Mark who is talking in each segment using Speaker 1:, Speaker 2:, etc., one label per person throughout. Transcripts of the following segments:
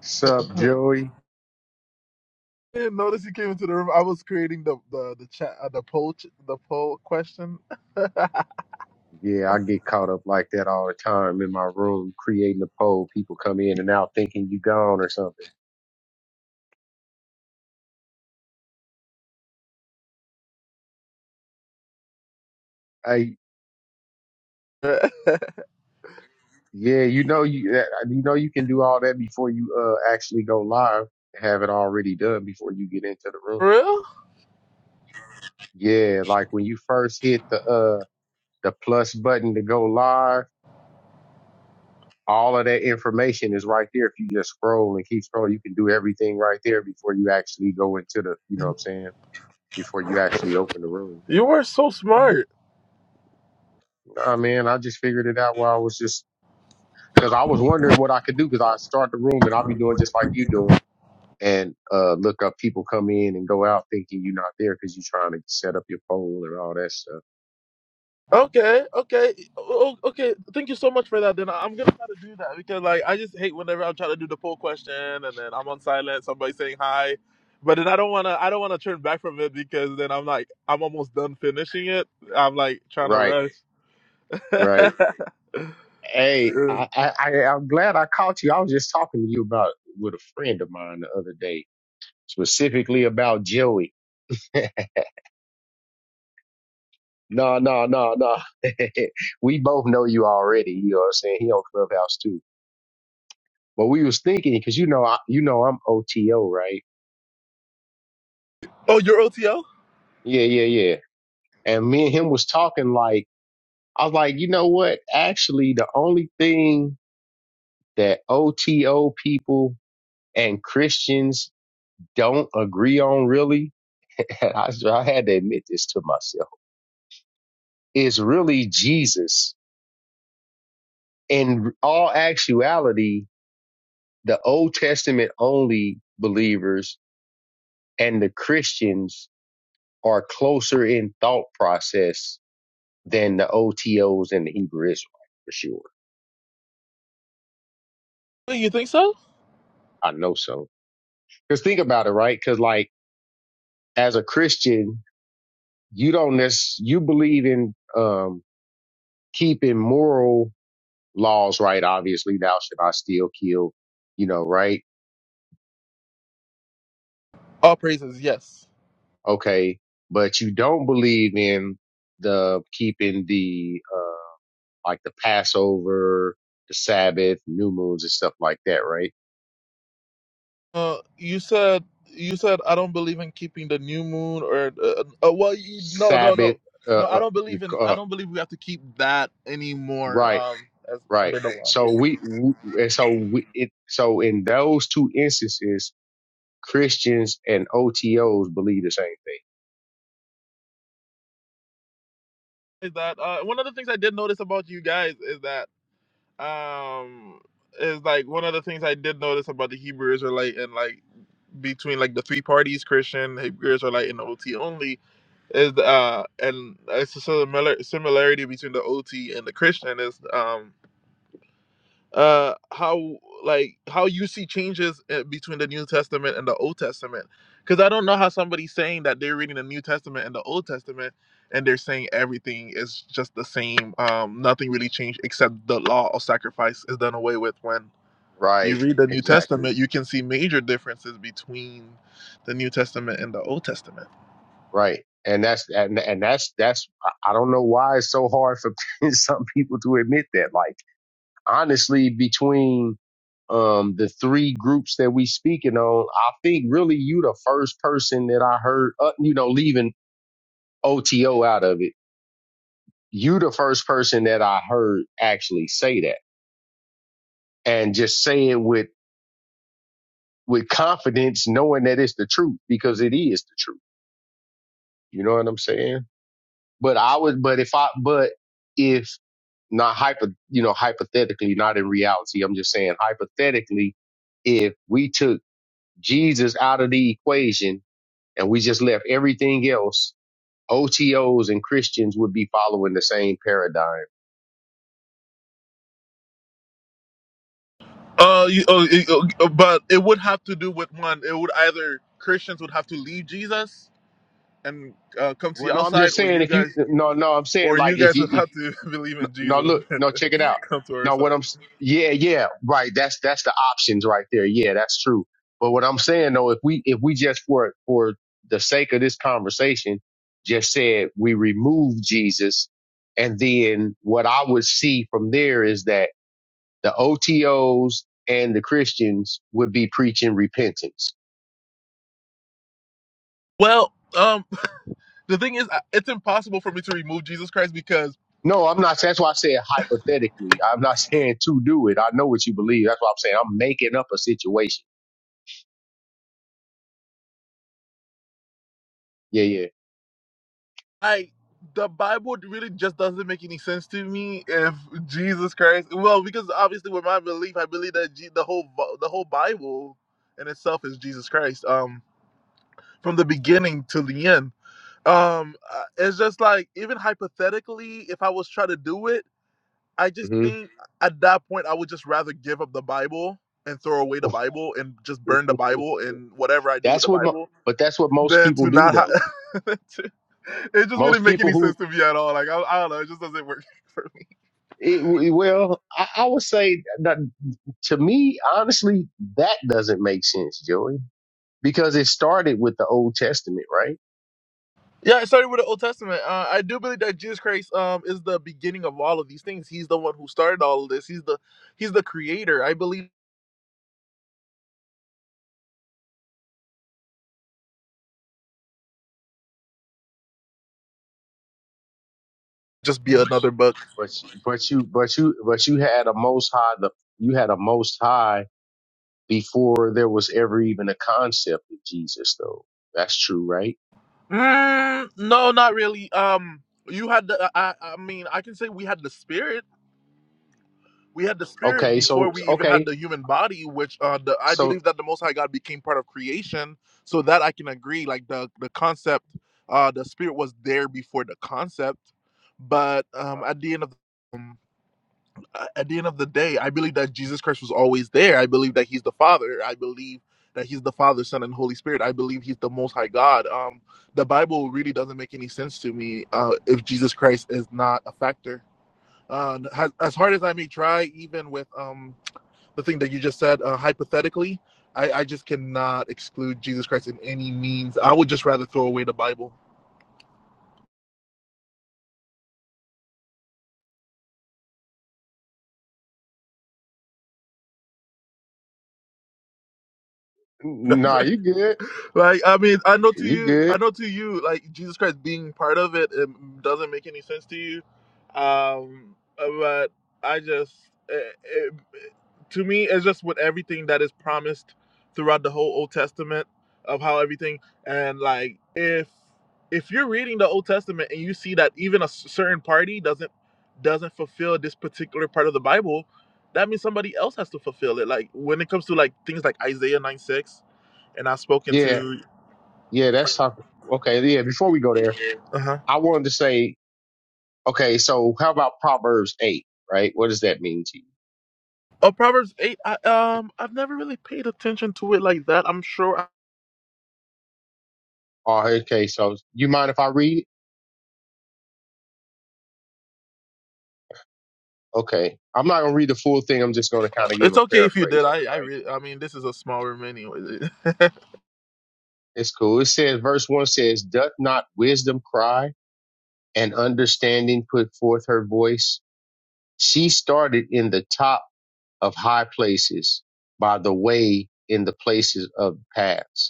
Speaker 1: Sup,
Speaker 2: I
Speaker 1: Joey?
Speaker 2: didn't notice you came into the room. I was creating the the the chat uh, the poll ch- the poll question.
Speaker 1: Yeah, I get caught up like that all the time in my room creating a poll. People come in and out thinking you gone or something. Hey,
Speaker 2: For
Speaker 1: yeah, you know you uh, uh, you know you can do all that before you uh actually go live. Have it already done before you get into the room.
Speaker 2: real?
Speaker 1: Yeah, like when you first hit the uh the plus button to go live, all of that information is right there. If you just scroll and keep scrolling, you can do everything right there before you actually go into the you know what I'm saying before you actually open the room.
Speaker 2: You were so smart.
Speaker 1: I mean, I just figured it out while I was just because I was wondering what I could do because I start the room and I'll be doing just like you doing and uh look up people come in and go out thinking you're not there because you're trying to set up your poll and all that stuff.
Speaker 2: Okay, okay, oh, okay. Thank you so much for that. Then I- I'm gonna try to do that because like I just hate whenever I'm trying to do the poll question and then I'm on silent. Somebody saying hi, but then I don't wanna I don't wanna turn back from it because then I'm like I'm almost done finishing it. I'm like trying to
Speaker 1: Right,
Speaker 2: rush.
Speaker 1: right. Hey,
Speaker 2: Yeah.
Speaker 1: I, I, I I'm glad I caught you. I was just talking to you about with a friend of mine the other day, specifically about Joey. No, no, no, no. we both know you already. You know what I'm saying? He on Clubhouse too But we was thinking because you know I, you know I'm OTO, right?
Speaker 2: Oh, you're OTL?
Speaker 1: Yeah, yeah, yeah. And me and him was talking like I was like, you know what? Actually, the only thing that OTO people and Christians don't agree on really, and I, I had to admit this to myself, is really Jesus. In all actuality, the Old Testament only believers and the Christians are closer in thought process than the OTOs and the Hebrew Israelite for sure.
Speaker 2: You think so?
Speaker 1: I know so. Cause think about it, right? Cause like as a Christian, you don't necess- you believe in, um, keeping moral laws, right? Obviously, thou should not steal, kill, you know, right?
Speaker 2: All praises, yes.
Speaker 1: Okay. But you don't believe in the keeping the, uh, like the Passover, the Sabbath, new moons and stuff like that, right?
Speaker 2: Uh, you said you said I don't believe in keeping the new moon or uh, uh, uh, well you, no no
Speaker 1: Sabbath,
Speaker 2: no no I
Speaker 1: uh,
Speaker 2: don't believe in
Speaker 1: uh,
Speaker 2: I
Speaker 1: uh
Speaker 2: don't believe we have to keep that anymore
Speaker 1: right
Speaker 2: um as
Speaker 1: Right.
Speaker 2: under the law yeah
Speaker 1: So we, w and so we it so in those two instances, Christians and OTOs believe the same thing.
Speaker 2: is that uh, one of the things I did notice about you guys is that um is like one of the things I did notice about the Hebrew Israelite and like between like the three parties Christian Hebrew Israelite and OT only is uh and it's a similar similarity between the OT and the Christian is um uh how like how you see changes uh, between the new testament and the old testament because i don't know how somebody's saying that they're reading the new testament and the old testament and they're saying everything is just the same um nothing really changed except the law of sacrifice is done away with when you
Speaker 1: Right.
Speaker 2: read the new
Speaker 1: Exactly.
Speaker 2: testament you can see major differences between the new testament and the old testament
Speaker 1: Right. And that's and and that's that's I I don't know why it's so hard for some people to admit that. Like honestly, between um the three groups that we speaking on, I think really you the first person that I heard uh, you know leaving OTO out of it. You the first person that I heard actually say that and just saying with with confidence, knowing that it's the truth because it is the truth. You know what I'm saying? But I would, but if I, but if not hyper, you know, hypothetically, not in reality, I'm just saying hypothetically, if we took Jesus out of the equation and we just left everything else, OTOs and Christians would be following the same paradigm.
Speaker 2: uh, you, uh, it- uh, but it would have to do with one it would either christians would have to leave jesus and uh, come to
Speaker 1: Well,
Speaker 2: the
Speaker 1: no, I'm
Speaker 2: outside,
Speaker 1: just
Speaker 2: or
Speaker 1: saying
Speaker 2: you
Speaker 1: if you,
Speaker 2: guys
Speaker 1: no, no, I'm saying
Speaker 2: or you
Speaker 1: like if
Speaker 2: guys
Speaker 1: you,
Speaker 2: would have to believe
Speaker 1: No,
Speaker 2: in
Speaker 1: no,
Speaker 2: Jesus
Speaker 1: look,
Speaker 2: and
Speaker 1: no, check it out.
Speaker 2: come to our
Speaker 1: Now, what
Speaker 2: side.
Speaker 1: I'm, s- yeah, yeah, right. That's that's the options right there. Yeah, that's true. But what I'm saying though, if we if we just for for the sake of this conversation, just said we remove Jesus, and then what I would see from there is that the OTOs and the Christians would be preaching repentance.
Speaker 2: Well, um, the thing is, I- it's impossible for me to remove Jesus Christ because
Speaker 1: No, I'm not. That's why I said hypothetically. I'm not saying to do it. I know what you believe. That's why I'm saying. I'm making up a situation. Yeah, yeah.
Speaker 2: I, the Bible really just doesn't make any sense to me if Jesus Christ. Well, because obviously with my belief, I believe that G, the whole Bi- the whole Bible in itself is Jesus Christ. Um, from the beginning to the end. Um, uh, it's just like even hypothetically, if I was trying to do it. I just
Speaker 1: hmm
Speaker 2: think at that point I would just rather give up the Bible and throw away the Bible and just burn the Bible and whatever I do with
Speaker 1: That's
Speaker 2: the
Speaker 1: what, mo-
Speaker 2: Bible
Speaker 1: but that's what most
Speaker 2: than
Speaker 1: people
Speaker 2: to
Speaker 1: do
Speaker 2: not have.
Speaker 1: though.
Speaker 2: it just
Speaker 1: Most
Speaker 2: wouldn't make
Speaker 1: people
Speaker 2: any
Speaker 1: who,
Speaker 2: sense to me at all. Like I, I don't know, it just doesn't work for me.
Speaker 1: it, well, I, I would say that to me, honestly, that doesn't make sense, Joey, because it started with the Old Testament, right?
Speaker 2: Yeah, it started with the Old Testament. Uh, I do believe that Jesus Christ um, is the beginning of all of these things. He's the one who started all of this. He's the he's the creator. I believe just be another book.
Speaker 1: But you- but you but you but you had a Most High, the you had a Most High before there was ever even a concept of Jesus, though. That's true, right?
Speaker 2: Mm, no, not really. Um, you had the. I, I I mean, I can say we had the Spirit we had the spirit
Speaker 1: Okay,
Speaker 2: before
Speaker 1: so
Speaker 2: we even had
Speaker 1: okay,
Speaker 2: the human body which uh the, i
Speaker 1: so
Speaker 2: believe that the most high god became part of creation so that i can agree like the the concept uh the spirit was there before the concept but um at the end of um, at the end of the day i believe that jesus christ was always there i believe that he's the father i believe that he's the father son and holy spirit i believe he's the most high god um the bible really doesn't make any sense to me uh if jesus christ is not a factor uh, as, hard as I may try, even with um, the thing that you just said, uh, hypothetically, I, I just cannot exclude Jesus Christ in any means. I would just rather throw away the Bible. That's
Speaker 1: nah,
Speaker 2: it?
Speaker 1: you good,
Speaker 2: Like, I mean, I know to
Speaker 1: you
Speaker 2: you, I
Speaker 1: good,
Speaker 2: know to you, like Jesus Christ being part of it, it doesn't make any sense to you. Um, but I just, it, it, to me, it's just with everything that is promised throughout the whole Old Testament of how everything and like if if you're reading the Old Testament and you see that even a s- certain party doesn't doesn't fulfill this particular part of the Bible, that means somebody else has to fulfill it. Like when it comes to like things like Isaiah nine six and I've spoken
Speaker 1: yeah.
Speaker 2: to.
Speaker 1: Yeah, that's talk. Okay, yeah. Before we go there,
Speaker 2: Uh huh.
Speaker 1: I wanted to say, okay, so how about Proverbs eight? Right, what does that mean to you?
Speaker 2: Oh, Proverbs eight. I, um, I've never really paid attention to it like that. I'm sure I-
Speaker 1: Oh, okay, so you mind if I read? it? Okay, I'm not gonna read the full thing. I'm just gonna kind of give
Speaker 2: it's
Speaker 1: a
Speaker 2: okay if you
Speaker 1: paraphrase
Speaker 2: did.
Speaker 1: of
Speaker 2: I,
Speaker 1: it.
Speaker 2: I
Speaker 1: Right,
Speaker 2: really, I mean, this is a small room anyway.
Speaker 1: it's cool. It says, verse one says, "Doth not wisdom cry and understanding put forth her voice? She started in the top of high places by the way in the places of paths."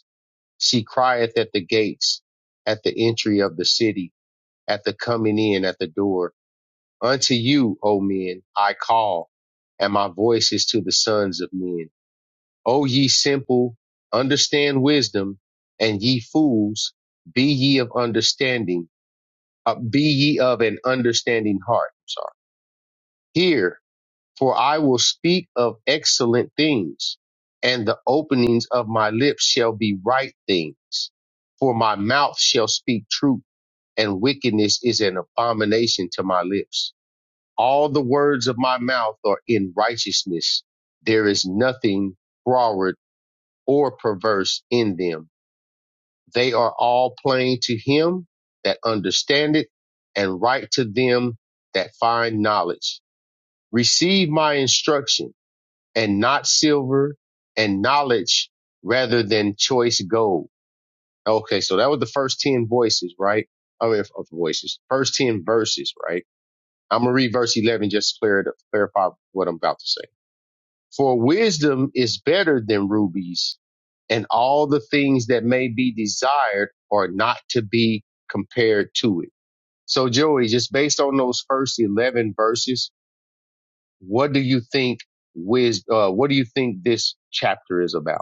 Speaker 1: She crieth at the gates, at the entry of the city, at the coming in at the door. Unto you, O men, I call, and my voice is to the sons of men. O ye simple, understand wisdom, and ye fools, be ye of understanding, uh, be ye of an understanding heart. I'm sorry. Hear for I will speak of excellent things, and the openings of my lips shall be right things. For my mouth shall speak truth, and wickedness is an abomination to my lips. All the words of my mouth are in righteousness. There is nothing froward or perverse in them. They are all plain to him that understandeth, and right to them that find knowledge. Receive my instruction and not silver and knowledge rather than choice gold. Okay, so that was the first 10 voices, right? I mean, of voices, first 10 verses, right? I'm gonna read verse 11 just to clear it up, clarify what I'm about to say. For wisdom is better than rubies and all the things that may be desired are not to be compared to it. So Joey, just based on those first 11 verses, what do you think wisdom, uh, what do you think this chapter is about?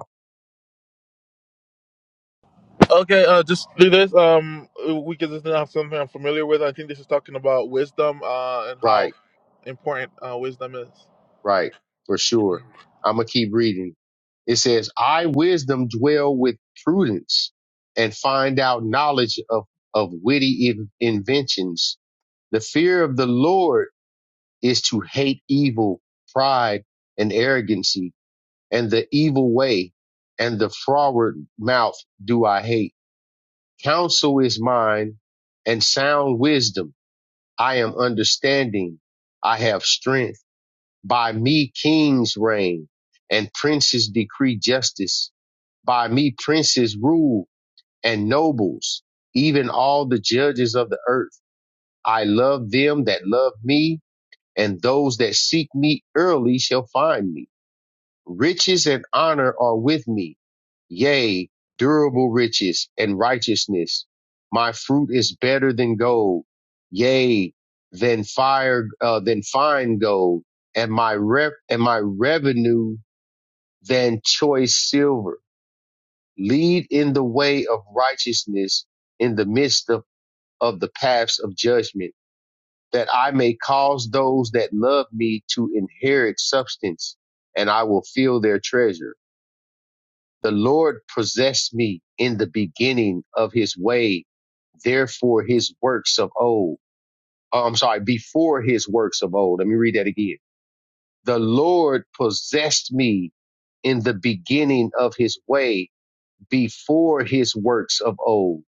Speaker 2: okay, uh, just do this. Um, we can just have something I'm familiar with. I think this is talking about wisdom, uh, and how
Speaker 1: Right,
Speaker 2: important uh wisdom is.
Speaker 1: right, for sure. I'm gonna keep reading. It says, "I wisdom dwell with prudence, and find out knowledge of of witty in- inventions. The fear of the Lord is to hate evil, pride, and arrogancy, and the evil way, and the froward mouth do I hate. Counsel is mine, and sound wisdom. I am understanding. I have strength." By me kings reign and princes decree justice. By me princes rule and nobles, even all the judges of the earth. I love them that love me, and those that seek me early shall find me. Riches and honor are with me, yea, durable riches and righteousness. My fruit is better than gold, yea, than fire, uh, than fine gold, and my rep, and my revenue than choice silver. Lead in the way of righteousness in the midst of, of the paths of judgment, that I may cause those that love me to inherit substance, and I will fill their treasure. The Lord possessed me in the beginning of his way. Therefore, his works of old, oh, I'm sorry, before his works of old. Let me read that again. The Lord possessed me in the beginning of his way before his works of old.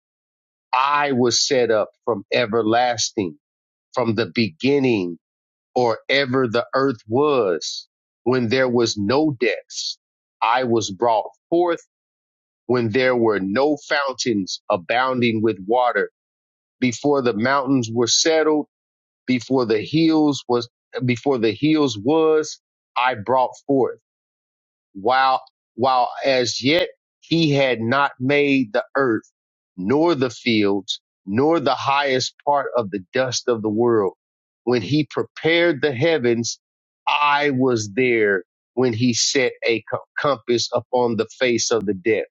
Speaker 1: I was set up from everlasting, from the beginning or ever the earth was when there was no depths. I was brought forth when there were no fountains abounding with water before the mountains were settled before the hills was before the hills was i brought forth while while as yet he had not made the earth nor the fields nor the highest part of the dust of the world when he prepared the heavens i was there when he set a co- compass upon the face of the depth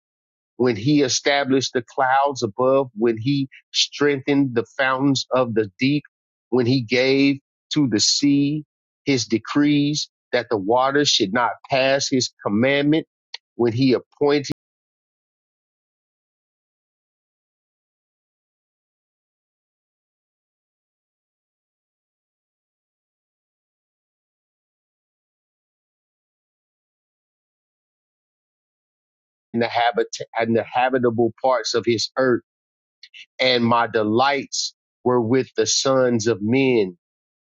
Speaker 1: when he established the clouds above, when he strengthened the fountains of the deep, when he gave to the sea his decrees that the waters should not pass his commandment, when he appointed in the habit and the habitable parts of his earth, and my delights were with the sons of men.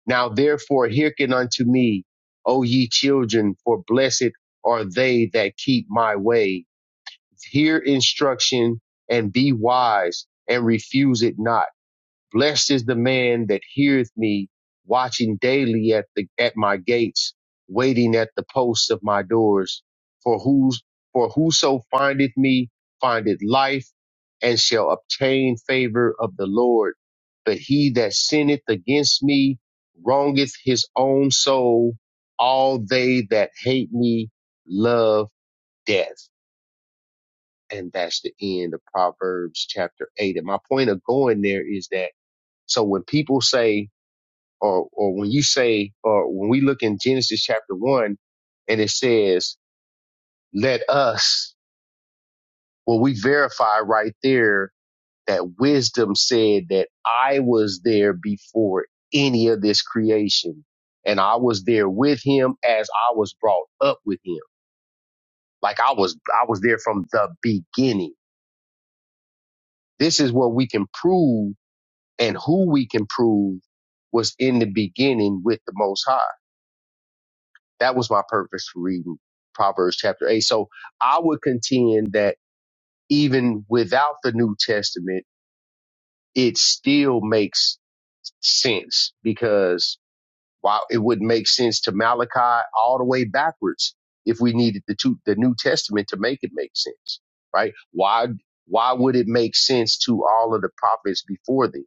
Speaker 1: Now therefore hearken unto me, O ye children, for blessed are they that keep my way hear instruction and be wise and refuse it not. Blessed is the man that heareth me, watching daily at the at my gates, waiting at the posts of my doors. For whose for whoso findeth me findeth life and shall obtain favor of the Lord. But he that sinneth against me wrongeth his own soul. All they that hate me love death. And that's the end of Proverbs chapter eight. And my point of going there is that so when people say, or, or when you say, or when we look in Genesis chapter one and it says, let us, well, we verify right there that wisdom said that I was there before any of this creation and I was there with him as I was brought up with him. Like I was, I was there from the beginning. This is what we can prove and who we can prove was in the beginning with the Most High. That was my purpose for reading Proverbs chapter 8. So I would contend that even without the New Testament, it still makes sense because while it would make sense to Malachi all the way backwards if we needed the, two, the New Testament to make it make sense, right? Why, why would it make sense to all of the prophets before them?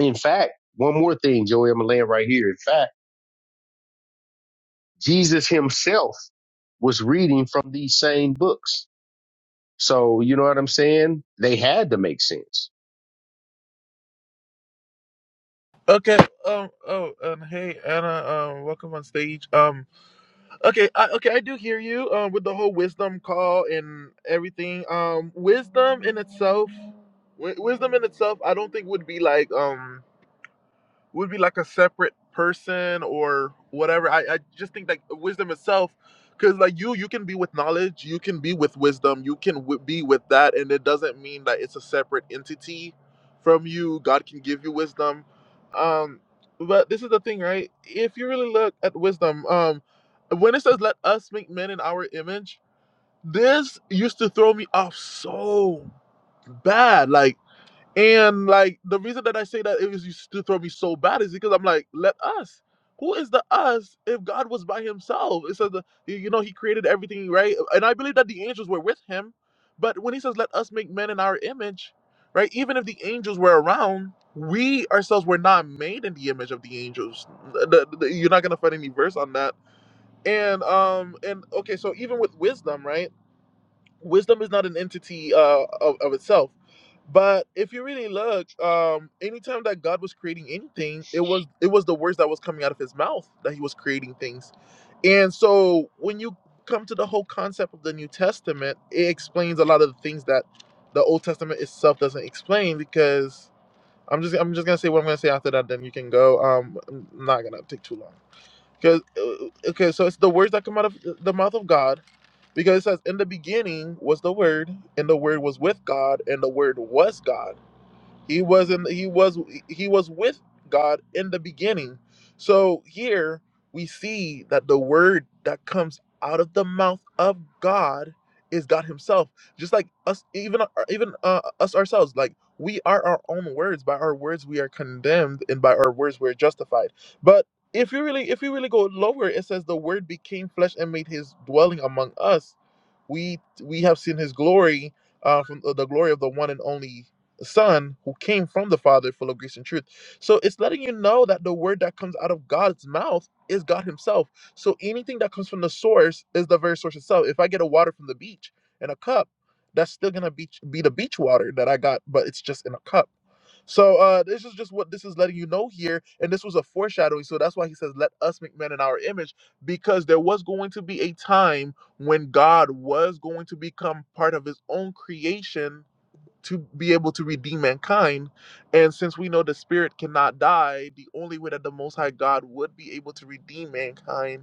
Speaker 1: In fact, one more thing, Joey, I'm going to land right here. In fact, Jesus himself was reading from these same books. So you know what I'm saying? They had to make sense.
Speaker 2: Okay. Um. Oh, and hey, Anna. Um, welcome on stage. Um. Okay, I, okay, I do hear you um, with the whole wisdom call and everything. Um, wisdom in itself, wi- wisdom in itself, I don't think would be like um would be like a separate person or whatever. I, I just think like wisdom itself, because like you, you can be with knowledge, you can be with wisdom, you can w- be with that, and it doesn't mean that it's a separate entity from you. God can give you wisdom. Um, but this is the thing, right? If you really look at wisdom, um, when it says, let us make men in our image, this used to throw me off so bad. Like, and like the reason that I say that it was used to throw me so bad is because I'm like, let us. Who is the us if God was by himself? It says the you you know he created everything, right? And I believe that the angels were with him, but when he says let us make men in our image, right? Even if the angels were around, we ourselves were not made in the image of the angels. The- the- the- you're not gonna find any verse on that. And um and okay, so even with wisdom, right? wisdom is not an entity uh, of, of itself but if you really look um anytime that god was creating anything it was it was the words that was coming out of his mouth that he was creating things and so when you come to the whole concept of the new testament it explains a lot of the things that the old testament itself doesn't explain because i'm just i'm just gonna say what i'm gonna say after that then you can go um i'm not gonna take too long because okay, so it's the words that come out of the mouth of God, because it says, "In the beginning was the Word, and the Word was with God, and the Word was God." He wasn't he was he was with God in the beginning. So here we see that the word that comes out of the mouth of God is God himself. Just like us even even uh, us ourselves like we are our own words by our words we are condemned and by our words we're justified. But if you really if you really go lower it says the word became flesh and made his dwelling among us. We we have seen his glory uh, from the the glory of the one and only Son who came from the Father, full of grace and truth. So it's letting you know that the word that comes out of God's mouth is God Himself. So anything that comes from the source is the very source itself. If I get a water from the beach in a cup, that's still gonna be be the beach water that I got, but it's just in a cup. So uh, this is just what this is letting you know here, and this was a foreshadowing. So that's why He says, "Let us make man in our image," because there was going to be a time when God was going to become part of His own creation to be able to redeem mankind. And since we know the spirit cannot die, the only way that the Most High God would be able to redeem mankind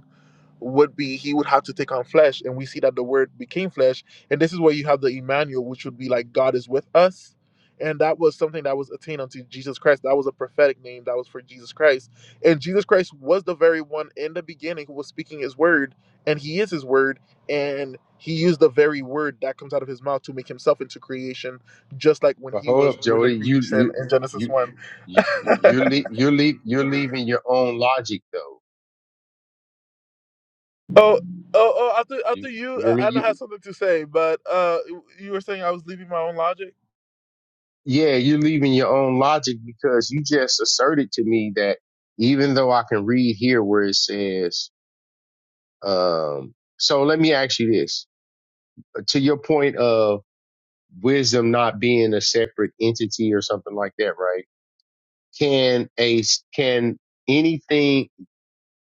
Speaker 2: would be he would have to take on flesh and we see that the word became flesh and this is where you have the Emmanuel which would be like God is with us and that was something that was attained unto Jesus Christ that was a prophetic name that was for Jesus Christ and Jesus Christ was the very one in the beginning who was speaking his word and he is his word and he used the very word that comes out of his mouth to make himself into creation just like when
Speaker 1: But
Speaker 2: he
Speaker 1: hold
Speaker 2: was
Speaker 1: up,
Speaker 2: doing the
Speaker 1: Jody, you
Speaker 2: creation
Speaker 1: you
Speaker 2: in Genesis
Speaker 1: you
Speaker 2: 1
Speaker 1: you you le- you're le- you're leaving your own logic though.
Speaker 2: Oh, oh, oh! After,
Speaker 1: You,
Speaker 2: after
Speaker 1: you
Speaker 2: you,
Speaker 1: hear
Speaker 2: uh,
Speaker 1: me?
Speaker 2: Anna
Speaker 1: You
Speaker 2: has something to say, but uh, you were saying I was leaving my own logic.
Speaker 1: yeah, you're leaving your own logic because you just asserted to me that even though I can read here where it says, um, so let me ask you this to your point of wisdom not being a separate entity or something like that, right? can a can anything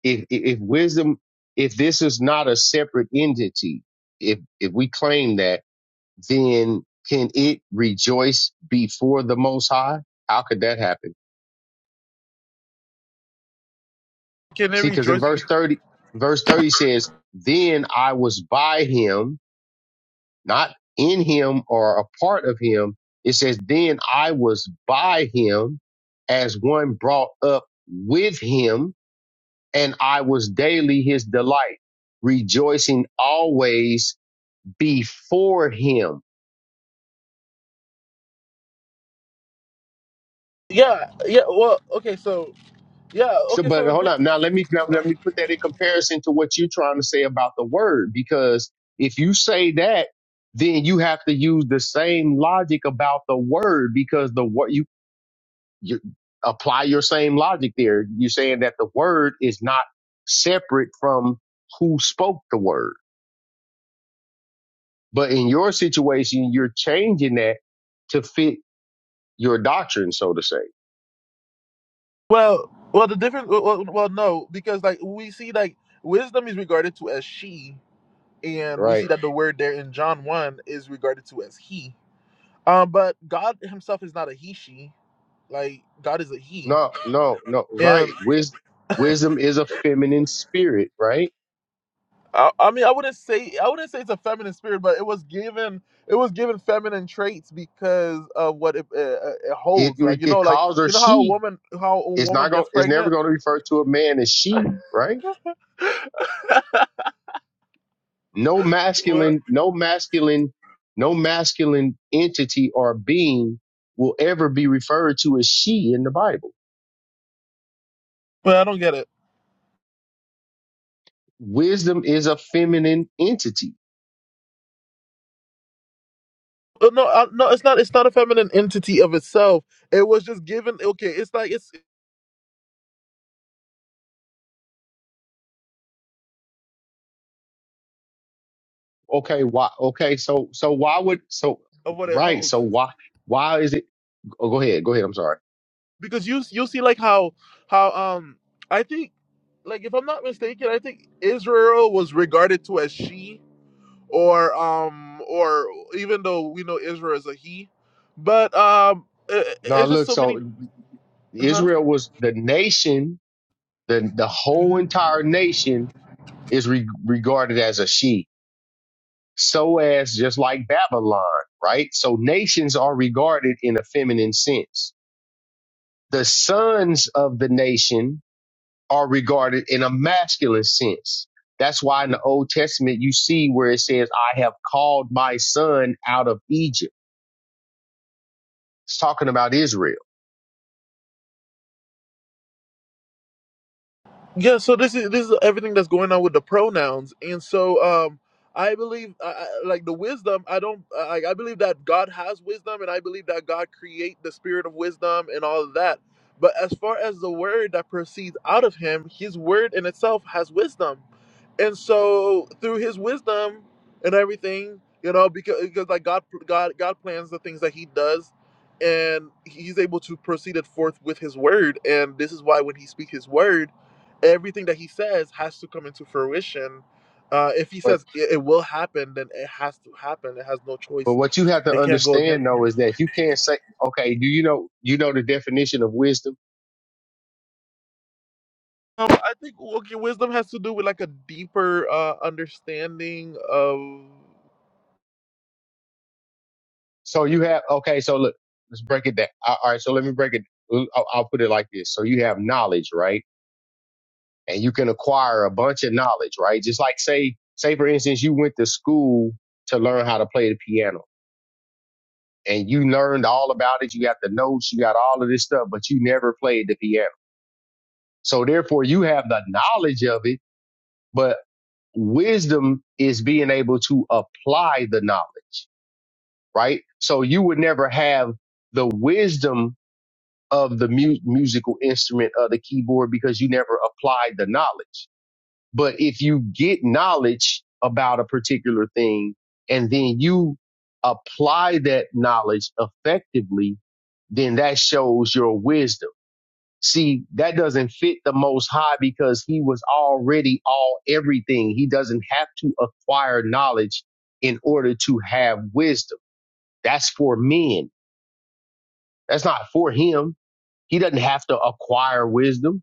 Speaker 1: if if wisdom if this is not a separate entity if if we claim that then can it rejoice before the most high how could that happen
Speaker 2: Can they
Speaker 1: see because in
Speaker 2: rejoice?
Speaker 1: verse 30 verse 30 says then i was by him not in him or a part of him it says then i was by him as one brought up with him and I was daily his delight, rejoicing always before him.
Speaker 2: Yeah, yeah. Well, okay, so yeah,
Speaker 1: So,
Speaker 2: okay,
Speaker 1: but
Speaker 2: so thi-
Speaker 1: hold on. Now let me, now
Speaker 2: uh-huh.
Speaker 1: let me put that in comparison to what you're trying to say about the word, because if you say that, then you have to use the same logic about the word because the what you, you apply your same logic there. You're saying that the word is not separate from who spoke the word. But in your situation, you're changing that to fit your doctrine, so to say,
Speaker 2: well, well, the difference. Well, well, well, no, because like we see, like wisdom is regarded to as she, and we see
Speaker 1: right?
Speaker 2: that the word there in John one is regarded to as he. Um, but God Himself is not a he she. Like God is a he,
Speaker 1: No, no, no, right.
Speaker 2: and.
Speaker 1: Wis- wisdom is a feminine spirit, right?
Speaker 2: I, I mean, I wouldn't say I wouldn't say it's a feminine spirit, but it was given it was given feminine traits because of what it, it, it
Speaker 1: It
Speaker 2: holds. Like you know,
Speaker 1: it
Speaker 2: like
Speaker 1: calls her
Speaker 2: you know how a
Speaker 1: she.
Speaker 2: woman how a
Speaker 1: It's
Speaker 2: woman
Speaker 1: not going.
Speaker 2: gets
Speaker 1: It's never
Speaker 2: pregnant.
Speaker 1: going to refer to a man as she, right? No
Speaker 2: What?
Speaker 1: masculine, no masculine, no masculine entity or being will ever be referred to as she in the Bible.
Speaker 2: But I don't get it.
Speaker 1: Wisdom is a feminine entity.
Speaker 2: Uh, No, I, no, it's not. It's not a feminine entity of itself. It was just given. Okay, it's like it's
Speaker 1: Okay, why? Okay, so so why would so
Speaker 2: of what it
Speaker 1: right?
Speaker 2: holds
Speaker 1: So why why is it? Oh, go ahead, go ahead. I'm sorry.
Speaker 2: because you you see like how how um I think like if I'm not mistaken, I think Israel was regarded to as she or um or even though we know Israel is a he, but um i
Speaker 1: Now
Speaker 2: it's just
Speaker 1: look,
Speaker 2: so many,
Speaker 1: so
Speaker 2: huh?
Speaker 1: Israel was the nation, the the whole entire nation is re- regarded as a she. So as just like Babylon, right? So nations are regarded in a feminine sense. The sons of the nation are regarded in a masculine sense. That's why in the Old Testament you see where it says, "I have called my son out of Egypt." It's talking about Israel.
Speaker 2: Yeah, so this is this is everything that's going on with the pronouns, and so um, I believe I, I- like the wisdom. I don't like. I believe that God has wisdom, and I believe that God create the spirit of wisdom and all of that. But as far as the word that proceeds out of Him, His word in itself has wisdom, and so through His wisdom and everything, you know, because because like God God God plans the things that He does. And he's able to proceed it forth with his word, and this is why when he speaks his word, everything that he says has to come into fruition. Uh, if he
Speaker 1: but.
Speaker 2: says it, it will happen, then it has to happen. It has no
Speaker 1: But
Speaker 2: choice.
Speaker 1: what you have to
Speaker 2: It can't go against
Speaker 1: understand though
Speaker 2: him.
Speaker 1: is that you can't say, okay, do you know you know the definition of wisdom?
Speaker 2: Um, I think okay, wisdom has to do with like a deeper uh, understanding of.
Speaker 1: So you have okay, so look, let's break it down. All all right, so let me break it. I'll, I'll put it like this. So you have knowledge, right? And you can acquire a bunch of knowledge, right? Just like say, say for instance, you went to school to learn how to play the piano, and you learned all about it. You got the notes, you got all of this stuff, but you never played the piano. So therefore, you have the knowledge of it. but wisdom is being able to apply the knowledge, right? So you would never have the wisdom of the mu- musical instrument of the keyboard because you never applied the knowledge. But if you get knowledge about a particular thing and then you apply that knowledge effectively, then that shows your wisdom See, that doesn't fit the most high because he was already all everything. He doesn't have to acquire knowledge in order to have wisdom. That's for men. That's not for him. He doesn't have to acquire wisdom.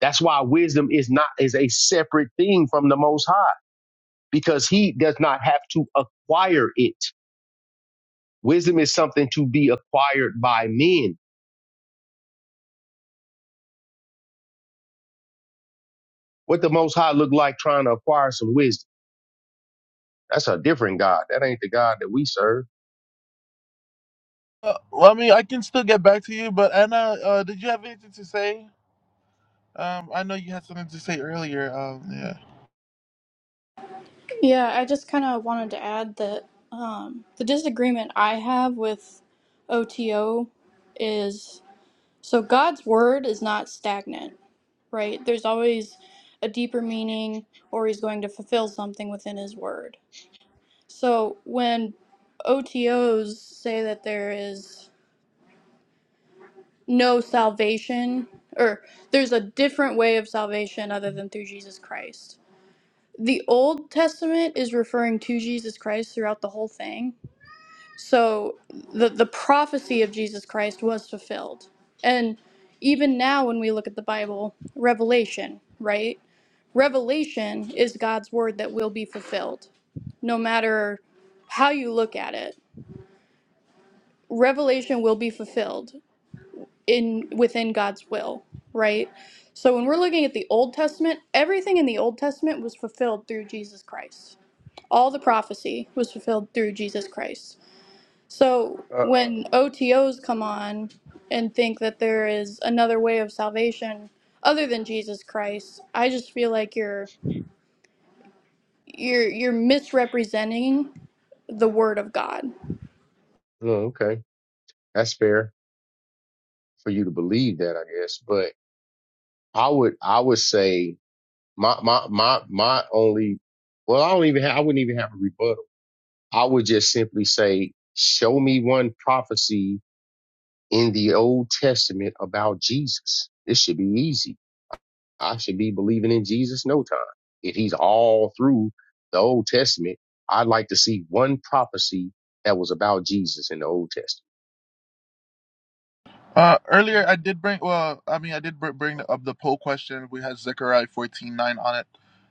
Speaker 1: That's why wisdom is not is a separate thing from the most high because he does not have to acquire it. Wisdom is something to be acquired by men. What the most high look like trying to acquire some wisdom. That's a different God. That ain't the God that we serve.
Speaker 2: Uh, well, I mean, I can still get back to you, but Anna, uh, did you have anything to say? Um, I know you had something to say earlier. Um, yeah.
Speaker 3: Yeah, I just kind of wanted to add that um, the disagreement I have with OTO is so God's word is not stagnant, right? There's always a deeper meaning, or he's going to fulfill something within his word. So when OTOs say that there is no salvation, or there's a different way of salvation other than through Jesus Christ. The Old Testament is referring to Jesus Christ throughout the whole thing, So the the prophecy of Jesus Christ was fulfilled. And even now when we look at the Bible, revelation, right? Revelation is God's word that will be fulfilled. No matter how you look at it, revelation will be fulfilled in within God's will, right? So when we're looking at the Old Testament, everything in the Old Testament was fulfilled through Jesus Christ. All the prophecy was fulfilled through Jesus Christ. So
Speaker 1: Uh,
Speaker 3: when OTOs come on and think that there is another way of salvation other than Jesus Christ, I just feel like you're you're you're misrepresenting the word of God.
Speaker 1: Oh, okay. That's fair for you to believe that, I guess. But I would, I would say my, my, my, my only, well, I don't even have, I wouldn't even have a rebuttal. I would just simply say, show me one prophecy in the Old Testament about Jesus. This should be easy. I should be believing in Jesus no time. If he's all through the Old Testament, I'd like to see one prophecy that was about Jesus in the Old Testament.
Speaker 2: Uh, earlier I did bring. Well, I mean, I did br- bring
Speaker 1: Oh,
Speaker 2: up the poll question. We had Zechariah fourteen nine on it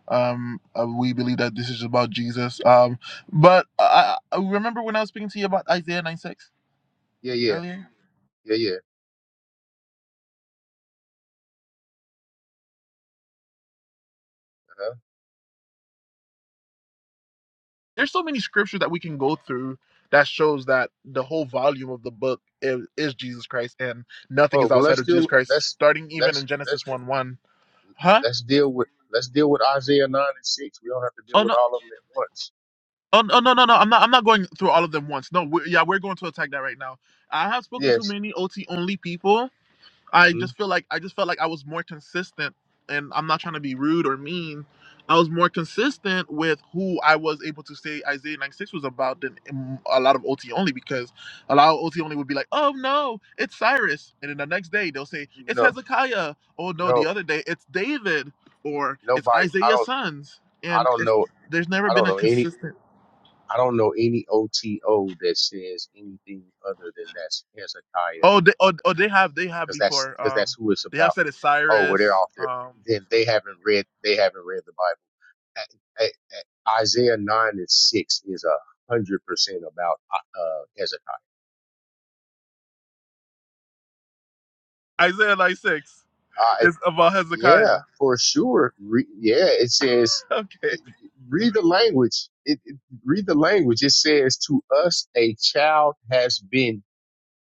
Speaker 2: Um, uh, we believe that this is about Jesus. Um, but I, I remember when I was speaking to you about Isaiah 9 6
Speaker 1: yeah, yeah,
Speaker 2: earlier.
Speaker 1: yeah, yeah. Uh-huh.
Speaker 2: There's so many scriptures that we can go through that shows that the whole volume of the book is, is Jesus Christ and nothing
Speaker 1: Oh
Speaker 2: is
Speaker 1: well,
Speaker 2: outside
Speaker 1: let's
Speaker 2: of Jesus
Speaker 1: deal.
Speaker 2: Christ,
Speaker 1: Let's
Speaker 2: starting even
Speaker 1: let's
Speaker 2: in Genesis
Speaker 1: let's
Speaker 2: 1 1. Huh?
Speaker 1: let's deal with let's deal with Isaiah nine and six. We don't have to deal
Speaker 2: Oh,
Speaker 1: with
Speaker 2: no.
Speaker 1: all of them at once.
Speaker 2: Oh no no no no! I'm not I'm not going through all of them once. No, we're, yeah, we're going to attack that right now. I have spoken to
Speaker 1: Yes.
Speaker 2: many OT only people, I
Speaker 1: hmm
Speaker 2: just feel like I just felt like I was more consistent and I'm not trying to be rude or mean. I was more consistent with who I was able to say Isaiah 96 was about than um, a lot of OT only because a lot of OT only would be like, oh no, it's Cyrus. And then the next day they'll say, it's
Speaker 1: No.
Speaker 2: Hezekiah. Oh no,
Speaker 1: No.
Speaker 2: the other day it's David or it's
Speaker 1: Nobody. I
Speaker 2: Isaiah's
Speaker 1: don't.
Speaker 2: sons.
Speaker 1: I
Speaker 2: And
Speaker 1: don't
Speaker 2: it's,
Speaker 1: know.
Speaker 2: there's never
Speaker 1: I
Speaker 2: been
Speaker 1: don't
Speaker 2: a
Speaker 1: know any.
Speaker 2: consistent.
Speaker 1: I don't know any OTO that says anything other than that's Hezekiah,
Speaker 2: Oh, they, oh, oh, they have, they have
Speaker 1: because that's
Speaker 2: before.
Speaker 1: because that's
Speaker 2: Um,
Speaker 1: who it's
Speaker 2: they have
Speaker 1: about.
Speaker 2: said it's
Speaker 1: Oh, well, they're
Speaker 2: Cyrus.
Speaker 1: off there.
Speaker 2: Um,
Speaker 1: Then they haven't read. They haven't read the Bible. A- a- a- Isaiah nine and six is a hundred percent about uh, Hezekiah.
Speaker 2: Isaiah 96 is about
Speaker 1: Yeah,
Speaker 2: Hezekiah.
Speaker 1: for sure. Re- yeah, it says,
Speaker 2: Okay.
Speaker 1: read the language. It, it, read the language. It says, to us a child has been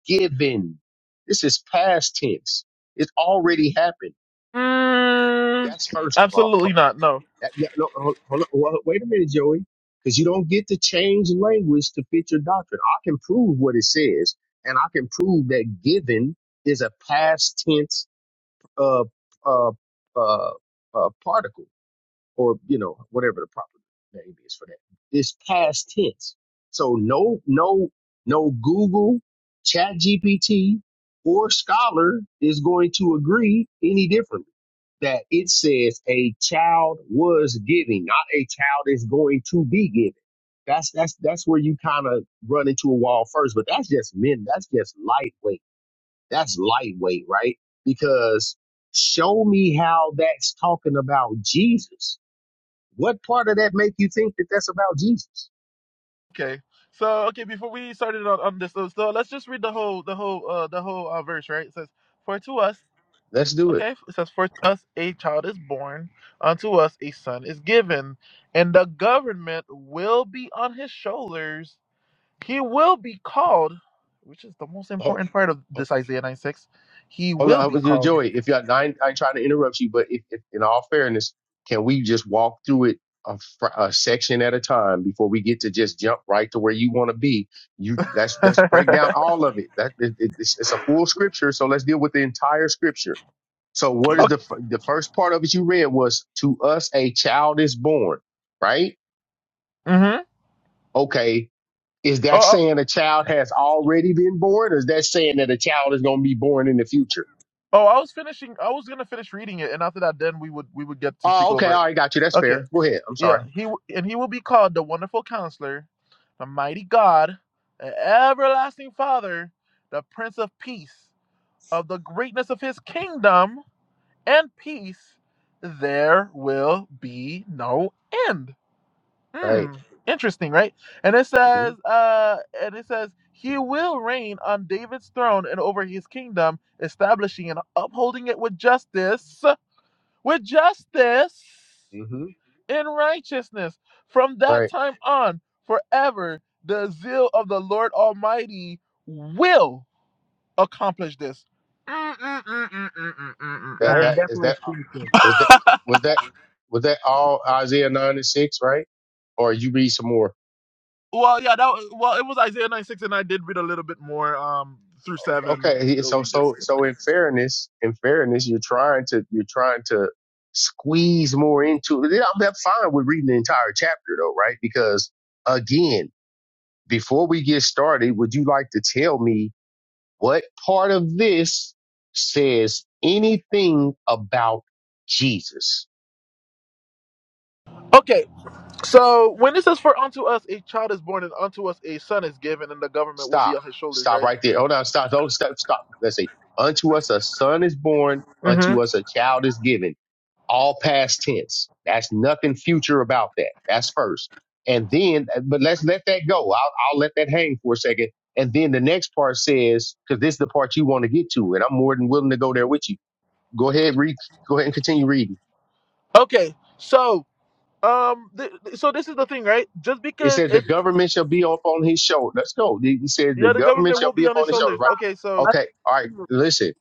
Speaker 1: given. This is past tense. It already happened.
Speaker 2: Mm,
Speaker 1: That's first of all. Ho-
Speaker 2: absolutely not. No.
Speaker 1: that- yeah, no, hold, hold, hold, wait a minute, Joey, because you don't get to change language to fit your doctrine. I can prove what it says, and I can prove that given is a past tense uh, uh, uh, uh, particle or you know whatever the proper name is for that. It's past tense. So no, no, no Google, Chat GPT, or Scholar is going to agree any differently. That it says a child was giving, not a child is going to be giving. That's that's that's where you kind of run into a wall first. But that's just men. That's just lightweight. That's lightweight, right? Because show me how that's talking about Jesus what part of that make you think that that's about Jesus?
Speaker 2: Okay. So okay, before we started on, on this, so, so let's just read the whole the whole uh, the whole uh, verse, right? It says, "For to us,
Speaker 1: Let's do it.
Speaker 2: okay, it says, for to us a child is born, unto us a son is given, and the government will be on his shoulders. He will be called." Which is the most
Speaker 1: Ho-
Speaker 2: important part of
Speaker 1: ho-
Speaker 2: this Isaiah 96. He
Speaker 1: Hold
Speaker 2: will
Speaker 1: on,
Speaker 2: be
Speaker 1: with your
Speaker 2: called.
Speaker 1: Joey. If you're, I ain't, I ain't trying to interrupt you, but if, if, in all fairness, can we just walk through it a, fr- a section at a time before we get to just jump right to where you want to be? You that's
Speaker 2: okay.
Speaker 1: that's break down all of it. That it, it- it's, it's a full scripture, so let's deal with the entire scripture. So, what is the f- the first part of it you read was to us a child is born, right?
Speaker 2: Mhm.
Speaker 1: Okay, Is
Speaker 2: Oh,
Speaker 1: that saying a child has already been born, or is that saying that a child is going to be born in the future?
Speaker 2: I- oh, I was finishing. I was gonna finish reading it, and after that, then we would we would get to speak
Speaker 1: Oh, okay,
Speaker 2: over it.
Speaker 1: all right, got you. That's
Speaker 2: Okay,
Speaker 1: fair. Go ahead. I'm sorry.
Speaker 2: yeah. He w- and he will be called the Wonderful Counselor, the Mighty God, the Everlasting Father, the Prince of Peace. Of the greatness of His kingdom and peace, there will be no end.
Speaker 1: Right.
Speaker 2: Hmm, interesting, right? And it
Speaker 1: hmm
Speaker 2: says, uh, and it says, he will reign on David's throne and over his kingdom, establishing and upholding it with justice, with justice
Speaker 1: hmm
Speaker 2: in righteousness. From that
Speaker 1: Right.
Speaker 2: time on, forever, the zeal of the Lord Almighty will accomplish this. Mm, mm, mm, mm, mm, mm, mm,
Speaker 4: Yeah,
Speaker 1: That
Speaker 4: it's
Speaker 1: that
Speaker 2: mm,
Speaker 1: is
Speaker 4: definitely
Speaker 1: that
Speaker 4: spiritual.
Speaker 1: was that
Speaker 2: mm.
Speaker 1: was that was that all Isaiah nine and six, right? Or you read some more.
Speaker 2: Well, yeah, that wa- well, it was Isaiah nine six, and I did read a little bit more um through seven.
Speaker 1: Okay. he-
Speaker 2: So
Speaker 1: So
Speaker 2: we just
Speaker 1: so so in fairness, in fairness, you're trying to you're trying to squeeze more into. I'm I'm fine with reading the entire chapter though, right? Because again. before we get started, would you like to tell me what part of this says anything about Jesus?
Speaker 2: okay. So when it says, "For unto us a child is born, and unto us a son is given, and the government will be
Speaker 1: Stop.
Speaker 2: on his shoulders,"
Speaker 1: Stop
Speaker 2: right?
Speaker 1: right there. Hold on. Stop. Don't stop. Stop. Let's see. Unto us a son is born.
Speaker 2: hmm
Speaker 1: Unto us a child is given. All past tense. That's nothing future about that. That's first. And then, but let's let that go. I'll, I'll let that hang for a second. And then the next part says, because this is the part you want to get to, and I'm more than willing to go there with you Go ahead, read. Go ahead and continue reading.
Speaker 2: Okay, so um, th- th- so this is the thing, right? Just
Speaker 1: It
Speaker 2: because
Speaker 1: says the
Speaker 2: it's
Speaker 1: government shall be up on his shoulder. Let's go. He he says the
Speaker 2: yeah, the
Speaker 4: Okay,
Speaker 1: government
Speaker 2: government
Speaker 4: let,
Speaker 1: shall
Speaker 2: will
Speaker 1: be
Speaker 2: be
Speaker 1: up
Speaker 2: on
Speaker 4: let's
Speaker 1: on
Speaker 2: his
Speaker 1: his
Speaker 4: let's
Speaker 1: shoulder,
Speaker 2: shoulders.
Speaker 1: right?
Speaker 2: Okay, so
Speaker 4: let's
Speaker 1: Okay. All right.
Speaker 4: keep
Speaker 1: Listen.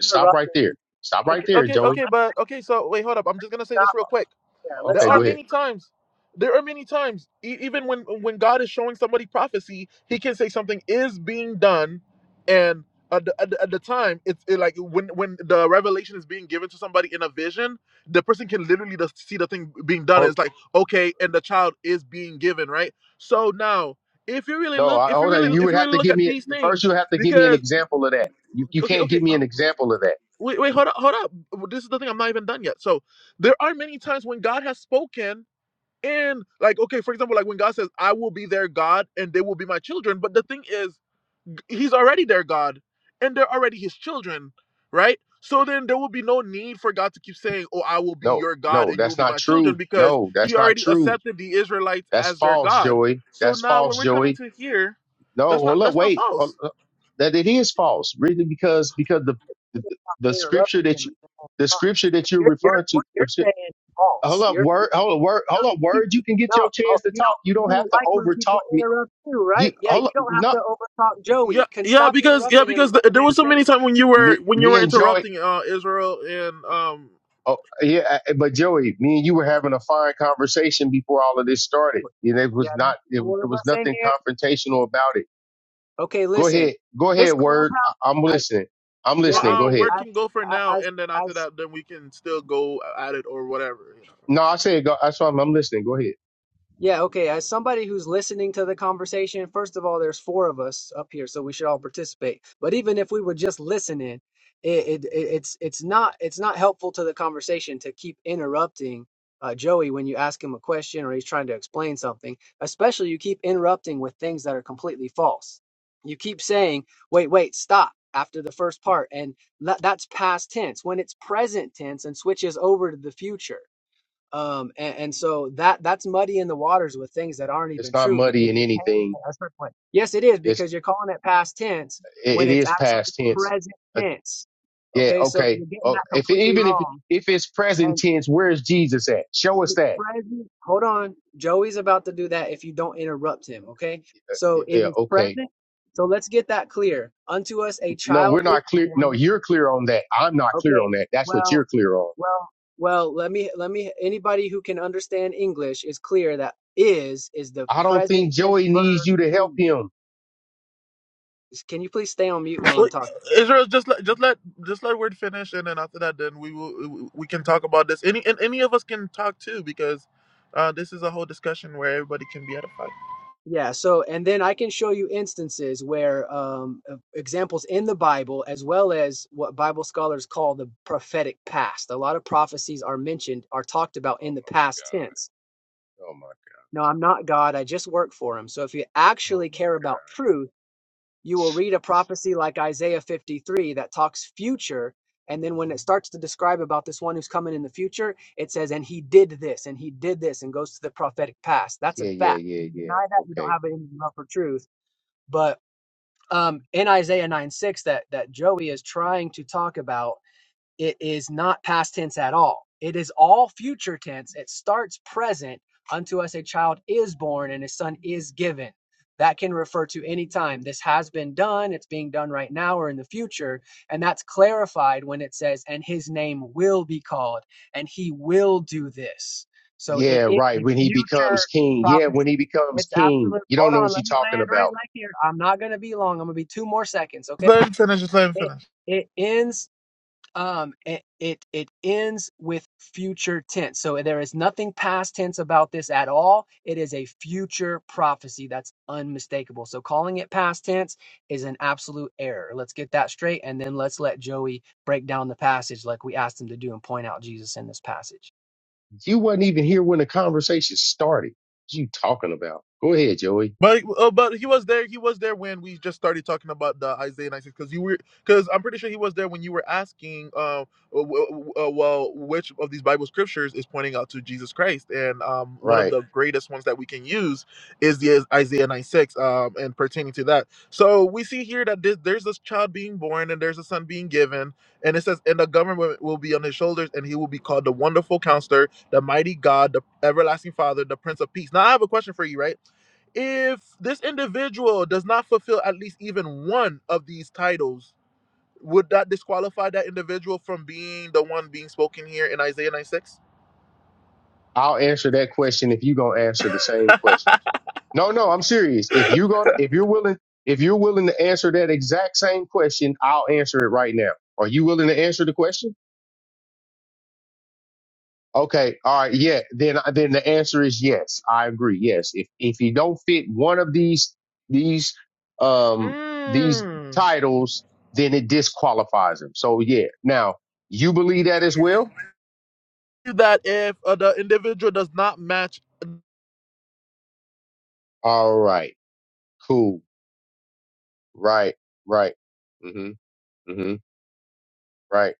Speaker 1: Stop right
Speaker 4: interrupting.
Speaker 1: there.
Speaker 4: him.
Speaker 1: Stop right
Speaker 2: okay,
Speaker 1: there,
Speaker 2: okay,
Speaker 1: Joey.
Speaker 2: okay,
Speaker 4: Let's
Speaker 2: but okay, so wait, hold up. I'm just gonna say this
Speaker 4: Stop
Speaker 2: real quick.
Speaker 4: there. Let's
Speaker 2: There
Speaker 1: Okay.
Speaker 2: are
Speaker 1: Go
Speaker 4: stop. it.
Speaker 1: ahead.
Speaker 2: many times. There are many times, e- even when when God is showing somebody prophecy, He can say something is being done, and at the, at the, at the time, it's it like when when the revelation is being given to somebody in a vision, the person can literally just see the thing being done.
Speaker 1: Hold.
Speaker 2: it's like okay, and the child is being given, right? So now, if you really
Speaker 1: No,
Speaker 2: look,
Speaker 1: I,
Speaker 2: if you
Speaker 1: hold on.
Speaker 2: really
Speaker 1: You
Speaker 2: if
Speaker 1: would
Speaker 2: you
Speaker 1: have
Speaker 2: really
Speaker 1: to
Speaker 2: look
Speaker 1: give
Speaker 2: at
Speaker 1: me
Speaker 2: these
Speaker 1: first. You
Speaker 2: things,
Speaker 1: would have to give me an
Speaker 2: because
Speaker 1: example of that. You you
Speaker 2: okay,
Speaker 1: can't
Speaker 2: okay.
Speaker 1: give me
Speaker 2: uh,
Speaker 1: an example of that.
Speaker 2: Wait, wait, hold up, hold up. W- This is the thing. I'm not even done yet. So there are many times when God has spoken, and like, okay, for example, like when God says, I will be their God and they will be my children. But the thing is, He's already their God and they're already His children, right? So then there will be no need for God to keep saying, Oh, I will be
Speaker 1: No,
Speaker 2: your God
Speaker 1: no,
Speaker 2: and you will
Speaker 1: that's
Speaker 2: be
Speaker 1: not
Speaker 2: my children
Speaker 1: true.
Speaker 2: because
Speaker 1: No,
Speaker 2: He
Speaker 1: that's not
Speaker 2: already
Speaker 1: true.
Speaker 2: accepted the Israelites
Speaker 1: That's
Speaker 2: as their
Speaker 1: false,
Speaker 2: God.
Speaker 1: Joey.
Speaker 2: So
Speaker 1: That's
Speaker 2: now when
Speaker 1: false,
Speaker 2: we're
Speaker 1: Joey
Speaker 2: coming to here,
Speaker 1: No,
Speaker 2: that's not
Speaker 1: hold up,
Speaker 2: that's not
Speaker 1: wait. Hold
Speaker 2: false.
Speaker 1: up. That it is false, really, because because the the,
Speaker 4: Let's Stop
Speaker 1: the scripture
Speaker 4: interrupting him.
Speaker 1: that
Speaker 4: and
Speaker 1: you
Speaker 4: let him
Speaker 1: the
Speaker 4: talk.
Speaker 1: scripture
Speaker 4: 'Cause
Speaker 1: that you're
Speaker 4: You're you're
Speaker 1: referring to.
Speaker 4: what
Speaker 1: The,
Speaker 4: you're
Speaker 1: scr-
Speaker 4: saying is
Speaker 1: hold
Speaker 4: false.
Speaker 1: up,
Speaker 4: You're
Speaker 1: word. Hold up, word. Hold up, word. You can
Speaker 4: no,
Speaker 1: get your
Speaker 4: oh,
Speaker 1: chance to
Speaker 4: you
Speaker 1: talk. You
Speaker 4: don't you
Speaker 1: don't have
Speaker 4: don't
Speaker 1: to
Speaker 4: like when people
Speaker 1: overtalk me.
Speaker 4: interrupt you,
Speaker 1: You
Speaker 4: right? Yeah, you
Speaker 1: hold up.
Speaker 4: don't have
Speaker 1: No,
Speaker 4: to overtalk
Speaker 2: Yeah,
Speaker 4: Joey. Can
Speaker 2: yeah,
Speaker 4: stop
Speaker 2: because yeah,
Speaker 4: interrupting him
Speaker 2: because
Speaker 4: and
Speaker 2: th-
Speaker 4: let the
Speaker 2: there
Speaker 4: man
Speaker 2: was so
Speaker 4: finish.
Speaker 2: many times when you were
Speaker 1: me
Speaker 2: when you
Speaker 1: me
Speaker 2: were
Speaker 1: and Joey.
Speaker 2: interrupting uh Israel and um
Speaker 1: Oh yeah, I- but Joey, me and you were having a fine conversation before all of this started,
Speaker 4: Look,
Speaker 1: and it
Speaker 4: Yeah,
Speaker 1: was
Speaker 4: there's
Speaker 1: not. It,
Speaker 4: four
Speaker 1: there
Speaker 4: of
Speaker 1: was
Speaker 4: us in
Speaker 1: nothing
Speaker 4: here.
Speaker 1: confrontational about it.
Speaker 4: Okay,
Speaker 1: Go
Speaker 4: listen.
Speaker 1: ahead. Go
Speaker 4: This
Speaker 1: ahead,
Speaker 4: clubhouse,
Speaker 1: word. I, I'm
Speaker 4: I,
Speaker 1: listening. I'm
Speaker 4: yeah,
Speaker 1: listening.
Speaker 2: uh,
Speaker 1: Go ahead.
Speaker 2: word
Speaker 4: as
Speaker 2: can go for
Speaker 4: as
Speaker 2: now,
Speaker 4: as
Speaker 2: and then after
Speaker 4: as
Speaker 2: that, then we can still go at it or whatever. You know,
Speaker 1: No, I said. Go, I saw. I'm I'm listening. Go ahead.
Speaker 4: Yeah, okay. As somebody who's listening to the conversation, first of all, there's four of us up here, so we should all participate. But even if we were just listening, it, it, it it's it's not it's not helpful to the conversation to keep interrupting uh, Joey when you ask him a question or he's trying to explain something. Especially you keep interrupting with things that are completely false. You keep saying, "Wait, wait, stop." After the first part, and that, that's past tense. When it's present tense and switches over to the future um and, and so that that's muddying the waters with things that aren't
Speaker 1: It's
Speaker 4: even
Speaker 1: not
Speaker 4: true
Speaker 1: muddy
Speaker 4: because
Speaker 1: in
Speaker 4: you're painting
Speaker 1: anything.
Speaker 4: it a certain way yes it is
Speaker 1: It's
Speaker 4: because you're calling it past tense
Speaker 1: it,
Speaker 4: when
Speaker 1: it
Speaker 4: it's
Speaker 1: is
Speaker 4: actually
Speaker 1: past tense.
Speaker 4: present
Speaker 1: Uh,
Speaker 4: tense
Speaker 1: yeah,
Speaker 4: okay so
Speaker 1: okay.
Speaker 4: you're getting
Speaker 1: Oh,
Speaker 4: that
Speaker 1: if
Speaker 4: completely
Speaker 1: even if
Speaker 4: wrong
Speaker 1: if it's present
Speaker 4: and
Speaker 1: tense, where is Jesus at? Show us
Speaker 4: the
Speaker 1: that.
Speaker 4: present hold on joey's about to do that if you don't interrupt him okay so
Speaker 1: Yeah,
Speaker 4: it
Speaker 1: yeah,
Speaker 4: is
Speaker 1: okay.
Speaker 4: present so let's get that clear unto us a
Speaker 1: No, we're
Speaker 4: child is
Speaker 1: not clear. No,
Speaker 4: born
Speaker 1: you're clear on that. I'm not clear
Speaker 4: okay
Speaker 1: on that. That's what
Speaker 4: well
Speaker 1: you're clear on.
Speaker 4: Well, well, let me let me anybody who can understand English is clear that is is the
Speaker 1: I don't
Speaker 4: present
Speaker 1: think
Speaker 4: tense
Speaker 1: Joey needs
Speaker 4: verb
Speaker 1: you
Speaker 4: to
Speaker 1: to help
Speaker 4: be.
Speaker 1: him.
Speaker 4: Can you please stay on mute while I'm
Speaker 2: Well,
Speaker 4: talking?
Speaker 2: Israel, just let just let just let word finish, and then after that, then we will we can talk about this. Any and any of us can talk too because uh, this is a whole discussion where everybody can be edified.
Speaker 4: Yeah, so and then I can show you instances where um uh, examples in the Bible as well as what Bible scholars call the prophetic past. A lot of prophecies are mentioned are talked about in
Speaker 1: Oh
Speaker 4: the past tense.
Speaker 1: my, oh my,
Speaker 4: No, I'm not God. I just work for him. So if you
Speaker 1: oh
Speaker 4: actually
Speaker 1: my God.
Speaker 4: care about truth, you will read a prophecy like Isaiah 53 that talks future. And then when it starts to describe about this one who's coming in the future, it says, and he did this and he did this and goes to the prophetic past. That's a
Speaker 1: Yeah, yeah,
Speaker 4: fact.
Speaker 1: yeah,
Speaker 4: You
Speaker 1: yeah.
Speaker 4: deny that, you don't
Speaker 1: Okay.
Speaker 4: have any love for truth. But um, in Isaiah 9 6, that, that Joey is trying to talk about it is not past tense at all. It is all future tense. It starts present. Unto us a child is born and a son is given. That can refer to any time. This has been done. It's being done right now or in the future. And that's clarified when it says, and his name will be called and he will do this. So it
Speaker 1: Yeah,
Speaker 4: is
Speaker 1: right.
Speaker 4: a
Speaker 1: When he
Speaker 4: future
Speaker 1: becomes king. Yeah, when
Speaker 4: prophecy.
Speaker 1: he becomes
Speaker 4: It's
Speaker 1: king.
Speaker 4: absolute.
Speaker 1: You don't know
Speaker 4: Hold on.
Speaker 1: what you're
Speaker 4: Let me
Speaker 1: talking
Speaker 4: land right,
Speaker 1: about.
Speaker 4: right here. I'm not going to be long. I'm going to be two more seconds. Okay.
Speaker 2: Just let him finish. Just let him
Speaker 4: It,
Speaker 2: finish.
Speaker 4: it ends um it, it it ends with future tense so there is nothing past tense about this at all it is a future prophecy that's unmistakable so calling it past tense is an absolute error let's get that straight and then let's let joey break down the passage like we asked him to do and point out jesus in this passage
Speaker 1: You wasn't even here when the conversation started. What you talking about? Go ahead, Joey.
Speaker 2: But uh, but he was there. He was there when we just started talking about the Isaiah 96 because you were because I'm pretty sure he was there when you were asking, um, w- w- uh, well, which of these Bible scriptures is pointing out to Jesus Christ? And um, one of
Speaker 1: Right.
Speaker 2: the greatest ones that we can use is the is- Isaiah 96, um, and pertaining to that. So we see here that this, there's this child being born and there's a son being given, and it says, and the government will be on his shoulders, and he will be called the Wonderful Counselor, the Mighty God, the Everlasting Father, the Prince of Peace. Now I have a question for you, right? If this individual does not fulfill at least even one of these titles, would that disqualify that individual from being the one being spoken here in Isaiah 96?
Speaker 1: I'll answer that question if you gonna answer the same question. No, no, I'm serious. If you're gonna if you're willing if you're willing to answer that exact same question, I'll answer it right now. Are you willing to answer the question? Okay. All right. Yeah. Then, then the answer is yes. I agree. Yes. If, if you don't fit one of these, these, um, these
Speaker 2: Mm.
Speaker 1: titles, then it disqualifies him. So yeah. Now you believe that as well.
Speaker 2: That if uh, the individual does not match
Speaker 1: All right. Cool. Right. Right. Mm-hmm. Mm-hmm. Right.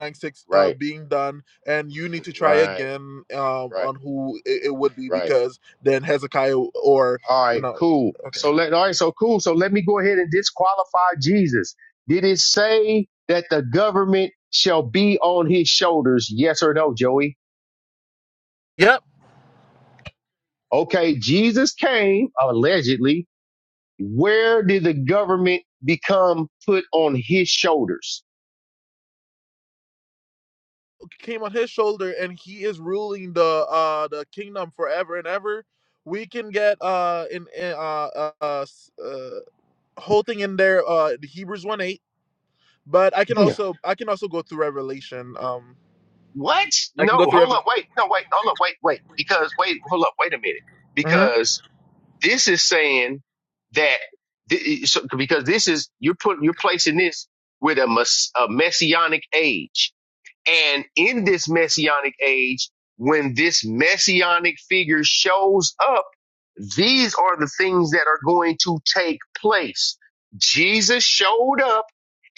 Speaker 2: 96 uh,
Speaker 1: Right.
Speaker 2: being done, and you need to try
Speaker 1: Right.
Speaker 2: again um,
Speaker 1: Right.
Speaker 2: on who it, it would be,
Speaker 1: Right.
Speaker 2: because then Hezekiah or,
Speaker 1: All
Speaker 2: you
Speaker 1: right,
Speaker 2: know,
Speaker 1: cool.
Speaker 2: okay.
Speaker 1: So let all right, so cool. So let me go ahead and disqualify Jesus. Did it say that the government shall be on his shoulders? Yes or no, Joey?
Speaker 2: Yeah.
Speaker 1: Okay, Jesus came allegedly. Where did the government become put on his shoulders?
Speaker 2: came on his shoulder and he is ruling the uh the kingdom forever and ever we can get uh in, in uh, uh uh uh, whole thing in there uh the hebrews 1 8 but i can
Speaker 1: No.
Speaker 2: also i can also go through revelation um
Speaker 1: What?
Speaker 2: i can go
Speaker 1: No,
Speaker 2: through
Speaker 1: hold up,
Speaker 2: revelation
Speaker 1: wait, no, wait, hold up, wait, wait, because wait, hold up, wait a minute,
Speaker 2: hmm
Speaker 1: because This is saying that thi- so- because this is you're putting you're placing this with a, mess, a messianic age, and in this messianic age, when this messianic figure shows up these are the things that are going to take place. Jesus showed up,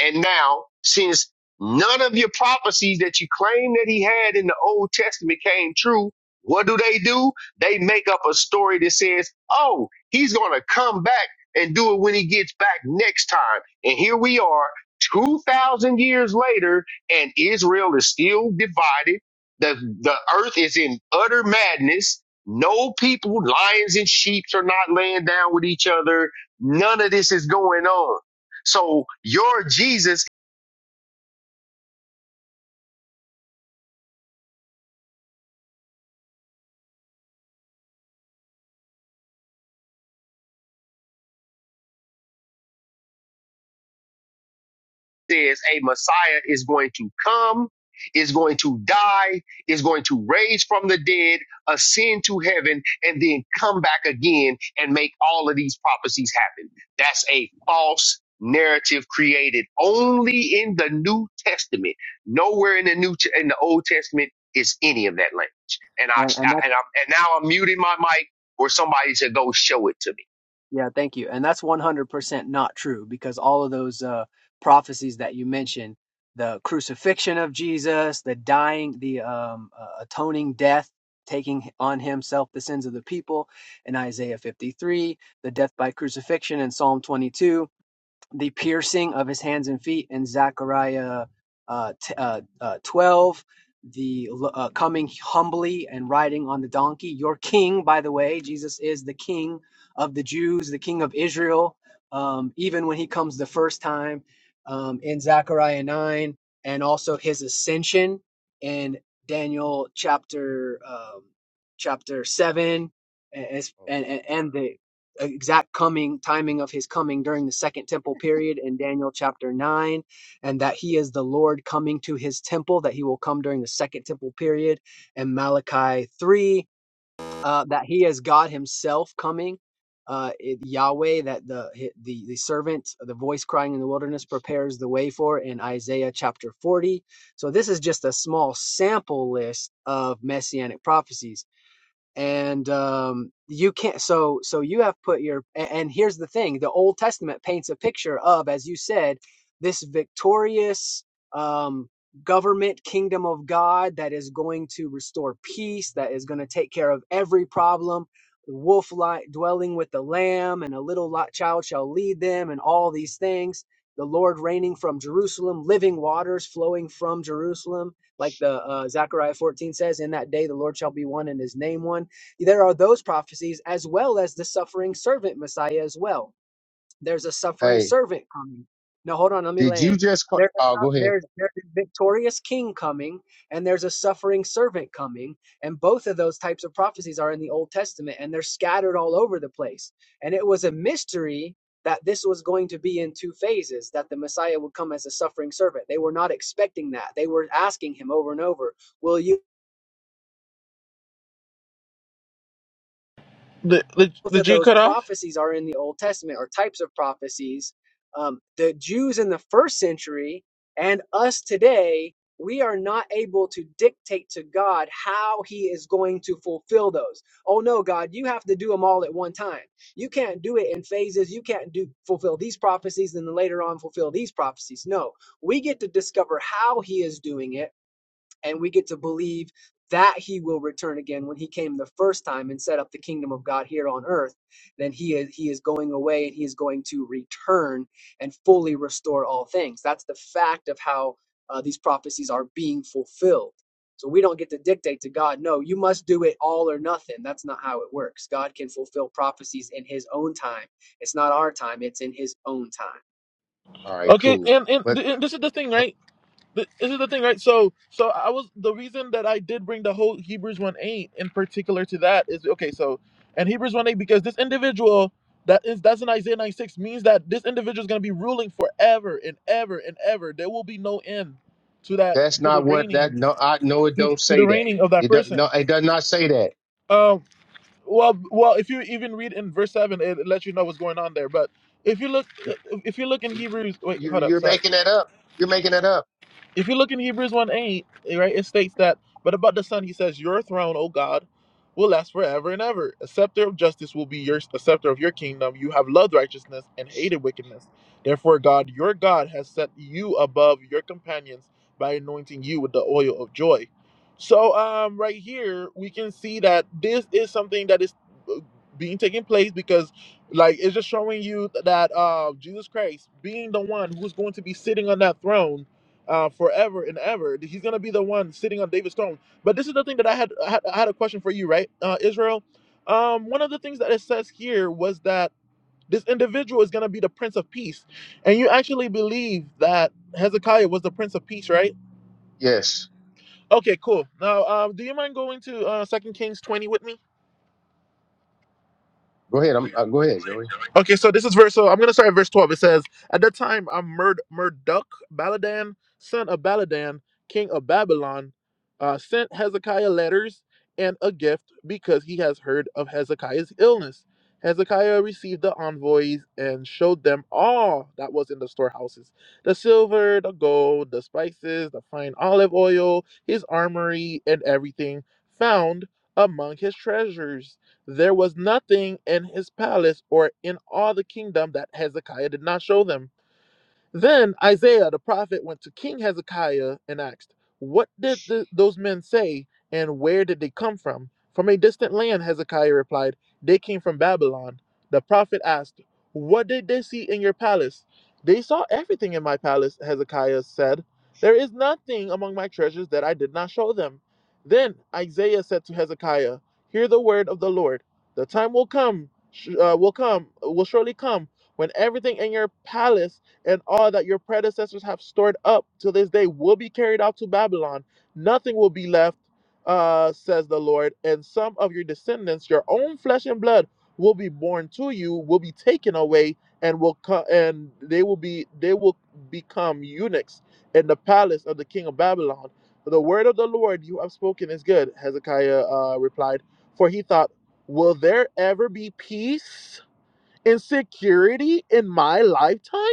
Speaker 1: and now, since none of your prophecies that you claim that he had in the Old Testament came true, what do they do? They make up a story that says, oh, he's going to come back and do it when he gets back next time. And here we are, 2,000 years later, and Israel is still divided. The, the earth is in utter madness no people, lions and sheep are not laying down with each other. None of this is going on. So your Jesus says a Messiah is going to come, is going to die, is going to raise from the dead, ascend to heaven, and then come back again and make all of these prophecies happen. That's a false narrative created only in the New Testament. Nowhere in the New in the Old Testament is any of that language. And I, I and I and now I'm muting my mic, or somebody should go show it to me.
Speaker 4: Yeah, thank you. And that's 100% not true because all of those uh, prophecies that you mentioned, the crucifixion of Jesus, the dying, the um, uh, atoning death, taking on himself the sins of the people in Isaiah 53, the death by crucifixion in Psalm 22, the piercing of his hands and feet in Zechariah uh, t- uh, uh, 12, the uh, coming humbly and riding on the donkey. Your king, by the way, Jesus is the king of the Jews, the king of Israel, um, even when he comes the first time um, in Zechariah 9, and also his ascension in Daniel chapter um, chapter 7. and, and and the exact coming timing of his coming during the second temple period in Daniel chapter 9 and that he is the Lord coming to his temple that he will come during the second temple period and Malachi 3 uh, that he is God himself coming uh, it- Yahweh that the, hi- the the servant the voice crying in the wilderness prepares the way for in Isaiah chapter 40 so this is just a small sample list of messianic prophecies and um, you can't so so you have put your a- and here's the thing the old testament paints a picture of as you said this victorious um, government kingdom of god that is going to restore peace that is going to take care of every problem the wolf like dwelling with the lamb and a little lot child shall lead them and all these things the lord reigning from jerusalem living waters flowing from jerusalem like the uh, zechariah 14 says in that day the lord shall be one and his name one there are those prophecies as well as the suffering servant Messiah as well. There's a suffering
Speaker 1: Hey,
Speaker 4: servant coming. No, hold on, let me
Speaker 1: did you
Speaker 4: land.
Speaker 1: just? qu-
Speaker 4: There's a,
Speaker 1: Oh,
Speaker 4: su-
Speaker 1: go ahead.
Speaker 4: there's there's a victorious king coming, and there's a suffering servant coming, and both of those types of prophecies are in the Old Testament, and they're scattered all over the place. And it was a mystery that this was going to be in two phases, that the Messiah would come as a suffering servant. They were not expecting that. They were asking him over and over, "Will you?"
Speaker 2: the, the,
Speaker 4: both
Speaker 2: the
Speaker 4: of
Speaker 2: g
Speaker 4: those
Speaker 2: cut off
Speaker 4: prophecies are in the Old Testament or types of prophecies. Um, the Jews in the first century and us today, we are not able to dictate to God how He is going to fulfill those. Oh no, God, you have to do them all at one time. You can't do it in phases. You can't do fulfill these prophecies and then later on fulfill these prophecies. No, we get to discover how He is doing it and we get to believe that he will return again when he came the first time and set up the kingdom of God here on earth, then he is he is going away and he is going to return and fully restore all things. That's the fact of how uh, these prophecies are being fulfilled. So we don't get to dictate to God, no, you must do it all or nothing. That's not how it works. God can fulfill prophecies in his own time. It's not our time, it's in his own time.
Speaker 1: All right,
Speaker 2: okay
Speaker 1: cool.
Speaker 2: and, and,
Speaker 1: But
Speaker 2: and this is the thing right Th- this is the thing, right? So, so I was the reason that I did bring the whole Hebrews one eight in particular to that is okay. So, and Hebrews one eight because this individual that is that's in Isaiah ninety six means that this individual is going to be ruling forever and ever and ever. There will be no end to that
Speaker 1: That's
Speaker 2: to the
Speaker 1: not what that.
Speaker 2: reigning
Speaker 1: No, I no, it
Speaker 2: to,
Speaker 1: don't
Speaker 2: to the
Speaker 1: say that.
Speaker 2: reigning of that
Speaker 1: It does no,
Speaker 2: person.
Speaker 1: it does not say that.
Speaker 2: Um. Well, well, if you even read in verse seven, it, it lets you know what's going on there. But if you look,
Speaker 1: No,
Speaker 2: if you look in Hebrews, wait,
Speaker 1: you're
Speaker 2: hold up,
Speaker 1: you're
Speaker 2: sorry.
Speaker 1: making that up. You're making that up.
Speaker 2: If you look in Hebrews 1 8, eh, right, it states that, but about the Son, he says, Your throne, O God, will last forever and ever. A scepter of justice will be your a scepter of your kingdom. You have loved righteousness and hated wickedness. Therefore, God, your God, has set you above your companions by anointing you with the oil of joy. So, um, right here, we can see that this is something that is uh, being taking place because like it's just showing you that uh jesus christ being the one who's going to be sitting on that throne uh, forever and ever. He's gonna be the one sitting on David's throne. But this is the thing that I had I had, I had a question for you, right, uh, Israel? Um, one of the things that it says here was that this individual is gonna be the Prince of Peace, and you actually believe that Hezekiah was the Prince of Peace, right?
Speaker 1: Yes.
Speaker 2: Okay, cool. Now, um, do you mind going to uh, Second Kings twenty with me?
Speaker 1: Go ahead. I'm uh, go ahead, Joey.
Speaker 2: Okay, so this is verse. So I'm gonna start at verse 12. It says, "At that time, I'm Murd Murdoch Baladan, son of Baladan, king of Babylon, uh, sent Hezekiah letters and a gift because he has heard of Hezekiah's illness. Hezekiah received the envoys and showed them all that was in the storehouses: the silver, the gold, the spices, the fine olive oil, his armory, and everything found among his treasures." There was nothing in his palace or in all the kingdom that Hezekiah did not show them. Then Isaiah the prophet went to King Hezekiah and asked, What did the, those men say, and where did they come from? From a distant land, Hezekiah replied, They came from Babylon. The prophet asked, What did they see in your palace? They saw everything in my palace, Hezekiah said. There is nothing among my treasures that I did not show them. Then Isaiah said to Hezekiah, Hear the word of the Lord. The time will come, sh- uh, will come, will surely come when everything in your palace and all that your predecessors have stored up till this day will be carried out to Babylon. Nothing will be left, uh, says the Lord. And some of your descendants, your own flesh and blood, will be born to you, will be taken away, and will co- and they will be they will become eunuchs in the palace of the king of Babylon. The word of the Lord you have spoken is good, Hezekiah uh, replied, for he thought, Will there ever be peace and security in my lifetime?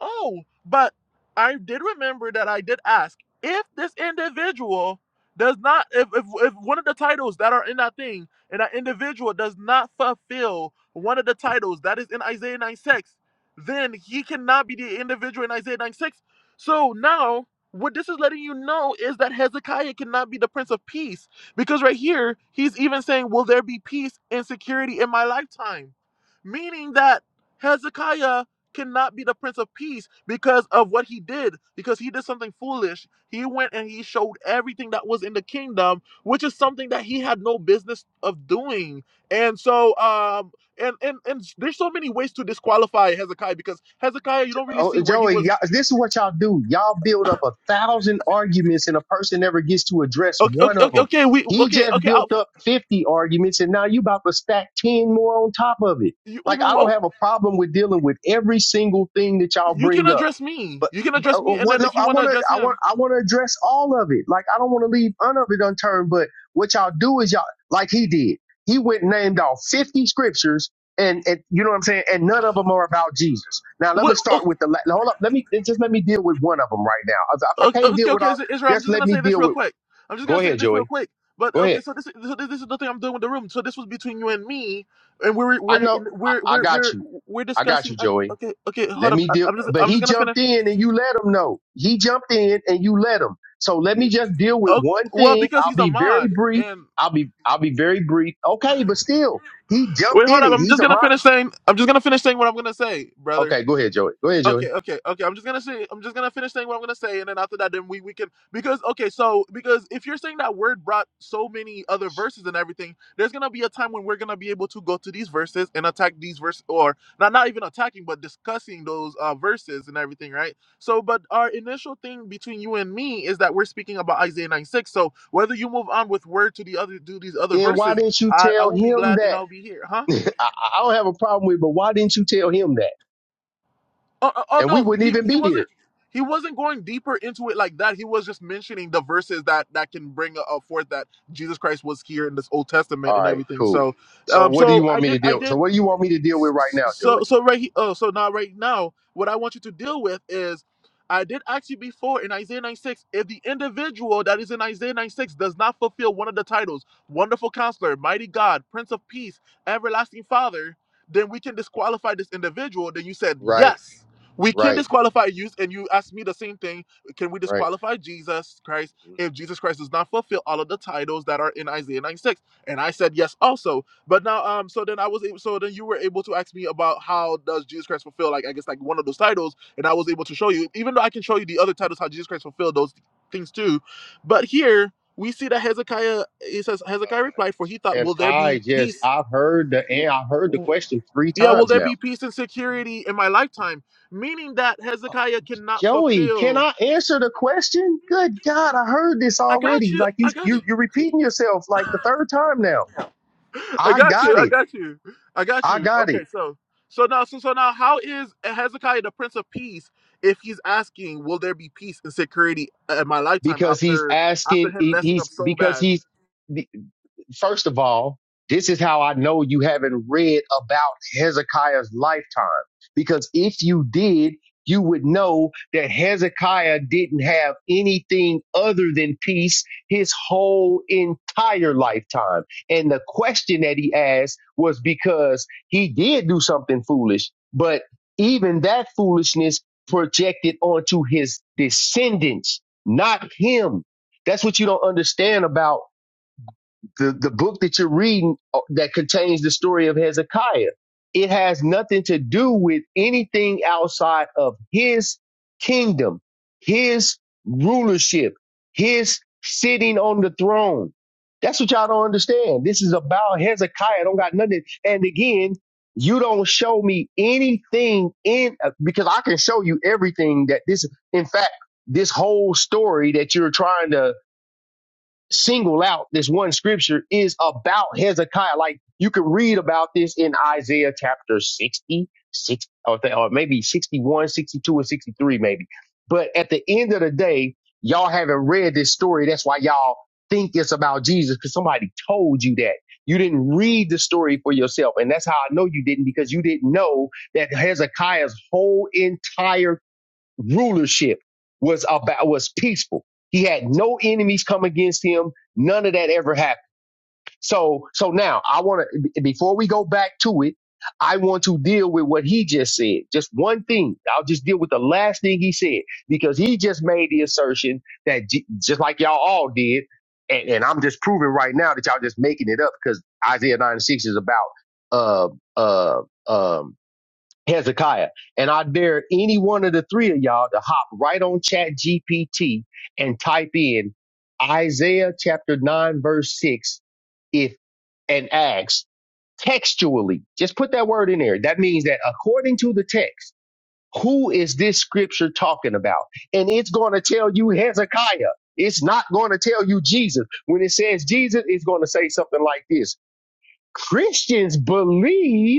Speaker 2: Oh, but I did remember that I did ask if this individual does not, if, if, if one of the titles that are in that thing and that individual does not fulfill one of the titles that is in Isaiah 9 6, then he cannot be the individual in Isaiah 9 6. So now, what this is letting you know is that Hezekiah cannot be the Prince of Peace because right here, he's even saying, Will there be peace and security in my lifetime? Meaning that Hezekiah cannot be the Prince of Peace because of what he did, because he did something foolish. He went and he showed everything that was in the kingdom, which is something that he had no business of doing. And so, um, and and and there's so many ways to disqualify Hezekiah because Hezekiah, you don't really see
Speaker 1: Oh,
Speaker 2: where he
Speaker 1: Joey,
Speaker 2: was.
Speaker 1: y'all, this is what y'all do. Y'all build up a thousand arguments, and a person never gets to address
Speaker 2: Okay, okay,
Speaker 1: one of
Speaker 2: okay,
Speaker 1: them.
Speaker 2: okay, we
Speaker 1: He
Speaker 2: okay,
Speaker 1: just
Speaker 2: okay. I'll,
Speaker 1: built up fifty arguments, and now you about to stack ten more on top of it.
Speaker 2: you, oh,
Speaker 1: Like I
Speaker 2: oh,
Speaker 1: don't
Speaker 2: oh,
Speaker 1: have a problem with dealing with every single thing that y'all
Speaker 2: you can
Speaker 1: bring up.
Speaker 2: address me.
Speaker 1: But
Speaker 2: You can
Speaker 1: uh, uh,
Speaker 2: address me, and
Speaker 1: what?
Speaker 2: then
Speaker 1: No,
Speaker 2: if you
Speaker 1: I
Speaker 2: want to
Speaker 1: want to.
Speaker 2: address
Speaker 1: I want.
Speaker 2: him.
Speaker 1: I want to address all of it. Like I don't want to leave none of it unturned. But what y'all do is y'all like he did. He went and named off fifty scriptures, and, and you know what I'm saying. And none of them are about Jesus. Now let me
Speaker 2: what? oh,
Speaker 1: start with the. la- Hold up. Let me just let me deal with one of them right now. If if
Speaker 2: Okay,
Speaker 1: I can't
Speaker 2: okay,
Speaker 1: deal with
Speaker 2: okay,
Speaker 1: all,
Speaker 2: Is- Israel. I'm
Speaker 1: just
Speaker 2: just
Speaker 1: let
Speaker 2: gonna
Speaker 1: me
Speaker 2: say this
Speaker 1: deal
Speaker 2: real
Speaker 1: with.
Speaker 2: quick. I'm just
Speaker 1: Go
Speaker 2: gonna say
Speaker 1: ahead,
Speaker 2: this real
Speaker 1: Joey.
Speaker 2: quick. But
Speaker 1: Go
Speaker 2: okay,
Speaker 1: ahead.
Speaker 2: so this, so this, this is the thing I'm doing with the room. So this was between you and me, and we're
Speaker 1: I
Speaker 2: we're
Speaker 1: know.
Speaker 2: in,
Speaker 1: I,
Speaker 2: we're
Speaker 1: I
Speaker 2: we're
Speaker 1: got
Speaker 2: we're
Speaker 1: you.
Speaker 2: we're
Speaker 1: I got
Speaker 2: discussing.
Speaker 1: you,
Speaker 2: I,
Speaker 1: Joey.
Speaker 2: okay, okay, hold
Speaker 1: Let
Speaker 2: up.
Speaker 1: me
Speaker 2: I,
Speaker 1: deal.
Speaker 2: I'm just
Speaker 1: But
Speaker 2: I'm just
Speaker 1: he
Speaker 2: gonna
Speaker 1: jumped
Speaker 2: finish.
Speaker 1: in and you let him know. He jumped in and you let him. So let me just deal with
Speaker 2: Oh,
Speaker 1: one
Speaker 2: well,
Speaker 1: thing.
Speaker 2: because
Speaker 1: I'll
Speaker 2: he's a
Speaker 1: be very
Speaker 2: mod,
Speaker 1: brief.
Speaker 2: and
Speaker 1: I'll be I'll be very brief. Okay, but still, he
Speaker 2: wait,
Speaker 1: jumped
Speaker 2: hold
Speaker 1: in
Speaker 2: up.
Speaker 1: it.
Speaker 2: I'm
Speaker 1: He's
Speaker 2: just
Speaker 1: a mo-
Speaker 2: gonna finish saying. I'm just gonna finish saying what I'm gonna say, brother.
Speaker 1: Okay, go ahead, Joey. Go ahead, Joey.
Speaker 2: Okay, okay, okay. I'm just gonna say I'm just gonna finish saying what I'm gonna say, and then after that, then we we can because okay, so because if you're saying that word brought so many other verses and everything, there's gonna be a time when we're gonna be able to go to these verses and attack these verses, or not not even attacking, but discussing those uh, verses and everything, right? So, but our initial thing between you and me is that we're speaking about Isaiah 96. So whether you move on with word to the other to these other
Speaker 1: Then why
Speaker 2: verses,
Speaker 1: didn't you
Speaker 2: I I
Speaker 1: tell
Speaker 2: will be
Speaker 1: him
Speaker 2: glad and
Speaker 1: that?
Speaker 2: I'll be here, huh?
Speaker 1: I, I don't have a problem with, it, but why didn't you tell him that?
Speaker 2: Oh, oh oh,
Speaker 1: And we
Speaker 2: no,
Speaker 1: wouldn't
Speaker 2: he
Speaker 1: even
Speaker 2: he
Speaker 1: be
Speaker 2: wasn't
Speaker 1: here.
Speaker 2: he wasn't going deeper into it like that. He was just mentioning the verses that that can bring uh, forth that Jesus Christ was here in this Old Testament
Speaker 1: All
Speaker 2: and
Speaker 1: right,
Speaker 2: everything.
Speaker 1: cool.
Speaker 2: So,
Speaker 1: So
Speaker 2: um,
Speaker 1: what do
Speaker 2: so
Speaker 1: you want
Speaker 2: I
Speaker 1: me
Speaker 2: did
Speaker 1: to
Speaker 2: I
Speaker 1: deal?
Speaker 2: did
Speaker 1: So what do you want me to deal with right now, Joey?
Speaker 2: so so right he- oh so now right now what i want you to deal with is i did ask you before in isaiah 96 if the individual that is in isaiah 96 does not fulfill one of the titles wonderful counselor mighty god prince of peace everlasting father then we can disqualify this individual then you said
Speaker 1: Right,
Speaker 2: yes we can
Speaker 1: right,
Speaker 2: disqualify you and you asked me the same thing can we
Speaker 1: right.
Speaker 2: disqualify jesus christ
Speaker 1: Mhm.
Speaker 2: if jesus christ does not fulfill all of the titles that are in isaiah 96 and i said yes also but now, um, so then I was able, so then you were able to ask me about how does Jesus Christ fulfill like I guess like one of those titles, and I was able to show you, even though I can show you the other titles how Jesus Christ fulfilled those things too. But here we see that Hezekiah, it says Hezekiah replied, for he thought,
Speaker 1: And
Speaker 2: will there
Speaker 1: I
Speaker 2: be
Speaker 1: just
Speaker 2: peace?
Speaker 1: I've heard the
Speaker 2: w-
Speaker 1: and I've heard the
Speaker 2: w-
Speaker 1: question three
Speaker 2: Yeah, will
Speaker 1: times
Speaker 2: there
Speaker 1: now.
Speaker 2: be peace and security in my lifetime? Meaning that Hezekiah cannot
Speaker 1: Joey, can
Speaker 2: fulfill.
Speaker 1: I answer the question? Good God, I heard this
Speaker 2: I got
Speaker 1: already.
Speaker 2: you.
Speaker 1: Like you
Speaker 2: I got you.
Speaker 1: you you're repeating yourself like the third time now.
Speaker 2: I
Speaker 1: I
Speaker 2: got you.
Speaker 1: got
Speaker 2: I
Speaker 1: it.
Speaker 2: got you. I got
Speaker 1: I
Speaker 2: you.
Speaker 1: got it.
Speaker 2: Okay, so so now so so now how is Hezekiah the Prince of Peace if he's asking, will there be peace and security in my lifetime
Speaker 1: Because he's
Speaker 2: after after
Speaker 1: asking
Speaker 2: him messing up
Speaker 1: he's
Speaker 2: so
Speaker 1: because
Speaker 2: bad?
Speaker 1: he's first of all, this is how I know you haven't read about Hezekiah's lifetime. Because if you did, you would know that Hezekiah didn't have anything other than peace his whole entire lifetime. And the question that he asked was because he did do something foolish, but even that foolishness projected onto his descendants, not him. That's what you don't understand about the, the book that you're reading uh, that contains the story of Hezekiah. It has nothing to do with anything outside of his kingdom, his rulership, his sitting on the throne. That's what y'all don't understand. This is about Hezekiah. Don't got nothing. And again, you don't show me anything in uh, because I can show you everything that this. In fact, this whole story that you're trying to single out this one scripture is about Hezekiah. Like you can read about this in Isaiah chapter 60, sixty or, th- or maybe sixty-one, sixty-two, 62, and 63, maybe. But at the end of the day, y'all haven't read this story. That's why y'all think it's about Jesus because somebody told you that. You didn't read the story for yourself. And that's how I know you didn't because you didn't know that Hezekiah's whole entire rulership was about was peaceful. He had no enemies come against him. None of that ever happened. So so now I want to before we go back to it, I want to deal with what he just said. Just one thing. I'll just deal with the last thing he said because he just made the assertion that J- just like y'all all did, and, and I'm just proving right now that y'all just making it up because Isaiah 9 and 6 is about uh uh um Hezekiah. And I dare any one of the three of y'all to hop right on chat GPT and type in Isaiah chapter 9 verse 6 if and ask textually. Just put that word in there. That means that according to the text, who is this scripture talking about? And it's going to tell you Hezekiah. It's not going to tell you Jesus. When it says Jesus, it's going to say something like this. Christians believe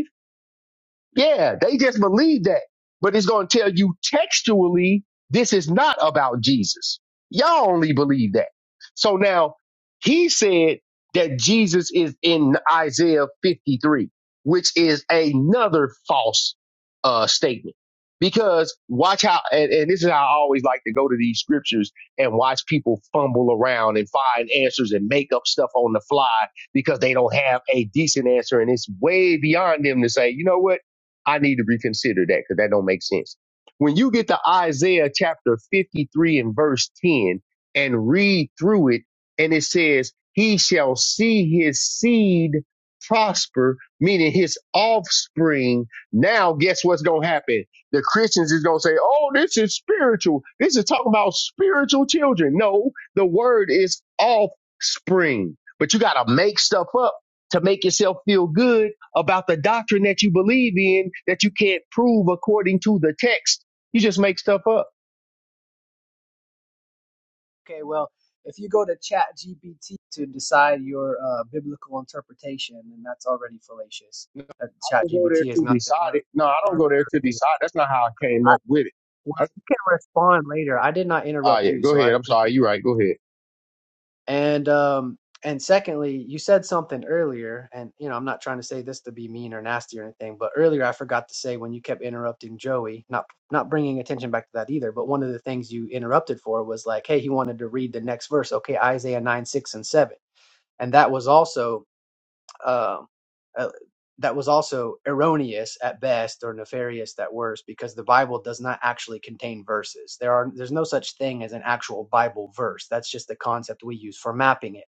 Speaker 1: yeah, they just believe that. But it's going to tell you textually, this is not about Jesus. Y'all only believe that. So now he said that Jesus is in Isaiah 53, which is another false uh, statement. Because watch how, and, and this is how I always like to go to these scriptures and watch people fumble around and find answers and make up stuff on the fly because they don't have a decent answer. And it's way beyond them to say, you know what? I need to reconsider that because that don't make sense. When you get to Isaiah chapter 53 and verse 10 and read through it, and it says, He shall see his seed prosper, meaning his offspring. Now, guess what's going to happen? The Christians is going to say, Oh, this is spiritual. This is talking about spiritual children. No, the word is offspring, but you got to make stuff up to make yourself feel good about the doctrine that you believe in that you can't prove according to the text. You just make stuff up.
Speaker 4: Okay, well, if you go to ChatGPT to decide your uh, biblical interpretation, then that's already fallacious.
Speaker 1: No,
Speaker 4: That
Speaker 1: I
Speaker 4: Chat
Speaker 1: don't go there
Speaker 4: is
Speaker 1: to
Speaker 4: not the
Speaker 1: decide it.
Speaker 4: ar-
Speaker 1: No,
Speaker 4: the
Speaker 1: I don't
Speaker 4: arbiter.
Speaker 1: go there
Speaker 4: of
Speaker 1: to
Speaker 4: truth.
Speaker 1: decide. That's not how I came
Speaker 4: I,
Speaker 1: up with it.
Speaker 4: well,
Speaker 1: That's,
Speaker 4: you can respond later. I did not
Speaker 1: oh,
Speaker 4: interrupt
Speaker 1: yeah.
Speaker 4: you,
Speaker 1: Go
Speaker 4: so
Speaker 1: ahead.
Speaker 4: I'd
Speaker 1: I'm sorry.
Speaker 4: appreciate
Speaker 1: You're
Speaker 4: that.
Speaker 1: right. Go ahead.
Speaker 4: And um, and secondly, you said something earlier, and you know I'm not trying to say this to be mean or nasty or anything, but earlier I forgot to say when you kept interrupting Joey, not not bringing attention back to that either. But one of the things you interrupted for was like, hey, he wanted to read the next verse. Okay, Isaiah nine six and seven and that was also um, uh, that was also erroneous at best or nefarious at worst because the Bible does not actually contain verses. There are there's no such thing as an actual Bible verse. That's just the concept we use for mapping it.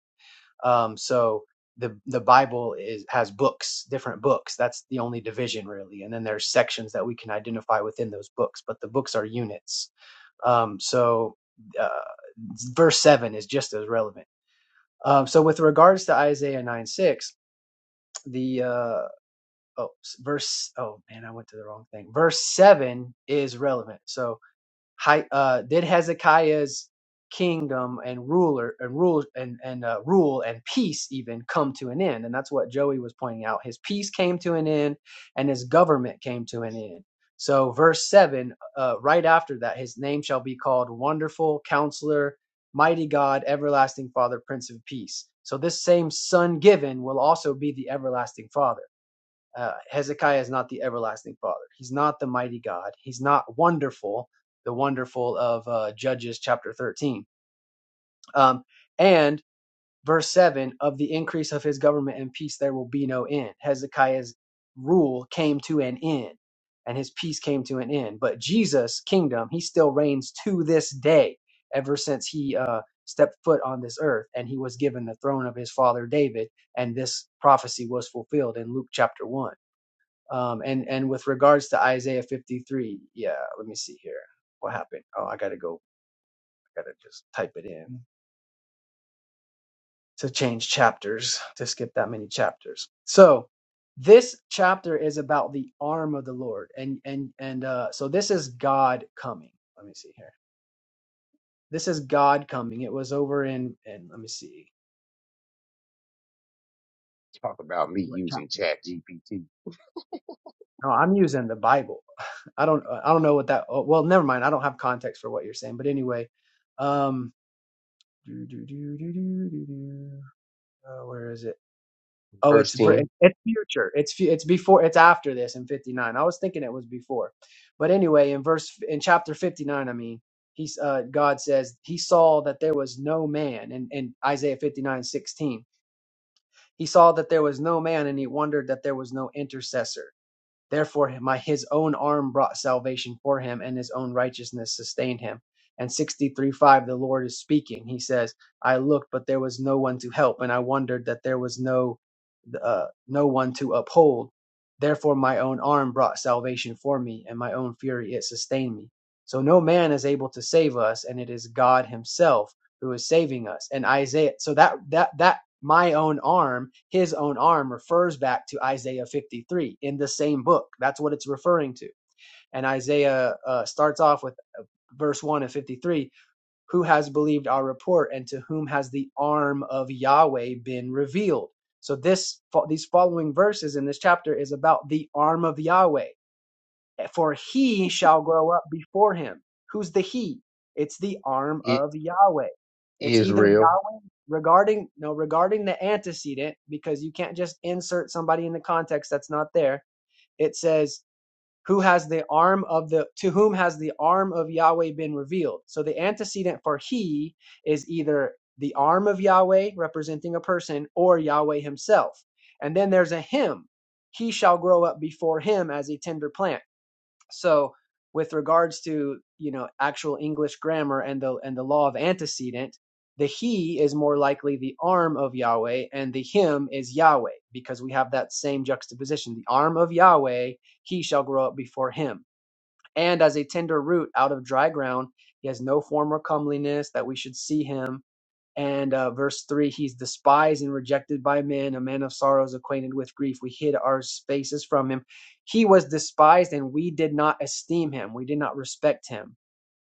Speaker 4: Um, so the the Bible is has books, different books. That's the only division really, and then there's sections that we can identify within those books. But the books are units. Um, so uh, verse seven is just as relevant. Um, so with regards to Isaiah nine six the uh oh verse oh man i went to the wrong thing verse 7 is relevant so uh did hezekiah's kingdom and ruler and rule and and uh, rule and peace even come to an end and that's what joey was pointing out his peace came to an end and his government came to an end so verse 7 uh, right after that his name shall be called wonderful counselor mighty god everlasting father prince of peace so this same son given will also be the everlasting father uh, Hezekiah is not the everlasting father. He's not the mighty God. He's not wonderful, the wonderful of uh, Judges chapter 13. Um, and verse 7 of the increase of his government and peace, there will be no end. Hezekiah's rule came to an end and his peace came to an end. But Jesus' kingdom, he still reigns to this day, ever since he uh, stepped foot on this earth and he was given the throne of his father David. And this prophecy was fulfilled in Luke chapter 1 um, and and with regards to Isaiah 53, yeah, let me see here. What happened? Oh, I gotta go. I gotta just type it in to change chapters to skip that many chapters. So this chapter is about the arm of the Lord, and and and uh, so this is God coming. Let me see here. This is God coming. It was over in and let me see
Speaker 1: Talk about me
Speaker 4: what
Speaker 1: using
Speaker 4: chapter.
Speaker 1: Chat GPT.
Speaker 4: No, I'm using the Bible. I don't I don't know what that. Oh, well, never mind. I don't have context for what you're saying, but anyway. um. Do, do, do, do, do, do, do. Uh, where is it? Oh,
Speaker 1: Verse
Speaker 4: it's ver-
Speaker 1: 10.
Speaker 4: it- it's future. It's fu- it's before. It's after this in fifty nine. I was thinking it was before, but anyway, in verse in chapter fifty nine, I mean, he's uh, God says he saw that there was no man, in, in Isaiah fifty nine sixteen, he saw that there was no man, and he wondered that there was no intercessor. Therefore, my his own arm brought salvation for him, and his own righteousness sustained him. And 63 5, the Lord is speaking. He says, I looked, but there was no one to help, and I wondered that there was no uh, no one to uphold. Therefore, my own arm brought salvation for me, and my own fury it sustained me. So no man is able to save us, and it is God Himself who is saving us. And Isaiah, so that that that my own arm, His own arm, refers back to Isaiah 53 in the same book. That's what it's referring to. And Isaiah uh, starts off with verse one of 53 who has believed our report and to whom has the arm of Yahweh been revealed? So this these following verses in this chapter is about the arm of Yahweh. For he shall grow up before him. Who's the he? It's the arm
Speaker 1: It
Speaker 4: of Yahweh. It's
Speaker 1: is
Speaker 4: either
Speaker 1: real.
Speaker 4: Yahweh regarding no regarding the antecedent because you can't just insert somebody in the context that's not there. It says who has the arm of the to whom has the arm of Yahweh been revealed? So the antecedent for he is either the arm of Yahweh representing a person or Yahweh himself. And then there's a him. He shall grow up before him as a tender plant. So with regards to you know actual English grammar and the and the law of antecedent, the he is more likely the arm of Yahweh and the him is Yahweh because we have that same juxtaposition. The arm of Yahweh, he shall grow up before him. And as a tender root out of dry ground, he has no form or comeliness that we should see him and uh, verse 3 He's despised and rejected by men, a man of sorrows, acquainted with grief. We hid our faces from him. He was despised, and we did not esteem him. We did not respect him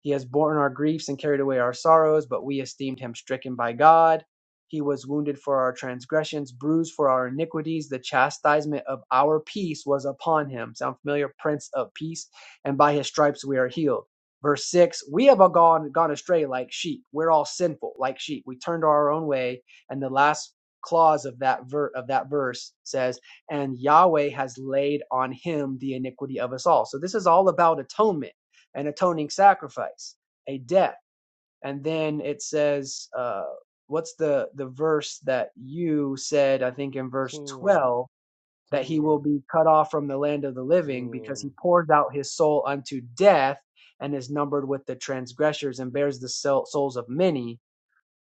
Speaker 4: he has borne our griefs and carried away our sorrows, but we esteemed him stricken by God. He was wounded for our transgressions, bruised for our iniquities. The chastisement of our peace was upon him. Sound familiar? Prince of peace. And by his stripes we are healed. Verse 6 We have all gone, gone astray like sheep. We're all sinful like sheep. We turned our own way. And the last clause of that, ver- of that verse says, And Yahweh has laid on him the iniquity of us all. So this is all about atonement an atoning sacrifice, a death. And then it says, uh, what's the, the verse that you said, I think in verse 12, that he will be cut off from the land of the living because he pours out his soul unto death and is numbered with the transgressors and bears the souls of many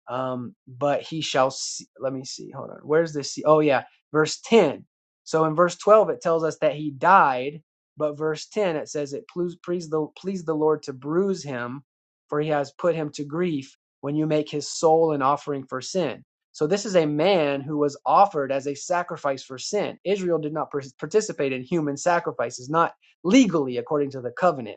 Speaker 4: um, but he shall see. Let me see. Hold on. Where's this? Oh, yeah. Verse 10. So in verse 12, it tells us that he died, but verse 10, it says it pleased, pleased, the, pleased the Lord to bruise him, for he has put him to grief when you make his soul an offering for sin. So this is a man who was offered as a sacrifice for sin. Israel did not participate in human sacrifices, not legally according to the covenant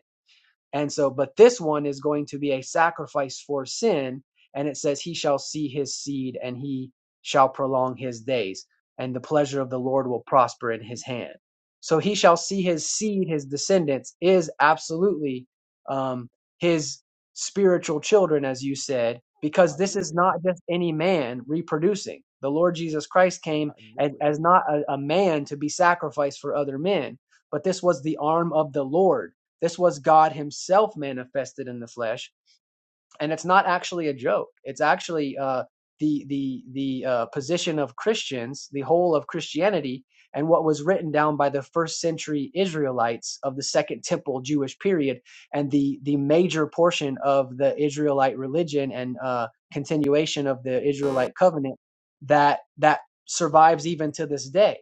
Speaker 4: and so, but this one is going to be a sacrifice for sin. And it says, He shall see his seed and he shall prolong his days, and the pleasure of the Lord will prosper in his hand. So he shall see his seed, his descendants, is absolutely um, his spiritual children, as you said, because
Speaker 1: I
Speaker 4: this
Speaker 1: knew
Speaker 4: is
Speaker 1: it.
Speaker 4: not just any man reproducing. The Lord Jesus Christ
Speaker 1: I
Speaker 4: came as,
Speaker 1: knew it.
Speaker 4: as not a, a man to be sacrificed for other men, but this was the arm of the Lord this was God himself manifested in the flesh and it's not actually a joke. It's actually uh, the the the uh, position of Christians, the whole of Christianity, and what was written down by the first century Israelites of the Second Temple Jewish period, and the the major portion of the Israelite religion and uh, continuation of the Israelite covenant that that survives even to this day.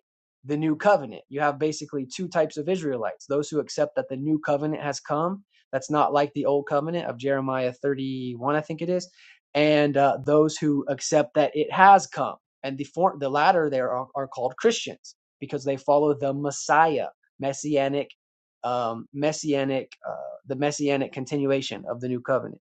Speaker 4: The new covenant. You have basically two types of Israelites: those who accept that the new covenant has come, that's not like the old covenant of Jeremiah 31, I think it is. And uh, those who accept that it has come. And the, for- the latter there are, are called Christians because they follow the Messiah, messianic, um, messianic, uh, the messianic continuation of the new covenant.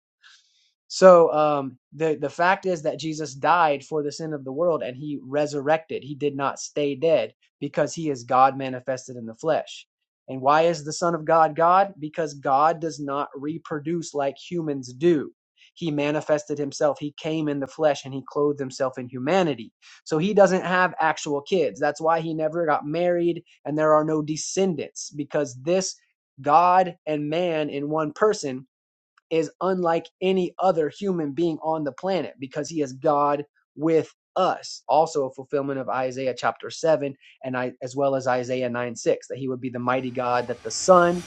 Speaker 4: So um, the the fact is that Jesus died for the sin of the world, and he resurrected. He did not stay dead because he is God manifested in the flesh. And why is the Son of God God? Because God does not reproduce like humans do. He manifested himself. He came in the flesh and he clothed himself in humanity. So he doesn't have actual kids. That's why he never got married and there are no descendants because this God and man in one person is unlike any other human being on the planet because he is God with us. Also a fulfillment of Isaiah chapter 7 and I as well as Isaiah 9 6, that he would be the mighty God, that the Son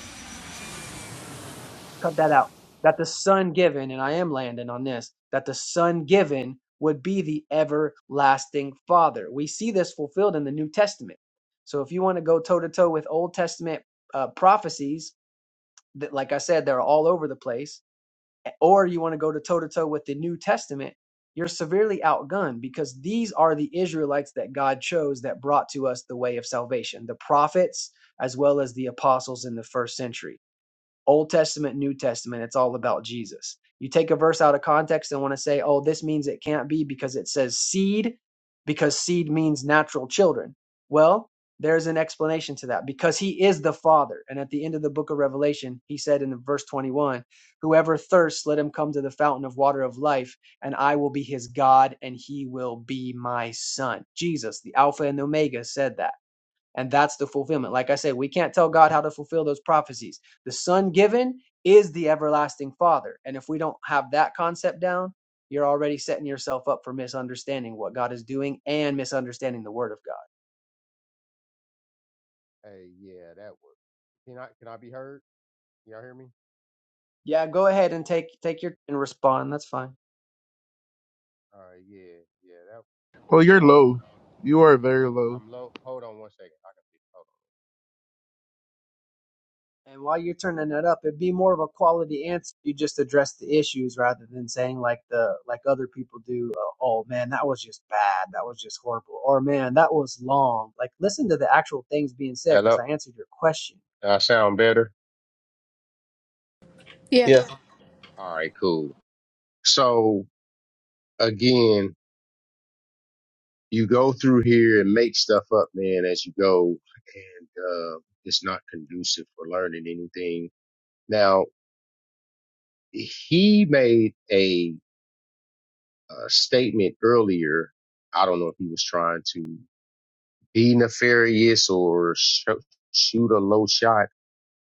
Speaker 4: cut that out. That the Son given, and I am landing on this, that the Son given would be the everlasting Father. We see this fulfilled in the New Testament. So if you want to go toe to toe with Old Testament uh, prophecies, that like I said, they're all over the place or you want to go to toe to toe with the New Testament, you're severely outgunned because these are the Israelites that God chose that brought to us the way of salvation, the prophets as well as the apostles in the first century. Old Testament, New Testament, it's all about Jesus. You take a verse out of context and want to say, oh, this means it can't be because it says seed, because seed means natural children. Well, there's an explanation to that because he is the Father. And at the end of the book of Revelation, he said in verse 21 Whoever thirsts, let him come to the fountain of water of life, and I will be his God, and he will be my son. Jesus, the Alpha and the Omega, said that. And that's the fulfillment. Like I said, we can't tell God how to fulfill those prophecies. The Son given is the everlasting Father. And if we don't have that concept down, you're already setting yourself up for misunderstanding what God is doing and misunderstanding the Word of God.
Speaker 1: Hey, yeah, that was. Can I can I be heard? Can y'all hear me?
Speaker 4: Yeah, go ahead and take take your and respond. That's fine.
Speaker 1: All right, yeah, yeah. That
Speaker 2: Well,
Speaker 1: with
Speaker 2: you're
Speaker 1: all due.
Speaker 2: low. You are very low.
Speaker 1: I'm low. Hold on one second. I can fix. Hold
Speaker 4: And while you're turning that up, it'd be more of a quality answer. You just address the issues rather than saying like the like other people do. Uh, oh man, that was just bad. That was just horrible. Or man, that was long. Like listen to the actual things being said
Speaker 1: on.
Speaker 4: because
Speaker 1: Hello.
Speaker 4: I answered your question.
Speaker 1: I sound better.
Speaker 3: Yeah.
Speaker 2: Yeah.
Speaker 1: All right, cool. So again, you go through here and make stuff up, man, as you go, and uh, it's not conducive for learning anything. Now, he made a, uh statement earlier. I don't know if he was trying to be nefarious or sh- shoot a low shot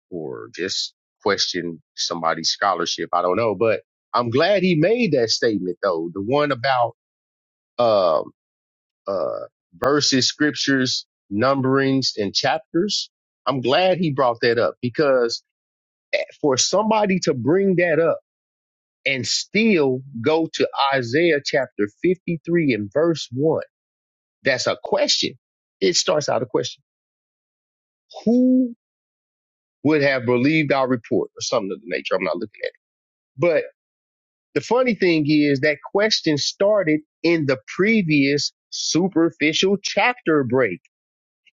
Speaker 1: or just question somebody's scholarship. I don't know, but I'm glad he made that statement though. The one about um. uh, verses, scriptures, numberings, and chapters. I'm glad he brought that up because eh, for somebody to bring that up and still go to Isaiah chapter 53 and verse 1, that's a question. It starts out a question. Who would have believed our report or something of the nature? I'm not looking at it. But the funny thing is that question started in the previous superficial chapter break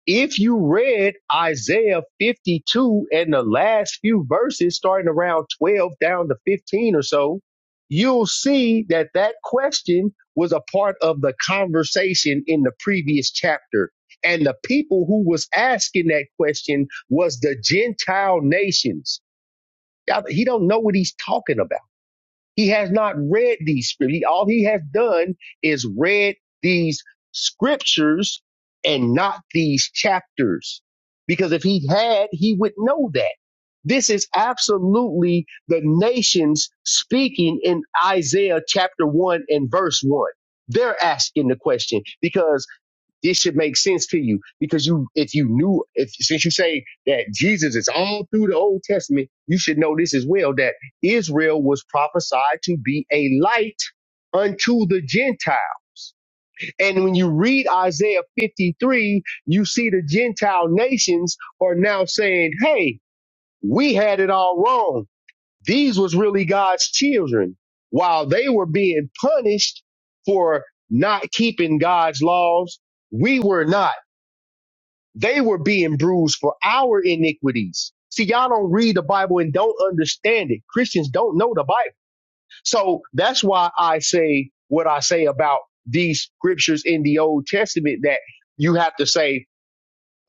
Speaker 1: If you read Isaiah 52 and the last few verses, starting around 12 down to 15 or so, you'll see that that question was a part of the conversation in the previous chapter. And the people who was asking that question was the Gentile nations. Y'all, He don't know what he's talking about. He has not read these scriptures. All he has done is read these scriptures and not these chapters. Because if he had, he would know that. This is absolutely the nations speaking in Isaiah chapter 1 and verse 1. They're asking the question because this should make sense to you because you, if you knew, if since you say that Jesus is all through the Old Testament, you should know this as well that Israel was prophesied to be a light unto the Gentiles. And when you read Isaiah 53, you see the Gentile nations are now saying, hey, we had it all wrong. These was really God's children while they were being punished for not keeping God's laws. We were not. They were being bruised for our iniquities. See, y'all don't read the Bible and don't understand it. Christians don't know the Bible. So that's why I say what I say about these scriptures in the Old Testament that you have to say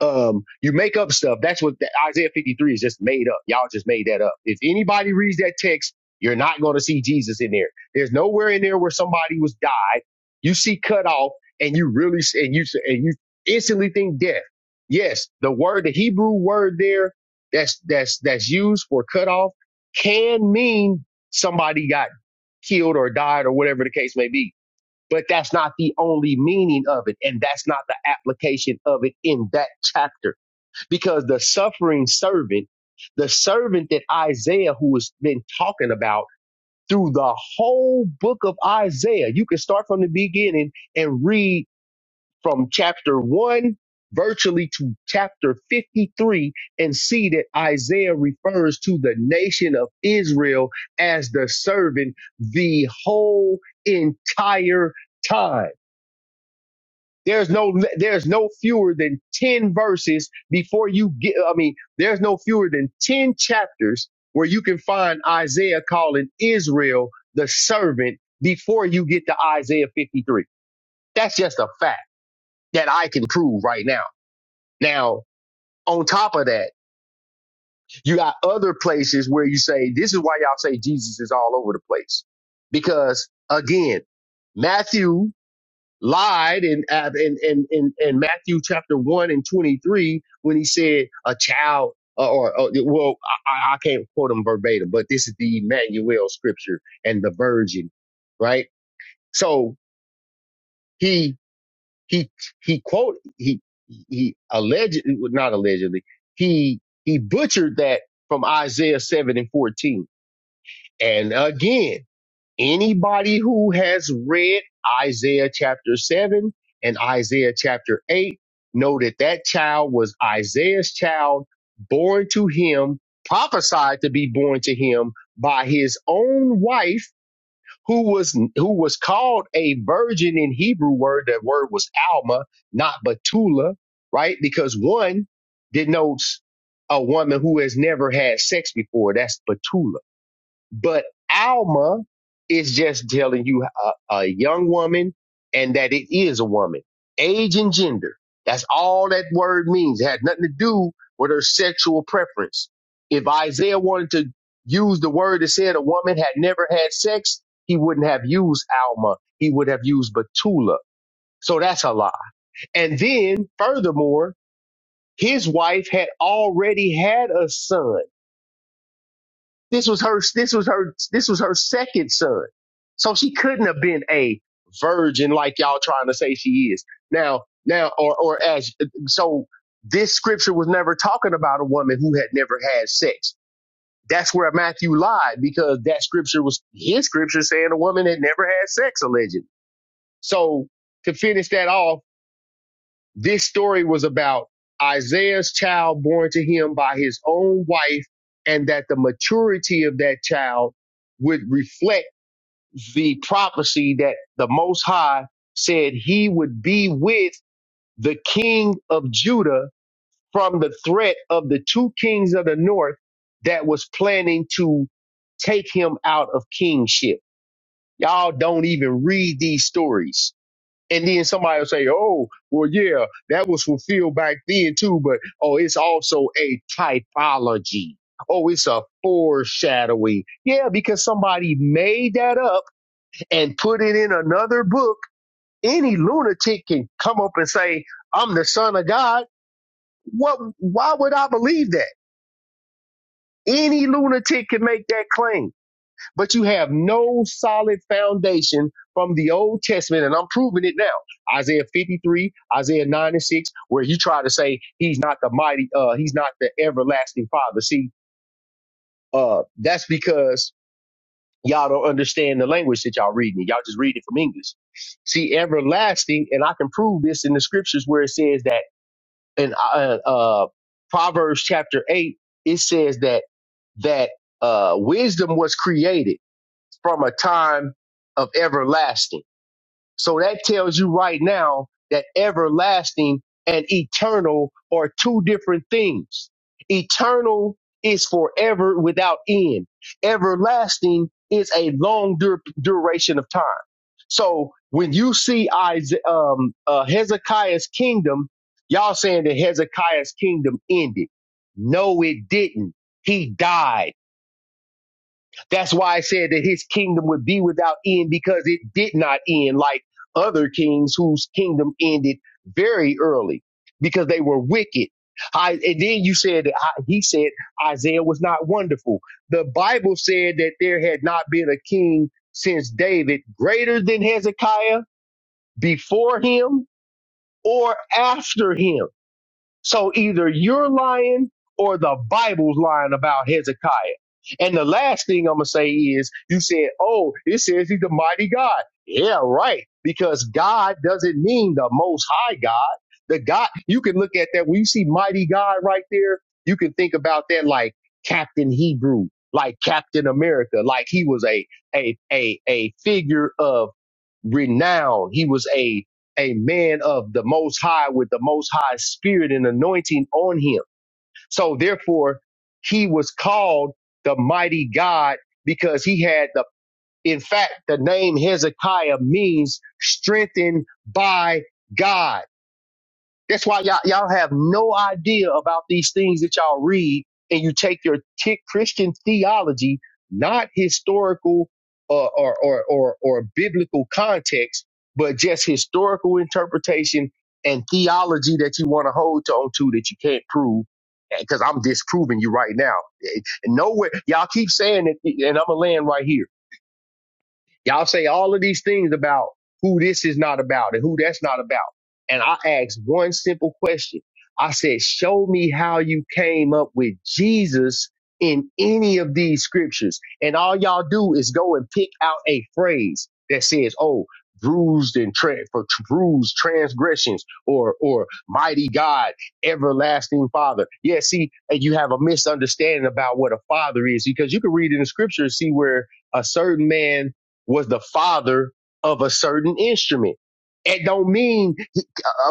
Speaker 1: um, you make up stuff. That's what the, Isaiah 53 is just made up. Y'all just made that up. If anybody reads that text, you're not going to see Jesus in there. There's nowhere in there where somebody was died. You see cut off and you really, and you, and you instantly think death. Yes, the word, the Hebrew word there that's, that's, that's used for cut off can mean somebody got killed or died or whatever the case may be but that's not the only meaning of it and that's not the application of it in that chapter because the suffering servant the servant that isaiah who has been talking about through the whole book of isaiah you can start from the beginning and read from chapter 1 virtually to chapter 53 and see that isaiah refers to the nation of israel as the servant the whole entire time there's no there's no fewer than 10 verses before you get I mean, there's no fewer than 10 chapters where you can find Isaiah calling Israel the servant before you get to Isaiah 53. That's just a fact that I can prove right now. Now, on top of that, you got other places where you say this is why y'all say Jesus is all over the place. Because again, Matthew lied in, uh, in, in, in, in Matthew chapter 1 and 23 when he said a child uh, or, or well, I, I I can't quote him verbatim, but this is the Emmanuel scripture and the virgin, right? So he, he, he quote, he, he allegedly, well, not allegedly, he, he butchered that from Isaiah 7 and 14. And again, Anybody who has read Isaiah chapter 7 and Isaiah chapter 8 know that that child was Isaiah's child, born to him, prophesied to be born to him by his own wife who was who was called a virgin in Hebrew word that word was Alma not Betula right because one denotes a woman who has never had sex before that's Betula but Alma is just telling you a, a young woman and that it is a woman. Age and gender. That's all that word means. It had nothing to do with her sexual preference. If Isaiah wanted to use the word that said a woman had never had sex, he wouldn't have used Alma. He would have used Betula. So that's a lie. And then furthermore, his wife had already had a son this was her. This was her. This was her second son. So she couldn't have been a virgin like y'all trying to say she is now. Now, or or as so, this scripture was never talking about a woman who had never had sex. That's where Matthew lied because that scripture was his scripture saying a woman had never had sex allegedly. So to finish that off this story was about Isaiah's child born to him by his own wife, and that the maturity of that child would reflect the prophecy that the Most High said he would be with the king of Judah from the threat of the two kings of the north that was planning to take him out of kingship. Y'all don't even read these stories and then somebody will say, oh, well, yeah, that was fulfilled back then too, but oh, it's also a typology. Oh, it's a foreshadowing. Yeah, because somebody made that up and put it in another book. Any lunatic can come up and say, I'm the son of God. What, why would I believe that? Any lunatic can make that claim but you have no solid foundation from the Old Testament, and I'm proving it now. Isaiah 53, Isaiah 9 and 6, where he tried to say he's not the mighty, uh, he's not the everlasting father. See, uh, that's because y'all don't understand the language that y'all reading. Y'all just read it from English. See, everlasting, and I can prove this in the scriptures where it says that in uh, uh, uh, Proverbs chapter 8, it says that that uh, wisdom was created from a time of everlasting. So that tells you right now that everlasting and eternal are two different things. Eternal is forever without end. Everlasting is a long dur- duration of time. So when you see Isaiah, um, uh, Hezekiah's kingdom, y'all saying that Hezekiah's kingdom ended. No, it didn't. He died. That's why I said that his kingdom would be without end because it did not end like other kings whose kingdom ended very early because they were wicked. I, and then you said that I, he said Isaiah was not wonderful. The Bible said that there had not been a king since David greater than Hezekiah before him or after him. So either you're lying or the Bible's lying about Hezekiah. And the last thing I'm going to say is you said, oh, it says he's the mighty God. Yeah, right. Because God doesn't mean the most high God. The God, you can look at that. When you see mighty God right there, you can think about that like Captain Hebrew, like Captain America, like he was a, a, a, a figure of renowned. He was a a man of the most high with the most high spirit and anointing on him. So therefore, he was called the mighty God because he had the in fact the name Hezekiah means strengthened by God. That's why y'all, y'all have no idea about these things that y'all read, and you take your t- Christian theology, not historical uh, or, or, or, or biblical context, but just historical interpretation and theology that you want to hold on to that you can't prove. Because I'm disproving you right now. Eh, Nowhere, y'all keep saying it, and I'm gonna land right here Y'all say all of these things about who this is not about and who that's not about. And I asked one simple question. I said, show me how you came up with Jesus in any of these scriptures. And all y'all do is go and pick out a phrase that says, oh, bruised and tra- for tr- bruised transgressions or, or mighty God, everlasting father. Yeah. See, and you have a misunderstanding about what a father is because you can read in the scripture and see where a certain man was the father of a certain instrument. It don't mean he-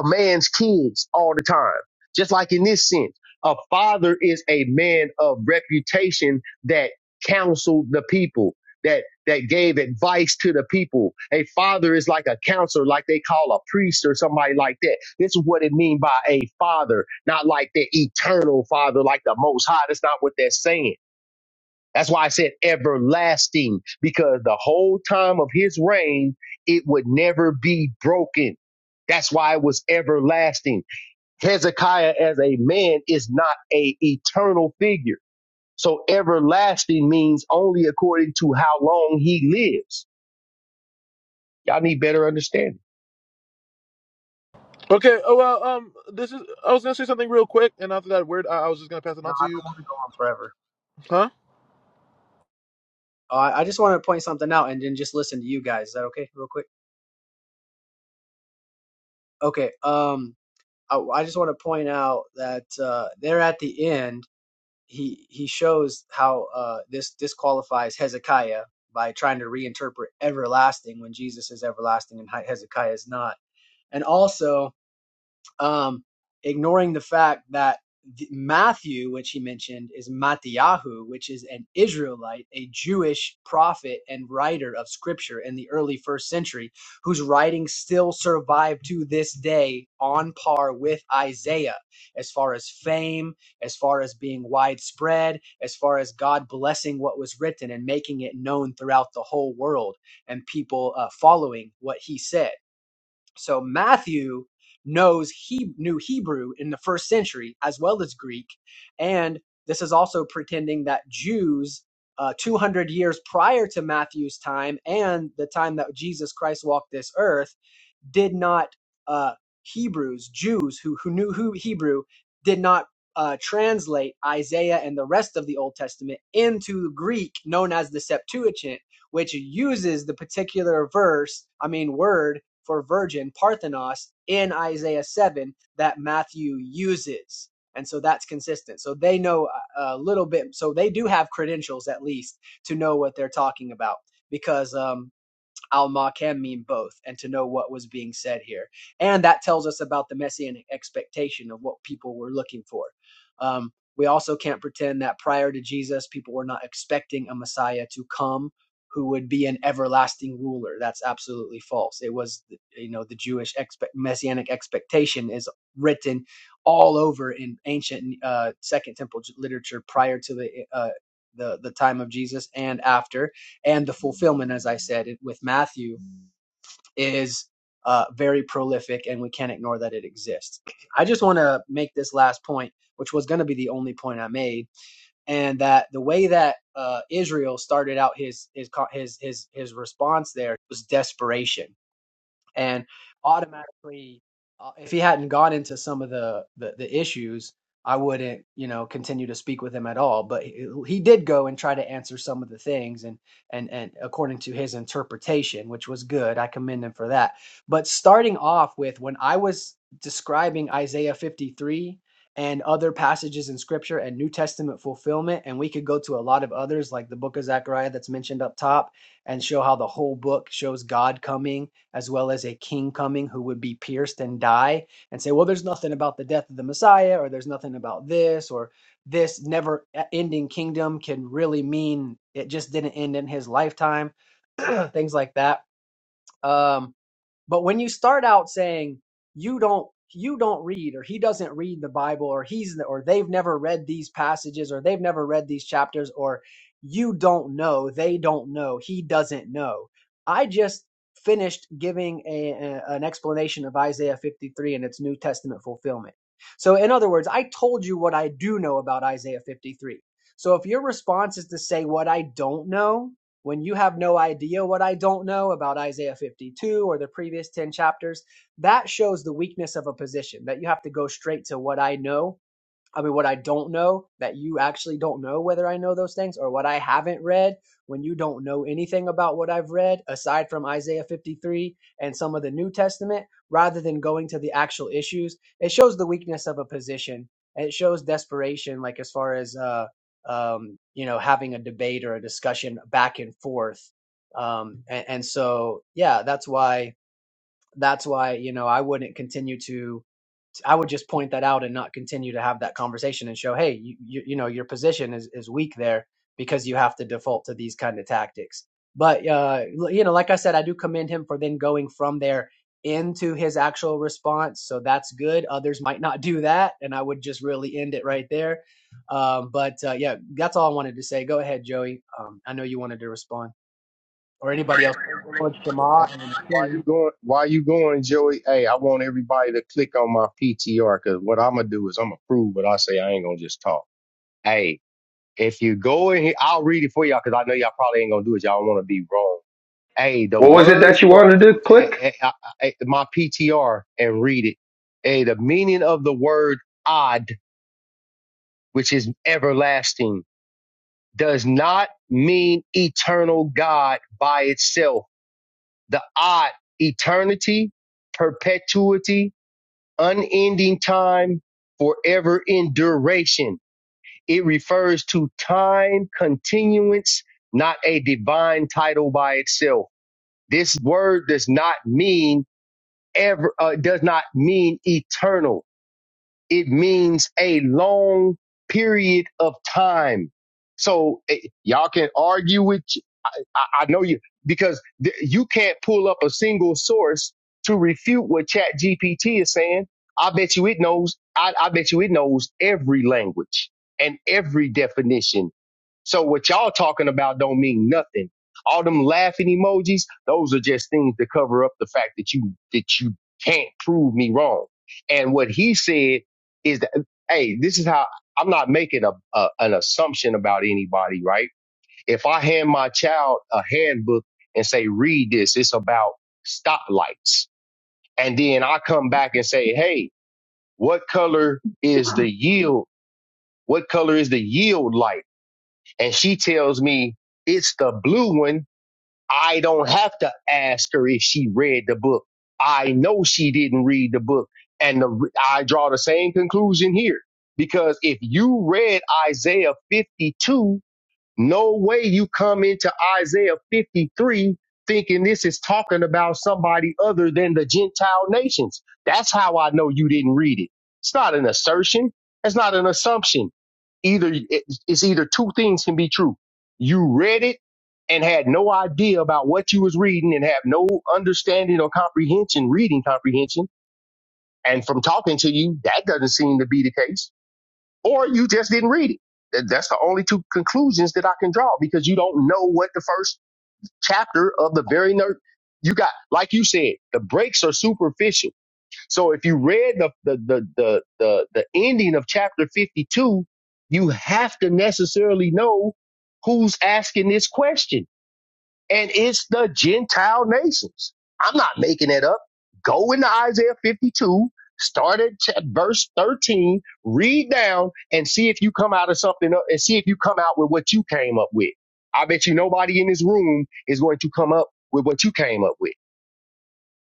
Speaker 1: a man's kids all the time. Just like in this sense, a father is a man of reputation that counseled the people, that that gave advice to the people. A father is like a counselor, like they call a priest or somebody like that. This is what it mean by a father, not like the eternal father, like the Most High. That's not what they're saying that's why I said everlasting, because the whole time of his reign, it would never be broken. That's why it was everlasting. Hezekiah as a man is not a eternal figure. So everlasting means only according to how long he lives. Y'all need better understanding.
Speaker 2: Okay. Oh well. Um. This is. I was gonna say something real quick, and after that word, I, I was just gonna pass it
Speaker 4: No,
Speaker 2: on to
Speaker 4: I
Speaker 2: you.
Speaker 4: don't want to go on forever.
Speaker 2: Huh?
Speaker 4: Uh, I just want to point something out and then just listen to you guys. Is that okay? Real quick. Okay. Um, I, I just want to point out that uh, they're at the end he he shows how uh, this disqualifies Hezekiah by trying to reinterpret everlasting when Jesus is everlasting and Hezekiah is not, and also um, ignoring the fact that Matthew, which he mentioned, is Mattiyahu, which is an Israelite, a Jewish prophet and writer of scripture in the early first century, whose writings still survive to this day on par with Isaiah as far as fame, as far as being widespread, as far as God blessing what was written and making it known throughout the whole world and people uh, following what he said. So Matthew knows he knew Hebrew in the first century as well as Greek, and this is also pretending that Jews uh, 200 years prior to Matthew's time and the time that Jesus Christ walked this earth did not uh, Hebrews Jews who who knew who Hebrew did not uh, translate Isaiah and the rest of the Old Testament into Greek known as the Septuagint, which uses the particular verse I mean word for virgin, Parthenos, in Isaiah 7 that Matthew uses. And so that's consistent. So they know a little bit. So they do have credentials, at least, to know what they're talking about because um, al ma can mean both and to know what was being said here and that tells us about the messianic expectation of what people were looking for um, we also can't pretend that prior to jesus people were not expecting a messiah to come who would be an everlasting ruler that's absolutely false it was you know the jewish expect, messianic expectation is written all over in ancient uh, second temple literature prior to the uh, the the time of jesus and after and the fulfillment, as I said, it- with Matthew is uh, very prolific, and we can't ignore that it exists. I just want to make this last point, which was going to be the only point I made, and that the way that uh, Israel started out his his his his his response there was desperation and automatically uh, if he hadn't gone into some of the, the the issues i wouldn't you know continue to speak with him at all but he, he did go and try to answer some of the things and and and according to his interpretation which was good i commend him for that but starting off with when i was describing isaiah 53 and other passages in scripture and new testament fulfillment and we could go to a lot of others like the book of zechariah that's mentioned up top and show how the whole book shows god coming as well as a king coming who would be pierced and die, and say, well, there's nothing about the death of the Messiah, or there's nothing about this, or this never e- ending kingdom can really mean it just didn't end in his lifetime, things like that. Um, but when you start out saying you don't you don't read or he doesn't read the Bible or he's or they've never read these passages or they've never read these chapters or you don't know, they don't know, he doesn't know. I just finished giving a, a- an explanation of Isaiah 53 and its New Testament fulfillment. So in other words, I told you what I do know about Isaiah 53. So if your response is to say what I don't know, when you have no idea what I don't know about Isaiah 52 or the previous 10 chapters, that shows the weakness of a position that you have to go straight to what I know I mean, what I don't know that you actually don't know whether I know those things or what I haven't read. When you don't know anything about what I've read, aside from Isaiah 53 and some of the New Testament, rather than going to the actual issues, it shows the weakness of a position. And it shows desperation, like as far as, uh, um, you know, having a debate or a discussion back and forth. Um, and, and so, yeah, that's why, that's why, you know, I wouldn't continue to, I would just point that out and not continue to have that conversation and show, hey, you you, you know your position is is weak there because you have to default to these kind of tactics. But uh, you know, like I said, I do commend him for then going from there into his actual response. So that's good. Others might not do that, and I would just really end it right there. Um, but uh, yeah, that's all I wanted to say. Go ahead, Joey. Um, I know you wanted to respond, or anybody else. Praise the Lord,
Speaker 1: Hey,
Speaker 4: Shema and
Speaker 1: hey, why
Speaker 4: King.
Speaker 1: you going? Why you going, Joey? Hey, I want everybody to click on my PTR because what I'm gonna do is I'm gonna prove what I say. I ain't gonna just talk. Hey. If you go in here, I'll read it for y'all because I know y'all probably ain't gonna do it. Y'all don't want to be wrong. Hey, the
Speaker 5: What was it
Speaker 1: word
Speaker 5: that you
Speaker 1: for
Speaker 5: wanted to
Speaker 1: eh,
Speaker 5: click?
Speaker 1: eh, I- I- eh, my PTR and read it. Hey, the meaning of the word "odd," which is everlasting, does not mean eternal God by itself. The odd eternity, perpetuity, unending time, forever in duration It refers to time continuance, not a divine title by itself. This word does not mean ever, uh, does not mean eternal. It means a long period of time. So eh, y'all can argue with I, I know you because th- you can't pull up a single source to refute what Chat GPT is saying. I bet you it knows. I, I bet you it knows every language and every definition. So what y'all talking about don't mean nothing. All them laughing emojis, those are just things to cover up the fact that you that you can't prove me wrong. And what he said is that, hey, this is how I'm not making a, a an assumption about anybody, right? If I hand my child a handbook and say, read this, it's about stoplights. And then I come back and say, hey, what color is the yield? What color is the yield light? And she tells me it's the blue one. I don't have to ask her if she read the book. I know she didn't read the book. And the, I draw the same conclusion here because if you read Isaiah 52 no way you come into Isaiah 53 thinking this is talking about somebody other than the Gentile nations. That's how I know you didn't read it. It's not an assertion. It's not an assumption. Either it- it's either two things can be true. You read it and had no idea about what you was reading and have no understanding or comprehension, reading comprehension. And from talking to you, that doesn't seem to be the case or you just didn't read it. That- That's the only two conclusions that I can draw because you don't know what the first chapter of the very ner- you got. Like you said, the breaks are superficial. So if you read the the the the the, the ending of chapter fifty two, you have to necessarily know who's asking this question and it's the Gentile nations. I'm not making it up. Go into Isaiah 52, start at verse 13, read down, and see if you come out of something, and see if you come out with what you came up with. I bet you nobody in this room is going to come up with what you came up with.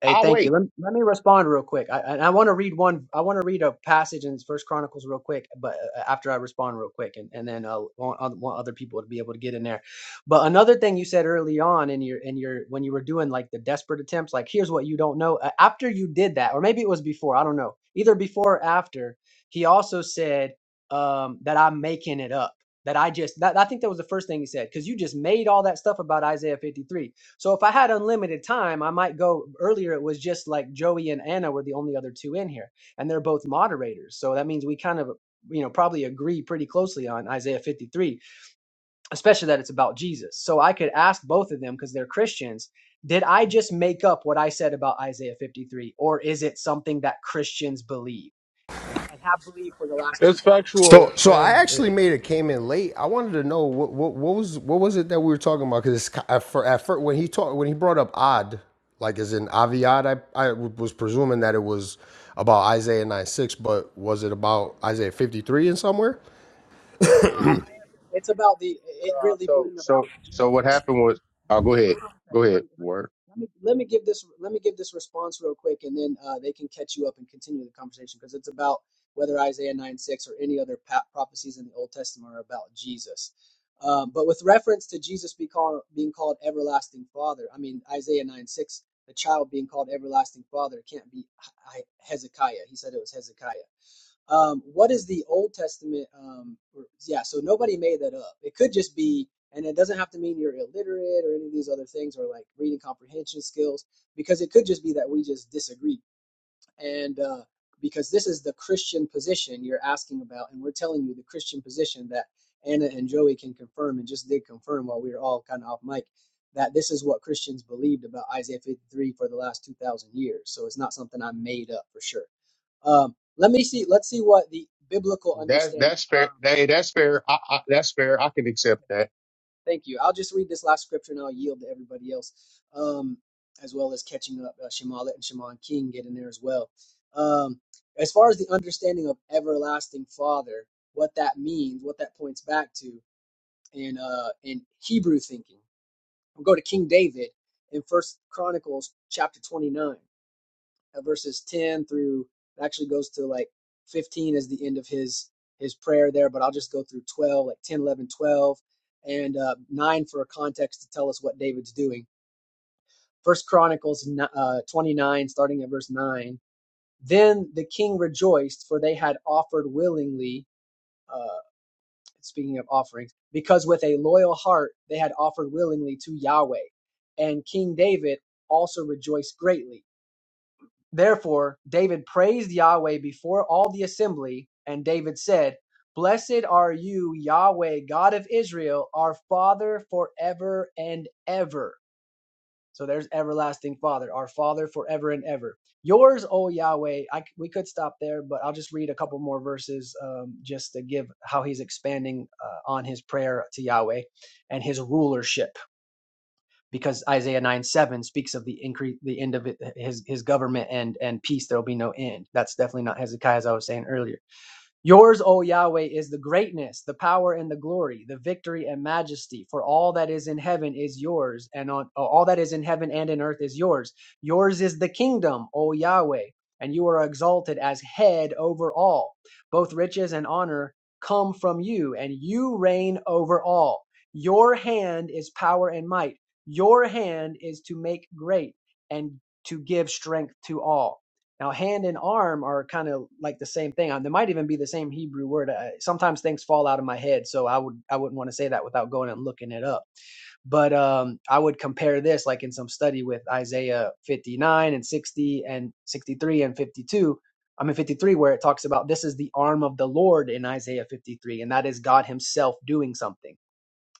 Speaker 4: Hey,
Speaker 1: I'll
Speaker 4: thank you.
Speaker 1: wait.
Speaker 4: Let, let me respond real quick. I, and I want to read one. I want to read a passage in First Chronicles real quick, but uh, after I respond real quick, and and then uh, want, oth- want other people to be able to get in there. But another thing you said early on in your in your when you were doing like the desperate attempts, like here's what you don't know. Uh, after you did that, or maybe it was before. I don't know. Either before or after, he also said um, that I'm making it up. That I just. That, I think that was the first thing he said because you just made all that stuff about Isaiah 53 so if I had unlimited time, I might go earlier. It was just like Joey and Anna were the only other two in here, and they're both moderators. So that means we kind of, you know, probably agree pretty closely on Isaiah 53, especially that it's about Jesus. So I could ask both of them because they're Christians. Did I just make up what I said about Isaiah 53, or is it something that Christians believe and have believed for the last
Speaker 2: It's
Speaker 4: 2,000 years?
Speaker 5: So,
Speaker 2: factual,
Speaker 5: so I
Speaker 2: and yeah.
Speaker 5: actually made it came in late. I wanted to know what what, what was what was it that we were talking about? Because at first, at first, when he talked when he brought up odd, like as in Aviad, I I was presuming that it was about Isaiah nine six, but was it about Isaiah fifty three in somewhere?
Speaker 4: No, Isaiah, it's about the it
Speaker 1: Uh,
Speaker 4: really
Speaker 1: So
Speaker 4: being about
Speaker 1: so so what
Speaker 4: Jesus. So
Speaker 1: happened was
Speaker 4: let
Speaker 1: oh
Speaker 4: me
Speaker 1: go ahead.
Speaker 4: hold on a
Speaker 1: Go
Speaker 4: second. Let
Speaker 1: ahead.
Speaker 4: me let me
Speaker 1: Word.
Speaker 4: let me, let me give this let me give this response real quick, and then uh, they can catch you up and continue the conversation because it's about whether Isaiah nine six or any other pa- prophecies in the Old Testament are about Jesus. Um, but with reference to Jesus be called, being called everlasting Father, I mean Isaiah nine six, the child being called everlasting Father it can't be Hi- Hi- Hezekiah. He said it was Hezekiah um, what is the Old Testament? Um, yeah, so nobody made that up. It could just be, and it doesn't have to mean you're illiterate or any of these other things or like reading comprehension skills, because it could just be that we just disagree. And uh, because this is the Christian position you're asking about, and we're telling you the Christian position that Anna and Joey can confirm and just did confirm while we were all kind of off mic that this is what Christians believed about Isaiah 53 for the last 2,000 years. So it's not something I made up for sure. Um, let me see. Let's see what the biblical
Speaker 1: That
Speaker 4: understanding.
Speaker 1: that's fair.
Speaker 4: Um,
Speaker 1: Hey, that's fair. I, I, that's fair. I can accept
Speaker 4: okay,
Speaker 1: that.
Speaker 4: thank you. I'll just read this last scripture and I'll yield to everybody else, um, as well as catching up uh, Shemalet and Shimon King get in there as well. Um, as far as the understanding of everlasting Father, what that means, what that points back to, in uh, in Hebrew thinking, we'll go to King David in First Chronicles chapter twenty nine. uh, verses 10 through it actually goes to like 15 is the end of his his prayer there but i'll just go through 12 like 10, 11, 12, and uh, 9 for a context to tell us what david's doing first chronicles uh, 29 starting at verse 9 then the king rejoiced for they had offered willingly uh, speaking of offerings because with a loyal heart they had offered willingly to yahweh and king david also rejoiced greatly Therefore David praised Yahweh before all the assembly, and David said, Blessed are you, Yahweh, God of Israel, our Father forever and ever. So there's everlasting Father, our Father forever and ever. Yours, O Yahweh. I, c- we could stop there, but I'll just read a couple more verses um, just to give how he's expanding uh, on his prayer to Yahweh and his rulership because Isaiah 9 7 speaks of the increase, the end of it, his, his government and, and peace, there'll be no end. That's definitely not Hezekiah, as I was saying earlier. Yours, O Yahweh, is the greatness, the power, and the glory, the victory and majesty. For all that is in heaven is yours, and on uh, all that is in heaven and in earth is yours. Yours is the kingdom, O Yahweh, and you are exalted as head over all. Both riches and honor come from you, and you reign over all. Your hand is power and might. Your hand is to make great and to give strength to all. Now, hand and arm are kind of like the same thing. Um, They might even be the same Hebrew word. Uh, sometimes things fall out of my head, so I would I wouldn't want to say that without going and looking it up. But um, I would compare this, like in some study, with Isaiah 59 and 60 and 63 and 52. I mean 53, where it talks about this is the arm of the Lord in Isaiah 53, and that is God Himself doing something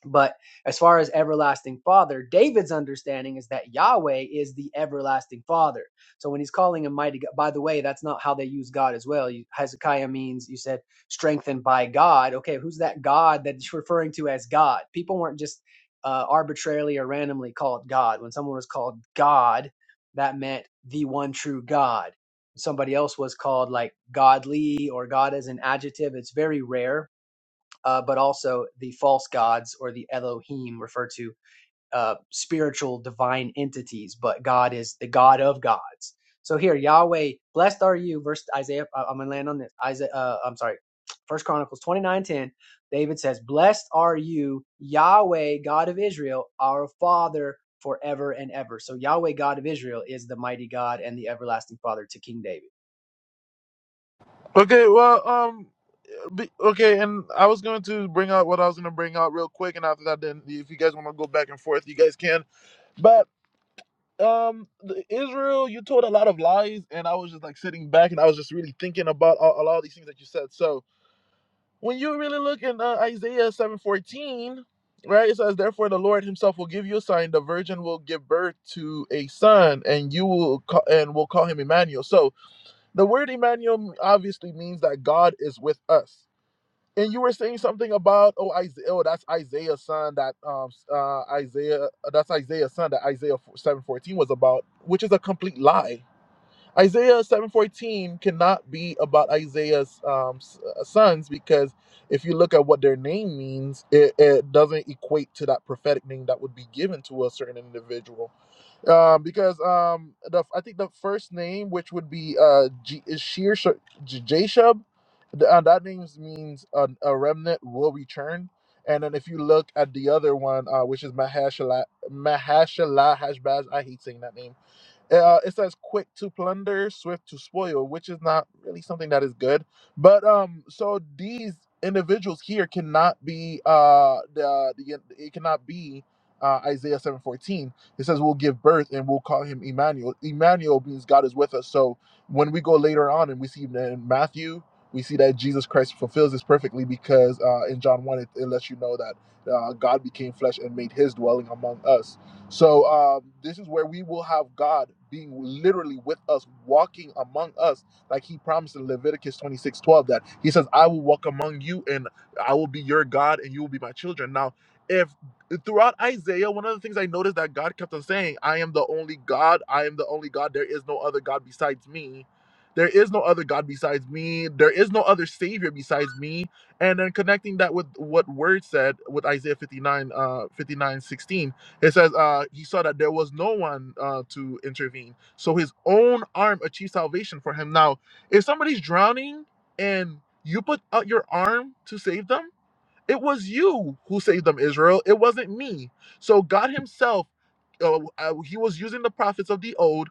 Speaker 4: but as far as everlasting father, David's understanding is that Yahweh is the everlasting father. So when he's calling him mighty God, by the way, that's not how they use God as well. You, Hezekiah means, you said, strengthened by God. Okay, who's that God that it's referring to as God? People weren't just uh, arbitrarily or randomly called God. When someone was called God, that meant the one true God. Somebody else was called like godly or God as an adjective. It's very rare uh, but also the false gods or the Elohim refer to uh, spiritual divine entities, but God is the God of gods. So here, Yahweh, blessed are you, verse Isaiah. I- am gonna land on this. Isaiah, uh, I'm sorry, First Chronicles 29:10. David says, "Blessed are you, Yahweh, God of Israel, our Father." Forever and ever. So Yahweh, God of Israel, is the mighty God and the everlasting Father to King David.
Speaker 2: okay. Well. Um. Be- Okay, and I was going to bring out what I was going to bring out real quick, and after that, then if you guys want to go back and forth, you guys can. But um, the- Israel, you told a lot of lies, and I was just like sitting back, and I was just really thinking about all, a lot of these things that you said. So when you really look in uh, Isaiah seven fourteen, right, it says, "Therefore the Lord Himself will give you a sign: the virgin will give birth to a son, and you will ca- and will call him Emmanuel." So the word Emmanuel obviously means that God is with us and you were saying something about oh Isaiah, oh that's Isaiah's son that um uh Isaiah uh, that's Isaiah's son that Isaiah seven fourteen was about, which is a complete lie. Isaiah seven fourteen cannot be about Isaiah's um s- uh, sons because if you look at what their name means, it, it doesn't equate to that prophetic name that would be given to a certain individual um, because um, the I think the first name, which would be uh, G- is Sheer Sh- J- Jashub, the- uh, that name means uh, a remnant will return. And then if you look at the other one, uh, which is Mahashala Mahashala Hashbaz, I hate saying that name. Uh, it says quick to plunder, swift to spoil, which is not really something that is good. But um, so these individuals here cannot be uh the, the it cannot be uh, Isaiah seven fourteen. It says we'll give birth and we'll call him Emmanuel. Emmanuel means God is with us. So when we go later on and we see in Matthew, we see that Jesus Christ fulfills this perfectly because uh, in John one it, it lets you know that uh, God became flesh and made His dwelling among us. So um, this is where we will have God being literally with us, walking among us, like He promised in Leviticus 26 12. that He says, "I will walk among you, and I will be your God, and you will be my children." Now, if throughout Isaiah, one of the things I noticed that God kept on saying, "I am the only God. I am the only God. There is no other God besides me." There is no other God besides me. There is no other Savior besides me. And then connecting that with what Word said with Isaiah 59, uh, 59, sixteen. It says uh, he saw that there was no one uh, to intervene, so his own arm achieved salvation for him. Now, if somebody's drowning and you put out your arm to save them, it was you who saved them, Israel. It wasn't me. So God Himself, uh, uh, He was using the prophets of the old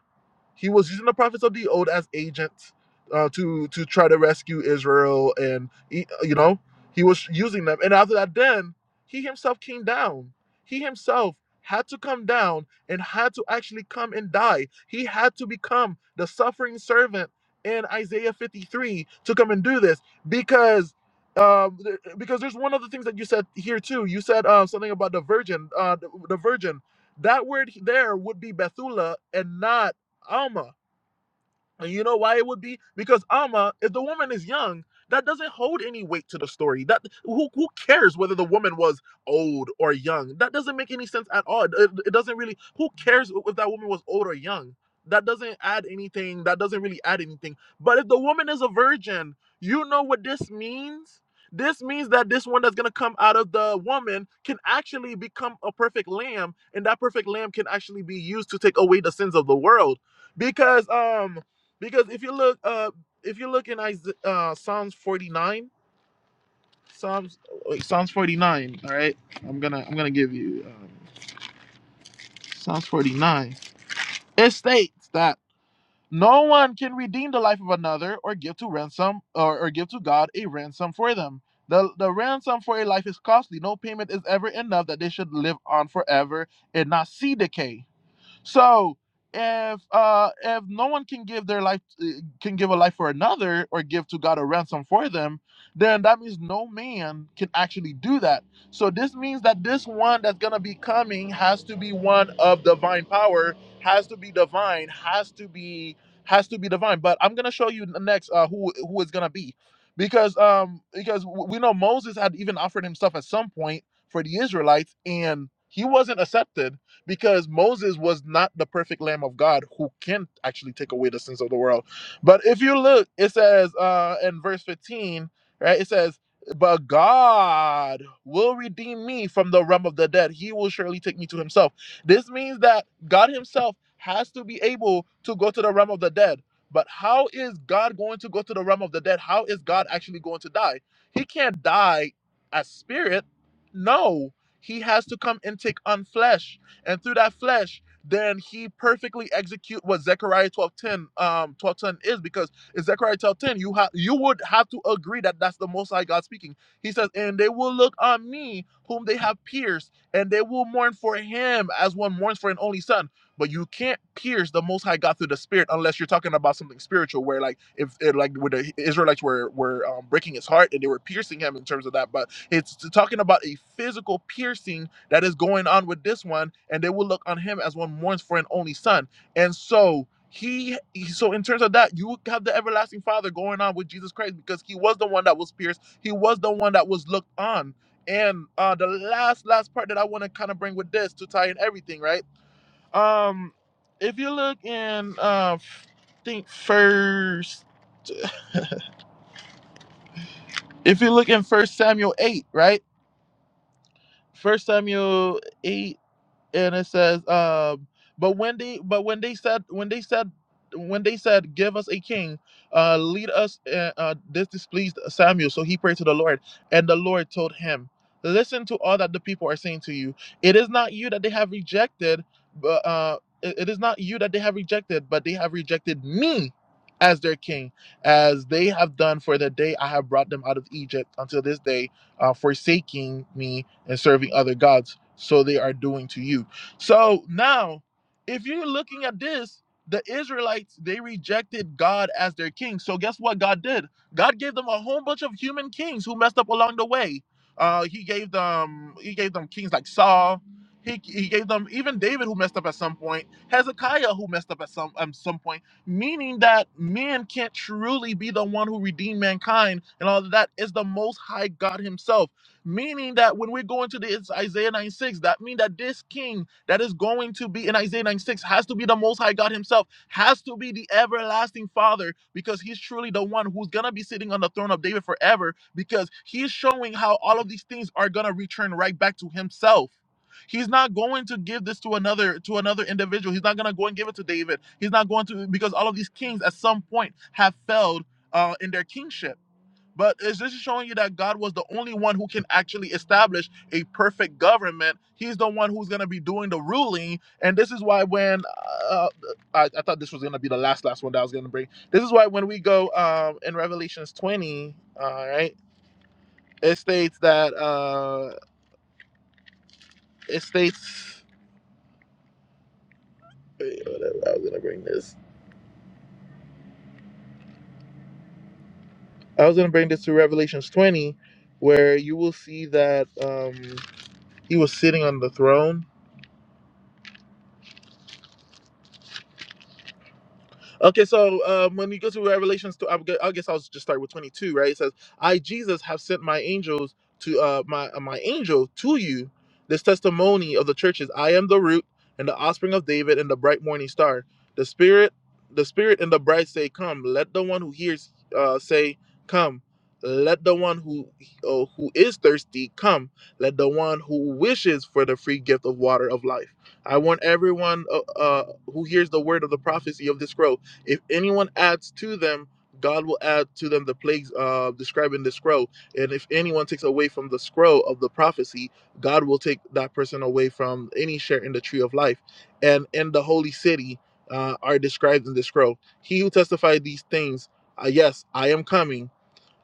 Speaker 2: he was using the prophets of the old as agents uh, to to try to rescue Israel, and he, you know he was using them. And after that, then he himself came down. He himself had to come down and had to actually come and die. He had to become the suffering servant in Isaiah 53 to come and do this because. Um, th- because there's one of the things that you said here too. You said uh, something about the virgin, uh, the, the virgin. That word there would be Bethula and not Alma. And you know why it would be? Because Alma, if the woman is young, that doesn't hold any weight to the story. That who who cares whether the woman was old or young? That doesn't make any sense at all. It, it doesn't really. Who cares if that woman was old or young? That doesn't add anything. That doesn't really add anything. But if the woman is a virgin, you know what this means. This means that this one that's gonna come out of the woman can actually become a perfect lamb, and that perfect lamb can actually be used to take away the sins of the world. Because um because if you look, uh, if you look in Isa- uh, Psalms forty nine, Psalms uh, wait, Psalms forty nine. All right, I'm gonna I'm gonna give you um, Psalms forty nine. It states that no one can redeem the life of another or give to ransom or, or give to God a ransom for them. The, the ransom for a life is costly. No payment is ever enough that they should live on forever and not see decay. So if uh if no one can give their life uh, can give a life for another or give to God a ransom for them, then that means no man can actually do that. So this means that this one that's gonna be coming has to be one of divine power, has to be divine, has to be has to be divine. But I'm gonna show you next uh who who is gonna be. Because um because w- we know Moses had even offered himself at some point for the Israelites and he wasn't accepted because Moses was not the perfect Lamb of God who can actually take away the sins of the world. But if you look, it says uh, in verse 15, right? It says, But God will redeem me from the realm of the dead. He will surely take me to himself. This means that God himself has to be able to go to the realm of the dead. But how is God going to go to the realm of the dead? How is God actually going to die? He can't die as spirit. No, he has to come and take on flesh and through that flesh then he perfectly execute what Zechariah 12:10 um 12:10 is because in Zechariah 12:10 you have you would have to agree that that's the most high God speaking. He says, "And they will look on me whom they have pierced, and they will mourn for him as one mourns for an only son." But you can't pierce the most high God through the spirit unless you're talking about something spiritual where like if it, like where the Israelites were were um, breaking his heart and they were piercing him in terms of that, but it's talking about a physical piercing that is going on with this one, and they will look on him as one mourns for an only son. And so he, so in terms of that, you have the everlasting Father going on with Jesus Christ because he was the one that was pierced, he was the one that was looked on. And uh the last last part that I want to kind of bring with this to tie in everything, right? Um if you look in uh think first if you look in first Samuel 8, right? First Samuel 8 and it says, um, but when they but when they said when they said when they said, "Give us a king, uh, lead us," uh, uh, this displeased Samuel, so he prayed to the Lord, and the Lord told him, "Listen to all that the people are saying to you. It is not you that they have rejected, but uh, it it is not you that they have rejected, but they have rejected me." As their king, as they have done for the day I have brought them out of Egypt until this day, uh, forsaking me and serving other gods. So they are doing to you. So now, if you're looking at this, the Israelites, they rejected God as their king. So guess what God did? God gave them a whole bunch of human kings who messed up along the way. Uh, he gave them he gave them kings like Saul. He, he gave them even David who messed up at some point, Hezekiah who messed up at some um, some point, meaning that man can't truly be the one who redeemed mankind and all of that is the most high God himself. Meaning that when we're going to this Isaiah 96, that means that this king that is going to be in Isaiah 96 has to be the Most High God Himself, has to be the everlasting Father, because He's truly the one who's gonna be sitting on the throne of David forever, because He's showing how all of these things are gonna return right back to Himself. He's not going to give this to another to another individual. He's not going to go and give it to David. He's not going to because all of these kings at some point have failed uh, in their kingship but is this showing you that God was the only one who can actually establish a perfect government? He's the one who's going to be doing the ruling, and this is why when uh, uh, I, I thought this was going to be the last last one that I was going to bring. This is why when we go um, in Revelations twenty, all right, it states that uh, it states wait, whatever. I was going to bring this. I was going to bring this to Revelations twenty, where you will see that um, he was sitting on the throne Okay, so um, when you go to Revelations, two, I gu- I guess I'll just start with 22, right? It says, "I Jesus have sent my angels to uh, my uh, my angel to you, this testimony of the churches. I am the root and the offspring of David and the bright morning star. The spirit, the spirit and the bride say, 'Come.' Let the one who hears uh, say, 'Come.' Let the one who uh, who is thirsty come. Let the one who wishes for the free gift of water of life. I want everyone uh, uh, who hears the word of the prophecy of this scroll." If anyone adds to them, God will add to them the plagues uh, described in the scroll. And if anyone takes away from the scroll of the prophecy, God will take that person away from any share in the tree of life. And in the holy city uh, are described in the scroll. He who testified these things, uh, yes, I am coming.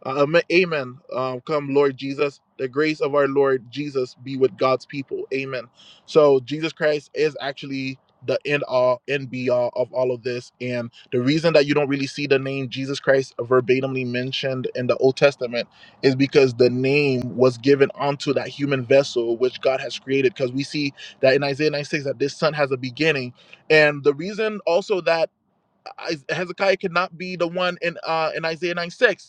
Speaker 2: Uh, am- amen. Um, come, Lord Jesus. The grace of our Lord Jesus be with God's people. Amen. So Jesus Christ is actually the end all and be all of all of this. And the reason that you don't really see the name Jesus Christ verbatimly mentioned in the Old Testament is because the name was given onto that human vessel which God has created. Because we see that in Isaiah 96 that this son has a beginning. And the reason also that I- Hezekiah could not be the one in uh in Isaiah 96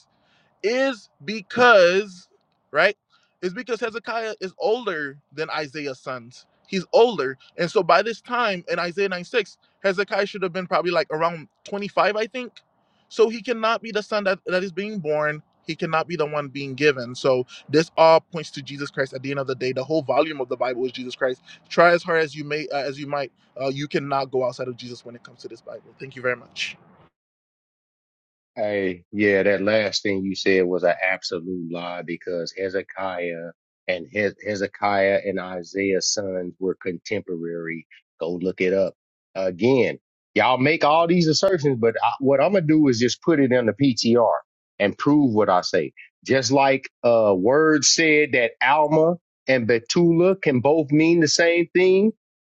Speaker 2: is because, right, is because Hezekiah is older than Isaiah's sons. He's older. And so by this time in Isaiah 96, Hezekiah should have been probably like around 25, I think. So he cannot be the son that, that is being born. He cannot be the one being given. So this all points to Jesus Christ. At the end of the day, the whole volume of the Bible is Jesus Christ. Try as hard as you may, uh, as you might, uh, you cannot go outside of Jesus when it comes to this Bible. Thank you very much.
Speaker 1: Hey, yeah, that last thing you said was an absolute lie because Hezekiah and Hez Hezekiah and Isaiah's sons were contemporary. Go look it up. Again, y'all make all these assertions, but I, what I'm gonna do is just put it in the PTR and prove what I say. Just like uh, Word said that Alma and Betula can both mean the same thing,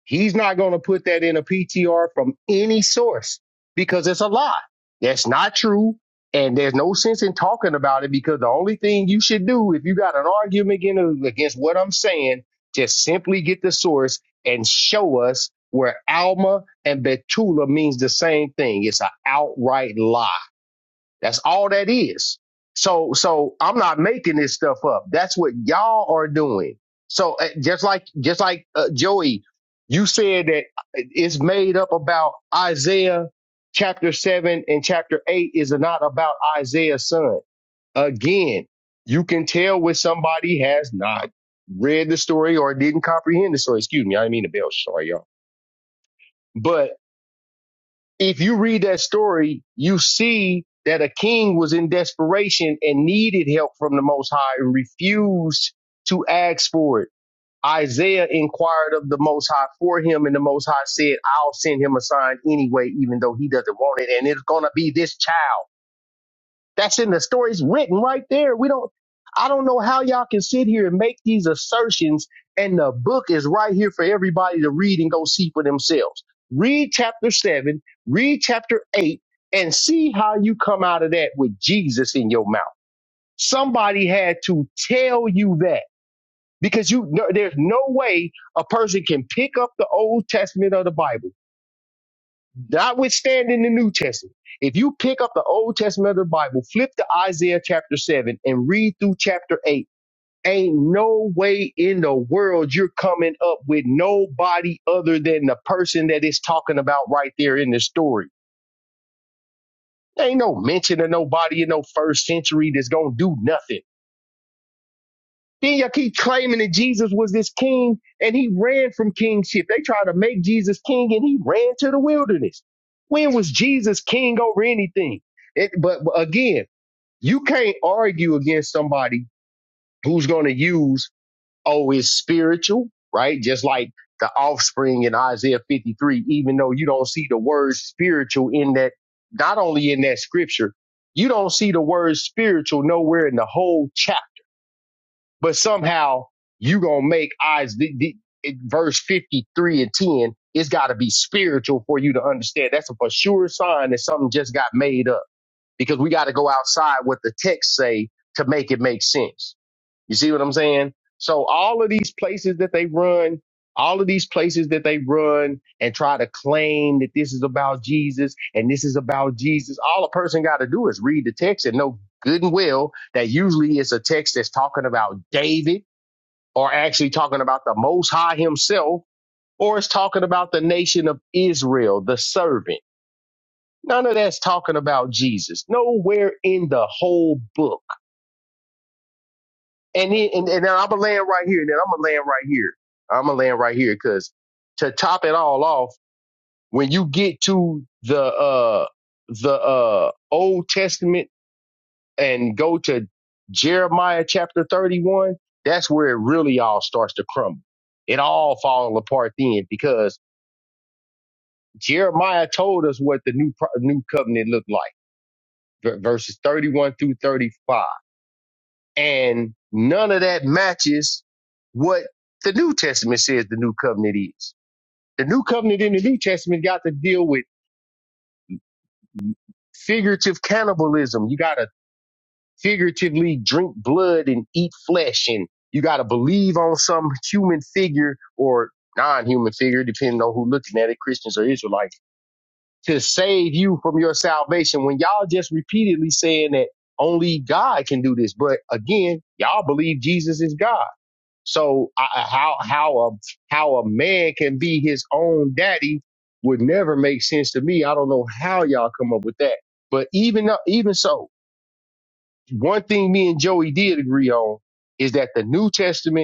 Speaker 1: he's not gonna put that in a PTR from any source because it's a lie that's not true. And there's no sense in talking about it because the only thing you should do if you got an argument against, against what I'm saying, just simply get the source and show us where Alma and Betula means the same thing. It's an outright lie. That's all that is. So, so I'm not making this stuff up. That's what y'all are doing. So uh, just like, just like uh, Joey, you said that it's made up about Isaiah chapter seven and chapter eight is not about Isaiah's son. Again, you can tell when somebody has not read the story or didn't comprehend the story. Excuse me. I didn't mean to bell. Sorry, y'all. But if you read that story, you see that a king was in desperation and needed help from the Most High and refused to ask for it. Isaiah inquired of the Most High for him, and the Most High said, I'll send him a sign anyway, even though he doesn't want it. And it's going to be this child. That's in the stories written right there. We don't I don't know how y'all can sit here and make these assertions and the book is right here for everybody to read and go see for themselves. Read chapter 7, read chapter 8 and see how you come out of that with Jesus in your mouth. Somebody had to tell you that because you no, there's no way a person can pick up the Old Testament of the Bible notwithstanding the New Testament, if you pick up the Old Testament of the Bible, flip to Isaiah chapter 7 and read through chapter 8, ain't no way in the world you're coming up with nobody other than the person that it's talking about right there in the story. Ain't no mention of nobody in no first century that's going to do nothing. Then you keep claiming that Jesus was this king and he ran from kingship. They try to make Jesus king and he ran to the wilderness. When was Jesus king over anything? It, but, but again, you can't argue against somebody who's going to use, oh, it's spiritual, right? Just like the offspring in Isaiah 53, even though you don't see the word spiritual in that, not only in that scripture, you don't see the word spiritual nowhere in the whole chapter but somehow you gonna make eyes. The, the, verse fifty three and ten, it's got to be spiritual for you to understand. That's a for sure sign that something just got made up because we got to go outside what the text say to make it make sense. You see what I'm saying? So all of these places that they run, all of these places that they run and try to claim that this is about Jesus and this is about Jesus, all a person got to do is read the text and know good and well that usually it's a text that's talking about David are actually talking about the Most High Himself, or it's talking about the nation of Israel, the servant. None of that's talking about Jesus. Nowhere in the whole book. And then, and, and now I'm gonna land right here. And then I'm gonna land right here. I'm gonna land right here because to top it all off, when you get to the uh the uh Old Testament and go to Jeremiah chapter 31, that's where it really all starts to crumble. It all falls apart then because Jeremiah told us what the new pro- new covenant looked like, v- verses 31 through 35. And none of that matches what the New Testament says the new covenant is. The new covenant in the New Testament got to deal with figurative cannibalism. You got to figuratively drink blood and eat flesh and you got to believe on some human figure or non-human figure, depending on who looking at it, Christians or Israelites to save you from your salvation when y'all just repeatedly saying that only God can do this. But again, y'all believe Jesus is God. So I, how how a how a man can be his own daddy would never make sense to me. I don't know how y'all come up with that. But even though- even so, one thing me and Joey did agree on is that the New Testament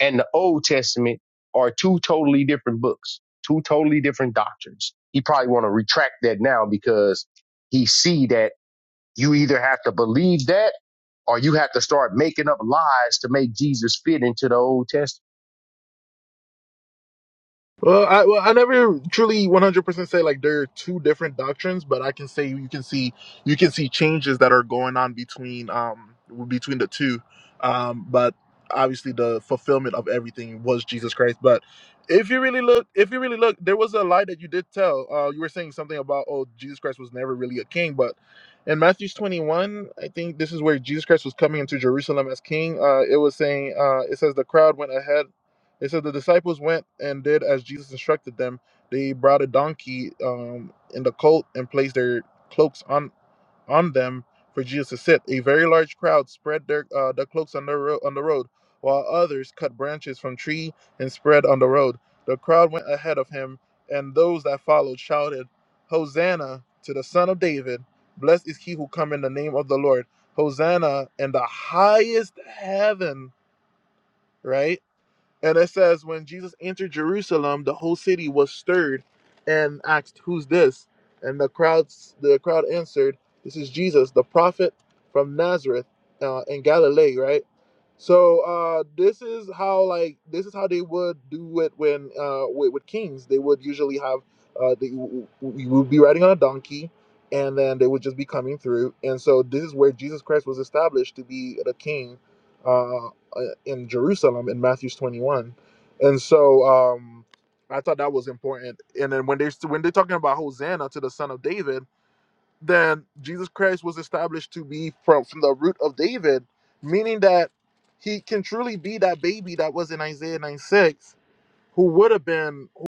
Speaker 1: and the Old Testament are two totally different books, two totally different doctrines. He probably want to retract that now because he see that you either have to believe that or you have to start making up lies to make Jesus fit into the Old Testament.
Speaker 2: Well, I well, I never truly 100% say like there are two different doctrines, but I can say you can see you can see changes that are going on between um between the two. Um but obviously the fulfillment of everything was Jesus Christ, but if you really look if you really look there was a lie that you did tell. Uh you were saying something about oh Jesus Christ was never really a king, but in Matthew 21, I think this is where Jesus Christ was coming into Jerusalem as king. Uh it was saying uh it says the crowd went ahead it said the disciples went and did as Jesus instructed them. They brought a donkey um, in the colt and placed their cloaks on on them for Jesus to sit. A very large crowd spread their uh, the cloaks on the ro- on the road, while others cut branches from tree and spread on the road. The crowd went ahead of him, and those that followed shouted, "Hosanna to the Son of David! Blessed is he who come in the name of the Lord! Hosanna in the highest heaven!" Right and it says, when Jesus entered Jerusalem, the whole city was stirred and asked, Who's this? And the crowds, the crowd answered, This is Jesus, the prophet from Nazareth uh, in Galilee, right? So uh, this is how like this is how they would do it when uh, with, with kings. They would usually have uh, they w- w- would be riding on a donkey, and then they would just be coming through. And so this is where Jesus Christ was established to be the king uh, uh, in Jerusalem in Matthew's 21. And so um, I thought that was important. And then when they when they're talking about Hosanna to the Son of David, then Jesus Christ was established to be from from the root of David, meaning that he can truly be that baby that was in Isaiah nine six, who would have been who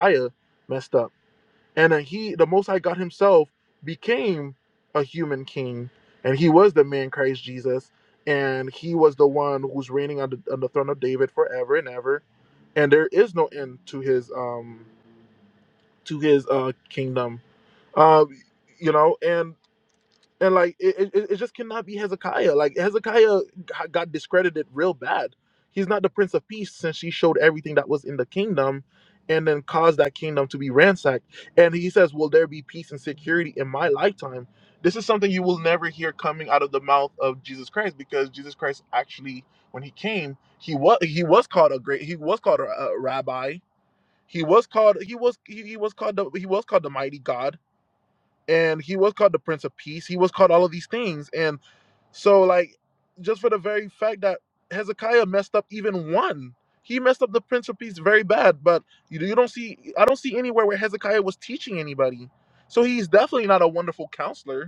Speaker 2: Messiah messed up. and then he the most high god himself became a human king and he was the man christ jesus and he was the one who's reigning on the, on the throne of david forever and ever and there is no end to his um to his uh kingdom uh you know and and like it, it, it just cannot be Hezekiah. Like Hezekiah got discredited real bad. He's not the Prince of Peace since he showed everything that was in the kingdom, and then caused that kingdom to be ransacked. And he says, "Will there be peace and security in my lifetime?" This is something you will never hear coming out of the mouth of Jesus Christ because Jesus Christ actually, when he came, he was he was called a great he was called a, a rabbi. He was called he was he, he was called the, he was called the mighty God and he was called the Prince of Peace. He was called all of these things, and so like just for the very fact that Hezekiah messed up even one, he messed up the Prince of Peace very bad. But you, you don't see, I don't see anywhere where Hezekiah was teaching anybody. So he's definitely not a wonderful counselor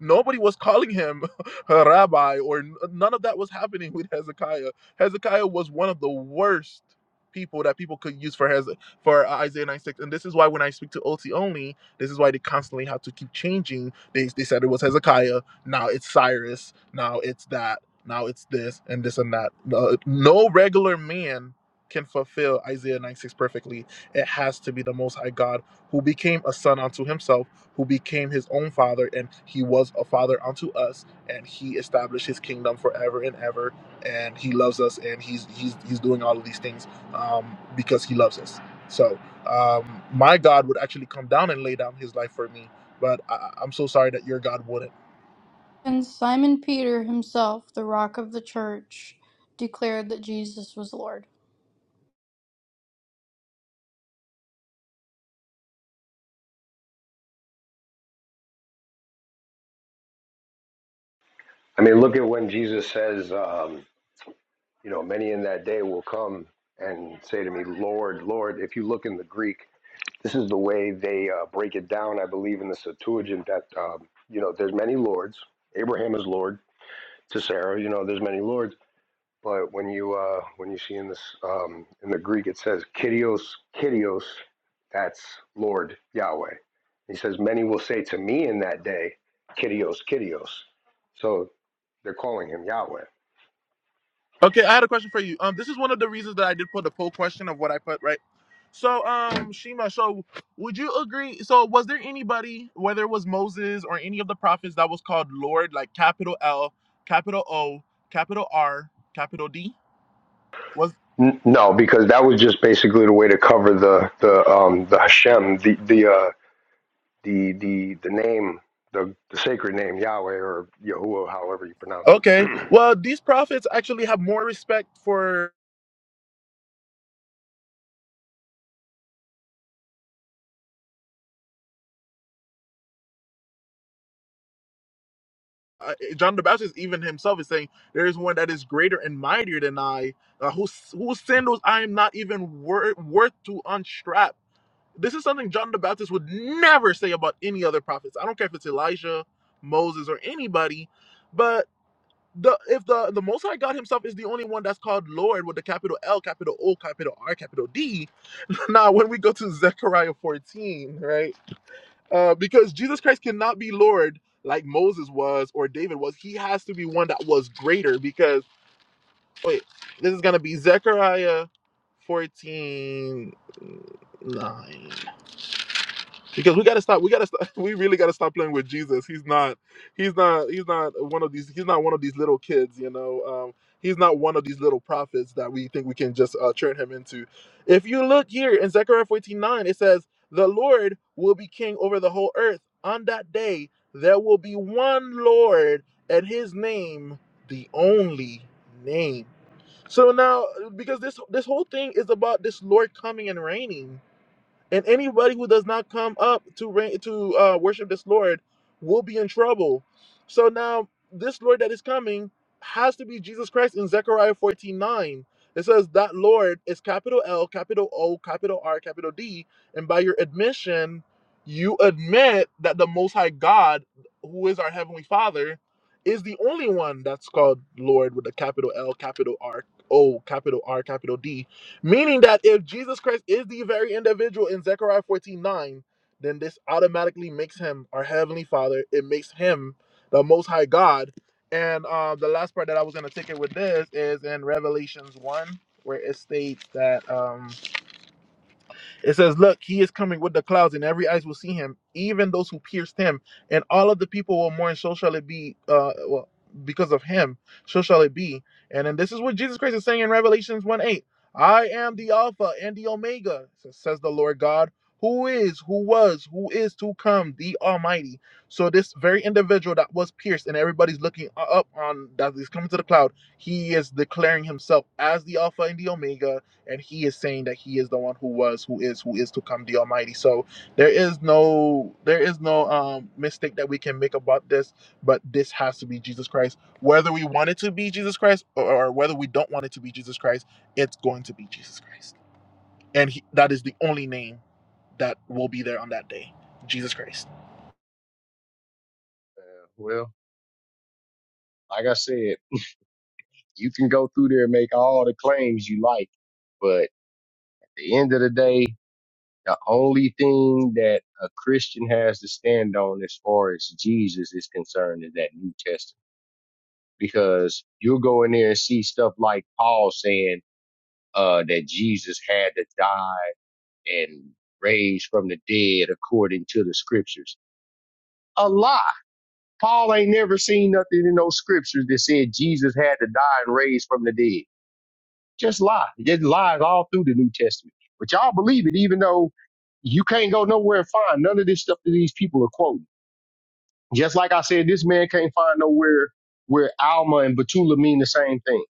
Speaker 2: Nobody was calling him a rabbi, or none of that was happening with Hezekiah. Hezekiah was one of the worst people that people could use for Heze- for uh, Isaiah 96. And this is why when I speak to OT only, this is why they constantly have to keep changing. They, they said it was Hezekiah, now it's Cyrus, now it's that, now it's this, and this and that. No, no regular man can fulfill Isaiah 96 perfectly. It has to be the Most High God who became a son unto himself who became his own father, and he was a father unto us, and he established his kingdom forever and ever, and he loves us, and he's he's he's doing all of these things um, because he loves us. So um, my God would actually come down and lay down his life for me, but I, I- I'm so sorry that your God wouldn't.
Speaker 3: And Simon Peter himself, the rock of the church, declared that Jesus was Lord.
Speaker 5: I mean, look at when Jesus says, um, you know, many in that day will come and say to me, Lord, Lord. If you look in the Greek, This is the way they uh, break it down, I believe, in the Septuagint that, um, you know, there's many lords. Abraham is Lord to Sarah, you know, there's many lords. But when you uh, when you see in this um, in the Greek, it says Kyrios, Kyrios, that's Lord Yahweh. He says, many will say to me in that day, Kyrios, Kyrios. So they're calling him Yahweh.
Speaker 2: Okay, I had a question for you. Um, this is one of the reasons that I did put the poll question of what I put, right? So, um, Shima, so would you agree? So, was there anybody, whether it was Moses or any of the prophets, that was called Lord, like capital L, capital O, capital R, capital D? Was
Speaker 5: No, because that was just basically the way to cover the the um, the Hashem, the the uh, the the the name the, the sacred name Yahweh or Yahuwah, however you pronounce it.
Speaker 2: okay. Well, these prophets actually have more respect for uh, John the Baptist. Even himself is saying, "There is one that is greater and mightier than I, uh, whose whose sandals I am not even wor- worth to unstrap." This is something John the Baptist would never say about any other prophets. I don't care if it's Elijah, Moses, or anybody, but the if the the Most High God Himself is the only one that's called Lord with the capital L, capital O, capital R, capital D. Now, when we go to Zechariah 14, right? Uh, because Jesus Christ cannot be Lord like Moses was or David was. He has to be one that was greater. Because wait, this is gonna be Zechariah 14 9. because we gotta stop. We gotta stop. We really gotta stop playing with Jesus. He's not. He's not. He's not one of these. He's not one of these little kids. You know. Um, he's not one of these little prophets that we think we can just uh, turn him into. If you look here in Zechariah fourteen nine, it says, "The Lord will be king over the whole earth. On that day, there will be one Lord, and His name, the only name." So now, because this this whole thing is about this Lord coming and reigning and anybody who does not come up to ra- to uh, worship this Lord will be in trouble. So now this Lord that is coming has to be Jesus Christ in Zechariah 14:9, It says that Lord is capital L, capital O, capital R, capital D, and by your admission, you admit that the Most High God, who is our Heavenly Father, is the only one that's called Lord with a capital L, capital R, O, capital R, capital D Meaning that if Jesus Christ is the very individual in Zechariah 14 9, then this automatically makes him our Heavenly Father. It makes him the Most High God. And uh, the last part that I was going to take it with this is in Revelations 1, where it states that. Um, it says, Look, he is coming with the clouds, and every eyes will see him, even those who pierced him, and all of the people will mourn. So shall it be, uh, well, because of him, so shall it be. And then this is what Jesus Christ is saying in Revelations 1 8 I am the Alpha and the Omega, says the Lord God, who is, who was, who is to come, the Almighty. So this very individual that was pierced, and everybody's looking up on that is coming to the cloud, he is declaring himself as the Alpha and the Omega and he is saying that he is the one who was who is who is to come the almighty so there is no there is no um mistake that we can make about this but this has to be jesus christ whether we want it to be jesus christ or, or whether we don't want it to be jesus christ it's going to be jesus christ and he, that is the only name that will be there on that day jesus christ
Speaker 1: Uh, well, like I said, you can go through there and make all the claims you like, but at the end of the day, the only thing that a Christian has to stand on as far as Jesus is concerned is that New Testament because you'll go in there and see stuff like Paul saying uh, that Jesus had to die and raised from the dead according to the scriptures. A lie. Paul ain't never seen nothing in those scriptures that said Jesus had to die and raise from the dead. Just lie. Just lies all through the New Testament. But y'all believe it, even though you can't go nowhere and find none of this stuff that these people are quoting. Just like I said, this man can't find nowhere where Alma and Betula mean the same thing.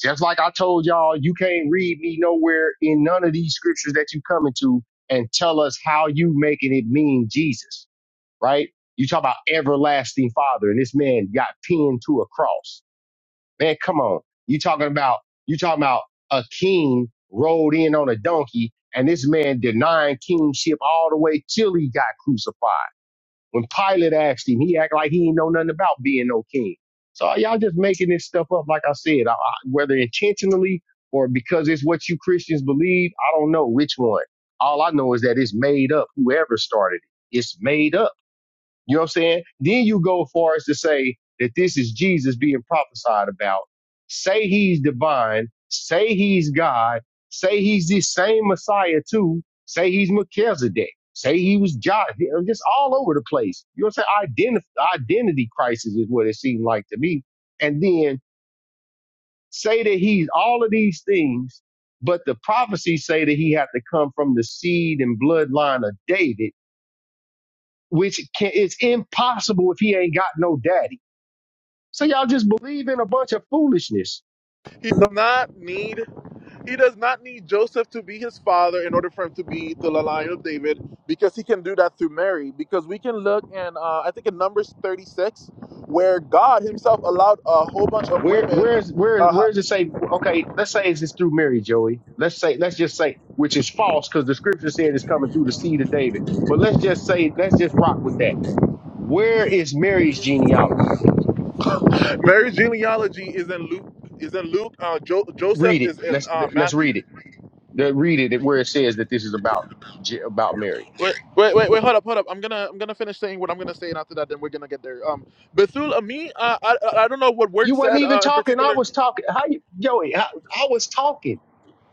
Speaker 1: Just like I told y'all, you can't read me nowhere in none of these scriptures that you coming to and tell us how you making it mean Jesus, right? You talk about everlasting father and this man got pinned to a cross. Man, come on. You talking about, you talking about a king rode in on a donkey and this man denying kingship all the way till he got crucified. When Pilate asked him, he act like he ain't know nothing about being no king. So y'all just making this stuff up, like I said, I, I, whether intentionally or because it's what you Christians believe. I don't know which one. All I know is that it's made up. Whoever started it, it's made up. You know what I'm saying? Then you go far as to say that this is Jesus being prophesied about. Say he's divine. Say he's God. Say he's the same Messiah too. Say he's Melchizedek. Say he was John. Just all over the place. You know what I'm saying? Identity, identity crisis is what it seemed like to me. And then say that he's all of these things, but the prophecies say that he had to come from the seed and bloodline of David which can, it's impossible if he ain't got no daddy. So y'all just believe in a bunch of foolishness.
Speaker 2: he does not need He does not need Joseph to be his father in order for him to be the line of David, because he can do that through Mary. Because we can look in, uh, I think in Numbers 36, where God Himself allowed a whole bunch of
Speaker 1: Where where's
Speaker 2: women.
Speaker 1: where where
Speaker 2: Uh,
Speaker 1: does it say? Okay, let's say it's just through Mary, Joey. Let's say let's just say which is false because the scripture said it's coming through the seed of David. But let's just say let's just rock with that. Where is Mary's genealogy?
Speaker 2: Mary's genealogy is in Luke. Is in Luke. Uh, jo- Joseph
Speaker 1: Read it.
Speaker 2: is in
Speaker 1: Let's
Speaker 2: uh,
Speaker 1: let's read
Speaker 2: Matthew.
Speaker 1: it. The- Read it where it says that this is about Je- about Mary.
Speaker 2: Wait, wait, wait, wait. Hold up, hold up. I'm gonna, I'm gonna finish saying what I'm gonna say, and after that, then we're gonna get there. Um, Bethul, uh, me, uh, I, I I don't know what
Speaker 1: You
Speaker 2: word
Speaker 1: wasn't
Speaker 2: said
Speaker 1: even
Speaker 2: uh, in
Speaker 1: talking. I
Speaker 2: particular.
Speaker 1: was talking. How you, Joey? I, I was talking.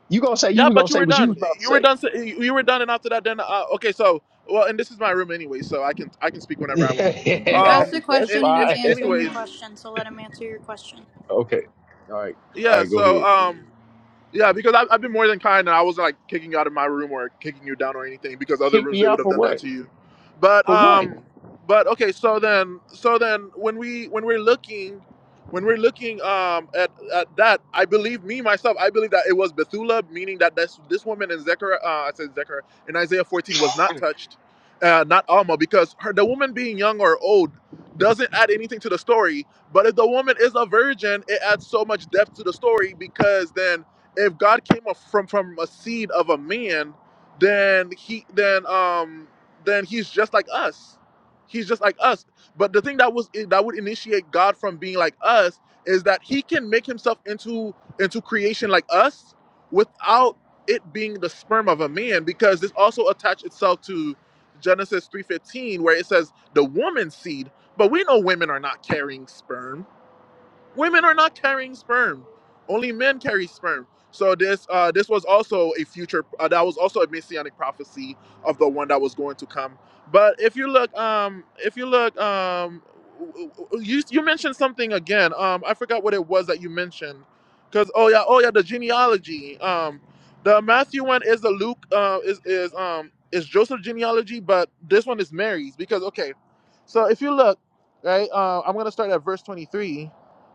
Speaker 1: You gonna say you
Speaker 2: Yeah,
Speaker 1: were gonna
Speaker 2: but you
Speaker 1: say
Speaker 2: were
Speaker 1: what you was
Speaker 2: done.
Speaker 1: about to
Speaker 2: You were
Speaker 1: say.
Speaker 2: done. s- You were done, and after that, then uh, okay. So, well, and this is my room anyway, so I can I can speak whenever I want.
Speaker 3: You
Speaker 1: Yeah,
Speaker 3: asked
Speaker 2: Um,
Speaker 3: a
Speaker 1: that's
Speaker 3: question
Speaker 2: it,
Speaker 3: and
Speaker 2: it,
Speaker 3: he's
Speaker 1: fine.
Speaker 3: answering your
Speaker 2: anyways,
Speaker 3: question, so let him answer your question.
Speaker 1: Okay. All right. All
Speaker 2: yeah.
Speaker 1: right. Go
Speaker 2: So,
Speaker 1: ahead.
Speaker 2: um. Yeah, because I, I've been more than kind, and I wasn't like kicking you out of my room or kicking you down or anything. Because other
Speaker 1: Kick
Speaker 2: rooms
Speaker 1: me
Speaker 2: they would
Speaker 1: out
Speaker 2: have
Speaker 1: for
Speaker 2: done that
Speaker 1: what?
Speaker 2: to you. But
Speaker 1: For what?
Speaker 2: um, but okay. So then, so then, when we when we're looking, when we're looking um at, at that, I believe me myself. I believe that it was Bethula, meaning that this this woman in Zechariah, uh, I said Zechariah in Isaiah 14 was not touched, uh, not Alma, because her the woman being young or old doesn't add anything to the story. But if the woman is a virgin, it adds so much depth to the story because then if God came up from from a seed of a man, then he then um then he's just like us. He's just like us. But the thing that was that would initiate God from being like us is that he can make himself into into creation like us without it being the sperm of a man because this also attached itself to Genesis 3:15 where it says the woman's seed, but we know women are not carrying sperm women are not carrying sperm only men carry sperm so this uh this was also a future uh, that was also a messianic prophecy of the one that was going to come but if you look um if you look um w- w- you you mentioned something again um i forgot what it was that you mentioned because oh yeah oh yeah the genealogy um the matthew one is the luke uh is is um is joseph genealogy but this one is mary's because okay so if you look right uh, i'm gonna start at verse 23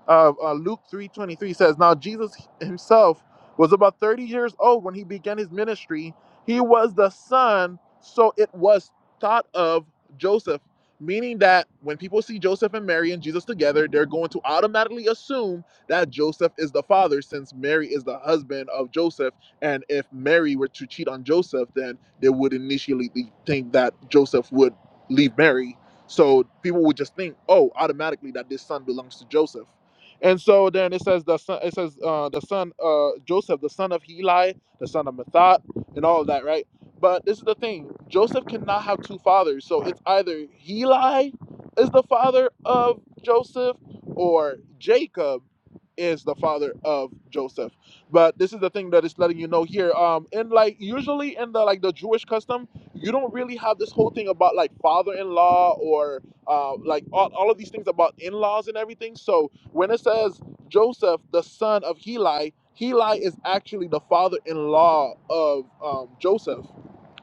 Speaker 2: uh, uh, Luke 3:23 says, "Now Jesus himself was about 30 years old when he began his ministry. He was the son, so it was thought of Joseph, meaning that when people see Joseph and Mary and Jesus together, they're going to automatically assume that Joseph is the father since Mary is the husband of Joseph, and if Mary were to cheat on Joseph, then they would initially think that Joseph would leave Mary." So people would just think, oh, automatically that this son belongs to Joseph. And so then it says the son, it says uh, the son uh, Joseph, the son of Heli, the son of Mathat, and all of that, right? But this is the thing: Joseph cannot have two fathers, so it's either Heli is the father of Joseph, or Jacob is the father of Joseph. But this is the thing that is letting you know here. Um, and like usually in the like the Jewish custom, you don't really have this whole thing about like father-in-law or uh, like all, all of these things about in-laws and everything. So when it says Joseph, the son of Heli, Heli is actually the father-in-law of um, Joseph,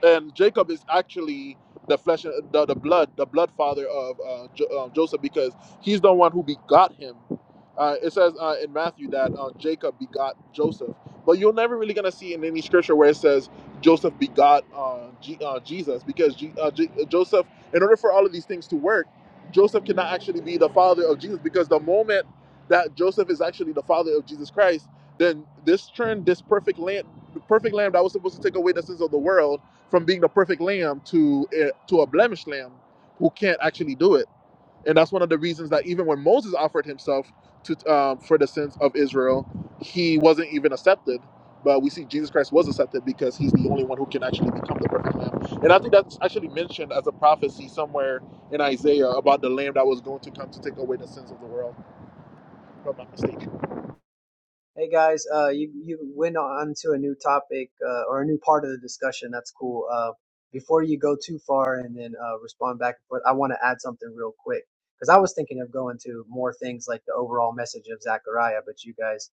Speaker 2: and Jacob is actually the flesh, the, the blood, the blood father of uh, jo- uh, Joseph because he's the one who begot him. Uh, it says uh, in Matthew that uh, Jacob begot Joseph, but you're never really gonna see in any scripture where it says Joseph begot uh, G- uh, Jesus because G- uh, J- uh, Joseph, in order for all of these things to work, Joseph cannot actually be the father of Jesus because the moment that Joseph is actually the father of Jesus Christ, then this turned this perfect lamb, the perfect lamb that was supposed to take away the sins of the world, from being the perfect lamb to a, to a blemished lamb who can't actually do it. And that's one of the reasons that even when Moses offered himself to um, for the sins of Israel, he wasn't even accepted. But we see Jesus Christ was accepted because he's the only one who can actually become the perfect lamb. And I think that's actually mentioned as a prophecy somewhere in Isaiah about the lamb that was going to come to take away the sins of the world, if I'm not mistaken.
Speaker 4: Hey guys, uh, you you went on to a new topic uh, or a new part of the discussion. That's cool. Uh, before you go too far and then uh, respond back and forth, I want to add something real quick because I was thinking of going to more things like the overall message of Zechariah, but you guys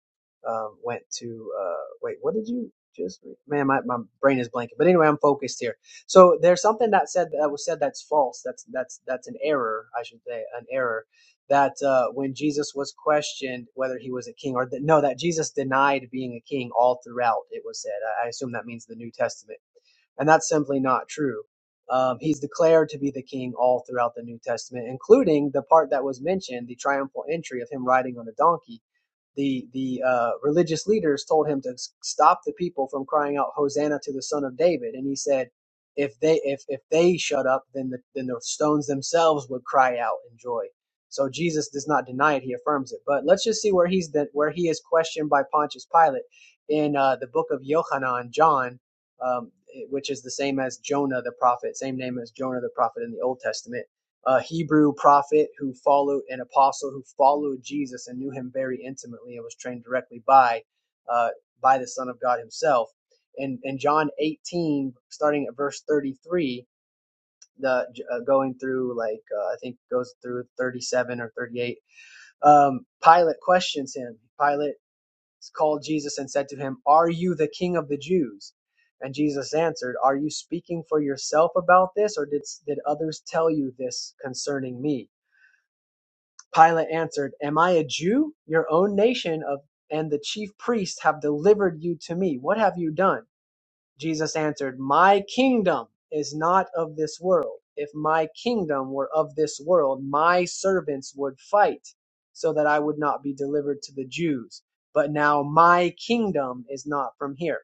Speaker 4: um, went to uh, wait, what did you just? Man, my my brain is blanking. But anyway, I'm focused here. So there's something that said that was said that's false. That's that's that's an error, I should say, an error that uh, when Jesus was questioned whether he was a king or th- no, that Jesus denied being a king all throughout. It was said. I assume that means the New Testament and that's simply not true. Um, he's declared to be the king all throughout the New Testament, including the part that was mentioned, the triumphal entry of him riding on a donkey. The the uh, religious leaders told him to stop the people from crying out Hosanna to the Son of David, and he said, if they if if they shut up, then the then the stones themselves would cry out in joy. So Jesus does not deny it; he affirms it. But let's just see where he's the, where he is questioned by Pontius Pilate in uh, the book of Yohanan, John um, which is the same as Jonah the prophet, same name as Jonah the prophet in the Old Testament, a Hebrew prophet who followed an apostle who followed Jesus and knew him very intimately and was trained directly by uh, by the Son of God Himself. And in John 18, starting at verse 33, the uh, going through like uh, I think goes through 37 or 38. Um, Pilate questions him. Pilate called Jesus and said to him, Are you the king of the Jews? And Jesus answered, Are you speaking for yourself about this, or did, did others tell you this concerning me? Pilate answered, Am I a Jew? Your own nation of, and the chief priests have delivered you to me. What have you done? Jesus answered, My kingdom is not of this world. If my kingdom were of this world, my servants would fight so that I would not be delivered to the Jews. But now my kingdom is not from here.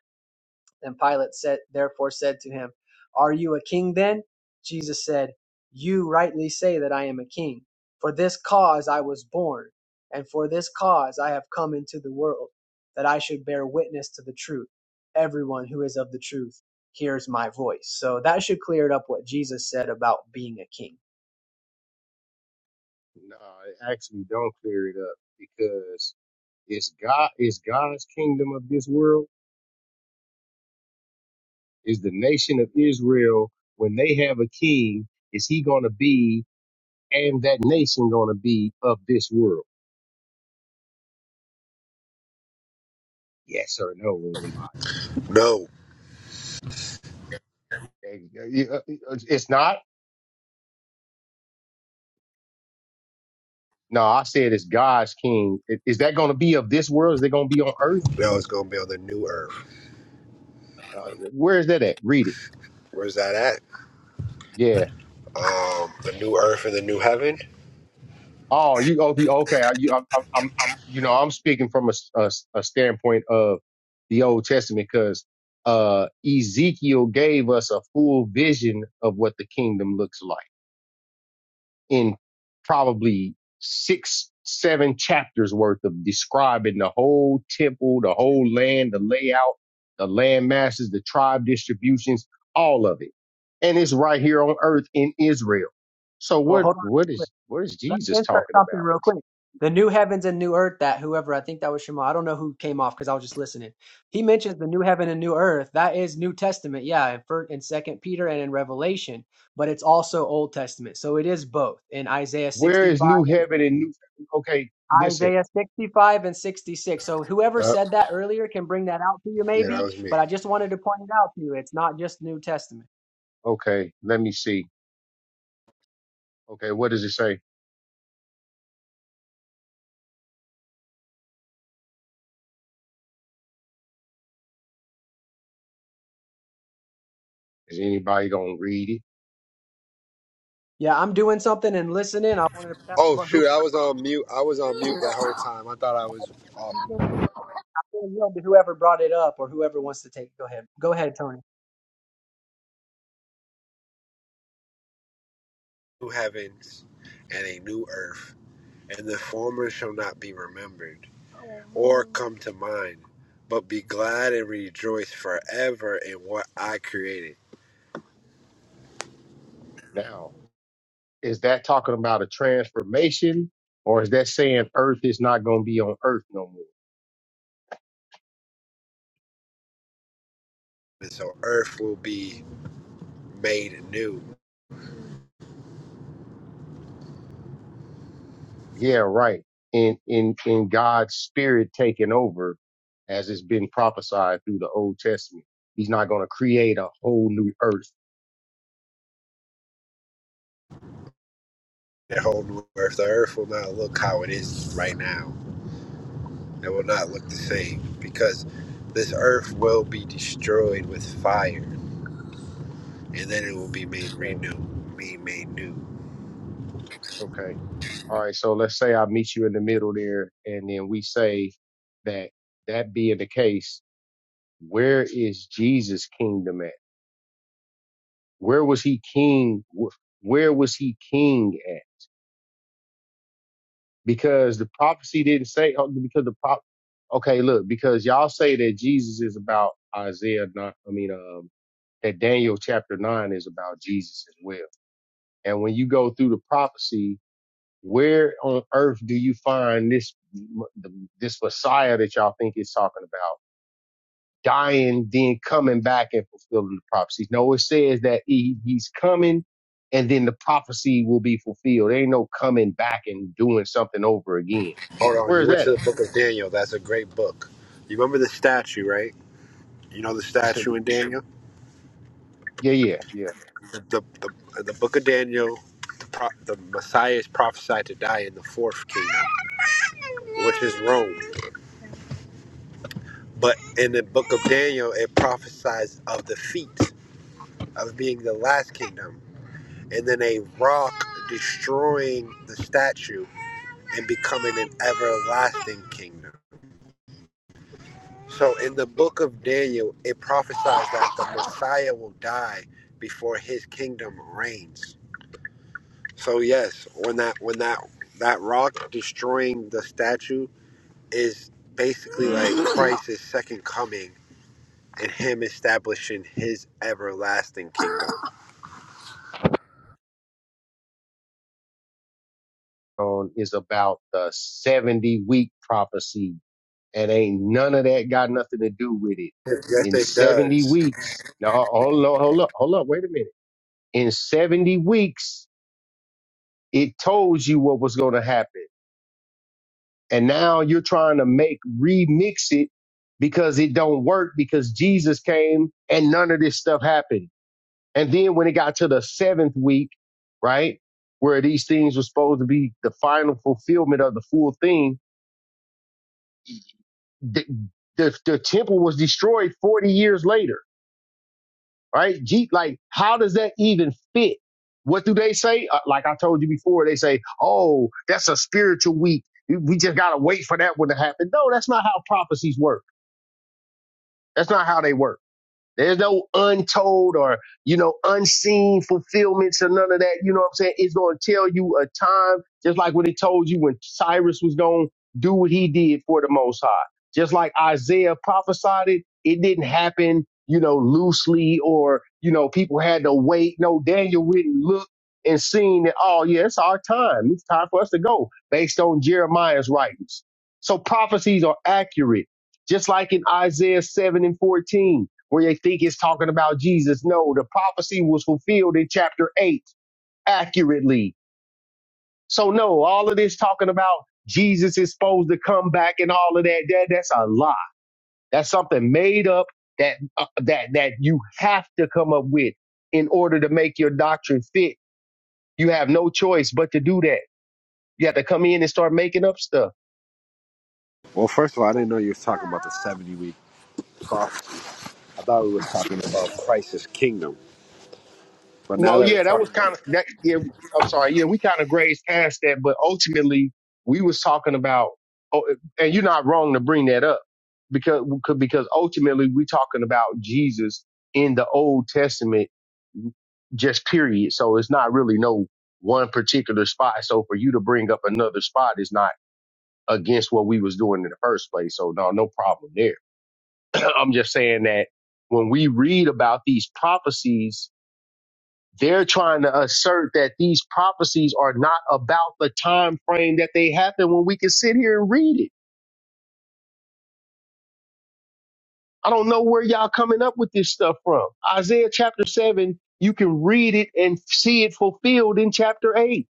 Speaker 4: Then Pilate said, therefore said to him, Are you a king then? Jesus said, You rightly say that I am a king. For this cause I was born, and for this cause I have come into the world, that I should bear witness to the truth. Everyone who is of the truth hears my voice. So that should clear it up what Jesus said about being a king.
Speaker 1: No, actually, don't clear it up because it's God. It's God's kingdom of this world. Is the nation of Israel when they have a king? Is he going to be and that nation going to be of this world? Yes or no, anybody?
Speaker 6: No,
Speaker 1: Hey, yeah, yeah, uh, uh, It's not. No, I said it's God's king. Is that going to be of this world? Is it going to be on earth?
Speaker 6: no, it's gonna be on the new earth.
Speaker 1: Uh, where is that at? Read it.
Speaker 6: Where's that at?
Speaker 1: Yeah.
Speaker 6: Um, the new earth and the new heaven.
Speaker 1: Oh, you okay? Okay. I, you, I'm, I'm, I'm- you know, I'm speaking from a, s- a s- a standpoint of the Old Testament because uh, Ezekiel gave us a full vision of what the kingdom looks like. in probably six, seven chapters worth of describing the whole temple, the whole land, the layout, the land masses, the tribe distributions, all of it. And it's right here on earth in Israel. So
Speaker 4: Well,
Speaker 1: what,
Speaker 4: hold on.
Speaker 1: what is, what is
Speaker 4: Let me
Speaker 1: Jesus
Speaker 4: insert
Speaker 1: talking
Speaker 4: something
Speaker 1: about?
Speaker 4: real quick. The new heavens and new earth that whoever I think that was Shema. I don't know who came off because I was just listening. He mentions the new heaven and new earth. That is New Testament, yeah, in first and second Peter and in Revelation, but it's also Old Testament. So it is both in Isaiah
Speaker 1: Where is
Speaker 4: 65
Speaker 1: new
Speaker 4: and
Speaker 1: heaven and new, okay, listen.
Speaker 4: Isaiah 65 and 66. So whoever
Speaker 6: Yep.
Speaker 4: said that earlier can bring that out to you
Speaker 6: Yeah, that
Speaker 4: maybe,
Speaker 6: was me.
Speaker 4: but I just wanted to point it out to you. It's not just New Testament.
Speaker 1: Okay. Let me see. Okay. What does it say? Is anybody going to read it
Speaker 4: Yeah, I'm doing something and listening. I wanted to
Speaker 6: Oh
Speaker 4: but
Speaker 6: shoot, I was on mute. I was on mute the whole time. I thought I was off.
Speaker 4: who Well, yeah, Whoever brought it up or whoever wants to take, go ahead. Go ahead, Tony.
Speaker 6: New heavens and a new earth, and the former shall not be remembered or come to mind, but be glad and rejoice forever in what I created.
Speaker 1: now? is that talking about a transformation or is that saying earth is not going to be on earth no more
Speaker 6: And so earth will be made new.
Speaker 1: yeah right in in in god's spirit taking over as it's been prophesied through the old testament he's not going to create a whole new earth
Speaker 6: The whole new earth, the earth will not look how it is right now It will not look the same because this earth will be destroyed with fire and then it will be made
Speaker 1: okay
Speaker 6: renew, be made new.
Speaker 1: okay all right so let's say i meet you in the middle there and then we say that that being the case where is jesus kingdom at where was he king wh- where was he king at? because the prophecy didn't say oh, because the prop. Okay, look, because y'all say that Jesus is about Isaiah. Not, I mean, um, that Daniel chapter nine is about Jesus as well. And when you go through the prophecy, where on earth do you find this this Messiah that y'all think is talking about dying, then coming back and fulfilling the prophecies? No, it says that he, he's coming. And then the prophecy will be fulfilled. There ain't no coming back and doing something over again.
Speaker 6: Hold on,
Speaker 1: Where
Speaker 6: you
Speaker 1: is that
Speaker 6: went
Speaker 1: at?
Speaker 6: to the book of Daniel. That's a great book. You remember the statue, right? You know the
Speaker 1: You said,
Speaker 6: statue in Daniel?
Speaker 1: yeah, yeah, yeah.
Speaker 6: The, the, the, the book of Daniel, the, pro, the Messiah is prophesied to die in the fourth kingdom, which is Rome. But in the book of Daniel, it prophesies of the feet, of being the last kingdom. and then a rock destroying the statue and becoming an everlasting kingdom. So in the book of Daniel, it prophesies that the Messiah will die before his kingdom reigns. So yes, when that when that that rock destroying the statue is basically like Christ's second coming and him establishing his everlasting kingdom.
Speaker 1: On is about the 70 week prophecy and ain't none of that got nothing to do with it.
Speaker 6: Yes,
Speaker 1: In
Speaker 6: it
Speaker 1: 70
Speaker 6: does.
Speaker 1: weeks, no, hold on, hold up, hold up, wait a minute. In 70 weeks, it told you what was going to happen. And now you're trying to make remix it because it don't work because Jesus came and none of this stuff happened. And then when it got to the seventh week, right, where these things were supposed to be the final fulfillment of the full thing, the, the, the temple was destroyed 40 years later, right? Gee, like, how does that even fit? What do they say? Uh, like I told you before, they say, oh, that's a spiritual week. We we just got to wait for that one to happen. No, that's not how prophecies work. That's not how they work There's no untold or, you know, unseen fulfillments or none of that. You know what I'm saying? It's going to tell you a time, just like what it told you when Cyrus was going to do what he did for the Most High. Just like Isaiah prophesied it, it didn't happen, you know, loosely or, you know, people had to wait. No, Daniel went and looked and seen that, oh, yeah, it's our time. It's time for us to go based on Jeremiah's writings. So prophecies are accurate, just like in Isaiah 7 and 14 where they think it's talking about Jesus. No, the prophecy was fulfilled in chapter 8 accurately. So, no, all of this talking about Jesus is supposed to come back and all of that, that that's a lie. That's something made up that, uh, that, that you have to come up with in order to make your doctrine fit. You have no choice but to do that. You have to come in and start making up stuff.
Speaker 6: Well, first of all, I didn't know you was talking about the 70 week prophecy. I thought we were talking about Christ's kingdom, but now
Speaker 1: No,
Speaker 6: that we're
Speaker 1: yeah, that was
Speaker 6: talking
Speaker 1: kind
Speaker 6: about
Speaker 1: of that. Yeah, I'm sorry. Yeah, we kind of grazed past that, but ultimately we was talking about. Oh, and you're not wrong to bring that up because because ultimately we talking about Jesus in the Old Testament, just period. So it's not really no one particular spot. So for you to bring up another spot is not against what we was doing in the first place. So no, no problem there. I'm just saying that when we read about these prophecies they're trying to assert that these prophecies are not about the time frame that they happen when we can sit here and read it. I don't know where y'all coming up with this stuff from. Isaiah chapter 7, you can read it and see it fulfilled in chapter 8.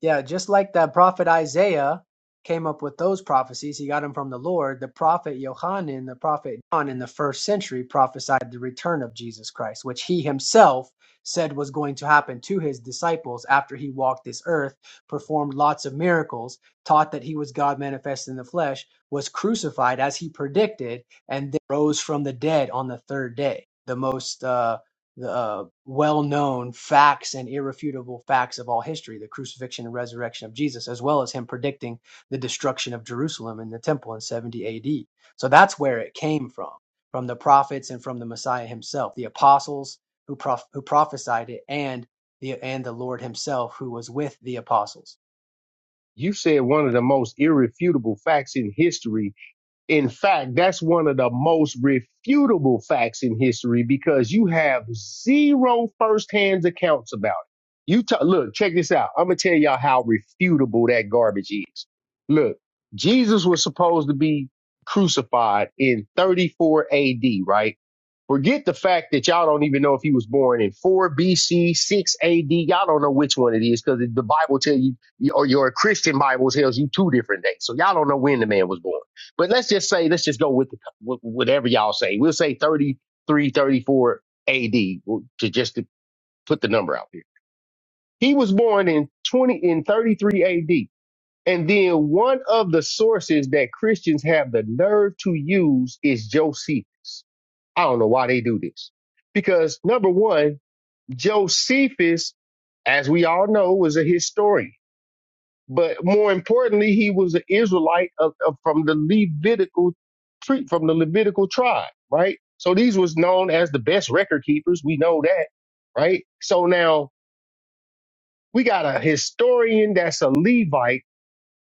Speaker 4: Yeah, just like the prophet Isaiah came up with those prophecies, he got them from the Lord. The prophet Yohanan, the prophet John in the first century prophesied the return of Jesus Christ, which he himself said was going to happen to his disciples after he walked this earth, performed lots of miracles, taught that he was God manifest in the flesh, was crucified as he predicted, and then rose from the dead on the third day. The most uh the uh, well-known facts and irrefutable facts of all history the crucifixion and resurrection of jesus as well as him predicting the destruction of jerusalem and the temple in 70 ad so that's where it came from from the prophets and from the messiah himself the apostles who, prof- who prophesied it and the and the lord himself who was with the apostles
Speaker 1: You said one of the most irrefutable facts in history In fact, that's one of the most refutable facts in history because you have zero firsthand accounts about it. You ta look, check this out. I'm gonna tell y'all how refutable that garbage is. Look, Jesus was supposed to be crucified in 34 AD, right? Forget the fact that y'all don't even know if he was born in 4 BC, 6 AD. Y'all don't know which one it is because the Bible tells you, or your Christian Bible tells you two different dates. So y'all don't know when the man was born but let's just say let's just go with, the, with whatever y'all say we'll say 33, 34 ad to just to put the number out there he was born in 20 in 33 ad and then one of the sources that christians have the nerve to use is josephus i don't know why they do this because number one josephus as we all know was a historian but more importantly, he was an Israelite of, of, from the Levitical tree, from the Levitical tribe, right? So these was known as the best record keepers. We know that, right? So now we got a historian that's a Levite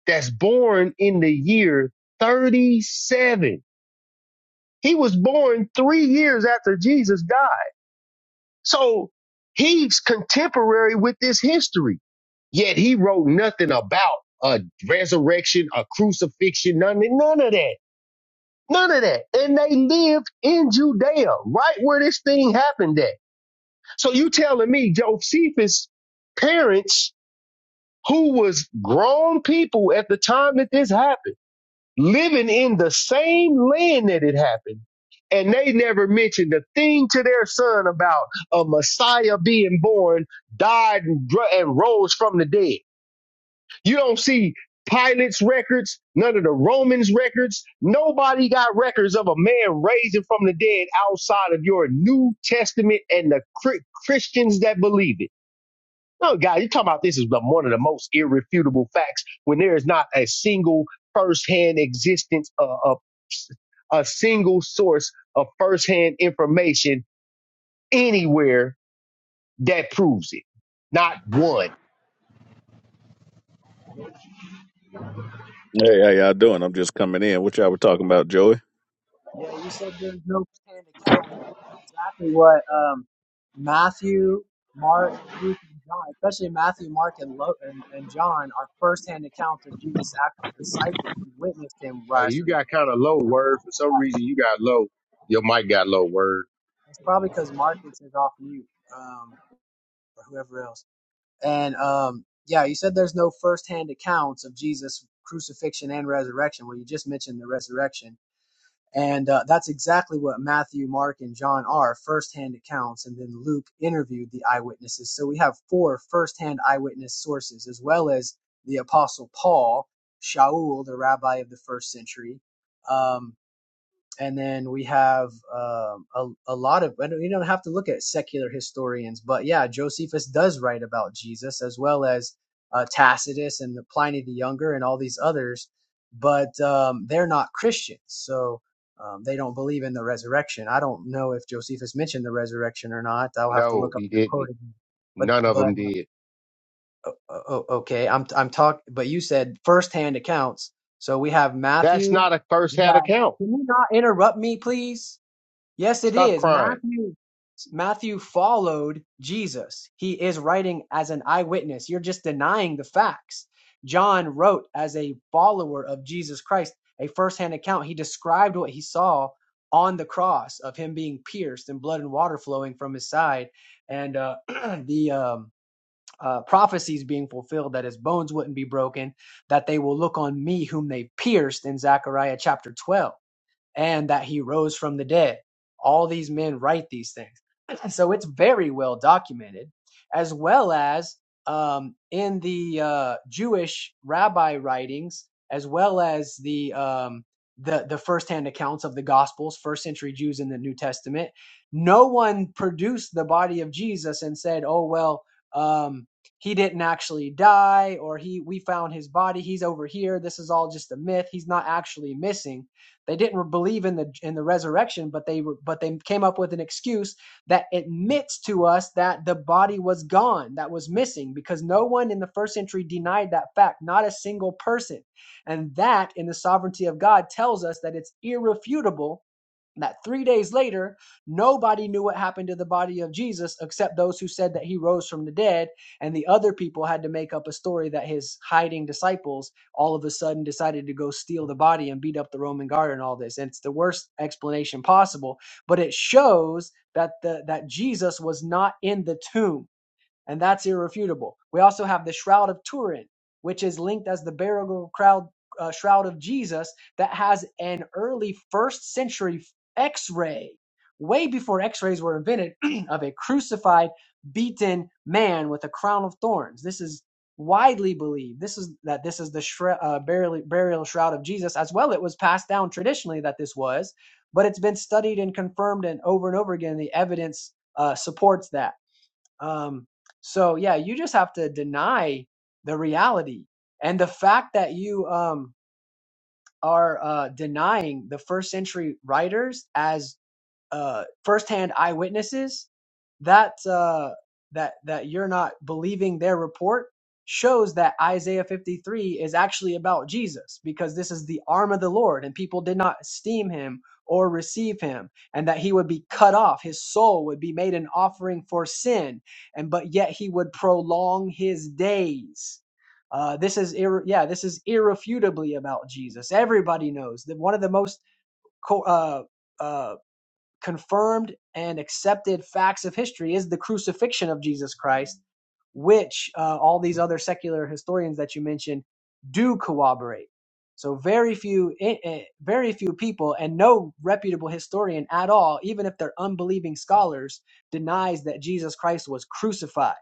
Speaker 1: that's born in the year 37. He was born three years after Jesus died. So he's contemporary with this history. Yet he wrote nothing about a resurrection, a crucifixion, none, none of that. None of that. And they lived in Judea, right where this thing happened at. So you telling me Josephus' parents, who was grown people at the time that this happened, living in the same land that it happened, and they never mentioned a thing to their son about a Messiah being born, died, and, dr- and rose from the dead. You don't see Pilate's records, none of the Romans' records. Nobody got records of a man raising from the dead outside of your New Testament and the Chri- Christians that believe it. No, guys, you're talking about this is the, one of the most irrefutable facts when there is not a single firsthand existence of, of a single source of firsthand information anywhere that proves it. Not one.
Speaker 7: Hey, how y'all doing? I'm just coming in. What y'all were talking about, Joey?
Speaker 4: Yeah, you said there's no canned accounts, but that's exactly what um, Matthew, Mark, Luke, and John, especially Matthew, Mark, and, Lo- and, and John, are firsthand accounts of Jesus' actual disciples who witnessed him
Speaker 1: Hey,
Speaker 4: rise
Speaker 1: you
Speaker 4: from the
Speaker 1: got
Speaker 4: dead.
Speaker 1: kind
Speaker 4: So
Speaker 1: of low word. For some reason, you got low. Your mic got low word.
Speaker 4: It's probably because Marcus is is off mute, um, or whoever else. And um, yeah, you said there's no firsthand accounts of Jesus' crucifixion and resurrection. Well, you just mentioned the resurrection And uh, that's exactly what Matthew, Mark, and John are firsthand accounts. And then Luke interviewed the eyewitnesses. So we have four firsthand eyewitness sources, as well as the Apostle Paul, Shaul, the rabbi of the first century. Um, and then we have um, a, a lot of and you don't have to look at secular historians but yeah josephus does write about jesus as well as uh, tacitus and the pliny the younger and all these others but um, they're not christians so um, they don't believe in the resurrection i don't know if josephus mentioned the resurrection or not i'll have to
Speaker 1: No,
Speaker 4: look up
Speaker 1: he
Speaker 4: that quote
Speaker 1: didn't.
Speaker 4: again but
Speaker 1: None of
Speaker 4: but
Speaker 1: them did.
Speaker 4: o- okay i'm i'm talking but you said firsthand accounts so we have
Speaker 1: That's
Speaker 4: matthew
Speaker 1: not a first
Speaker 4: we
Speaker 1: hand
Speaker 4: have
Speaker 1: account.
Speaker 4: can you not interrupt me, please? Yes, it
Speaker 1: Stop
Speaker 4: is.
Speaker 1: crying.
Speaker 4: Matthew Matthew followed Jesus. He is writing as an eyewitness. You're just denying the facts. John wrote as a follower of Jesus Christ, a firsthand account. He described what he saw on the cross of him being pierced and blood and water flowing from his side, and uh, the um, uh, prophecies being fulfilled that his bones wouldn't be broken, that they will look on me whom they pierced in Zechariah chapter 12 and that he rose from the dead. All these men write these things. So it's very well documented, as well as um, in the uh, Jewish rabbi writings, as well as the um, the the firsthand accounts of the Gospels, first century Jews in the New Testament. No one produced the body of Jesus and said, "Oh well, um, he didn't actually die, or he we found his body. He's over here. This is all just a myth. He's not actually missing." They didn't believe in the in the resurrection, but they were, but they came up with an excuse that admits to us that the body was gone, that was missing, because no one in the first century denied that fact, not a single person. And that in the sovereignty of God tells us that it's irrefutable that three days later, nobody knew what happened to the body of Jesus except those who said that he rose from the dead. And the other people had to make up a story that his hiding disciples all of a sudden decided to go steal the body and beat up the Roman guard and all this. And it's the worst explanation possible, but it shows that the, that Jesus was not in the tomb and that's irrefutable. We also have the Shroud of Turin, which is linked as the burial crowd, uh, shroud of Jesus, that has an early first century x ray, way before x rays were invented, of a crucified, beaten man with a crown of thorns. This is widely believed this is that this is the shre- uh, burial, burial shroud of jesus as well it was passed down traditionally that this was but it's been studied and confirmed and over and over again the evidence uh, supports that um, so yeah, you just have to deny the reality and the fact that you um, are uh, denying the first century writers as uh, firsthand eyewitnesses, that uh, that that you're not believing their report shows that Isaiah 53 is actually about Jesus because this is the arm of the Lord and people did not esteem him or receive him and that he would be cut off his soul would be made an offering for sin and but yet he would prolong his days uh, this is ir- yeah this is irrefutably about Jesus everybody knows that one of the most co- uh, uh, confirmed and accepted facts of history is the crucifixion of Jesus Christ, which uh, all these other secular historians that you mentioned do corroborate. So very few, eh, eh, very few people, and no reputable historian at all, even if they're unbelieving scholars, denies that Jesus Christ was crucified.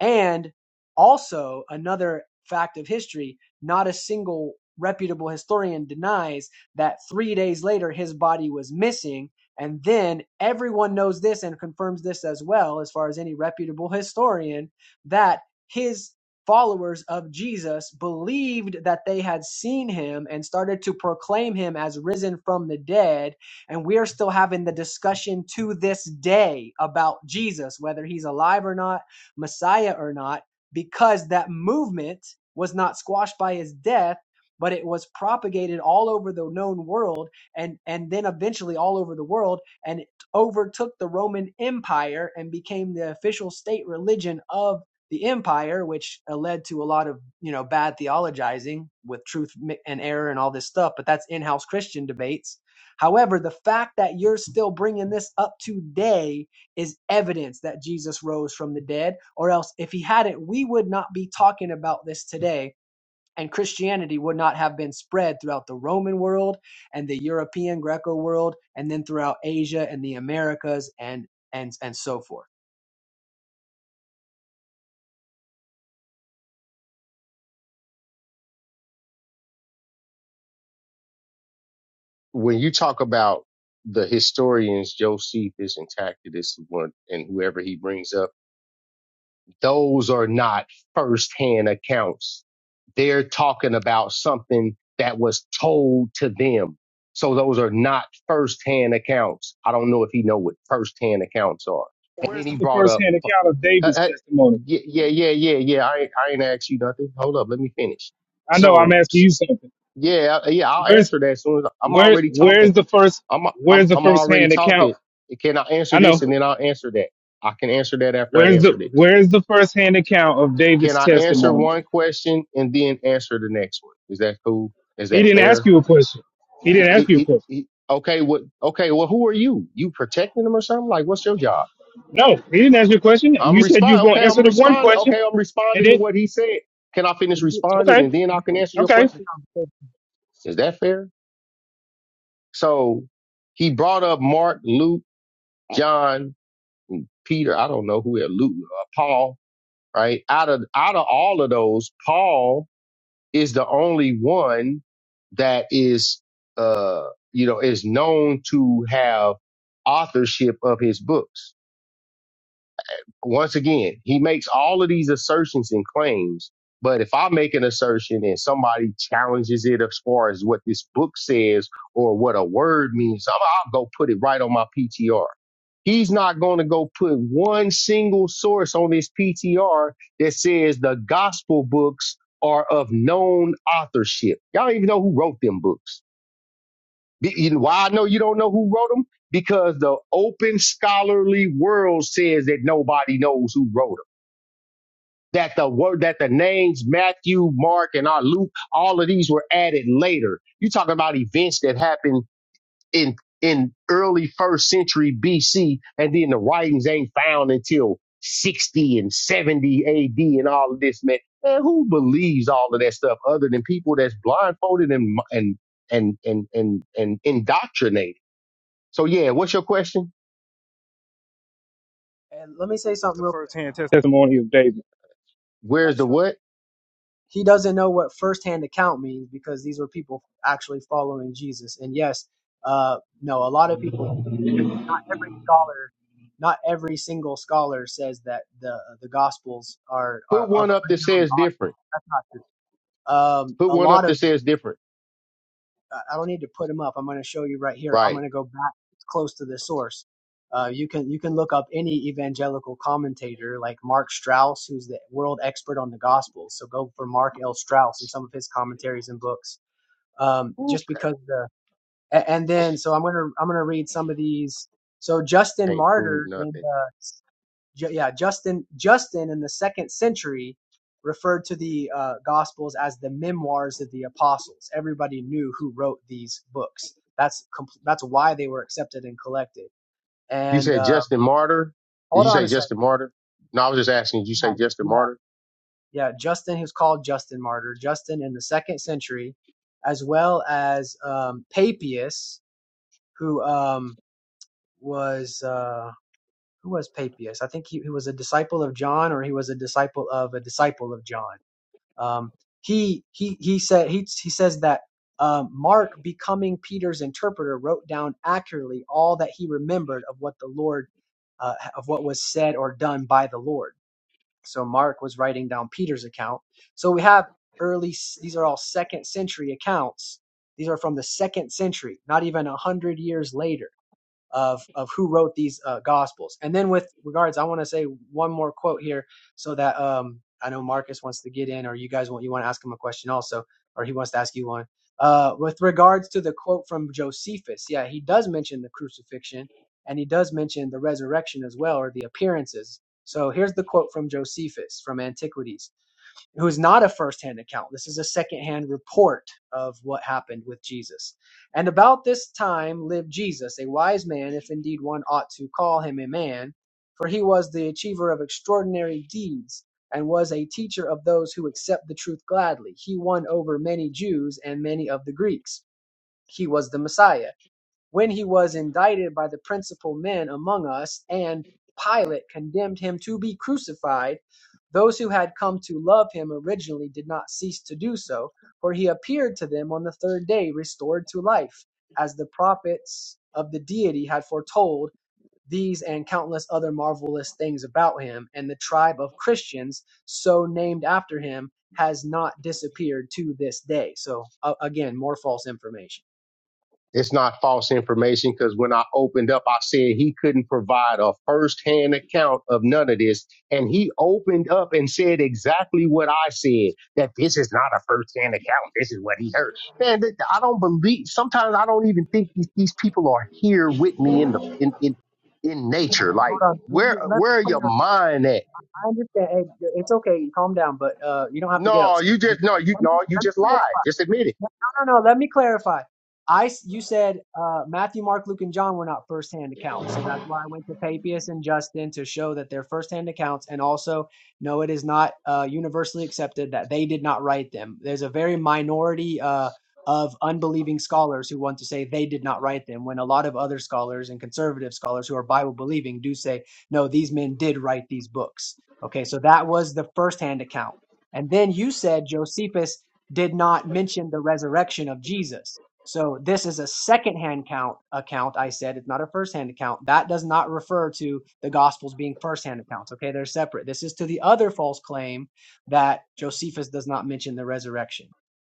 Speaker 4: And also, another fact of history not a single reputable historian denies that three days later his body was missing. And then everyone knows this and confirms this as well, as far as any reputable historian, that his followers of Jesus believed that they had seen him and started to proclaim him as risen from the dead. And we are still having the discussion to this day about Jesus, whether he's alive or not Messiah or not, because that movement was not squashed by his death, but it was propagated all over the known world and, and then eventually all over the world. And it overtook the Roman Empire and became the official state religion of the empire, which uh, led to a lot of you know bad theologizing with truth mi- and error and all this stuff. But that's in-house Christian debates. However, the fact that you're still bringing this up today is evidence that Jesus rose from the dead, or else if he hadn't, we would not be talking about this today. And Christianity would not have been spread throughout the Roman world and the European Greco world, and then throughout Asia and the Americas and and and so forth.
Speaker 1: When you talk about the historians, Josephus and Tacitus one, and whoever he brings up, those are not first hand accounts. They're talking about something that was told to them. So those are not first hand accounts. I don't know if he know what first hand accounts are. And then
Speaker 8: Where's
Speaker 1: he
Speaker 8: the
Speaker 1: brought up
Speaker 8: first-hand account of
Speaker 1: Hey,
Speaker 8: David's
Speaker 1: hey,
Speaker 8: testimony?
Speaker 1: yeah, yeah, yeah, yeah, yeah. I ain't, I ain't asked you nothing. Hold up, let me finish.
Speaker 8: I know I'm
Speaker 1: So,
Speaker 8: asking
Speaker 1: s-
Speaker 8: you something.
Speaker 1: yeah, I- yeah, I'll
Speaker 8: Where's
Speaker 1: answer that as soon as I'm
Speaker 8: where
Speaker 1: already
Speaker 8: where's
Speaker 1: talking.
Speaker 8: the first
Speaker 1: I'm, I'm,
Speaker 8: where's the
Speaker 1: I'm already
Speaker 8: first-hand account?
Speaker 1: talking. Can I answer
Speaker 8: I
Speaker 1: this
Speaker 8: know.
Speaker 1: and then I'll answer that? I can answer that after I
Speaker 8: Where's
Speaker 1: answer
Speaker 8: the
Speaker 1: this.
Speaker 8: where's the first-hand account of
Speaker 1: Can
Speaker 8: David's
Speaker 1: I answer
Speaker 8: testimony?
Speaker 1: one question and then answer the next one? Is that cool? Is
Speaker 8: He
Speaker 1: that
Speaker 8: didn't ask
Speaker 1: fair?
Speaker 8: you a question. He didn't ask
Speaker 1: It- it-
Speaker 8: you a
Speaker 1: it-
Speaker 8: question.
Speaker 1: it- okay, what? Okay, well, who are you? You protecting them or something? Like, what's your job?
Speaker 8: No, he didn't ask you a question.
Speaker 1: I'm
Speaker 8: You said you was
Speaker 1: responding.
Speaker 8: gonna
Speaker 1: Okay,
Speaker 8: answer
Speaker 1: I'm
Speaker 8: the one
Speaker 1: responding.
Speaker 8: question,
Speaker 1: Okay, I'm
Speaker 8: and
Speaker 1: responding to
Speaker 8: then
Speaker 1: what he said. Can I finish responding
Speaker 8: okay,
Speaker 1: and then I can answer your
Speaker 8: okay.
Speaker 1: question? Is that fair? So he brought up Mark, Luke, John, Peter. I don't know who had Luke, uh, Paul. Right out of out of all of those, Paul is the only one that is uh you know is known to have authorship of his books once again, he makes all of these assertions and claims. But if I make an assertion and somebody challenges it as far as what this book says or what a word means, I'm, I'll go put it right on my PTR. He's not going to go put one single source on his PTR that says the gospel books are of known authorship. Y'all don't even know who wrote them books. Be- you know Why I know you don't know who wrote them? Because the open scholarly world says that nobody knows who wrote them that the word that the names Matthew, Mark, and our Luke, all of these were added later. You're talking about events that happened in in early first century BC, and then the writings ain't found until 60 and 70 AD and all of this, man. Man, who believes all of that stuff other than people that's blindfolded and and and and and, and indoctrinated? So yeah, what's your question?
Speaker 4: And let me say
Speaker 8: Where's
Speaker 4: something
Speaker 8: the
Speaker 4: real quick.
Speaker 8: first-hand tes- testimony of David?
Speaker 1: Where's
Speaker 4: That
Speaker 1: the
Speaker 4: shows
Speaker 1: what?
Speaker 4: he doesn't know what firsthand account means because these were people actually following Jesus. And yes, uh, no, a lot of people do every scholar, not every single scholar says that the the gospels are are
Speaker 1: Put
Speaker 4: of
Speaker 1: one up that
Speaker 4: unknown
Speaker 1: says
Speaker 4: authors.
Speaker 1: different.
Speaker 4: That's not true. Um,
Speaker 1: Put
Speaker 4: a
Speaker 1: one
Speaker 4: lot
Speaker 1: up that
Speaker 4: of them.
Speaker 1: says different.
Speaker 4: I I don't need to put them up. I'm going to show you right here. I'm
Speaker 1: Right.
Speaker 4: going to go back close to the source. Uh, you can you can look up any evangelical commentator like Mark Strauss, who's the world expert on the Gospels. So go for Mark L. Strauss and some of his commentaries and books. Um, just because the a- and then so I'm gonna I'm gonna read some of these. So Justin
Speaker 1: Can't prove
Speaker 4: Martyr in
Speaker 1: nothing.
Speaker 4: the Ju- yeah, Justin Justin in the second century referred to the uh, Gospels as the memoirs of the apostles. Everybody knew who wrote these books. That's com- that's why they were accepted and collected.
Speaker 1: You
Speaker 4: And
Speaker 1: said
Speaker 4: uh,
Speaker 1: Justin Martyr. Did
Speaker 4: hold
Speaker 1: you
Speaker 4: on
Speaker 1: say
Speaker 4: a second.
Speaker 1: Justin Martyr? No, I was just asking. Did you say Justin
Speaker 4: Yeah,
Speaker 1: Martyr?
Speaker 4: yeah, yeah. Justin, who's called Justin Martyr, Justin in the second century, as well as um, Papias, who um, was uh, who was Papias? I think he, he was a disciple of John, or he was a disciple of a disciple of John Um, he he he said he he says that um, Mark, becoming Peter's interpreter, wrote down accurately all that he remembered of what the Lord uh, of what was said or done by the Lord. So Mark was writing down Peter's account. So we have early; these are all second century accounts. These are from the second century, not even a hundred years later of of who wrote these uh, gospels. And then with regards, I want to say one more quote here, so that um, I know Marcus wants to get in, or you guys want you want to ask him a question also, or he wants to ask you one. Uh, with regards to the quote from Josephus, yeah, he does mention the crucifixion, and he does mention the resurrection as well, or the appearances. So here's the quote from Josephus from Antiquities who is not a first-hand account. This is a second-hand report of what happened with Jesus. And about this time lived Jesus, a wise man, if indeed one ought to call him a man, for he was the achiever of extraordinary deeds and was a teacher of those who accept the truth gladly. He won over many Jews and many of the Greeks. He was the Messiah when he was indicted by the principal men among us, and Pilate condemned him to be crucified, those who had come to love him originally did not cease to do so, for he appeared to them on the third day restored to life, as the prophets of the deity had foretold these and countless other marvelous things about him, and the tribe of Christians, so named after him, has not disappeared to this day. So, uh, again, more false information.
Speaker 1: It's not false information because when I opened up, I said he couldn't provide a firsthand account of none of this. And he opened up and said exactly what I said that this is not a firsthand account. This is what he heard. Man, th- I don't believe, sometimes I don't even think these, these people are here with me in the, in, in, in nature. Like,
Speaker 4: Hold on. Let
Speaker 1: where,
Speaker 4: me, let
Speaker 1: where are
Speaker 4: me
Speaker 1: your mind at?
Speaker 4: I understand. Hey, it's okay. Calm down, but uh, you don't have to get
Speaker 1: No,
Speaker 4: upset.
Speaker 1: you
Speaker 4: Let me-
Speaker 1: just no, you
Speaker 4: let me
Speaker 1: no, you just lied. Just admit it.
Speaker 4: no, no, no. Let me clarify. I s- you said uh, Matthew, Mark, Luke, and John were not firsthand accounts, so that's why I went to Papias and Justin to show that they're firsthand accounts, and also no, it is not uh, universally accepted that they did not write them. There's a very minority uh, of unbelieving scholars who want to say they did not write them, when a lot of other scholars and conservative scholars who are Bible believing do say no, these men did write these books. Okay, so that was the firsthand account, and then you said Josephus did not mention the resurrection of Jesus. So this is a second-hand count account. I said it's not a first-hand account. That does not refer to the Gospels being first-hand accounts. Okay, they're separate. This is to the other false claim that Josephus does not mention the resurrection.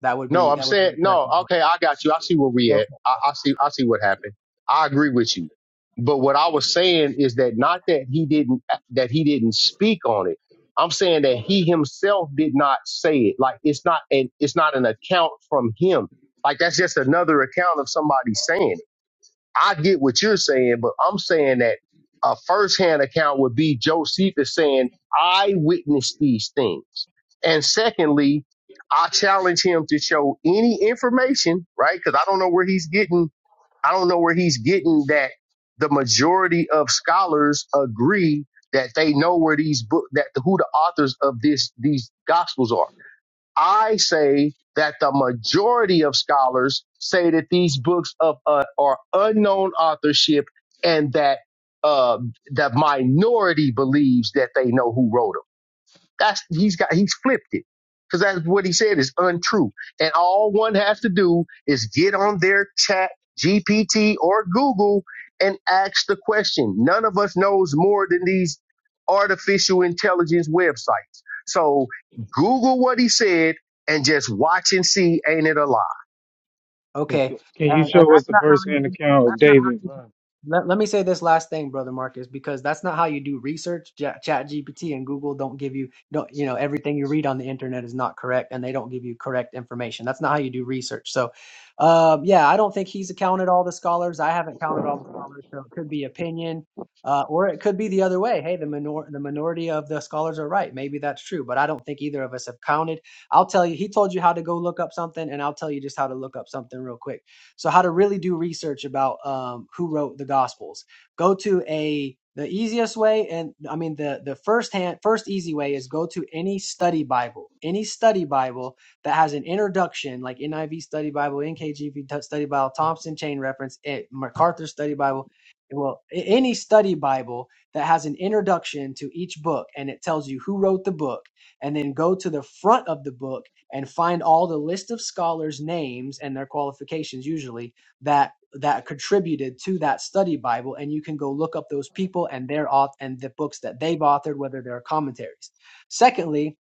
Speaker 4: That would
Speaker 1: No,
Speaker 4: be
Speaker 1: I'm
Speaker 4: that would be
Speaker 1: saying
Speaker 4: incorrect
Speaker 1: no.
Speaker 4: as
Speaker 1: Okay, I got you. I see where we
Speaker 4: well.
Speaker 1: at. I, I see. I see what happened. I agree with you. But what I was saying is that not that he didn't that he didn't speak on it. I'm saying that he himself did not say it. Like it's not an it's not an account from him. Like that's just another account of somebody saying. it. I get what you're saying, but I'm saying that a firsthand account would be Josephus saying, I witnessed these things. And secondly, I challenge him to show any information, right? Because I don't know where he's getting, I don't know where he's getting that the majority of scholars agree that they know where these book that who the authors of this these gospels are. I say that the majority of scholars say that these books of uh, are unknown authorship, and that uh, the minority believes that they know who wrote them. That's he's got he's flipped it because that's what he said is untrue. And all one has to do is get on their chat GPT or Google and ask the question. None of us knows more than these artificial intelligence websites. So Google what he said and just watch and see. Ain't it a lie?
Speaker 8: Is-
Speaker 4: Okay.
Speaker 8: Can you
Speaker 4: And and
Speaker 8: show us
Speaker 4: that's
Speaker 8: the
Speaker 4: not how you
Speaker 8: first-hand account of
Speaker 4: that's not how
Speaker 8: David?
Speaker 4: you let, let me say this last thing, brother Marcus, because that's not how you do research. Ja- Chat GPT and Google don't give you don't you know everything you read on the internet is not correct, and they don't give you correct information. That's not how you do research. So, um, yeah, I don't think he's counted all the scholars. I haven't counted all the scholars, so it could be opinion, uh, or it could be the other way. Hey, the minor the minority of the scholars are right. Maybe that's true, but I don't think either of us have counted. I'll tell you, he told you how to go look up something, and I'll tell you just how to look up something real quick. So, how to really do research about um, who wrote the Gospels. Go to a the easiest way, and I mean the the first hand first easy way is go to any study Bible, any study Bible that has an introduction like NIV Study Bible, NKJV Study Bible, Thompson Chain Reference, it, MacArthur Study Bible. Well, any study Bible that has an introduction to each book and it tells you who wrote the book and then go to the front of the book and find all the list of scholars names and their qualifications usually that that contributed to that study bible and you can go look up those people and their auth and the books that they've authored whether they're commentaries secondly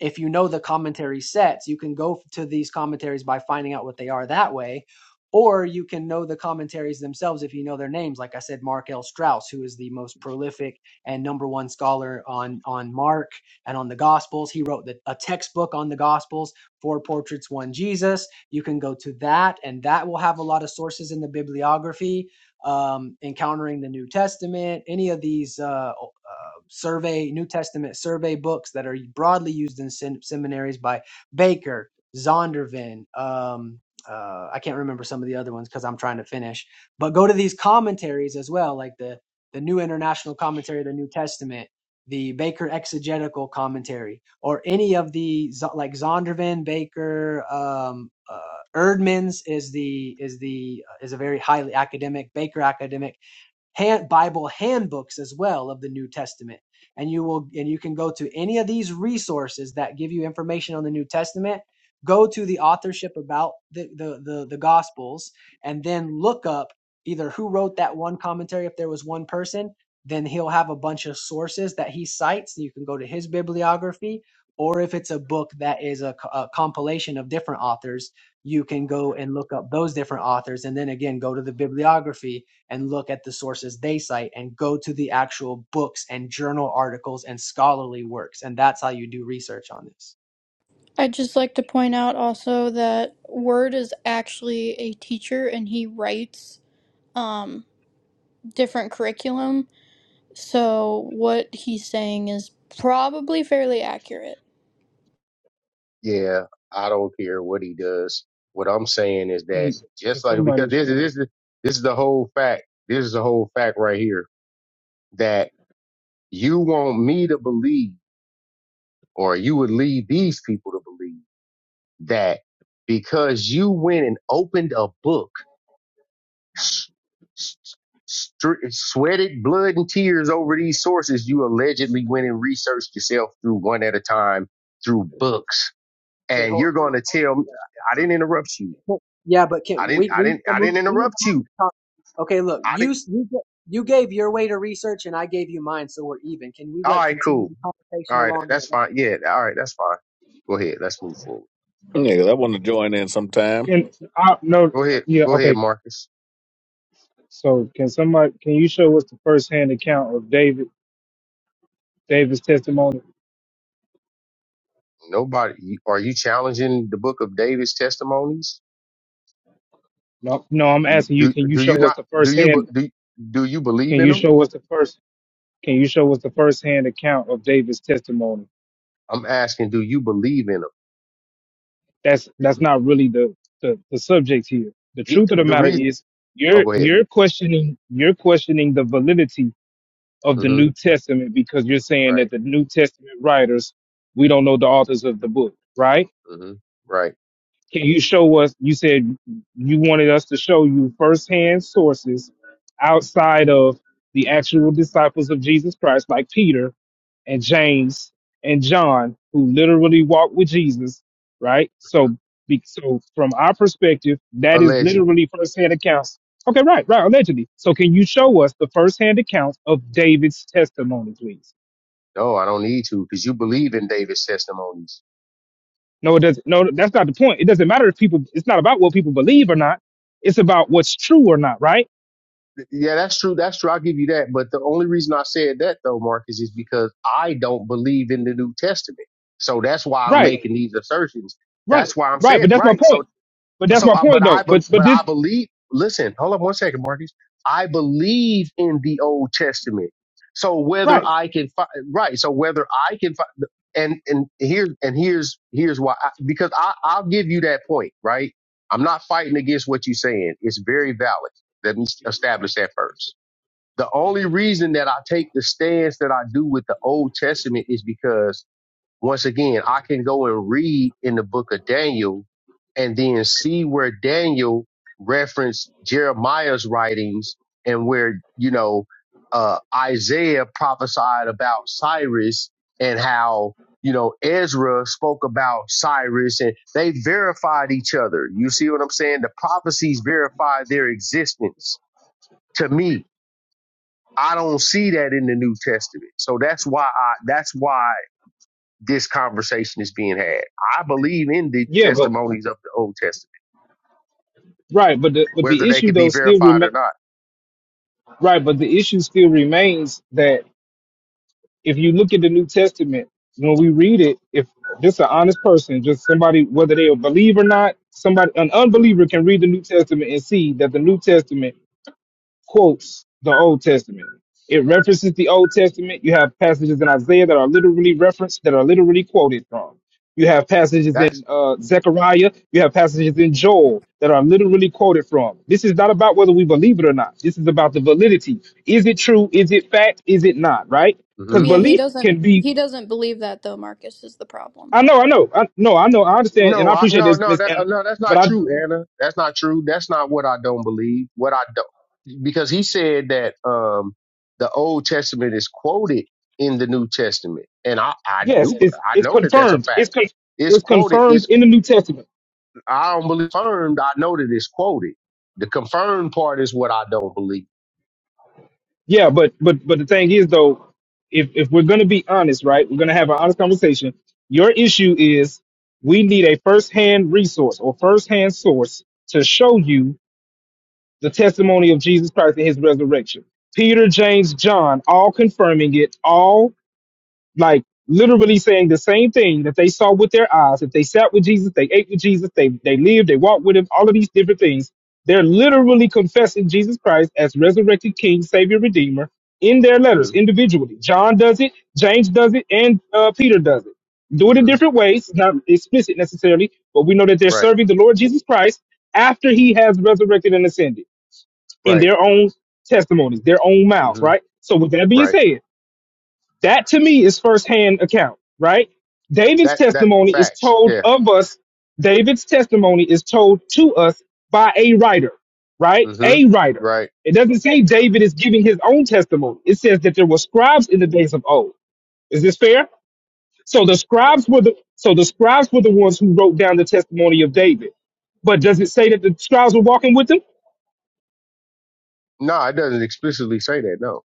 Speaker 4: if you know the commentary sets, you can go to these commentaries by finding out what they are that way, or you can know the commentaries themselves if you know their names. Like I said, Mark L. Strauss, who is the most prolific and number one scholar on on Mark and on the Gospels, he wrote the, a textbook on the Gospels, Four Portraits, One Jesus. You can go to that, and that will have a lot of sources in the bibliography. Um, encountering the New Testament, any of these, uh, uh, survey New Testament survey books that are broadly used in sem- seminaries by Baker, Zondervan. Um, uh, I can't remember some of the other ones because I'm trying to finish. But go to these commentaries as well, like the the New International Commentary of the New Testament, the Baker Exegetical Commentary, or any of the Zo- like Zondervan, Baker, um, uh, Erdman's is the is the uh, is a very highly academic Baker academic hand, Bible handbooks as well of the New Testament. And you will and you can go to any of these resources that give you information on the New Testament. Go to the authorship about the the the, the Gospels, and then look up either who wrote that one commentary if there was one person. Then he'll have a bunch of sources that he cites. You can go to his bibliography, or if it's a book that is a, a compilation of different authors, you can go and look up those different authors, and then again go to the bibliography and look at the sources they cite and go to the actual books and journal articles and scholarly works. And that's how you do research on this.
Speaker 3: I'd just like to point out also that Word is actually a teacher and he writes. um different curriculum. So what he's saying is probably fairly accurate.
Speaker 1: Yeah, I don't care what he does. What I'm saying is
Speaker 8: Can,
Speaker 1: that
Speaker 8: can
Speaker 1: just like because
Speaker 8: somebody
Speaker 1: this is
Speaker 8: show?
Speaker 1: this is this is the whole fact. This is the whole fact right here that you want me to believe, or you would lead these people to believe that because you went and opened a book, s- s- str- sweated blood and tears over these sources, you allegedly went and researched yourself through one at a time through books,
Speaker 4: Okay,
Speaker 1: and
Speaker 4: hold,
Speaker 1: you're
Speaker 4: hold
Speaker 1: going
Speaker 4: on,
Speaker 1: to
Speaker 4: hold on,
Speaker 1: tell me I
Speaker 4: hold
Speaker 1: didn't
Speaker 4: on.
Speaker 1: interrupt you.
Speaker 4: Well, Yeah, but can
Speaker 1: I didn't.
Speaker 4: we
Speaker 1: I
Speaker 4: we need
Speaker 1: didn't.
Speaker 4: to
Speaker 1: I
Speaker 4: move
Speaker 1: didn't
Speaker 4: we need to
Speaker 1: interrupt
Speaker 4: move
Speaker 1: you.
Speaker 4: the talk. Okay, look,
Speaker 1: I
Speaker 4: you
Speaker 1: didn't.
Speaker 4: s- you ga- you gave your way to research and I gave you mine, so we're even. Can we
Speaker 1: All
Speaker 4: like
Speaker 1: right,
Speaker 4: continue
Speaker 1: cool.
Speaker 4: the
Speaker 1: All
Speaker 4: conversation
Speaker 1: right,
Speaker 4: along?
Speaker 1: that's fine.
Speaker 4: here?
Speaker 1: Yeah, all right, that's fine. Go ahead. Let's move forward.
Speaker 7: Yeah, 'cause I want to join in sometime.
Speaker 8: Can I no?
Speaker 1: Go ahead.
Speaker 8: Yeah,
Speaker 1: Go
Speaker 8: okay.
Speaker 1: ahead, Marcus.
Speaker 8: So can somebody can you show us the first hand account of David David's testimony?
Speaker 1: Nobody. you- Are you challenging the Book of David's testimonies?
Speaker 8: No, no, I'm
Speaker 1: Do you,
Speaker 8: asking you,
Speaker 1: do
Speaker 8: can you
Speaker 1: do you
Speaker 8: show us
Speaker 1: not
Speaker 8: the
Speaker 1: do
Speaker 8: first
Speaker 1: you be-
Speaker 8: hand
Speaker 1: do do you believe
Speaker 8: can
Speaker 1: in
Speaker 8: you
Speaker 1: them?
Speaker 8: show us the first can you show us the first hand account of David's testimony?
Speaker 1: I'm asking, do you believe in them?
Speaker 8: That's that's not really the, the, the subject here. The
Speaker 1: Yeah,
Speaker 8: truth of the
Speaker 1: the
Speaker 8: matter
Speaker 1: reason.
Speaker 8: is
Speaker 1: Oh,
Speaker 8: you're
Speaker 1: go ahead.
Speaker 8: you're questioning you're questioning the validity of the
Speaker 1: hmm
Speaker 8: New Testament because you're saying
Speaker 1: Right.
Speaker 8: that the New Testament writers, we don't know the authors of the book, right?
Speaker 1: hmm Right.
Speaker 8: Can you show us? You said you wanted us to show you firsthand sources outside of the actual disciples of Jesus Christ, like Peter and James and John, who literally walked with Jesus, right?
Speaker 1: hmm
Speaker 8: So, be- so from our perspective, that is
Speaker 1: Allegedly.
Speaker 8: literally firsthand accounts. Okay, right, right, allegedly. So, can you show us the firsthand accounts of David's testimony, please?
Speaker 1: No, I don't need to because you believe in David's testimonies.
Speaker 8: No, it doesn't. No, that's not the point. It doesn't matter if people. It's not about what people believe or not. It's about what's true or not, right?
Speaker 1: Th- Yeah, that's true. That's true. I'll give you that. But the only reason I said that though, Marcus, is because I don't believe in the New Testament. So that's why I'm
Speaker 8: Right,
Speaker 1: making these assertions.
Speaker 8: right,
Speaker 1: That's why I'm
Speaker 8: right.
Speaker 1: saying
Speaker 8: But that's my
Speaker 1: right. So
Speaker 8: point. But that's
Speaker 1: so
Speaker 8: my
Speaker 1: I, but
Speaker 8: point,
Speaker 1: I
Speaker 8: though.
Speaker 1: be-
Speaker 8: But but
Speaker 1: but
Speaker 8: this
Speaker 1: I believe. Listen, hold up one second, Marcus. I believe in the Old Testament. So whether
Speaker 8: right,
Speaker 1: I can find right, so whether I can find and and here's and here's here's why I, because I I'll give you that point right. I'm not fighting against what you're saying. It's very valid. Let me establish that first. The only reason that I take the stance that I do with the Old Testament is because once again, I can go and read in the book of Daniel and then see where Daniel referenced Jeremiah's writings and where, you know, uh, Isaiah prophesied about Cyrus and how, you know, Ezra spoke about Cyrus and they verified each other. You see what I'm saying? The prophecies verify their existence to me. I don't see that in the New Testament. So that's why I, that's why this conversation is being had. I believe in the
Speaker 8: yeah. But
Speaker 1: testimonies of the Old Testament,
Speaker 8: right, but the but
Speaker 1: whether
Speaker 8: the
Speaker 1: they
Speaker 8: issue
Speaker 1: can be
Speaker 8: though still
Speaker 1: verified or
Speaker 8: remain
Speaker 1: not.
Speaker 8: right. But the issue still remains that if you look at the New Testament, when we read it, if just an honest person, just somebody, whether they a believer or not, somebody an
Speaker 1: hmm
Speaker 8: unbeliever can read the New Testament and see that the New Testament quotes the Old Testament. It references the Old Testament. You have passages in Isaiah that are literally referenced, that are literally quoted from. You have passages
Speaker 1: That's
Speaker 8: in uh, Zechariah. You have passages in Joel that are literally quoted from. This is not about whether we believe it or not. This is about the validity. Is it true? Is it fact? Is it not? Right? Because
Speaker 1: hmm
Speaker 3: Yeah, he
Speaker 8: belief can
Speaker 3: doesn't
Speaker 8: be.
Speaker 3: he doesn't believe that though, Marcus is the problem.
Speaker 8: I know. I know. I know. I know. I understand, and
Speaker 1: no,
Speaker 8: I
Speaker 1: I,
Speaker 8: appreciate
Speaker 1: no,
Speaker 8: this,
Speaker 1: no,
Speaker 8: Miss
Speaker 1: that, uh,
Speaker 8: Anna.
Speaker 1: no. That's
Speaker 8: But
Speaker 1: not
Speaker 8: I
Speaker 1: true, Anna. That's not true. That's not what I don't believe. What I don't, because he said that um, the Old Testament is quoted in the New Testament, and I, I
Speaker 8: yes,
Speaker 1: do,
Speaker 8: it's
Speaker 1: I
Speaker 8: it's
Speaker 1: know that that's a
Speaker 8: confirmed.
Speaker 1: fact.
Speaker 8: It's con-
Speaker 1: It's
Speaker 8: it's
Speaker 1: quoted.
Speaker 8: confirmed
Speaker 1: It's
Speaker 8: in the New Testament.
Speaker 1: I don't believe confirmed. I know that it's quoted. The confirmed part is what I don't believe.
Speaker 8: Yeah, but but but the thing is though, if if we're gonna be honest, right, we're gonna have an honest conversation. Your issue is we need a first-hand resource or first-hand source to show you the testimony of Jesus Christ and his resurrection. Peter, James, John, all confirming it, all like literally saying the same thing that they saw with their eyes. If they sat with Jesus, they ate with Jesus, they, they lived, they walked with him, all of these different things. They're literally confessing Jesus Christ as resurrected King, Savior, Redeemer in their
Speaker 1: hmm
Speaker 8: letters individually. John does it, James does it, and uh, Peter does it. Do it in
Speaker 1: hmm
Speaker 8: different ways, not explicit necessarily, but we know that they're
Speaker 1: Right.
Speaker 8: serving the Lord Jesus Christ after he has resurrected and ascended in
Speaker 1: Right.
Speaker 8: their own testimonies, their own mouths,
Speaker 1: hmm
Speaker 8: right? So, with that being
Speaker 1: Right.
Speaker 8: said, that to me is firsthand account, right? David's
Speaker 1: That that
Speaker 8: testimony is
Speaker 1: facts.
Speaker 8: told
Speaker 1: Yeah.
Speaker 8: of us. David's testimony is told to us by a writer, right?
Speaker 1: hmm
Speaker 8: A writer.
Speaker 1: Right.
Speaker 8: It doesn't say David is giving his own testimony. It says that there were scribes in the days of old. Is this fair? So the scribes were the so the scribes were the ones who wrote down the testimony of David. But does it say that the scribes were walking with him?
Speaker 1: No, it doesn't explicitly say that. No.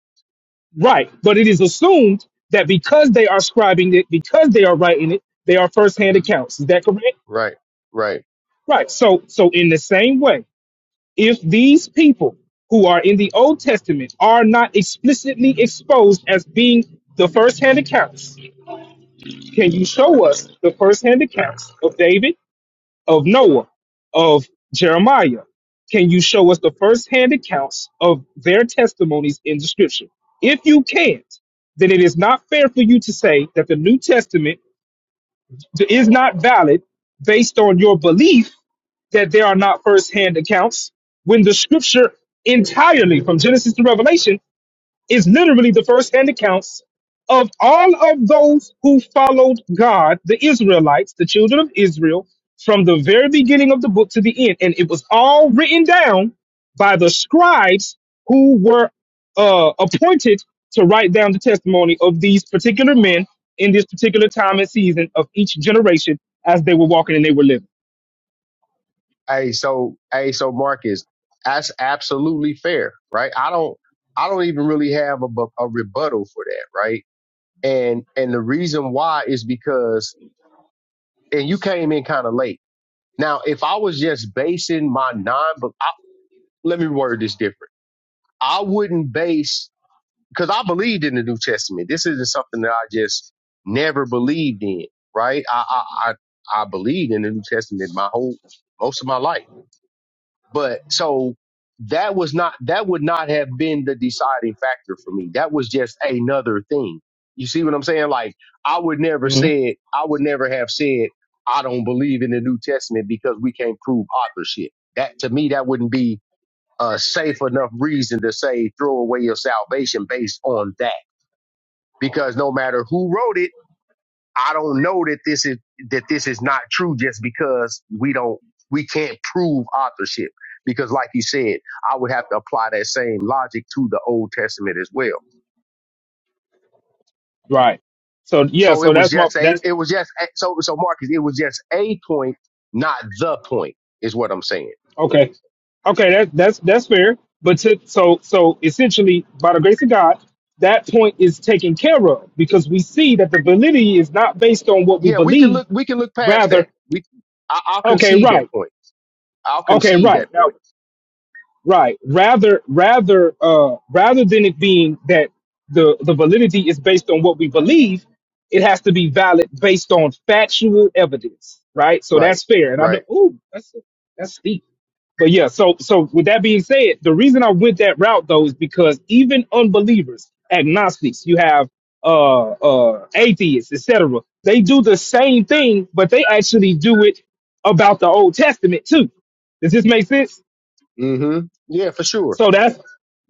Speaker 8: Right. But it is assumed that because they are scribing it, because they are writing it, they are first-hand
Speaker 1: hmm
Speaker 8: accounts. Is that correct?
Speaker 1: Right. Right.
Speaker 8: Right. So so in the same way, if these people who are in the Old Testament are not explicitly exposed as being the first hand accounts, can you show us the first hand accounts of David, of Noah, of Jeremiah? Can you show us the first hand accounts of their testimonies in the scripture? If you can't, then it is not fair for you to say that the New Testament is not valid based on your belief that there are not first-hand accounts when the scripture entirely from Genesis to Revelation is literally the first-hand accounts of all of those who followed God, the Israelites, the children of Israel, from the very beginning of the book to the end. And it was all written down by the scribes who were uh, appointed to write down the testimony of these particular men in this particular time and season of each generation as they were walking and they were living.
Speaker 1: Hey, so hey, so Marcus, that's absolutely fair, right? I don't I don't even really have a, bu- a rebuttal for that, right? And and the reason why is because and you came in kind of late. Now, if I was just basing my non, but I, let me word this different. I wouldn't base because I believed in the New Testament. This isn't something that I just never believed in, right? I I I, I believed in the New Testament my whole most of my life, but so that was not that would not have been the deciding factor for me. That was just another thing. You see what I'm saying? Like I would never said I would never have said I don't believe in the New Testament because we can't prove authorship. That to me that wouldn't be a safe enough reason to say throw away your salvation based on that because no matter who wrote it, I don't know that this is that this is not true just because we don't we can't prove authorship. Because like you said, I would have to apply that same logic to the Old Testament as well.
Speaker 8: Right. So yeah,
Speaker 1: So
Speaker 8: so
Speaker 1: it was
Speaker 8: that's my
Speaker 1: just a
Speaker 8: that's
Speaker 1: it was just a, so so Marcus, it was just a point, not the point, is what I'm saying.
Speaker 8: okay. Okay, that that's that's fair. But to, so so essentially by the grace of God, that point is taken care of because we see that the validity is not based on what we
Speaker 1: Yeah, we can
Speaker 8: believe,
Speaker 1: look we can look past that.
Speaker 8: rather
Speaker 1: We I, I'll
Speaker 8: okay,
Speaker 1: concede that
Speaker 8: right.
Speaker 1: point. I'll
Speaker 8: Okay,
Speaker 1: concede
Speaker 8: right.
Speaker 1: that point.
Speaker 8: Now Right. Rather, rather, uh, rather than it being that the the validity is based on what we believe, it has to be valid based on factual evidence. Right. So
Speaker 1: Right.
Speaker 8: that's fair. And I'm
Speaker 1: Right.
Speaker 8: like, ooh, that's that's steep. But yeah. So so with that being said, the reason I went that route though is because even unbelievers, agnostics, you have uh uh atheists, etc. They do the same thing, but they actually do it about the Old Testament too. Does this make sense?
Speaker 1: Mm-hmm. Yeah, for sure.
Speaker 8: So that's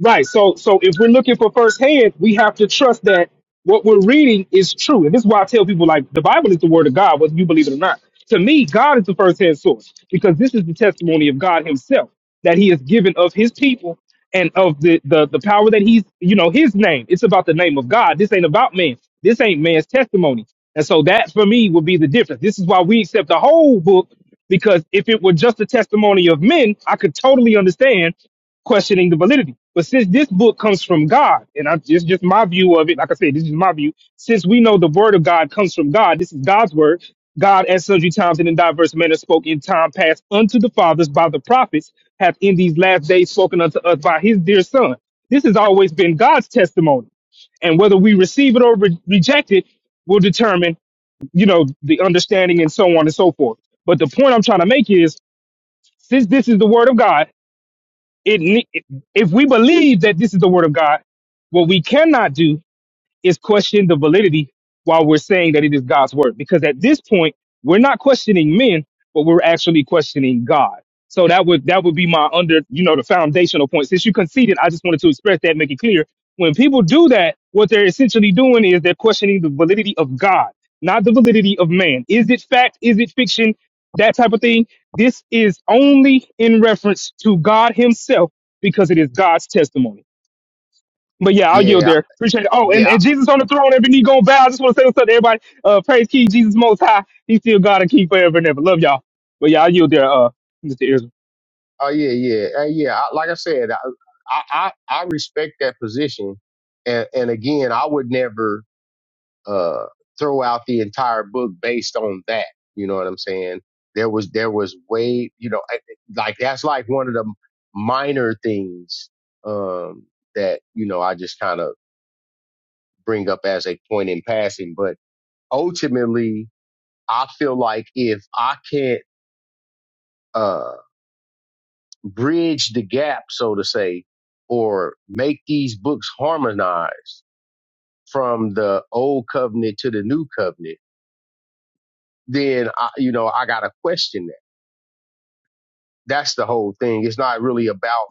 Speaker 8: right. So so if we're looking for firsthand, we have to trust that what we're reading is true. And this is why I tell people like the Bible is the word of God, whether you believe it or not. To me, God is the firsthand source because this is the testimony of God Himself that He has given of His people and of the the, the power that He's you know His name. It's about the name of God. This ain't about man. This ain't man's testimony. And so that for me would be the difference. This is why we accept the whole book because if it were just a testimony of men, I could totally understand questioning the validity. But since this book comes from God, and I, it's just my view of it, like I said, this is my view. Since we know the word of God comes from God, this is God's word. God, at sundry times and in diverse manners, spoke in time past unto the fathers by the prophets, hath in these last days spoken unto us by his dear Son. This has always been God's testimony. And whether we receive it or re- reject it will determine, you know, the understanding and so on and so forth. But the point I'm trying to make is since this is the word of God, it ne- if we believe that this is the word of God, what we cannot do is question the validity while we're saying that it is God's word. Because at this point, we're not questioning men, but we're actually questioning God. So that would that would be my under, you know, the foundational point. Since you conceded, I just wanted to express that, make it clear. When people do that, what they're essentially doing is they're questioning the validity of God, not the validity of man. Is it fact? Is it fiction? That type of thing. This is only in reference to God Himself because it is God's testimony. But yeah, I'll yield
Speaker 1: Yeah, I-
Speaker 8: there. Appreciate it. Oh, and,
Speaker 1: yeah.
Speaker 8: and Jesus on the throne, every knee gonna bow. I just want to say what's up to everybody. Uh, praise King Jesus Most High. He's still God and King forever and ever. Love y'all. But yeah, I'll yield there, uh, Mr. Israel.
Speaker 1: Oh yeah, yeah, and yeah. I, like I said, I, I I I respect that position, and and again, I would never uh throw out the entire book based on that. You know what I'm saying? There was there was way you know I- like that's like one of the minor things um that you know I just kind of bring up as a point in passing, but ultimately I feel like if I can't uh bridge the gap, so to say, or make these books harmonize from the old covenant to the new covenant, then I, you know I gotta question that. That's the whole thing. It's not really about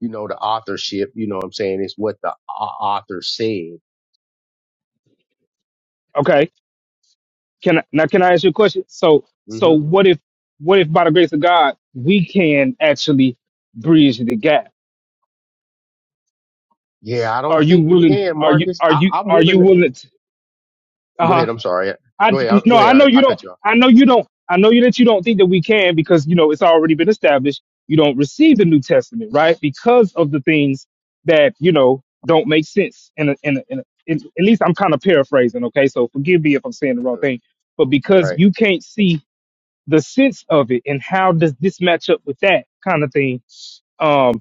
Speaker 1: you know the authorship. You know what I'm saying? It's what the au- author said.
Speaker 8: Okay. Can I, now can I ask you a question? So so
Speaker 1: hmm
Speaker 8: what if what if by the grace of God we can actually bridge the gap?
Speaker 1: Yeah, I don't
Speaker 8: Are you
Speaker 1: think you
Speaker 8: willing?
Speaker 1: can,
Speaker 8: Are you
Speaker 1: Marcus.
Speaker 8: are
Speaker 1: I,
Speaker 8: you
Speaker 1: I'm
Speaker 8: are you
Speaker 1: willing.
Speaker 8: willing? Uh
Speaker 1: Go
Speaker 8: huh.
Speaker 1: ahead. I'm sorry.
Speaker 8: I
Speaker 1: Go ahead. I-
Speaker 8: no,
Speaker 1: Go ahead.
Speaker 8: I know
Speaker 1: I,
Speaker 8: you
Speaker 1: I
Speaker 8: don't.
Speaker 1: cut you off.
Speaker 8: I know you don't. I know you that you don't think that we can because you know it's already been established. You don't receive the New Testament, right? Because of the things that you know don't make sense. And in a- in, a- in, a- in- at least I'm kind of paraphrasing, okay? So forgive me if I'm saying the wrong
Speaker 1: Uh-huh.
Speaker 8: thing, but because
Speaker 1: Right.
Speaker 8: you can't see the sense of it and how does this match up with that kind of thing, um,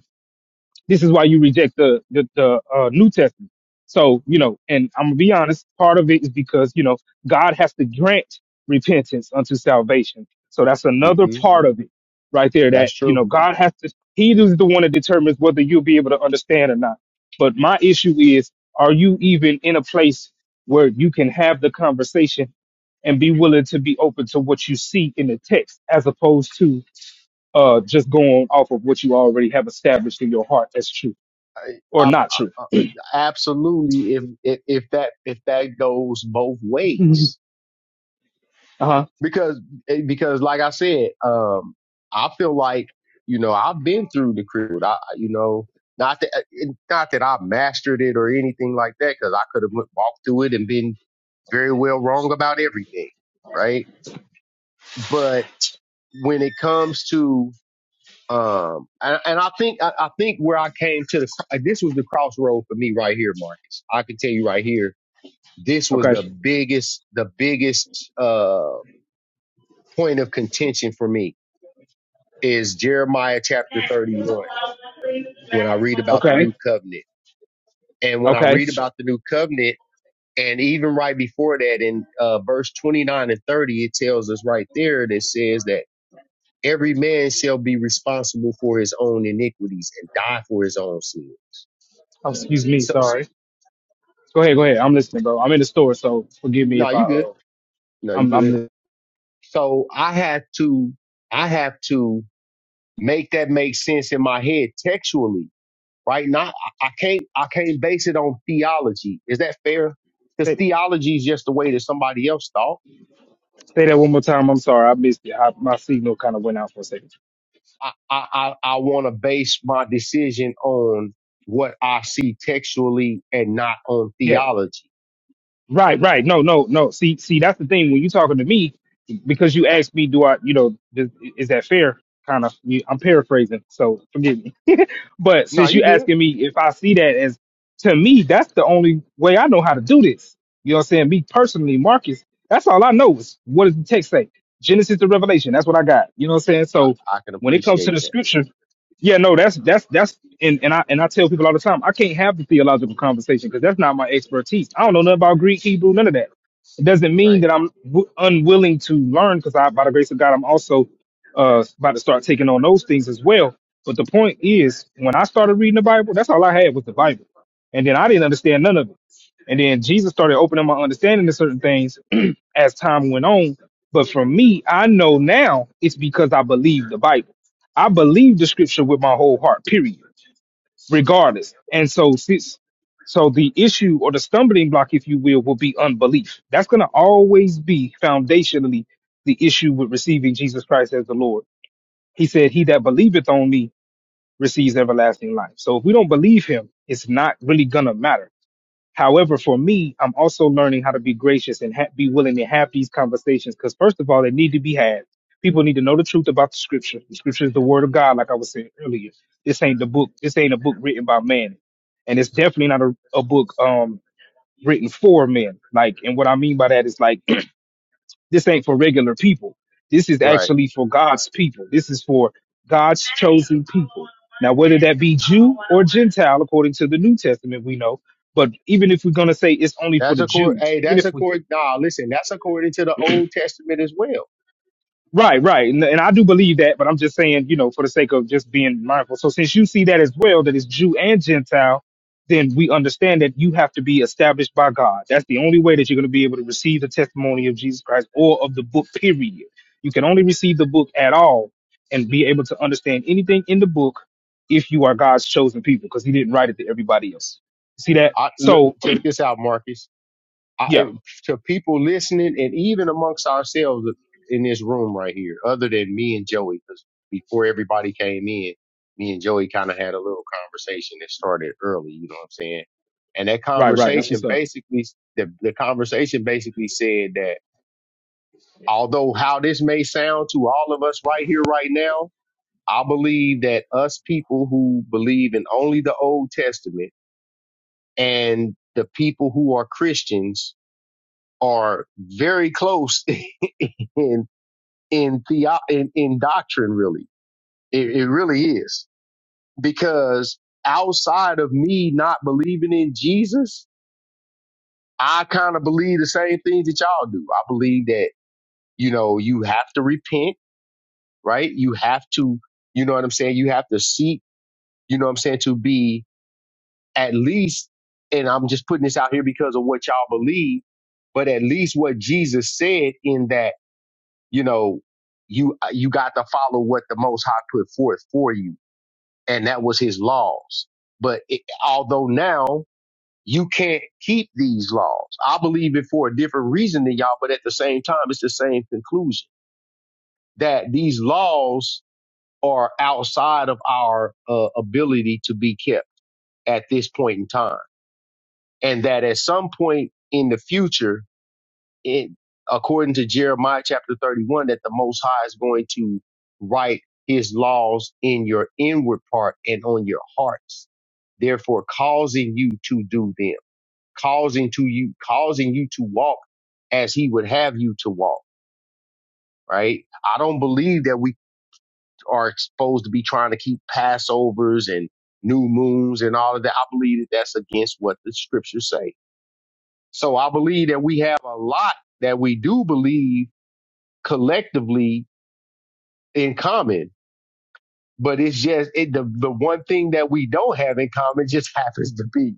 Speaker 8: this is why you reject the the, the uh, New Testament. So you know, and I'm gonna be honest. Part of it is because you know God has to grant repentance unto salvation. So that's another
Speaker 1: Mm-hmm.
Speaker 8: part of it, right there. That
Speaker 1: That's
Speaker 8: you
Speaker 1: true.
Speaker 8: know God has to. He is the one that determines whether you'll be able to understand or not. But my issue is, are you even in a place where you can have the conversation and be willing to be open to what you see in the text as opposed to uh, just going off of what you already have established in your heart as true? or
Speaker 1: Uh,
Speaker 8: not
Speaker 1: uh, uh,
Speaker 8: truthful.
Speaker 1: absolutely, if, if if that if that goes both ways, because eh, because like I said, um, I feel like you know I've been through the crib. I you know not that eh, not that I mastered it or anything like that, because I could have went, walked through it and been very well wrong about everything, right? But when it comes to um, and, and I think I, I think where I came to the this was the crossroad for me right here, Marcus. I can tell you right here this was the
Speaker 8: Okay.
Speaker 1: biggest the biggest uh point of contention for me is Jeremiah chapter 31 when I read about the
Speaker 8: Okay.
Speaker 1: new covenant and when I
Speaker 8: Okay.
Speaker 1: read about the new covenant and even right before that in uh verse 29 and 30 it tells us right there that says that every man shall be responsible for his own iniquities and die for his own sin
Speaker 8: Oh, excuse me.
Speaker 1: so, so
Speaker 8: Sorry. Go ahead. Go ahead. I'm listening, bro. I'm in the store, so forgive me
Speaker 1: no
Speaker 8: if I
Speaker 1: you good
Speaker 8: uh,
Speaker 1: no you
Speaker 8: I'm I'm
Speaker 1: good
Speaker 8: li-
Speaker 1: so I have to I have to make that make sense in my head textually, right? Not I I can't I can't base it on theology. Is that fair? Because
Speaker 8: say,
Speaker 1: theology is just the way that somebody else thought.
Speaker 8: say that one more time. I'm sorry. I missed it. I, my signal kind of went out for a second.
Speaker 1: I I I, I want to base my decision on what I see textually and not on
Speaker 8: Yeah.
Speaker 1: theology.
Speaker 8: Right. Right. No. No. No. See. See. That's the thing. When you talking to me, because you asked me, do I, you know, is, is that fair? Kind of. You, I'm paraphrasing, so forgive me. But
Speaker 1: No,
Speaker 8: since
Speaker 1: you're
Speaker 8: you
Speaker 1: good.
Speaker 8: asking me if I see that as to me, that's the only way I know how to do this. You know what I'm saying? Me personally, Marcus, that's all I know is what does the text say? Genesis to Revelation. That's what I got. You know what I'm saying? So
Speaker 1: I can
Speaker 8: when it comes to
Speaker 1: appreciate
Speaker 8: the
Speaker 1: that.
Speaker 8: scripture, yeah, no, that's that's that's and, and I and I tell people all the time, I can't have the theological conversation because that's not my expertise. I don't know nothing about Greek, Hebrew, none of that. It doesn't mean
Speaker 1: Right.
Speaker 8: that I'm w- unwilling to learn because I, by the grace of God, I'm also uh about to start taking on those things as well. But the point is, when I started reading the Bible, that's all I had was the Bible. And then I didn't understand none of it. And then Jesus started opening my understanding to certain things as time went on. But for me, I know now it's because I believe the Bible. I believe the scripture with my whole heart, period, regardless. And so since so the issue or the stumbling block, if you will, will be unbelief. That's gonna always be foundationally the issue with receiving Jesus Christ as the Lord he said, He that believeth on me receives everlasting life. So if we don't believe him, it's not really going to matter. However, for me, I'm also learning how to be gracious and ha- be willing to have these conversations because, first of all, they need to be had. People need to know the truth about the scripture. The scripture is the word of
Speaker 1: hmm
Speaker 8: God, like I was saying earlier. This ain't the book. This ain't a book written by man. And it's definitely not a, a book um, written for men. Like, and what I mean by that is like, this ain't for regular people. This is
Speaker 1: Right.
Speaker 8: actually for God's people. This is for God's chosen people. Now, whether that be Jew or Gentile, according to the New Testament, we know. But even if we're going to say it's only for
Speaker 1: That's
Speaker 8: the
Speaker 1: accord.
Speaker 8: Jews,
Speaker 1: Hey,
Speaker 8: even
Speaker 1: that's
Speaker 8: if we
Speaker 1: accord. Nah, listen, that's according to the Old Testament as well.
Speaker 8: Right, right. And, and I do believe that, but I'm just saying, you know, for the sake of just being mindful. So since you see that as well, that it's Jew and Gentile, then we understand that you have to be established by God. That's the only way that you're going to be able to receive the testimony of Jesus Christ or of the book, period. You can only receive the book at all and be able to understand anything in the book if you are God's chosen people, because he didn't write it to everybody else. See that?
Speaker 1: I, look,
Speaker 8: So,
Speaker 1: check this out, Marcus. I,
Speaker 8: yeah,
Speaker 1: to people listening and even amongst ourselves in this room right here, other than me and Joey, because before everybody came in, me and Joey kind of had a little conversation that started early, you know what I'm saying? And that
Speaker 8: right, right. That's what's
Speaker 1: conversation
Speaker 8: up.
Speaker 1: basically, the, the conversation basically said that although how this may sound to all of us right here, right now, I believe that us people who believe in only the Old Testament and the people who are Christians are very close in in theo in, in doctrine really it, it really is because outside of me not believing in jesus i kind of believe the same things that y'all do i believe that you know you have to repent right you have to you know what i'm saying you have to seek you know what i'm saying to be at least and i'm just putting this out here because of what y'all believe but at least what jesus said in that you know you you got to follow what the most high put forth for you and that was his laws. But it, although now you can't keep these laws, I believe it for a different reason than y'all, but at the same time, it's the same conclusion that these laws are outside of our uh, ability to be kept at this point in time. And that at some point in the future, it according to Jeremiah chapter 31 that the most high is going to write his laws in your inward part and on your hearts therefore causing you to do them causing to you causing you to walk as he would have you to walk right i don't believe that we are supposed to be trying to keep passovers and new moons and all of that i believe that that's against what the scriptures say so i believe that we have a lot that we do believe collectively in common. But it's just it, the the one thing that we don't have in common just happens to be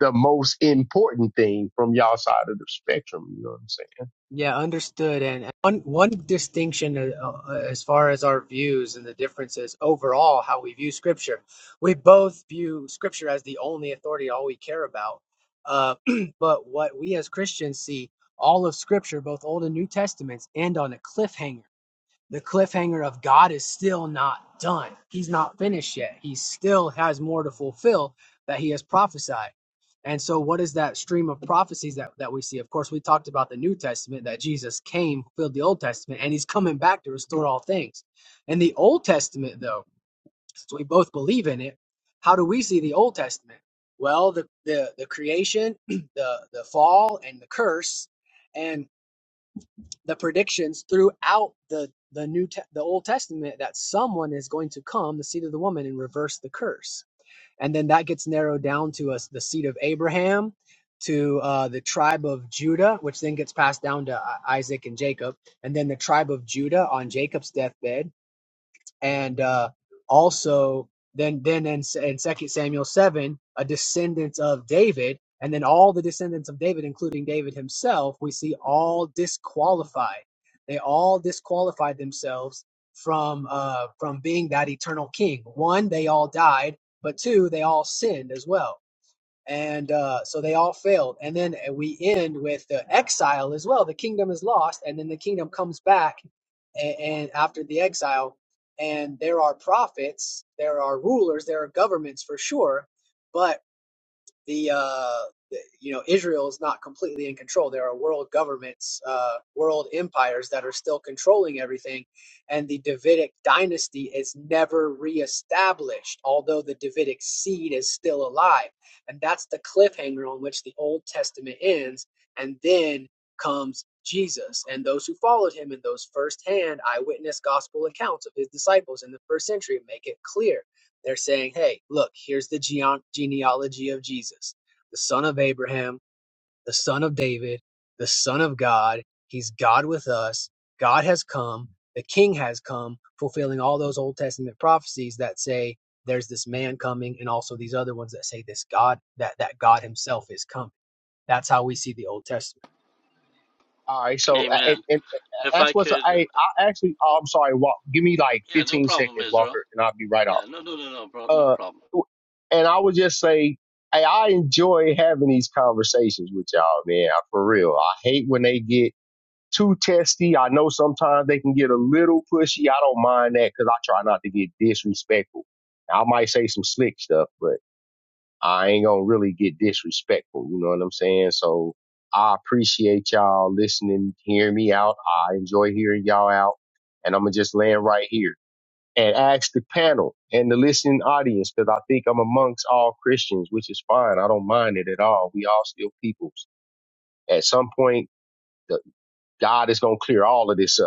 Speaker 1: the most important thing from y'all side of the spectrum. You know what I'm saying?
Speaker 4: Yeah, understood. And and one one distinction uh, uh, as far as our views and the differences overall, how we view Scripture. We both view Scripture as the only authority, all we care about. Uh, but what we as Christians see all of Scripture, both Old and New Testaments, end on a cliffhanger the cliffhanger of God is still not done. He's not finished yet. He still has more to fulfill that he has prophesied. And so, what is that stream of prophecies that, that we see? Of course, we talked about the New Testament that Jesus came, filled the Old Testament, and he's coming back to restore all things. In the Old Testament, though, so we both believe in it, how do we see the Old Testament? Well, the, the, the creation, the, the fall, and the curse. and the predictions throughout the the new te- the old testament that someone is going to come the seed of the woman and reverse the curse and then that gets narrowed down to us the seed of abraham to uh, the tribe of judah which then gets passed down to I- isaac and jacob and then the tribe of judah on jacob's deathbed and uh, also then then in, in Second Samuel seven, a descendant of David, and then all the descendants of David, including David himself, we see all disqualified. They all disqualified themselves from uh, from being that eternal king. One, they all died, but two, they all sinned as well and uh, so they all failed. And then uh, we end with the exile as well. The kingdom is lost, and then the kingdom comes back, and, and after the exile, and there are prophets, there are rulers, there are governments for sure, but the uh, the- you know Israel is not completely in control. There are world governments, uh, world empires that are still controlling everything, and the Davidic dynasty is never reestablished. Although the Davidic seed is still alive, and that's the cliffhanger on which the Old Testament ends, and then comes Jesus and those who followed him, and those firsthand eyewitness gospel accounts of his disciples in the first century make it clear they're saying, hey, look, here's the geon- genealogy of Jesus, the son of Abraham, the son of David, the son of God. He's God with us. God has come. The king has come, fulfilling all those Old Testament prophecies that say there's this man coming and also these other ones that say this God, that, that God himself is coming. That's how we see the Old Testament.
Speaker 1: All right, so uh, and,
Speaker 9: Amen.
Speaker 1: and uh,
Speaker 9: If I
Speaker 1: that's what's
Speaker 9: could,
Speaker 1: I I actually oh, I'm sorry. Walk, give me like
Speaker 9: yeah, no
Speaker 1: 15
Speaker 9: problem,
Speaker 1: seconds,
Speaker 9: Israel.
Speaker 1: Walker, and I'll be right
Speaker 9: Yeah,
Speaker 1: off.
Speaker 9: no, no, no, no, bro, no
Speaker 1: Uh,
Speaker 9: problem.
Speaker 1: and I would just say. hey, I enjoy having these conversations with y'all, man. For real, I hate when they get too testy. I know sometimes they can get a little pushy. I don't mind that because I try not to get disrespectful. I might say some slick stuff, but I ain't gonna really get disrespectful. You know what I'm saying? So I appreciate y'all listening, hearing me out. I enjoy hearing y'all out, and I'm gonna just land right here and ask the panel and the listening audience because I think I'm amongst all Christians, which is fine. I don't mind it at all. We all still peoples. At some point, the God is gonna clear all of this up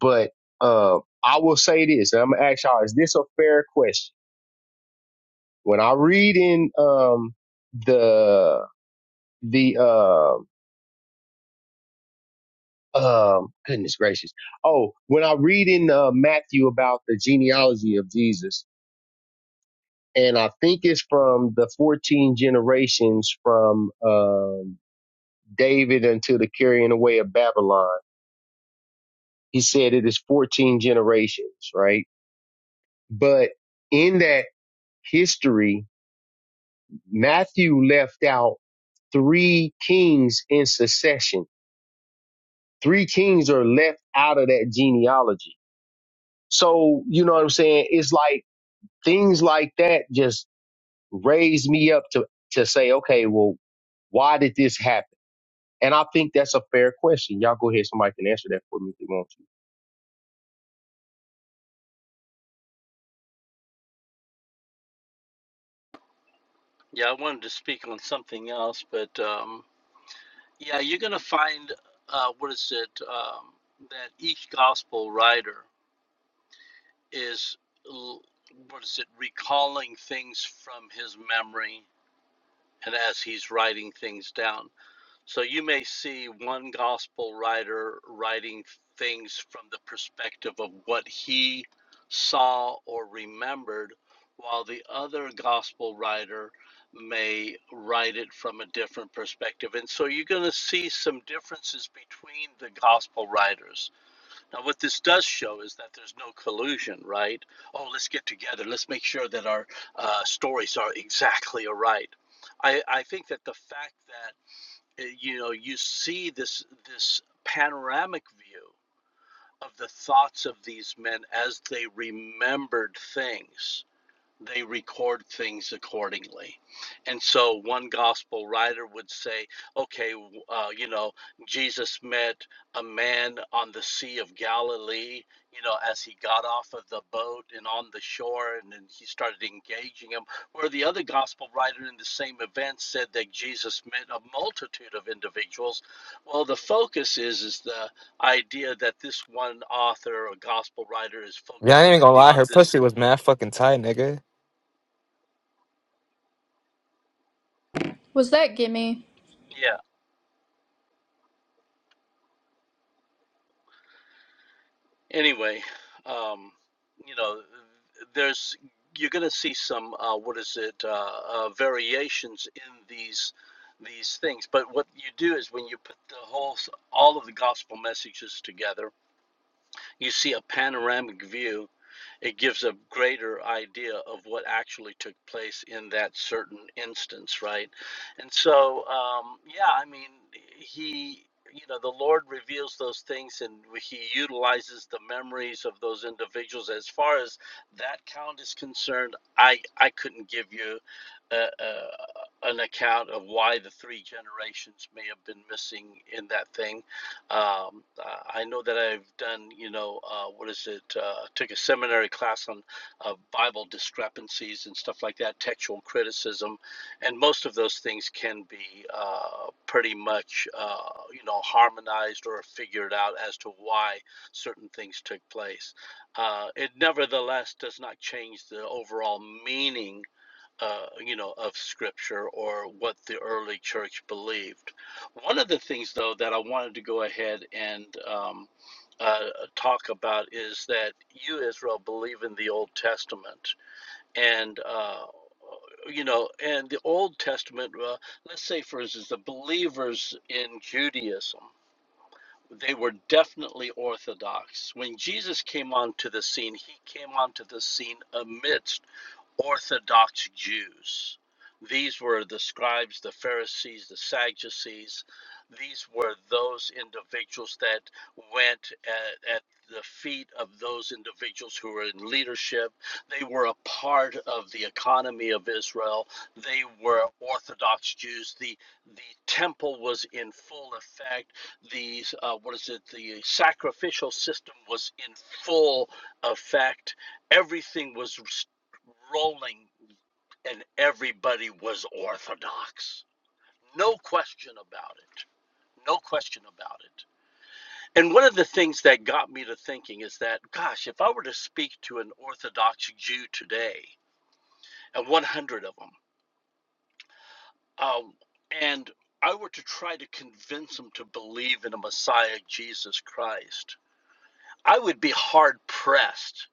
Speaker 1: But uh, I will say this, and I'm gonna ask y'all: Is this a fair question? When I read in um, the the um um, goodness gracious, oh, when I read in uh, Matthew about the genealogy of Jesus, and I think it's from the 14 generations from um, David until the carrying away of Babylon. He said it is 14 generations, right? But in that history, Matthew left out three kings in succession. Three kings are left out of that genealogy. So, you know what I'm saying? It's like things like that just raise me up to, to say, okay, well, why did this happen? And I think that's a fair question. Y'all go ahead. Somebody can answer that for me if they want to.
Speaker 9: Yeah, I wanted to speak on something else, but um, yeah, you're gonna find uh, what is it um, that each gospel writer is l- what is it recalling things from his memory, and as he's writing things down. So you may see one gospel writer writing things from the perspective of what he saw or remembered, while the other gospel writer may write it from a different perspective. And so you're going to see some differences between the gospel writers. Now, what this does show is that there's no collusion, right? Oh, let's get together. Let's make sure that our uh, stories are exactly alright. I, I think that the fact that uh, You know, you see this this panoramic view of the thoughts of these men as they remembered things they record things accordingly. And so one gospel writer would say, okay, uh, you know, Jesus met a man on the Sea of Galilee, you know, as he got off of the boat and on the shore, and then he started engaging him. Where the other gospel writer in the same event said that Jesus met a multitude of individuals. Well, the focus is, is the idea that this one author or gospel writer is
Speaker 10: Yeah, I ain't
Speaker 9: focusing
Speaker 10: even gonna lie.
Speaker 9: on
Speaker 10: Her
Speaker 9: this.
Speaker 10: pussy was mad fucking tight, nigga.
Speaker 3: Was that gimme?
Speaker 9: Yeah. Anyway, um, you know, there's you're going to see some uh, what is it uh, uh, variations in these these things. But what you do is when you put the whole all of the gospel messages together, you see a panoramic view it gives a greater idea of what actually took place in that certain instance, right? And so, um, yeah, I mean, he, you know, the Lord reveals those things and he utilizes the memories of those individuals. As far as that count is concerned, I, I couldn't give you a, a, an account of why the three generations may have been missing in that thing um, I know that I've done, you know, uh, what is it? Uh, took a seminary class on uh, Bible discrepancies and stuff like that, textual criticism, and most of those things can be uh, pretty much, uh, you know, harmonized or figured out as to why certain things took place. Uh, it nevertheless does not change the overall meaning uh, you know, of Scripture or what the early church believed. One of the things, though, that I wanted to go ahead and um, uh, talk about is that you, Israel, believe in the Old Testament. And, uh, you know, and the Old Testament, uh, let's say, for instance, the believers in Judaism. They were definitely Orthodox. When Jesus came onto the scene, he came onto the scene amidst Orthodox Jews. These were the scribes, the Pharisees, the Sadducees. These were those individuals that went at, at the feet of those individuals who were in leadership. They were a part of the economy of Israel. They were Orthodox Jews. The the temple was in full effect. The uh, what is it? The sacrificial system was in full effect everything was rolling, and everybody was Orthodox. No question about it. No question about it. And one of the things that got me to thinking is that, gosh, if I were to speak to an Orthodox Jew today, and 100 of them, um, and I were to try to convince them to believe in a Messiah, Jesus Christ, I would be hard pressed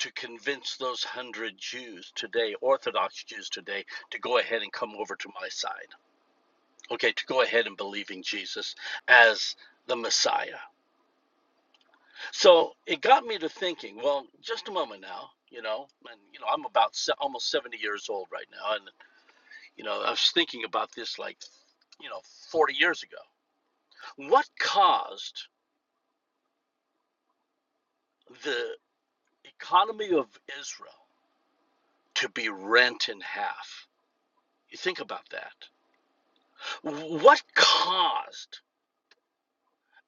Speaker 9: to convince those 100 Jews today, Orthodox Jews today, to go ahead and come over to my side. okay, to go ahead and believe in Jesus as the Messiah. So it got me to thinking, well, just a moment now, you know, and, you know, I'm about se- almost 70 years old right now. And, you know, I was thinking about this like, you know, 40 years ago. What caused the economy of Israel to be rent in half? You think about that. What caused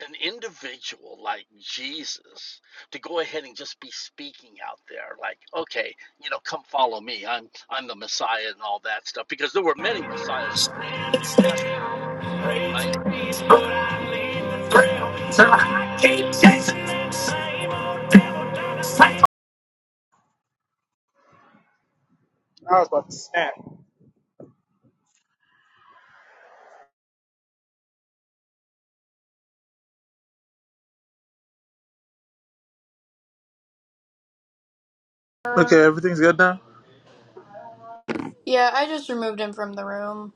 Speaker 9: an individual like Jesus to go ahead and just be speaking out there like okay you know come follow me I'm I'm the Messiah and all that stuff because there were many messiahs according to the New Testament right yeah.
Speaker 2: Okay, everything's good now?
Speaker 3: Yeah, I just removed him from the room.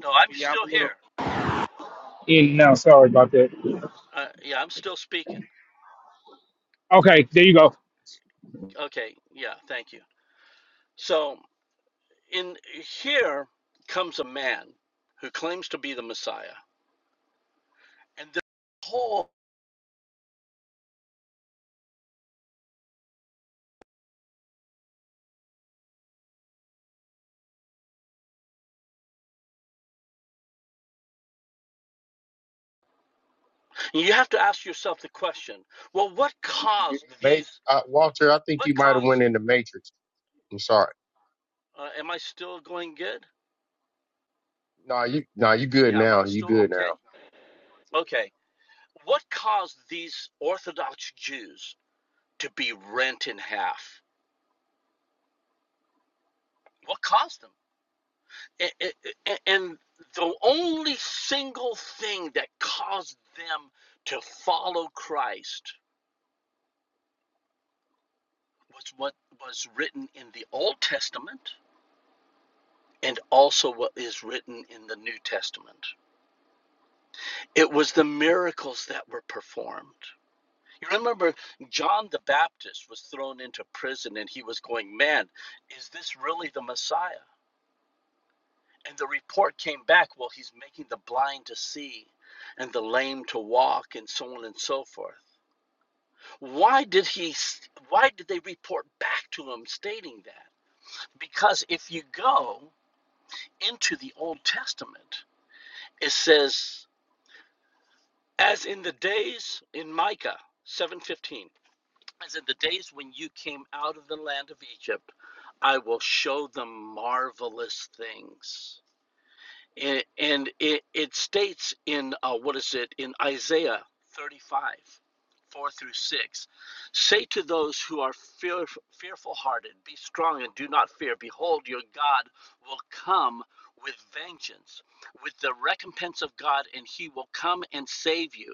Speaker 9: no I'm still here
Speaker 8: And now, sorry about that.
Speaker 9: uh, yeah I'm still speaking
Speaker 8: Okay, there you go.
Speaker 9: okay yeah thank you so in here comes a man who claims to be the Messiah and the whole you have to ask yourself the question well what
Speaker 1: You- you-
Speaker 9: caused
Speaker 1: Ma-
Speaker 9: these
Speaker 1: Uh, Walter, I think
Speaker 9: what
Speaker 1: you might have
Speaker 9: caused
Speaker 1: went in the Matrix. I'm sorry.
Speaker 9: Uh, am I still going good?
Speaker 1: No, you, no, you good
Speaker 9: Yeah, am I
Speaker 1: now. You
Speaker 9: still
Speaker 1: good
Speaker 9: okay?
Speaker 1: now.
Speaker 9: Okay. What caused these Orthodox Jews to be rent in half? What caused them? A- a- And the only single thing that caused them to follow Christ was what was written in the Old Testament and also what is written in the New Testament. It was the miracles that were performed. You remember John the Baptist was thrown into prison and he was going, Man, is this really the Messiah? And the report came back, Well, he's making the blind to see and the lame to walk and so on and so forth. Why did he why did they report back to him stating that? Because if you go into the Old Testament, it says as in the days in Micah 7:15 As in the days when you came out of the land of Egypt, I will show them marvelous things and, and it, it states in uh, what is it in isaiah 35 4 through 6 say to those who are fear, fearful hearted be strong and do not fear behold your god will come with vengeance with the recompense of god and he will come and save you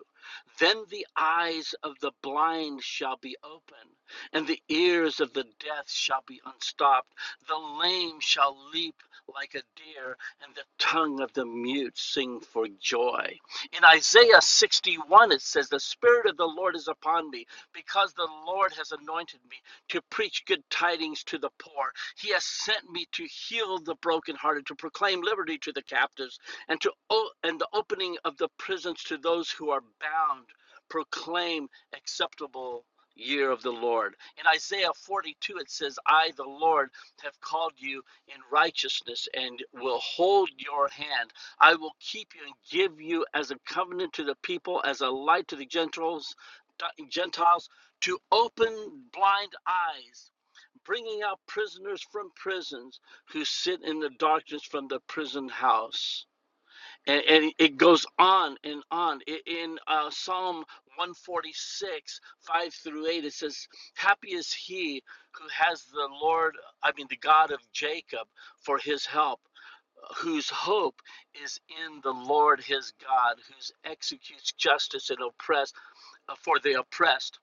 Speaker 9: then the eyes of the blind shall be open and the ears of the deaf shall be unstopped the lame shall leap like a deer and the tongue of the mute sing for joy. In Isaiah 61, it says, The Spirit of the Lord is upon me, because the Lord has anointed me to preach good tidings to the poor. He has sent me to heal the brokenhearted, to proclaim liberty to the captives, and to o- and the opening of the prisons to those who are bound. Proclaim acceptable year of the Lord. In Isaiah 42, it says, I, the Lord, have called you in righteousness and will hold your hand. I will keep you and give you as a covenant to the people, as a light to the Gentiles, Gentiles to open blind eyes, bringing out prisoners from prisons who sit in the darkness from the prison house and, and it goes on and on I- in uh, psalm 146 5 through 8 it says happy is he who has the lord i mean the god of jacob for his help whose hope is in the lord his god who executes justice and oppress uh, for the oppressed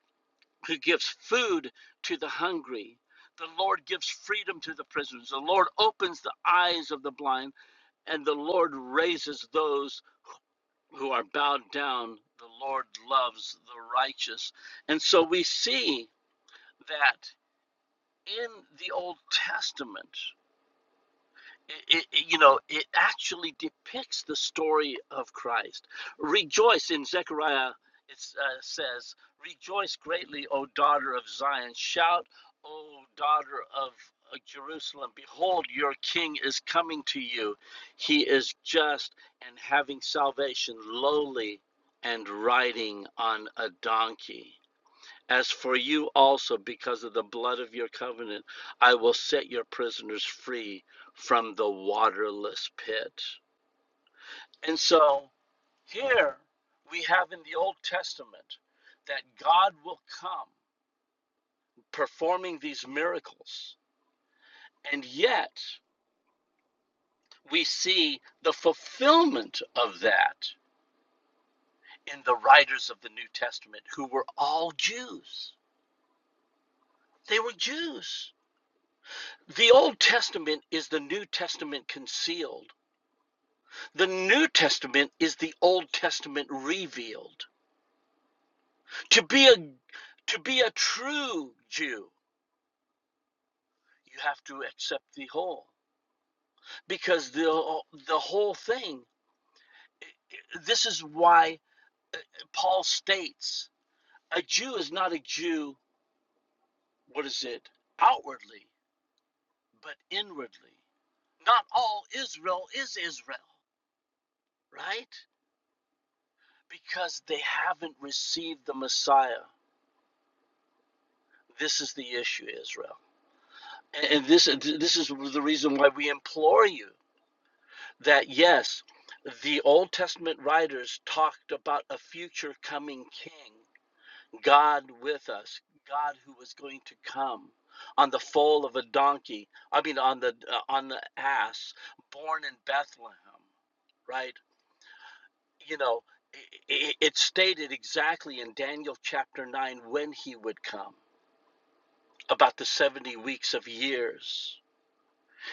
Speaker 9: who gives food to the hungry the Lord gives freedom to the prisoners. The Lord opens the eyes of the blind, and the Lord raises those who are bowed down. The Lord loves the righteous. And so we see that in the Old Testament, it, it, you know, it actually depicts the story of Christ. Rejoice in Zechariah, it uh, says, Rejoice greatly, O daughter of Zion. Shout, O daughter of uh, Jerusalem. Behold, your king is coming to you. He is just and having salvation, lowly and riding on a donkey. As for you also, because of the blood of your covenant, I will set your prisoners free from the waterless pit. And so here we have in the Old Testament that God will come performing these miracles. And yet we see the fulfillment of that in the writers of the New Testament, who were all Jews. They were Jews. The Old Testament is the New Testament concealed The New Testament is the Old Testament revealed. To be a to be a true Jew, you have to accept the whole because the the whole thing. This is why Paul states a Jew is not a Jew. What is it outwardly, but inwardly? Not all Israel is Israel, right? Because they haven't received the Messiah. This is the issue, Israel. And this this is the reason why we implore you that yes, the Old Testament writers talked about a future coming king, God with us, God who was going to come on the foal of a donkey, I mean on the uh, on the ass born in Bethlehem, right? You know, it, it stated exactly in Daniel chapter 9 when he would come, about the 70 weeks of years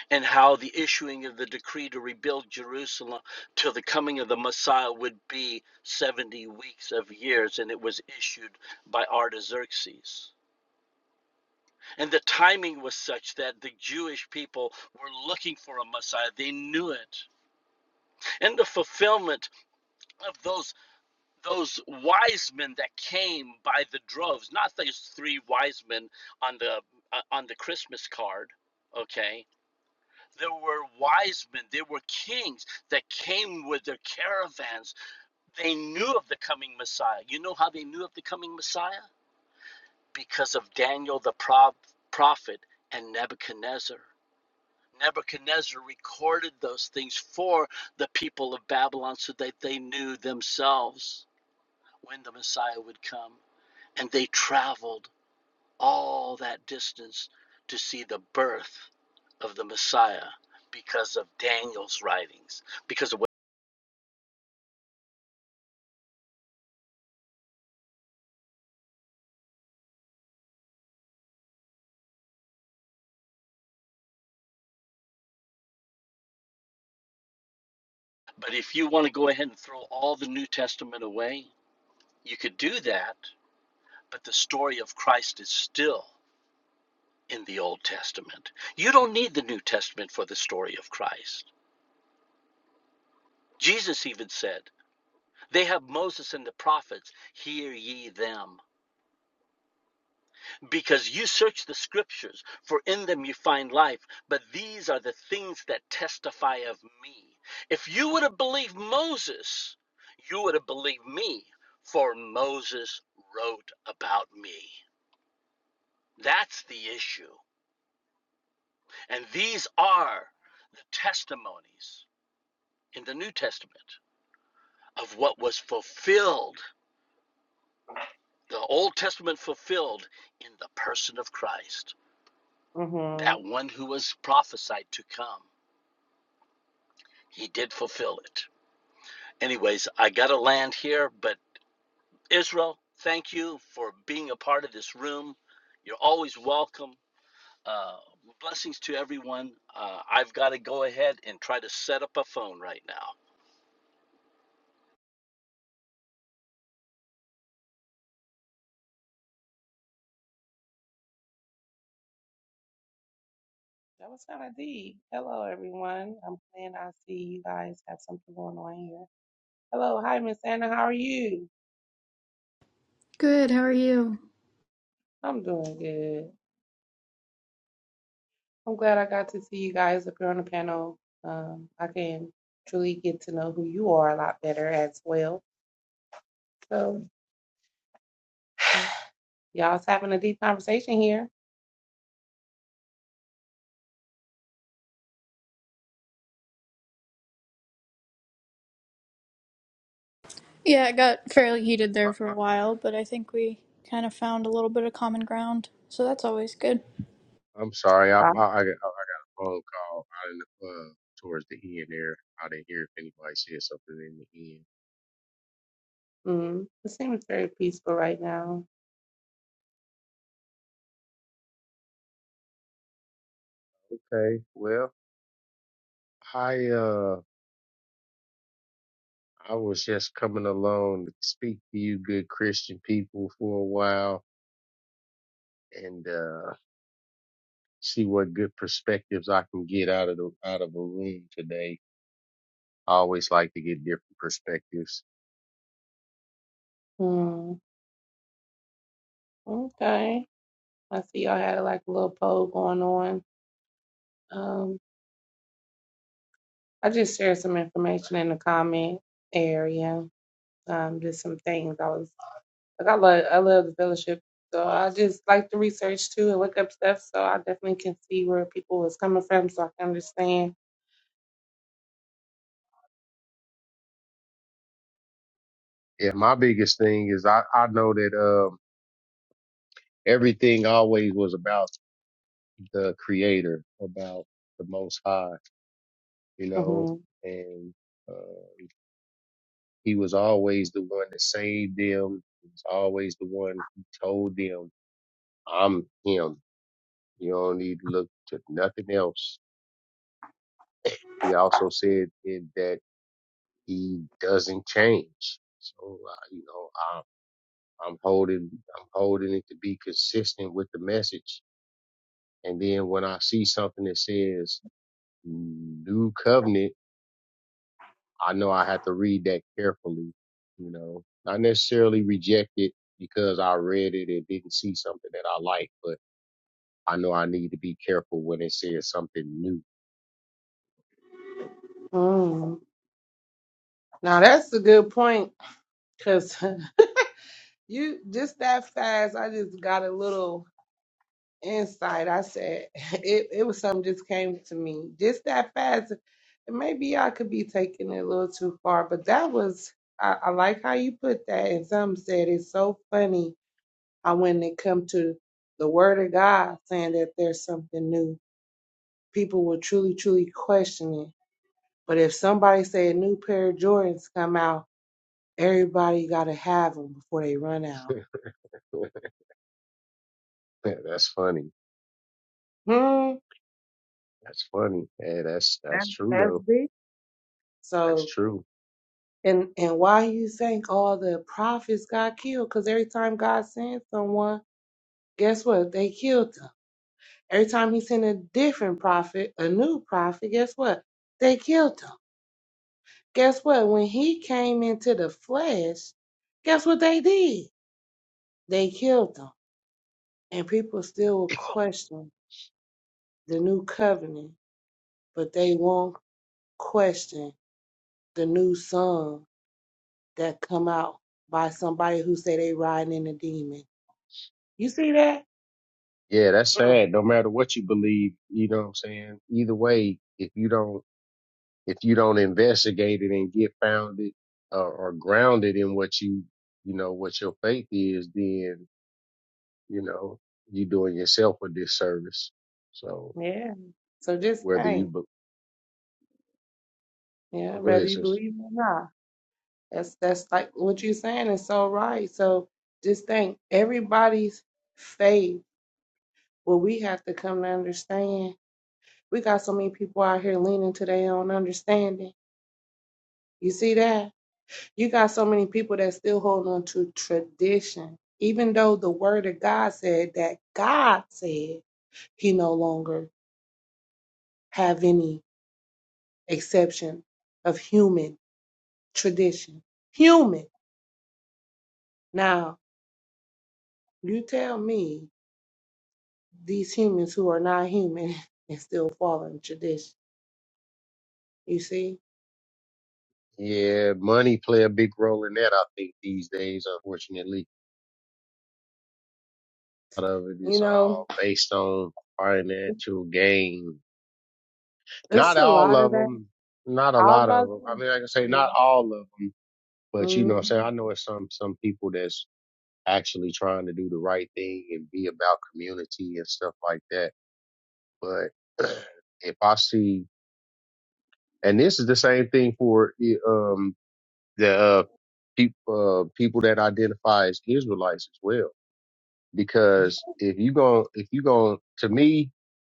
Speaker 9: and how the issuing of the decree to rebuild Jerusalem till the coming of the Messiah would be 70 weeks of years, and it was issued by Artaxerxes. And the timing was such that the Jewish people were looking for a Messiah. They knew it. And the fulfillment of those those wise men that came by the droves, not those three wise men on the uh, on the Christmas card, okay? There were wise men, there were kings that came with their caravans. They knew of the coming Messiah. You know how they knew of the coming Messiah? Because of Daniel the pro- prophet and Nebuchadnezzar. Nebuchadnezzar recorded those things for the people of Babylon so that they knew themselves when the Messiah would come. And they traveled all that distance to see the birth of the Messiah because of Daniel's writings, because of what But if you want to go ahead and throw all the New Testament away, you could do that, but the story of Christ is still in the Old Testament. You don't need the New Testament for the story of Christ. Jesus even said, They have Moses and the prophets, hear ye them. because you search the scriptures, for in them you find life, but these are the things that testify of me. If you would have believed Moses, you would have believed me, for Moses wrote about me. That's the issue. And these are the testimonies in the New Testament of what was fulfilled, the Old Testament fulfilled in the person of Christ,
Speaker 11: hmm
Speaker 9: that one who was prophesied to come. He did fulfill it. Anyways, I got to land here, but Israel, thank you for being a part of this room. You're always welcome. Uh, blessings to everyone. Uh, I've got to go ahead and try to set up a phone right now.
Speaker 11: That was kind of deep. Hello, everyone. I'm glad I see you guys have something going on here. Hello, hi, Miss Anna. How are you?
Speaker 3: Good, how are you?
Speaker 11: I'm doing good. I'm glad I got to see you guys up here on the panel. Um, I can truly get to know who you are a lot better as well. So, y'all's having a deep conversation here.
Speaker 3: Yeah, it got fairly heated there for a while, but I think we kind of found a little bit of common ground. So that's always good.
Speaker 1: I'm sorry. I I, I,
Speaker 11: Right.
Speaker 1: got I got a phone call out in the club towards the end there. I didn't hear if anybody said something in the end.
Speaker 11: Mm, it seems very peaceful right now.
Speaker 1: Okay. Well, I uh I was just coming along to speak to you good Christian people for a while and uh see what good perspectives I can get out of the out of a room today. I always like to get different perspectives.
Speaker 11: Hmm. okay. I see y'all had like a little poll going on. Um, I just shared some information in the comment area. Um, just some things I was like, I love, I love the fellowship, so I just like to research too and look up stuff. So I definitely can see where people is coming from, so I can understand.
Speaker 1: Yeah, my biggest thing is I I know that um everything always was about the creator, about the most high, you know,
Speaker 11: hmm
Speaker 1: and uh, he was always the one that saved them. He was always the one who told them, I'm him. You don't need to look to nothing else. He also said in that he doesn't change. So, uh, you know, I, I'm holding, I'm holding it to be consistent with the message. And then when I see something that says new covenant, I know I had to read that carefully, you know, not necessarily reject it because I read it and didn't see something that I like, but I know I need to be careful when it says something new.
Speaker 11: Mm. Now that's a good point, cause you just that fast. I just got a little. insight. I said it, it was something just came to me just that fast. And maybe I could be taking it a little too far, but that was I, I like how you put that. And some said it's so funny how when it come to the word of God saying that there's something new, people will truly, truly question it. But if somebody say a new pair of Jordans come out, everybody gotta have them before they run out.
Speaker 1: that's funny.
Speaker 11: Hmm,
Speaker 1: That's funny. Yeah, that's,
Speaker 11: that,
Speaker 1: that's true
Speaker 11: that's
Speaker 1: though.
Speaker 11: big.
Speaker 1: That's
Speaker 11: So
Speaker 1: true.
Speaker 11: And and why you think all the prophets got killed? Because every time God sends someone, guess what? They killed them. Every time he sent a different prophet, a new prophet, guess what? They killed him. Guess what? When he came into the flesh, guess what they did? They killed him. And people still will question the new covenant, but they won't question the new song that come out by somebody who say they riding in a demon. You see that?
Speaker 1: Yeah, that's sad. No matter what you believe, you know what I'm saying? Either way, if you don't, if you don't investigate it and get founded uh, or grounded in what you, you know, what your faith is, then you know, you doing yourself a disservice. So
Speaker 11: Yeah. So just
Speaker 1: whether you,
Speaker 11: think,
Speaker 1: be- oh,
Speaker 11: yeah,
Speaker 1: go
Speaker 11: whether
Speaker 1: ahead,
Speaker 11: you
Speaker 1: sis.
Speaker 11: believe or not. That's that's like what you're saying is so right. So just think everybody's faith, what we have to come to understand. We got so many people out here leaning to their own understanding. You see that? You got so many people that still hold on to tradition. Even though the word of God said that God said he no longer have any exception of human tradition. Human. Now, you tell me these humans who are not human and still following tradition. You see,
Speaker 1: Yeah, money play a big role in that. I think these days, unfortunately, a lot of it
Speaker 11: you
Speaker 1: is
Speaker 11: know,
Speaker 1: all based on financial gain.
Speaker 11: it's
Speaker 1: Not
Speaker 11: a
Speaker 1: all
Speaker 11: lot
Speaker 1: of
Speaker 11: of that.
Speaker 1: them, not a
Speaker 11: I was
Speaker 1: lot
Speaker 11: about
Speaker 1: of them.
Speaker 11: to
Speaker 1: I
Speaker 11: say,
Speaker 1: mean, like I say,
Speaker 11: yeah.
Speaker 1: not all of them, but you know what I'm saying?
Speaker 11: Mhm.
Speaker 1: I know it's some, some people that's actually trying to do the right thing and be about community and stuff like that. But if I see And this is the same thing for um, the uh, peop uh, people that identify as Israelites as well. Because if you go, if you go, to me,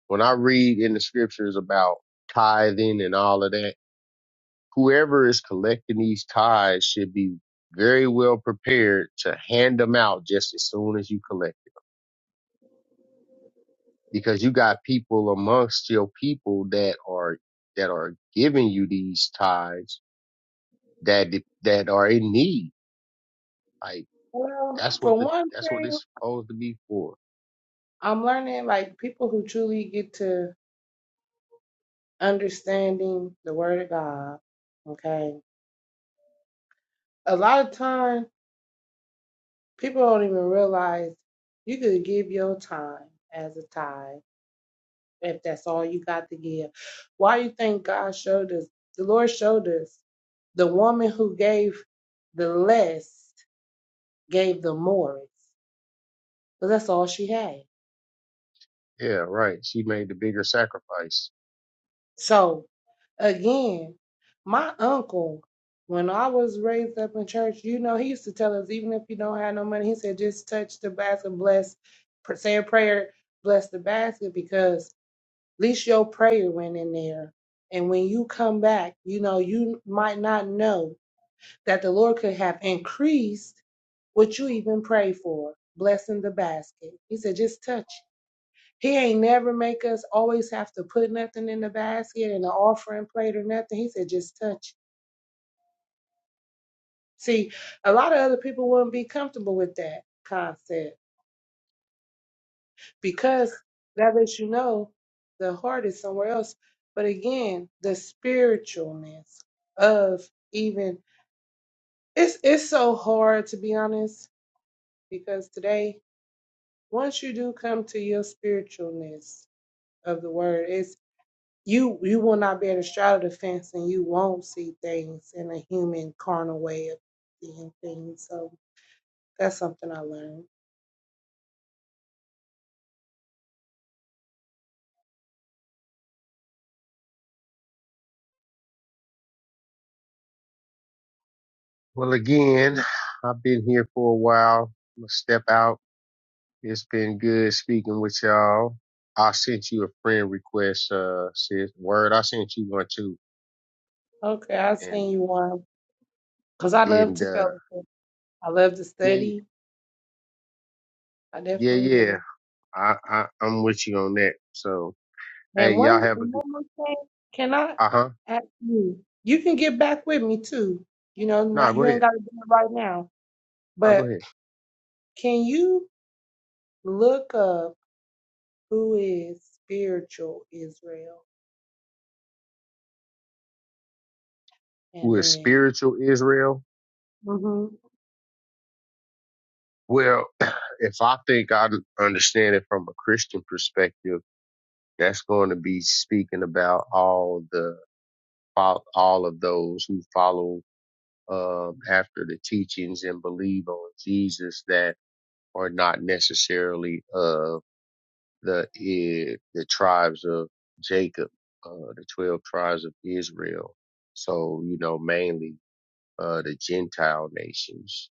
Speaker 1: when I read in the scriptures about tithing and all of that, whoever is collecting these tithes should be very well prepared to hand them out just as soon as you collect it. Because you got people amongst your people that are, that are giving you these tithes that, that are in need Like
Speaker 11: well,
Speaker 1: that's what
Speaker 11: for
Speaker 1: the
Speaker 11: one
Speaker 1: that's what
Speaker 11: thing,
Speaker 1: it's supposed to be for.
Speaker 11: I'm learning like people who truly get to understanding the Word of God. Okay, a lot of time people don't even realize you could give your time as a tithe. if that's all you got to give. Why you think God showed us? The Lord showed us the woman who gave the less gave the more, because that's all she had.
Speaker 1: Yeah, right. She made the bigger sacrifice.
Speaker 11: So again, my uncle, when I was raised up in church, you know, he used to tell us even if you don't have no money, he said just touch the basket, bless, pr- say a prayer, bless the basket, because at least your prayer went in there. And when you come back, you know, you might not know that the Lord could have increased what you even pray for, blessing the basket. He said, just touch. it." He ain't never make us always have to put nothing in the basket and an offering plate or nothing. He said, just touch. it." See, a lot of other people wouldn't be comfortable with that concept because that lets you know the heart is somewhere else. But again, the spiritualness of even it's it's so hard to be honest because today once you do come to your spiritualness of the word, it's you you will not be able to straddle the fence and you won't see things in a human carnal way of seeing things. So that's something I learned.
Speaker 1: Well, again, I've been here for a while. I'm gonna step out. It's been good speaking with y'all. I sent you a friend request, uh, sis. Word, I sent you one too.
Speaker 11: Okay, I
Speaker 1: And
Speaker 11: seen you one. Cause I love
Speaker 1: and
Speaker 11: to
Speaker 1: uh,
Speaker 11: fellowship. I love to
Speaker 1: yeah,
Speaker 11: study. I
Speaker 1: yeah,
Speaker 11: definitely
Speaker 1: yeah.
Speaker 11: do.
Speaker 1: I, I I'm with you on that. So hey,
Speaker 11: And
Speaker 1: y'all
Speaker 11: one
Speaker 1: have a
Speaker 11: one
Speaker 1: good.
Speaker 11: more thing, can I
Speaker 1: Uh huh.
Speaker 11: ask you? You can get back with me too. You know,
Speaker 1: Nah,
Speaker 11: not
Speaker 1: go
Speaker 11: you ain't
Speaker 1: ahead.
Speaker 11: gotta do it right now.
Speaker 1: Nah, go
Speaker 11: But
Speaker 1: ahead.
Speaker 11: can you look up Who is spiritual Israel?
Speaker 1: Who
Speaker 11: And
Speaker 1: is
Speaker 11: then,
Speaker 1: spiritual Israel?
Speaker 11: hmm
Speaker 1: Well, if I think I understand it from a Christian perspective, that's going to be speaking about all the all of those who follow um, after the teachings and believe on Jesus that are not necessarily of the eh, the tribes of Jacob, uh, the twelve tribes of Israel. So you know, mainly uh, the Gentile nations.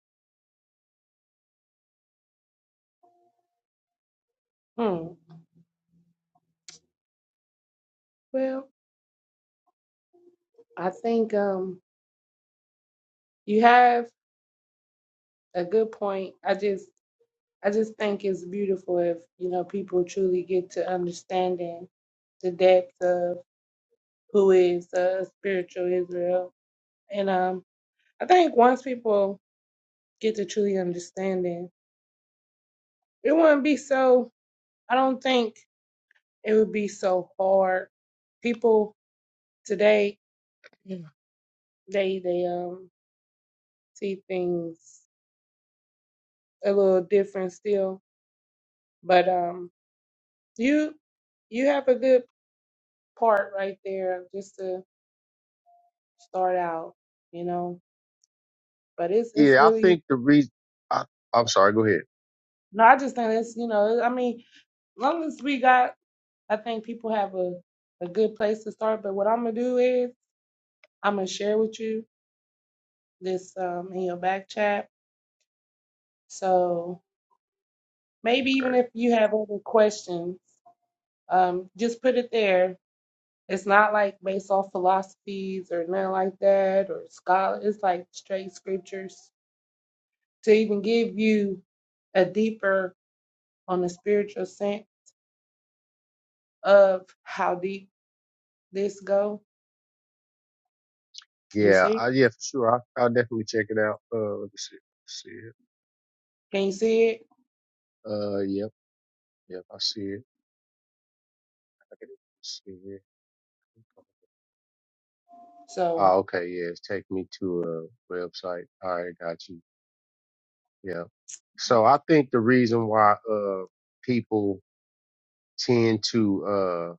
Speaker 11: hmm. Well, I think um, you have a good point. I just, I just think it's beautiful if you know people truly get to understanding the depth of who is uh, spiritual Israel. And um, I think once people get to truly understanding, it wouldn't be so. I don't think it would be so hard. People today, they they um see things a little different still. But um, you you have a good part right there just to start out, you know. But it's it's
Speaker 1: Yeah, I
Speaker 11: really
Speaker 1: think the reason. I'm sorry. Go ahead.
Speaker 11: no, I just think it's you know I mean, as long as we got, I think people have a a good place to start. But what I'm gonna do is I'm gonna share with you this um in your back chat. So maybe
Speaker 1: Okay.
Speaker 11: even if you have other questions, um, just put it there It's not like based off philosophies or nothing like that or scholar. It's like straight scriptures to even give you a deeper on the spiritual sense of how deep this go. You
Speaker 1: Yeah,
Speaker 11: see?
Speaker 1: I, yeah, for sure. I, I'll definitely check it out. Uh, let me see. Let's See it.
Speaker 11: Can you see it?
Speaker 1: Uh, yep, yep. I see it. I can see it. Ah,
Speaker 11: So,
Speaker 1: okay. Yeah, it's take me to a website. All right, got you. Yeah. So I think the reason why uh people tend to uh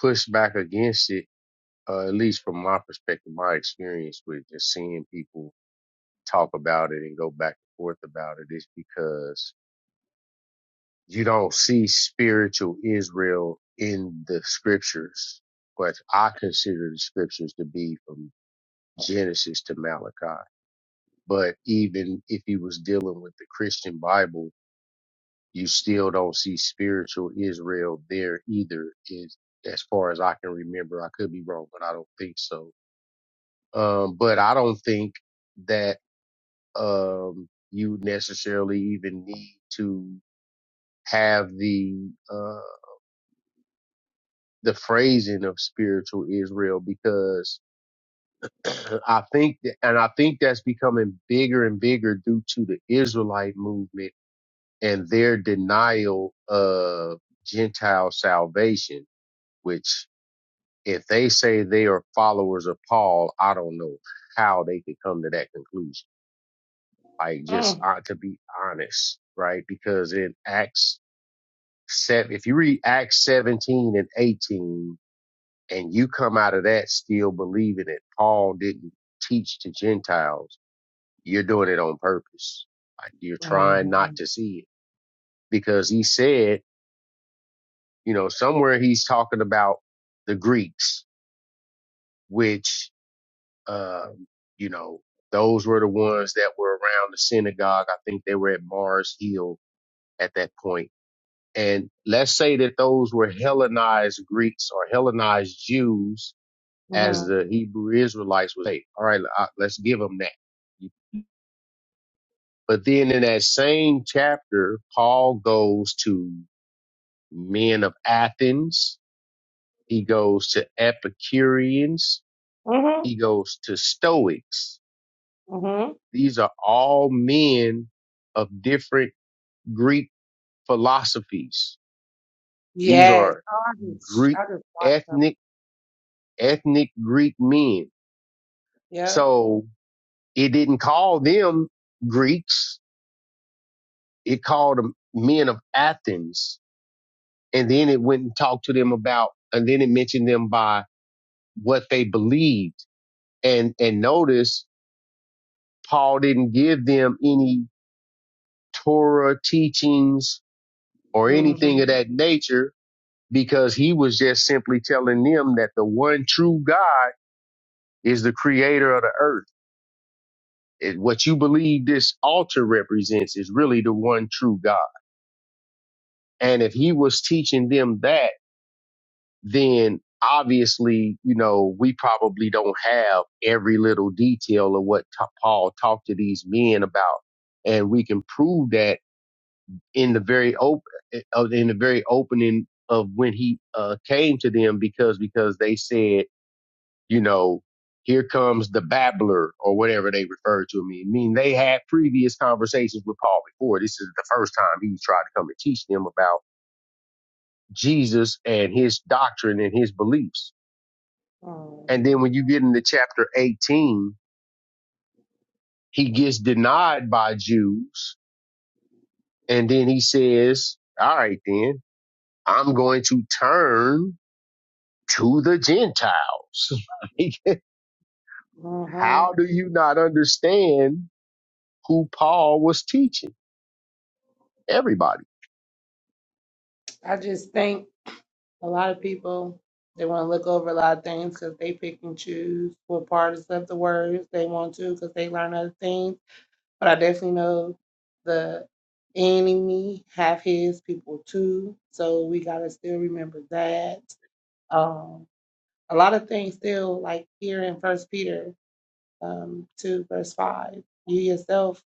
Speaker 1: push back against it, uh, at least from my perspective, my experience with just seeing people talk about it and go back and forth about it, is because you don't see spiritual Israel in the scriptures, but I consider the scriptures to be from Genesis to Malachi. But even if he was dealing with the Christian Bible, you still don't see spiritual Israel there either, is as far as I can remember. I could be wrong, but I don't think so. Um, but I don't think that um you necessarily even need to have the uh, the phrasing of spiritual Israel because I think that, and I think that's becoming bigger and bigger due to the Israelite movement and their denial of Gentile salvation, which if they say they are followers of Paul, I don't know how they could come to that conclusion. Like just
Speaker 11: mm,
Speaker 1: uh, to be honest, right? Because in Acts seven, if you read Acts 17 and 18, and you come out of that still believing that Paul didn't teach to Gentiles, you're doing it on purpose. Like you're trying not
Speaker 11: mhm,
Speaker 1: to see it because he said, you know, somewhere he's talking about the Greeks, which, um, you know, those were the ones that were around the synagogue. I think they were at Mars Hill at that point. And let's say that those were Hellenized Greeks or Hellenized Jews as
Speaker 11: mhm,
Speaker 1: the Hebrew Israelites would say. All right, I- let's give them that. But then in that same chapter, Paul goes to men of Athens. He goes to Epicureans.
Speaker 11: mhm,
Speaker 1: He goes to Stoics.
Speaker 11: mhm.
Speaker 1: These are all men of different Greek philosophies. These
Speaker 11: Yes,
Speaker 1: are
Speaker 11: Oh, I just,
Speaker 1: Greek
Speaker 11: I just watched them.
Speaker 1: ethnic, ethnic Greek men.
Speaker 11: Yep.
Speaker 1: So it didn't call them Greeks It called them men of Athens, and then it went and talked to them about, and then it mentioned them by what they believed. And and notice Paul didn't give them any Torah teachings or anything of
Speaker 11: Mhm.
Speaker 1: that nature because he was just simply telling them that the one true God is the creator of the earth it- what you believe this altar represents is really the one true God. And if he was teaching them that, then obviously, you know, we probably don't have every little detail of what t- Paul talked to these men about, and we can prove that in the very open, uh, in the very opening of when he uh, came to them, because because they said, you know, here comes the babbler or whatever they referred to me. I mean, they had previous conversations with Paul before. This is the first time he tried to come and teach them about Jesus and his doctrine and his beliefs And then when
Speaker 11: Mm,
Speaker 1: you get into chapter 18, he gets denied by Jews. And then he says, all right, then I'm going to turn to the Gentiles. Like, How
Speaker 11: Mhm.
Speaker 1: do you not understand who Paul was teaching? Everybody.
Speaker 11: I just think. A lot of people they want to look over a lot of things because they pick and choose what parts of the words they want to because they learn other things. But I definitely know the enemy have his people too, so we gotta still remember that. Um, a lot of things still like here in First Peter um, two verse five, you yourself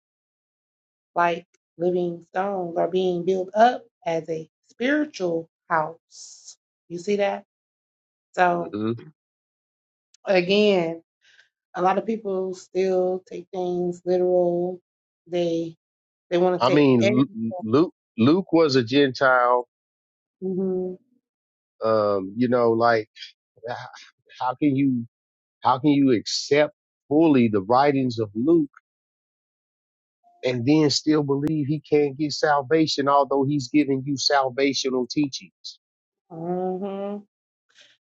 Speaker 11: like living stones are being built up as a spiritual house. You see that? So
Speaker 1: hmm
Speaker 11: again, a lot of people still take things literal. They they want to
Speaker 1: I
Speaker 11: take
Speaker 1: mean,
Speaker 11: everything.
Speaker 1: Lu- Luke, Luke was a Gentile.
Speaker 11: hmm
Speaker 1: Um, you know, like h- how can you, how can you accept fully the writings of Luke? and then still believe he can't get salvation, although he's giving you salvational teachings.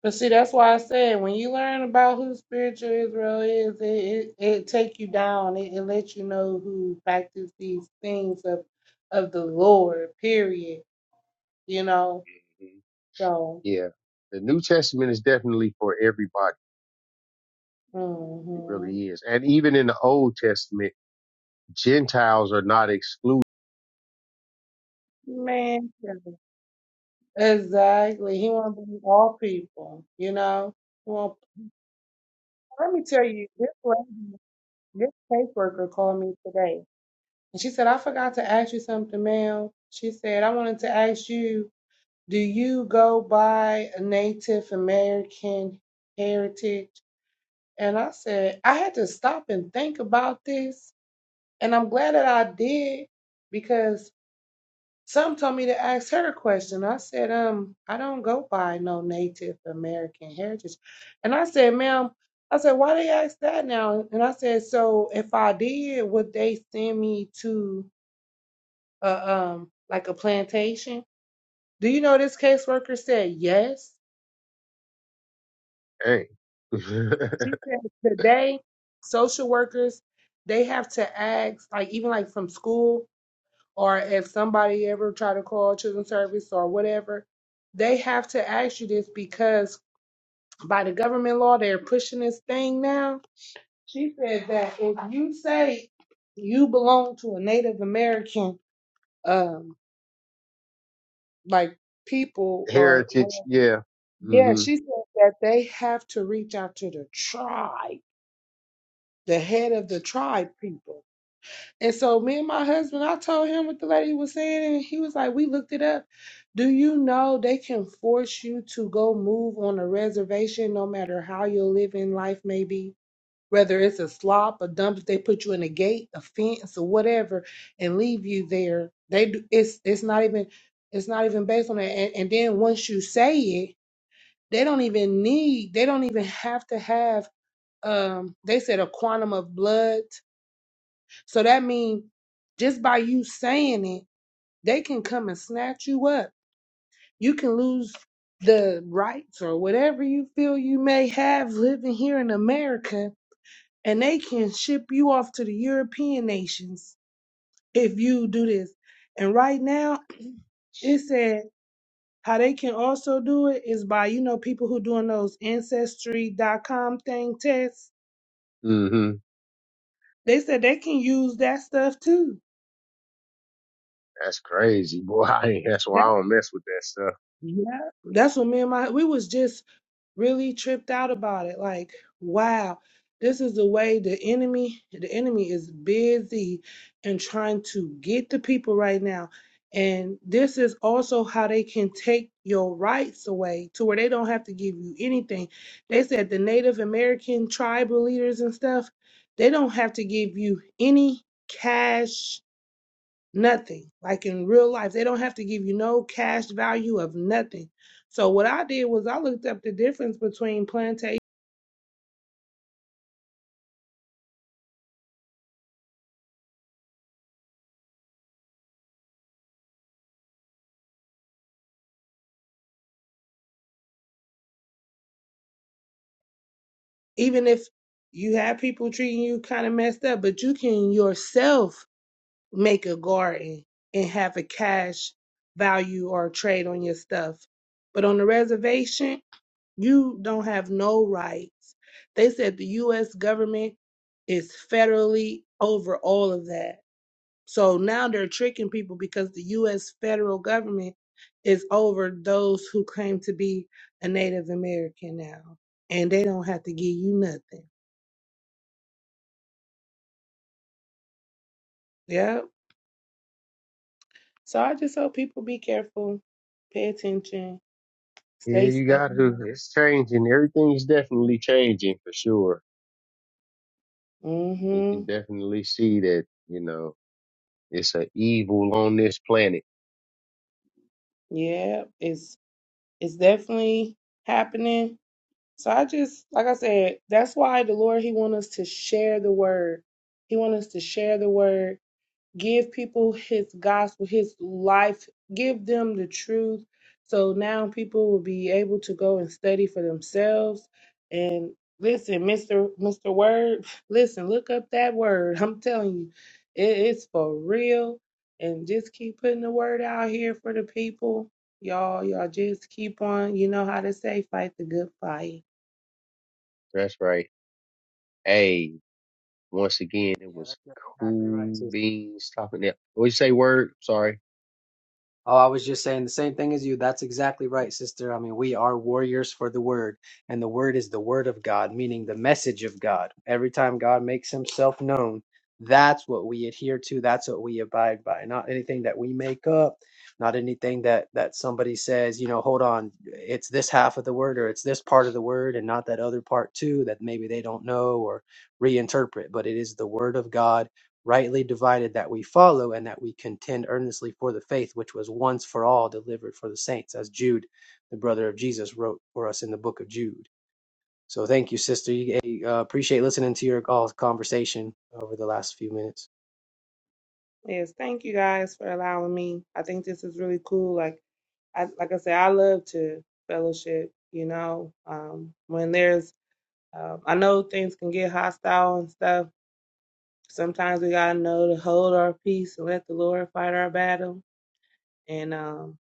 Speaker 11: But see, that's why I said when you learn about who spiritual Israel is, it it, it take you down. It, it lets you know who practice these things of of the Lord. Period. You know.
Speaker 1: Mhm.
Speaker 11: So,
Speaker 1: Yeah. The New Testament is definitely for everybody. It
Speaker 11: mhm.
Speaker 1: really is. And even in the Old Testament, Gentiles are not excluded.
Speaker 11: man, yeah. exactly. He want to be all people. You know. Well, let me tell you this way. This caseworker called me today and she said, I forgot to ask you something, ma'am. She said, I wanted to ask you, do you go by a Native American heritage? And I said, I had to stop and think about this. And I'm glad that I did because some told me to ask her a question. I said, um, I don't go by no Native American heritage. And I said, ma'am, I said, why they ask that now? And I said, so if I did, would they send me to a um like a plantation? Do you know this caseworker said yes?
Speaker 1: Dang.
Speaker 11: She said today social workers they have to ask like even like from school or if somebody ever try to call children's service or whatever they have to ask you this because by the government law they're pushing this thing now. She said that if you say you belong to a Native American um like people or
Speaker 1: Heritage.
Speaker 11: whatever.
Speaker 1: Yeah.
Speaker 11: yeah,
Speaker 1: hmm
Speaker 11: she said that they have to reach out to the tribe, the head of the tribe people. And so me and my husband, I told him what the lady was saying, and he was like, We looked it up. Do you know they can force you to go move on a reservation no matter how your living life may be? whether it's a slop, a dump, if they put you in a gate, a fence, or whatever, and leave you there. They do, it's it's not even it's not even based on that. And, and then once you say it, they don't even need they don't even have to have um they said a quantum of blood. So that means just by you saying it, they can come and snatch you up. You can lose the rights or whatever you feel you may have living here in America and they can ship you off to the European nations if you do this. And right now, it said how they can also do it is by you know people who doing those ancestry dot com thing tests.
Speaker 1: hmm
Speaker 11: They said they can use that stuff too.
Speaker 1: That's crazy, boy. I ain't, that's why
Speaker 11: That
Speaker 1: I don't mess with that stuff.
Speaker 11: yeah, that's what me and my we was just really tripped out about it like wow this is the way the enemy the enemy is busy and trying to get the people right now and this is also how they can take your rights away to where they don't have to give you anything they said the native american tribal leaders and stuff they don't have to give you any cash nothing. Like in real life, they don't have to give you no cash value of nothing. So what I did was I looked up the difference between plantation, even if you have people treating you kind of messed up, but you can yourself make a garden and have a cash value or trade on your stuff. But on the reservation, you don't have no rights. They said the US government is federally over all of that. So now they're tricking people because the U.S. federal government is over those who claim to be a Native American now, and they don't have to give you nothing. Yeah. So I just hope people be careful, pay attention,
Speaker 1: Yeah,
Speaker 11: stay
Speaker 1: you
Speaker 11: safe.
Speaker 1: got to. It's changing. Everything's definitely changing for sure. You
Speaker 11: Mm-hmm.
Speaker 1: can definitely see that, you know It's an evil on this planet.
Speaker 11: Yeah. It's it's definitely happening. So I just like I said, that's why the Lord He want us to share the word. He want us to share the word give people his gospel, his life, give them the truth. So now people will be able to go and study for themselves. And listen, Mr. Mr. Word, listen, look up that word. I'm telling you, it, it's for real. And just keep putting the word out here for the people. Y'all, y'all just keep on, you know how to say, fight the good fight.
Speaker 1: That's right. Hey, once again, it
Speaker 4: Yeah,
Speaker 1: was
Speaker 4: that's exactly right.
Speaker 1: cool beans talking that. What you say, word? Sorry.
Speaker 4: Oh, I was just saying the same thing as you. That's exactly right, sister. I mean, we are warriors for the word, and the word is the word of God, meaning the message of God. Every time God makes himself known, that's what we adhere to, that's what we abide by. Not anything that we make up, not anything that that somebody says, you know, hold on, it's this half of the word or it's this part of the word and not that other part too that maybe they don't know or reinterpret, but it is the word of God rightly divided that we follow and that we contend earnestly for the faith which was once for all delivered for the saints as jude the brother of jesus wrote for us in the book of jude so thank you sister you hey, uh, appreciate listening to your all conversation over the last few minutes
Speaker 11: Yes, thank you guys for allowing me. I think this is really cool. Like I like I said, I love to fellowship, you know. Um when there's um I know things can get hostile and stuff. Sometimes we gotta know to hold our peace and let the Lord fight our battle. And um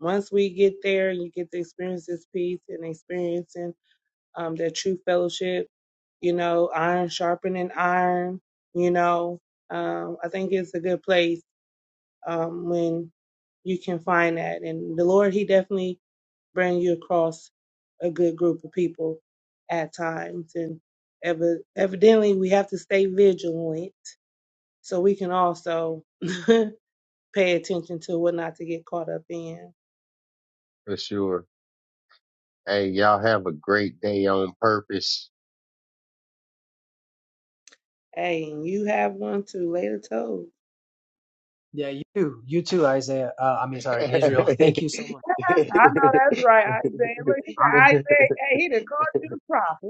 Speaker 11: once we get there and you get to experience this peace and experiencing um that true fellowship, you know, iron sharpening iron, you know, um, I think it's a good place um, when you can find that. And the Lord, He definitely bring you across a good group of people at times. And evi- evidently, we have to stay vigilant so we can also pay attention to what not to get caught up in.
Speaker 1: For sure. Hey, y'all have a great day on purpose.
Speaker 11: Hey, and you have one too. Later, told.
Speaker 4: Yeah, you too. You too, Isaiah. Uh, I mean, sorry, Israel.
Speaker 1: right.
Speaker 4: Thank you so much.
Speaker 11: I know that's right, Isaiah. Look, he said,
Speaker 4: Um,
Speaker 11: Isaiah, hey, he done called you the prophet.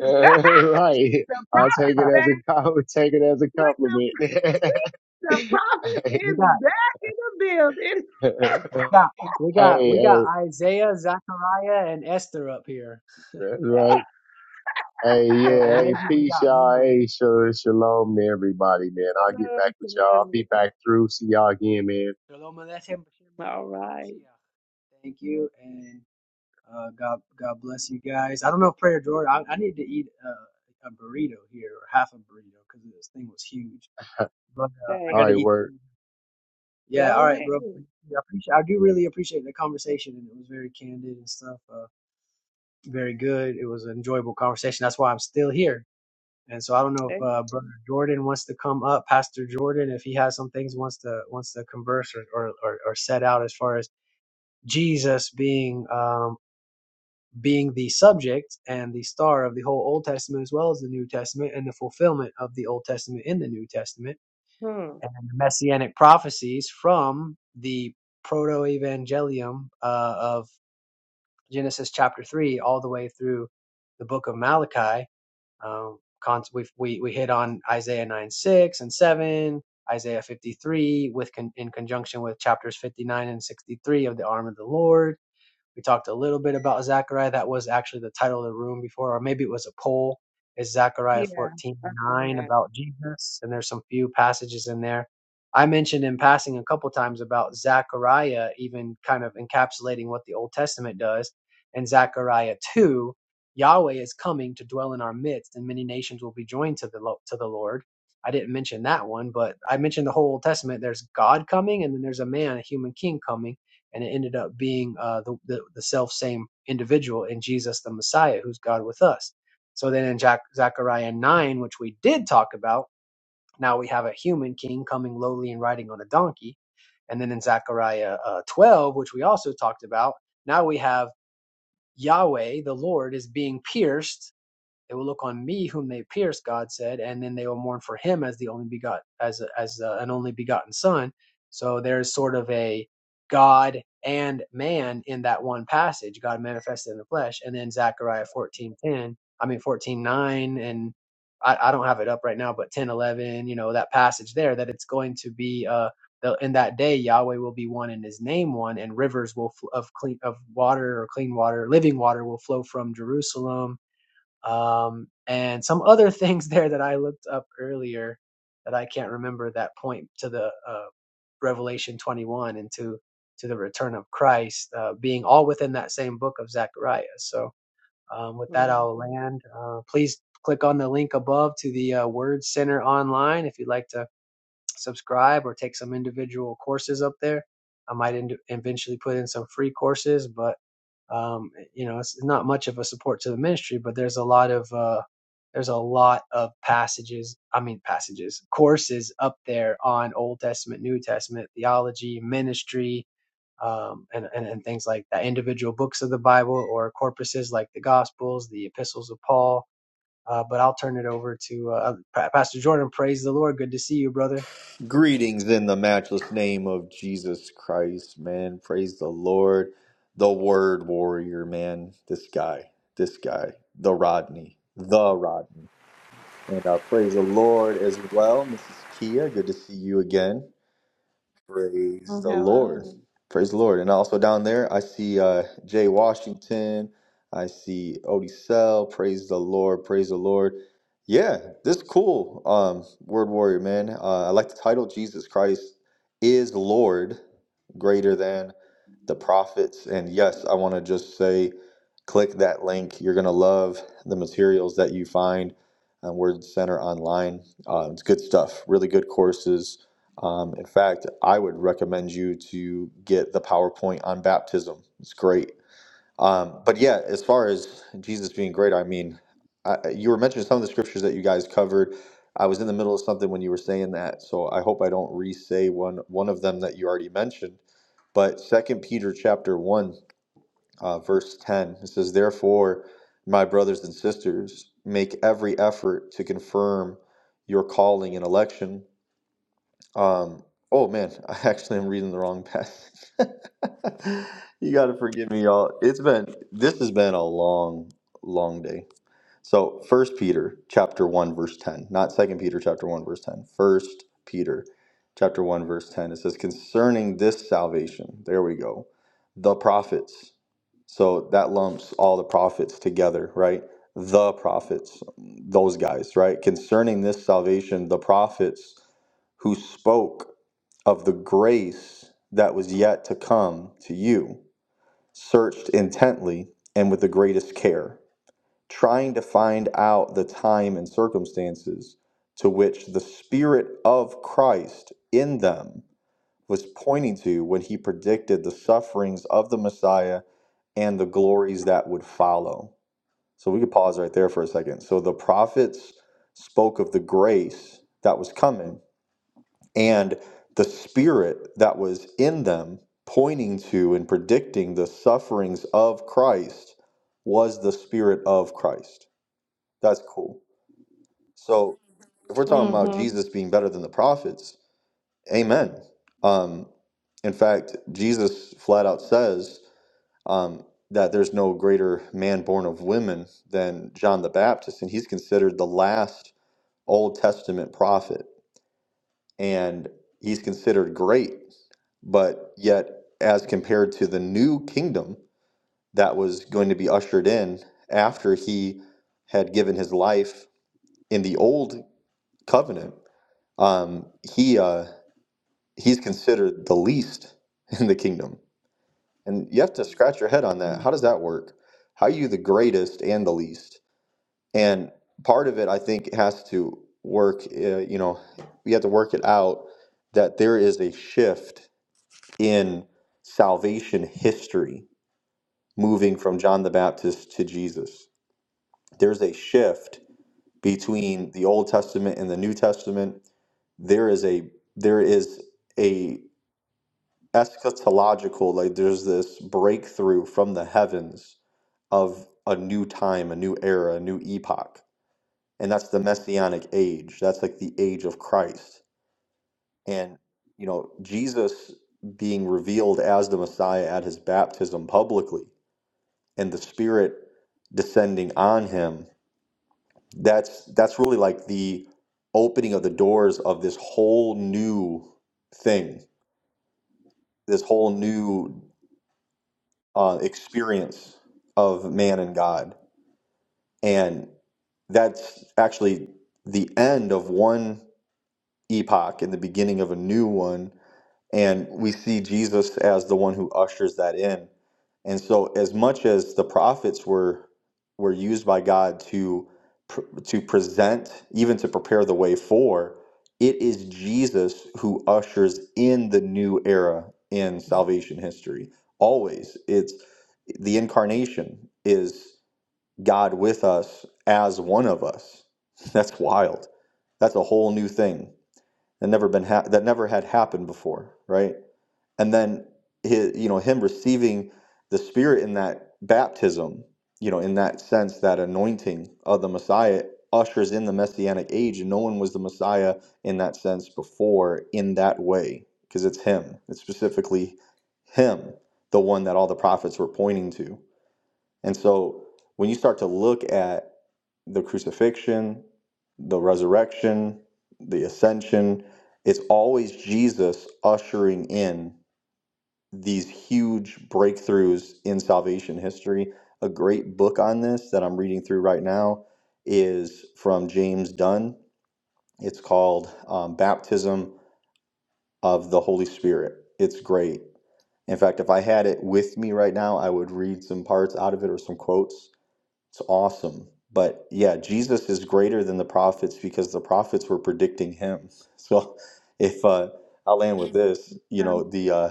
Speaker 1: I'll take it as a I'll take it as a compliment.
Speaker 11: The prophet
Speaker 4: we
Speaker 11: is
Speaker 4: got,
Speaker 11: built. It
Speaker 1: hey,
Speaker 4: we got, we got, we got
Speaker 1: hey,
Speaker 4: Isaiah, Zechariah, and Esther up here,
Speaker 1: that's right. Hey,
Speaker 4: or,
Speaker 1: yeah,
Speaker 4: or
Speaker 1: hey,
Speaker 4: maybe we
Speaker 1: peace,
Speaker 4: got
Speaker 1: y'all.
Speaker 4: Mary.
Speaker 1: Hey, sure, shalom to everybody, man. I'll get back
Speaker 11: is
Speaker 1: with y'all. I'll
Speaker 11: good.
Speaker 1: be back through. See y'all again, man.
Speaker 4: Shalom Aleichem, B'Shem
Speaker 11: All
Speaker 4: Yeshua
Speaker 11: right.
Speaker 4: HaMashiach. Thank you, and. Uh, God, God bless you guys. I don't know if Prayer Jordan. I, I need to eat uh, a burrito here or half a burrito because this thing was huge. But uh, I
Speaker 1: All
Speaker 11: Hey,
Speaker 4: got to
Speaker 1: right,
Speaker 4: eat.
Speaker 1: work.
Speaker 4: Yeah, all
Speaker 11: go
Speaker 4: right, bro.
Speaker 11: ahead.
Speaker 4: I appreciate. I do really appreciate the conversation, and it was very candid and stuff. Uh, very good. It was an enjoyable conversation. That's why I'm still here. And so I don't know if uh, Brother Jordan wants to come up, Pastor Jordan, if he has some things wants to wants to converse or or, or, or set out as far as Jesus being um, being the subject and the star of the whole Old Testament as well as the New Testament and the fulfillment of the Old Testament in the New Testament
Speaker 11: Hmm.
Speaker 4: and the messianic prophecies from the proto evangelium uh, of Genesis chapter 3 all the way through the book of Malachi. Um, we, we, we hit on Isaiah 9 6 and 7. Isaiah 53 with con- in conjunction with chapters 59 and 63 of the arm of the Lord we talked a little bit about Zechariah. That was actually the title of the room before, or maybe it was a poll. Is Zechariah
Speaker 11: Yeah,
Speaker 4: 14
Speaker 11: I've seen
Speaker 4: 9
Speaker 11: that.
Speaker 4: about Jesus? And there's some few passages in there. I mentioned in passing a couple times about Zechariah, even kind of encapsulating what the Old Testament does. In Zechariah 2, Yahweh is coming to dwell in our midst, and many nations will be joined to the, to the Lord. I didn't mention that one, but I mentioned the whole Old Testament. There's God coming, and then there's a man, a human king coming and it ended up being uh, the, the the self same individual in Jesus the Messiah, who's God with us. So then in Jac- Zechariah nine, which we did talk about, now we have a human king coming lowly and riding on a donkey, and then in Zechariah uh, twelve, which we also talked about, now we have Yahweh the Lord is being pierced they will look on me, whom they pierced, God said, and then they will mourn for him as the only begot, as a, as a, an only begotten son. So there's sort of a God and man in that one passage, God manifested in the flesh, and then Zechariah 14:10, I mean 14:9, and I, I don't have it up right now, but 10:11, you know that passage there, that it's going to be uh the, in that day Yahweh will be one and His name one, and rivers will fl- of clean of water or clean water, living water will flow from Jerusalem um, and some other things there that I looked up earlier that I can't remember that point to the uh, Revelation 21 and to to the return of Christ uh, being all within that same book of Zechariah. So um, with that,
Speaker 11: Mm.
Speaker 4: I'll land. Uh, please click on the link above to the uh, Word Center online if you'd like to subscribe or take some individual courses up there. I might end eventually put in some free courses, but um, you know, it's not much of a support to the ministry, but there's a lot of uh, there's a lot of passages, I mean passages, courses up there on Old Testament, New Testament, theology, ministry, um, and, and and things like that. Individual books of the Bible or corpuses like the Gospels, the Epistles of Paul. Uh, but I'll turn it over to uh, Pastor Jordan. Praise the Lord. Good to see you, brother.
Speaker 12: Greetings in the matchless name of Jesus Christ, man. Praise the Lord. The word warrior, man. This guy, this guy, the Rodney, the Rodney. And uh, praise the Lord as well, Mrs. Kia. Good to see you again. Praise
Speaker 11: Oh,
Speaker 12: the Lord.
Speaker 11: hello.
Speaker 12: Praise the Lord. And also down there, I see uh, Jay Washington. I see Odie Sell. Praise the Lord. Praise the Lord. Yeah, this is cool. Um, Word Warrior, man. Uh, I like the title Jesus Christ is Lord greater than the prophets. And yes, I want to just say click that link. You're going to love the materials that you find on Word Center online. Uh, it's good stuff, really good courses um, in fact, I would recommend you to get the PowerPoint on baptism. It's great. Um, but yeah, as far as Jesus being great, I mean, I, you were mentioning some of the scriptures that you guys covered. I was in the middle of something when you were saying that, so I hope I don't re-say one one of them that you already mentioned. But Second Peter chapter one, uh, verse ten, it says, "Therefore, my brothers and sisters, make every effort to confirm your calling and election." Um, oh man, I actually am reading the wrong passage. You gotta forgive me, y'all. It's been this has been a long, long day. So first Peter chapter one verse ten, not second Peter chapter one verse 10. First Peter chapter one verse ten. It says, concerning this salvation, there we go. The prophets. So that lumps all the prophets together, right? The prophets, those guys, right? Concerning this salvation, the prophets who spoke of the grace that was yet to come to you, searched intently and with the greatest care, trying to find out the time and circumstances to which the Spirit of Christ in them was pointing to when he predicted the sufferings of the Messiah and the glories that would follow. So we could pause right there for a second. So the prophets spoke of the grace that was coming and the spirit that was in them pointing to and predicting the sufferings of Christ was the spirit of Christ. That's cool. So if we're talking about
Speaker 11: Mm-hmm.
Speaker 12: Jesus being better than the prophets, amen. Um, in fact, Jesus flat out says um, that there's no greater man born of women than John the Baptist, and he's considered the last Old Testament prophet. and he's considered great. But yet, as compared to the new kingdom that was going to be ushered in after he had given his life in the old covenant, um, he uh, he's considered the least in the kingdom. And you have to scratch your head on that. How does that work? How are you the greatest and the least? And part of it, I think, has to work. Uh, you know, we have to work it out that there is a shift in salvation history, moving from John the Baptist to Jesus. There's a shift between the Old Testament and the New Testament. There is a there is a eschatological like there's this breakthrough from the heavens of a new time, a new era, a new epoch. And that's the messianic age. That's like the age of Christ. And you know, Jesus being revealed as the Messiah at his baptism publicly and the Spirit descending on him, that's that's really like the opening of the doors of this whole new thing, this whole new uh, experience of man and God, and that's actually the end of one epoch and the beginning of a new one And we see Jesus as the one who ushers that in. And so, as much as the prophets were were used by God to pr- to present, even to prepare the way for, it is Jesus who ushers in the new era in salvation history. Always, it's the incarnation is God with us as one of us. That's wild. That's a whole new thing that never been ha- that never had happened before, right? and then his, you know him receiving the spirit in that baptism you know in that sense that anointing of the messiah ushers in the messianic age no one was the messiah in that sense before in that way because it's him it's specifically him the one that all the prophets were pointing to and so when you start to look at the crucifixion the resurrection the ascension it's always jesus ushering in these huge breakthroughs in salvation history. A great book on this that I'm reading through right now is from James Dunn. It's called um, Baptism of the Holy Spirit. It's great. In fact, if I had it with me right now, I would read some parts out of it or some quotes. It's awesome. But yeah, Jesus is greater than the prophets because the prophets were predicting him. So if uh, I'll land with this, you know, the uh,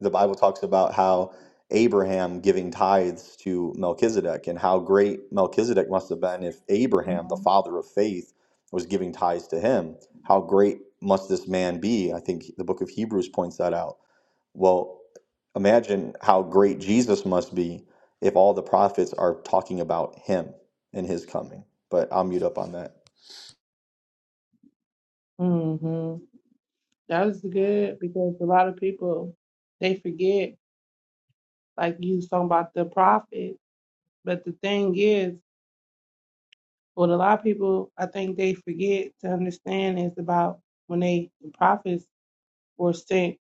Speaker 12: the Bible talks about how Abraham giving tithes to Melchizedek and how great Melchizedek must have been if Abraham, the father of faith, was giving tithes to him. How great must this man be? I think the book of Hebrews points that out. Well, imagine how great Jesus must be if all the prophets are talking about him and his coming. But I'll mute up on that.
Speaker 11: Mm-hmm. That was good because a lot of people they forget, like you was talking about the prophet. But the thing is, what a lot of people I think they forget to understand is about when they the prophets were sent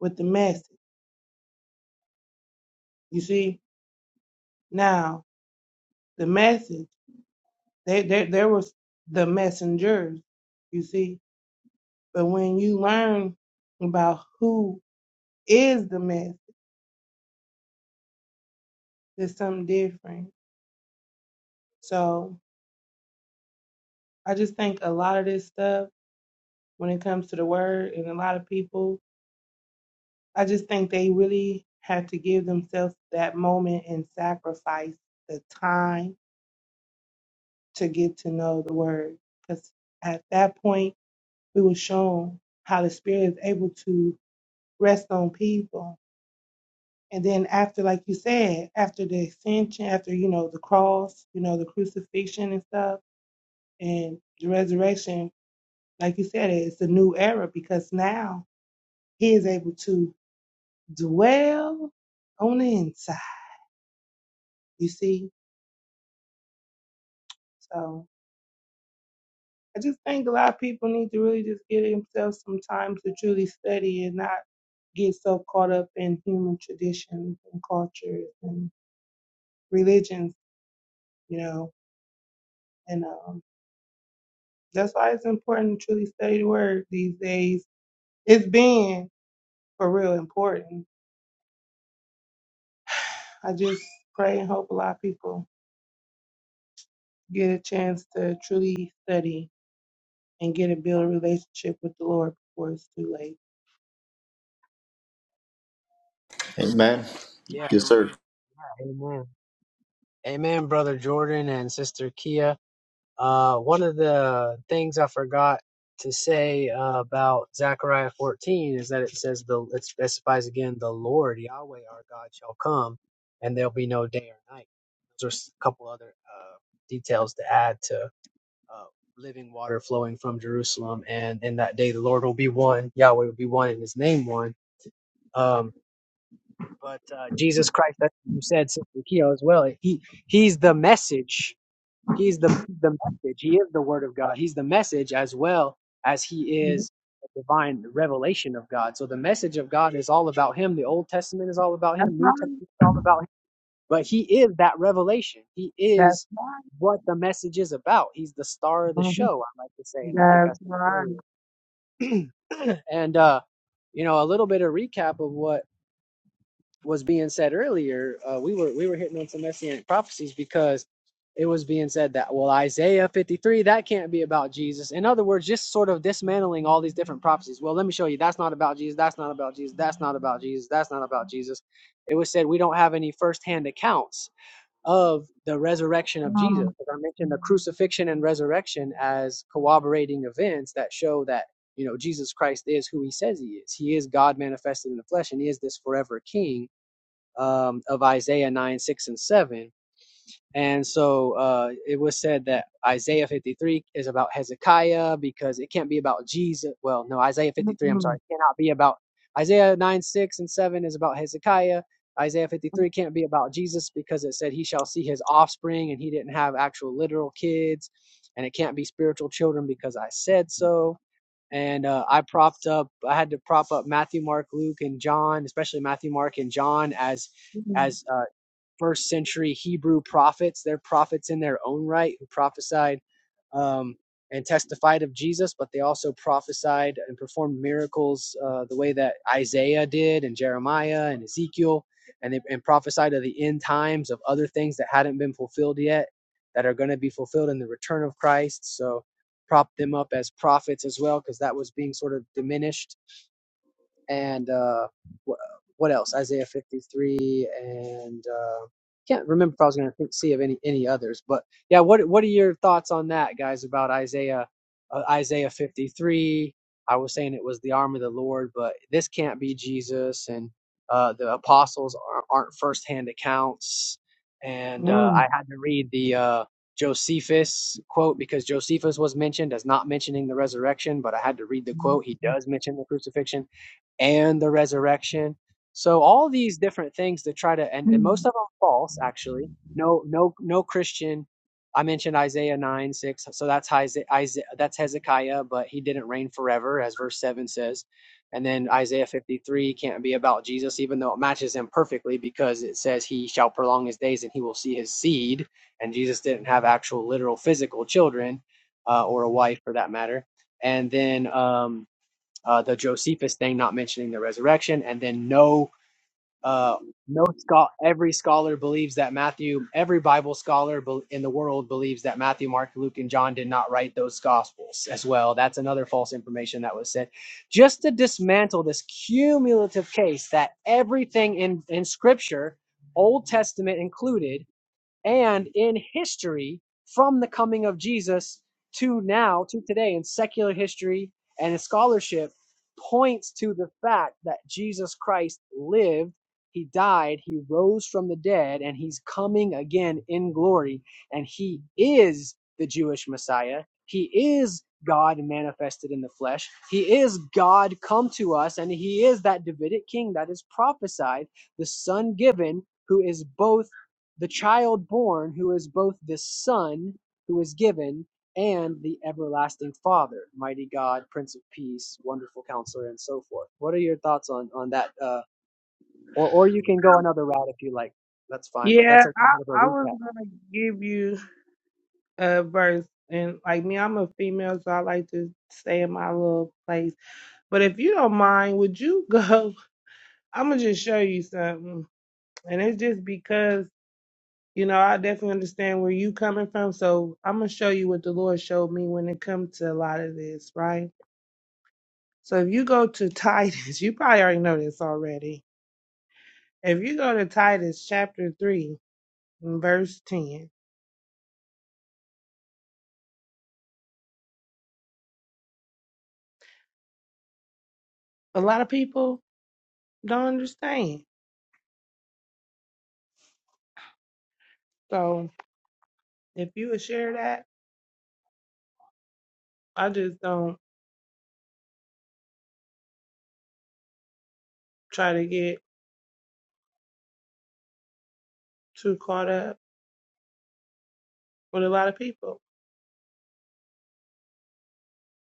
Speaker 11: with the message. You see, now the message they there there was the messengers. You see. But when you learn about who is the message, it's something different. So I just think a lot of this stuff when it comes to the word and a lot of people, I just think they really have to give themselves that moment and sacrifice the time to get to know the word. Because at that point, we were shown how the spirit is able to rest on people And then after, like you said, after the ascension, after, you know, the cross, you know, the crucifixion and stuff and the resurrection, like you said, it's a new era because now he is able to dwell on the inside, you see? So I just think a lot of people need to really just give themselves some time to truly study and not get so caught up in human traditions and cultures and religions, you know, and um That's why it's important to truly study the word these days. It's been for real important. I just pray and hope a lot of people get a chance to truly study and get a build a relationship with the Lord before it's too late.
Speaker 12: Amen.
Speaker 4: Yeah.
Speaker 12: Yes, sir.
Speaker 4: Amen. Amen, Brother Jordan and Sister Kia. Uh, one of the things I forgot to say uh, about Zechariah 14 is that it says the it specifies again the Lord Yahweh our God shall come, and there'll be no day or night. There's a couple other uh, details to add to uh, living water flowing from Jerusalem, and in that day the Lord will be one, Yahweh will be one, and His name one. Um, but uh, Jesus Christ, that's what you said, Sister Keo, as well. He he's the message. He's the the message. He is the Word of God. He's the message as well as he is the divine revelation of God. So the message of God is all about him. The Old Testament is all about
Speaker 11: That's
Speaker 4: him. New Testament
Speaker 11: right.
Speaker 4: is all about him. But he is that revelation. He
Speaker 11: That's
Speaker 4: is
Speaker 11: right.
Speaker 4: what the message is about. He's the star of the
Speaker 11: Mhm.
Speaker 4: show, I like to say, and I think I
Speaker 11: That's right.
Speaker 4: said it earlier. and uh, you know, a little bit of recap of what was being said earlier, uh, we were we were hitting on some messianic prophecies because it was being said that well Isaiah 53 that can't be about Jesus. In other words, just sort of dismantling all these different prophecies. Well, let me show you that's not about Jesus. That's not about Jesus. That's not about Jesus. That's not about Jesus. It was said we don't have any firsthand accounts of the resurrection of
Speaker 11: Mm,
Speaker 4: Jesus. As I mentioned, the crucifixion and resurrection as corroborating events that show that you know Jesus Christ is who He says He is. He is God manifested in the flesh, and He is this forever King um, of Isaiah 9, 6, and 7. And so uh, it was said that Isaiah 53 is about Hezekiah because it can't be about Jesus. Well, no, Isaiah
Speaker 11: mm,
Speaker 4: 53, I'm sorry, cannot be about Isaiah 9, 6, and 7 is about Hezekiah. Isaiah 53 can't be about Jesus because it said he shall see his offspring and he didn't have actual literal kids. And it can't be spiritual children because I said so and uh, I propped up. I had to prop up Matthew, Mark, Luke, and John, especially Matthew, Mark, and John as
Speaker 11: mm,
Speaker 4: as uh, first century Hebrew prophets. They're prophets in their own right who prophesied um, and testified of Jesus, but they also prophesied and performed miracles uh, the way that Isaiah did, and Jeremiah, and Ezekiel, and they and prophesied of the end times of other things that hadn't been fulfilled yet that are going to be fulfilled in the return of Christ. So prop them up as prophets as well because that was being sort of diminished and uh, wh- what else? Isaiah 53, and uh, can't remember if I was going to think, see of any any others. But yeah, what what are your thoughts on that, guys? About Isaiah uh, Isaiah 53? I was saying it was the arm of the Lord, but this can't be Jesus, and uh, the apostles aren't, aren't firsthand accounts. And uh, I
Speaker 11: mm,
Speaker 4: had to read the uh, Josephus quote because Josephus was mentioned as not mentioning the resurrection, but I had to read the
Speaker 11: mm,
Speaker 4: quote. He does mention the crucifixion and the resurrection. So all these different things to try to and, and most
Speaker 11: mm.
Speaker 4: of them are false actually. No no no Christian. I mentioned Isaiah nine six, so that's Isaiah that's Hezekiah, but he didn't reign forever, as verse seven says. And then Isaiah fifty three can't be about Jesus, even though it matches him perfectly because it says he shall prolong his days and he will see his seed. And Jesus didn't have actual literal physical children uh, or a wife for that matter. And then um, uh, the Josephus thing, not mentioning the resurrection, and then no, uh, no scholar. Every scholar believes that Matthew, every Bible scholar bel- in the world believes that Matthew, Mark, Luke, and John did not write those gospels as well. That's another false information that was said, just to dismantle this cumulative case that everything in in Scripture, Old Testament included and in history from the coming of Jesus to now to today in secular history and in scholarship points to the fact that Jesus Christ lived, he died, he rose from the dead and he's coming again in glory and he is the Jewish Messiah. He is God manifested in the flesh. He is God come to us and he is that Davidic king that is prophesied, the son given who is both the child born who is both the Son who is given and the everlasting Father, mighty God, Prince of Peace, wonderful counselor, and so forth. What are your thoughts on, on that? Uh, or, or you can go another route if you like. That's fine, but
Speaker 11: Yeah,
Speaker 4: that's a little bit of a
Speaker 11: I, I was
Speaker 4: recap.
Speaker 11: gonna give you a verse and like me, I'm a female, so I like to stay in my little place. But if you don't mind, would you go? I'm gonna just show you something, and it's just because you know I definitely understand where you coming from. So I'm gonna show you what the Lord showed me when it comes to a lot of this, right? So if you go to Titus, you probably already know this already. If you go to Titus chapter three, and verse ten, a lot of people don't understand. So if you would share that, I just don't try to get too caught up with a lot of people,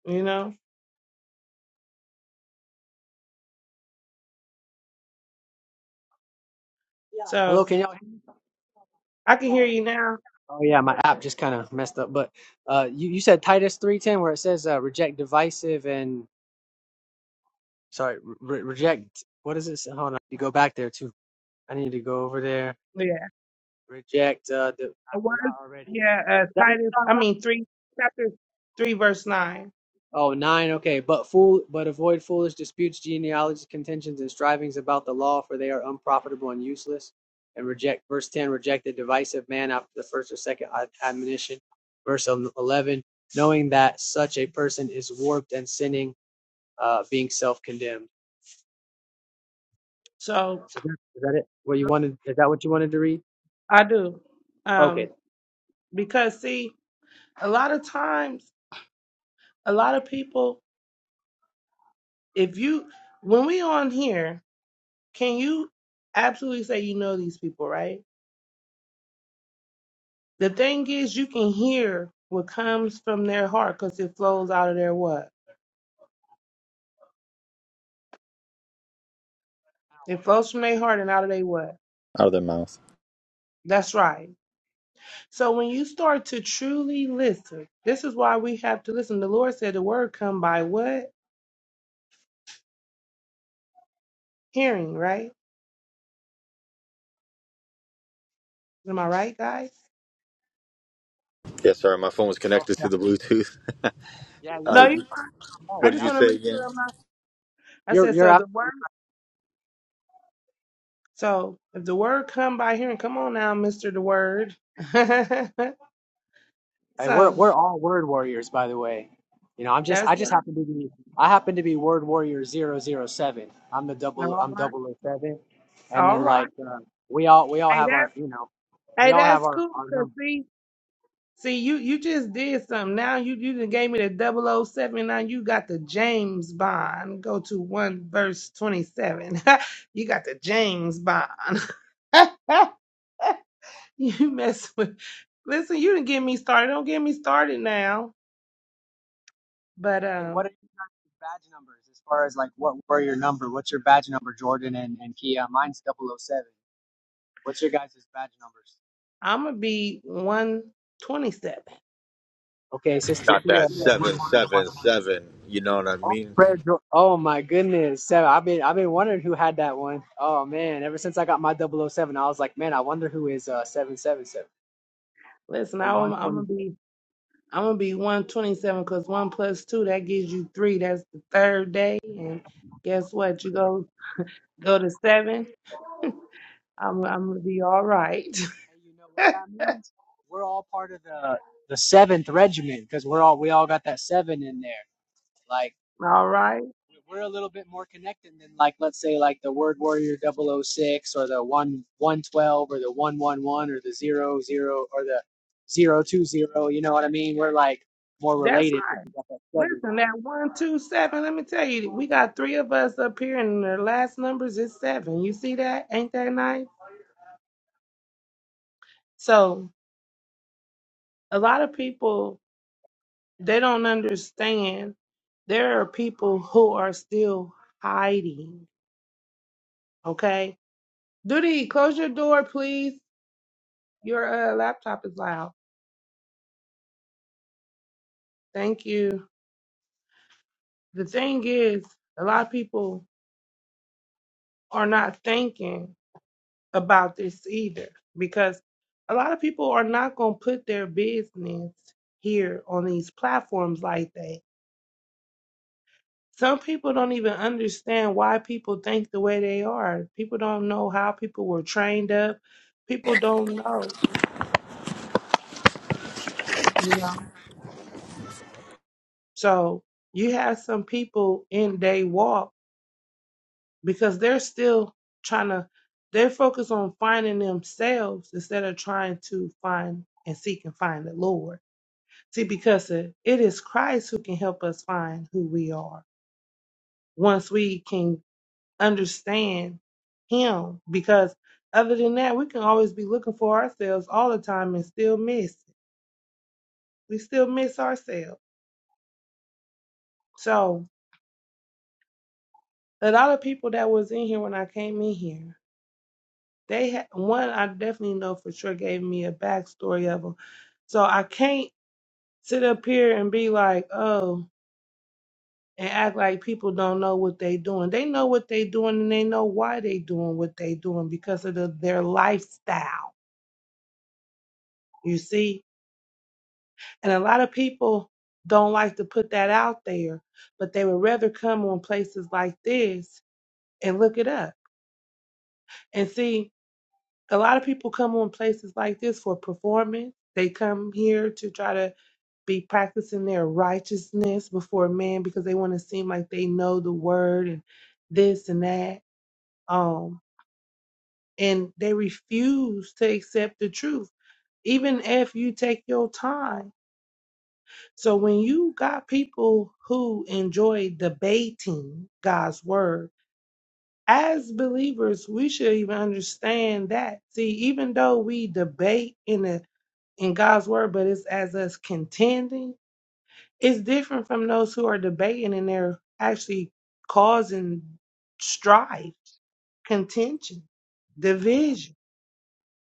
Speaker 11: you know.
Speaker 4: Yeah. Hello,
Speaker 11: So
Speaker 4: can y'all hear me?
Speaker 11: I can hear
Speaker 4: Yeah.
Speaker 11: you now.
Speaker 4: Oh yeah, my app just kind of messed up. But uh, you you said Titus three ten where it says uh, reject divisive and sorry re- reject. What is it? Hold on, you go back there too. I need to go over there.
Speaker 11: Yeah.
Speaker 4: Reject. Uh, the, I
Speaker 11: A word.
Speaker 4: forgot already. Is
Speaker 11: Yeah. Uh,
Speaker 4: that what
Speaker 11: Titus,
Speaker 4: we're talking
Speaker 11: I
Speaker 4: about?
Speaker 11: mean, three, chapter three, verse nine.
Speaker 4: Oh, nine. Okay, but fool, but avoid foolish disputes, genealogies, contentions, and strivings about the law, for they are unprofitable and useless. And reject verse ten. Reject the divisive man after the first or second ad- admonition. Verse el- eleven. Knowing that such a person is warped and sinning, uh, being self-condemned.
Speaker 11: So
Speaker 4: Is that, is that it? What you wanted? Is that what you wanted to read?
Speaker 11: I do. Um,
Speaker 4: Okay.
Speaker 11: because see, a lot of times, a lot of people, if you, when we on here, can you absolutely say you know these people, right? The thing is, you can hear what comes from their heart because it flows out of their what? It flows from their heart and out of their what?
Speaker 12: Out of their mouth.
Speaker 11: That's right So when you start to truly listen, this is why we have to listen. The Lord said the word come by what? Hearing, right? Am I right, guys?
Speaker 12: Yes, sir. My phone was
Speaker 4: Oh
Speaker 12: connected
Speaker 4: yeah.
Speaker 12: to the Bluetooth.
Speaker 4: Yeah,
Speaker 12: Uh,
Speaker 11: No,
Speaker 4: you're right.
Speaker 11: you,
Speaker 12: what
Speaker 11: I
Speaker 12: did
Speaker 11: just
Speaker 12: you
Speaker 4: Ab-
Speaker 11: want to
Speaker 12: say
Speaker 11: make
Speaker 12: again?
Speaker 11: sure I'm not. I
Speaker 4: You're
Speaker 11: said
Speaker 4: you're
Speaker 11: so the
Speaker 4: absolutely
Speaker 11: word. So if the word come by hearing, come on now, Mister the Word.
Speaker 4: Hey, we're
Speaker 11: so
Speaker 4: we're all word warriors, by the way. You know, I'm just
Speaker 11: that's
Speaker 4: I just
Speaker 11: right.
Speaker 4: happen to be I happen to be word warrior zero i I'm the double
Speaker 11: All
Speaker 4: I'm
Speaker 11: right,
Speaker 4: o seven, And
Speaker 11: all
Speaker 4: then
Speaker 11: right.
Speaker 4: like uh, we all we all
Speaker 11: Hey,
Speaker 4: have
Speaker 11: that's
Speaker 4: our you know we
Speaker 11: hey,
Speaker 4: all have
Speaker 11: that's
Speaker 4: our
Speaker 11: cool.
Speaker 4: our
Speaker 11: Cause
Speaker 4: number.
Speaker 11: see, See, you you just did something. Now you you done gave me the double o seven. Now you got the James Bond. Go to one verse twenty seven. you got the James Bond. you mess with. Listen, you didn't get me started. Don't get me started now. But
Speaker 4: Hey, what
Speaker 11: um,
Speaker 4: are you guys' badge numbers as far as like what warrior number? What's your badge number, Jordan and and Kia? Mine's double o seven. What's your guys' badge numbers?
Speaker 11: I'm gonna be one twenty seven.
Speaker 4: Okay, sister
Speaker 12: not
Speaker 4: Kia is
Speaker 12: that
Speaker 4: word
Speaker 12: seven
Speaker 4: warrior
Speaker 12: seven seven. You know what I
Speaker 4: Oh,
Speaker 12: mean?
Speaker 4: prayer dro- oh my goodness, seven. I've been I've been wondering who had that one. Oh man, ever since I got my double oh 007, I was like, man, I wonder who is uh 777
Speaker 11: Listen,
Speaker 4: and
Speaker 11: I'm I'm gonna
Speaker 4: 127.
Speaker 11: be. I'm gonna be 127 because one plus two that gives you three. That's the third day, and guess what? You go go to seven. I'm, I'm gonna be all right.
Speaker 4: Hey, you know what that means? We're all part of the the seventh regiment because we're all we all got that seven in there. Like
Speaker 11: all right.
Speaker 4: we're a little bit more connected than like let's say like the Word Warrior double o six or the one 112 or the 111 or the zero zero or the zero two zero You know what I mean? We're like more
Speaker 11: That's
Speaker 4: related
Speaker 11: right.
Speaker 4: because we got that seven.
Speaker 11: Listen, that one, two, seven. Let me tell you, we got three of us up here, and the last numbers is seven. You see that? Ain't that nice? So a lot of people they don't understand. There are people who are still hiding. Okay, Duty, close your door, please. Your uh, laptop is loud. Thank you. The thing is, a lot of people are not thinking about this either because a lot of people are not going to put their business here on these platforms like that. Some people don't even understand why people think the way they are. People don't know how people were trained up. People don't know, you know. So you have some people in day walk because they're still trying to, they're focused on finding themselves instead of trying to find and seek and find the Lord. See, because it it is Christ who can help us find who we are once we can understand Him. Because other than that, we can always be looking for ourselves all the time and still miss. it. We still miss ourselves. So a lot of people that was in here when I came in here, they had one I definitely know for sure gave me a backstory of them. So I can't sit up here and be like, oh. and act like people don't know what they doing. They know what they doing and they know why they doing what they doing because of the, their lifestyle. You see, and a lot of people don't like to put that out there, but they would rather come on places like this and look it up and see. A lot of people come on places like this for performance. They come here to try to be practicing their righteousness before man because they want to seem like they know the word and this and that. Um. and they refuse to accept the truth even if you take your time so when you got people who enjoy debating god's word as believers we should even understand that see even though we debate in the in god's word but it's as us contending it's different from those who are debating and they're actually causing strife contention division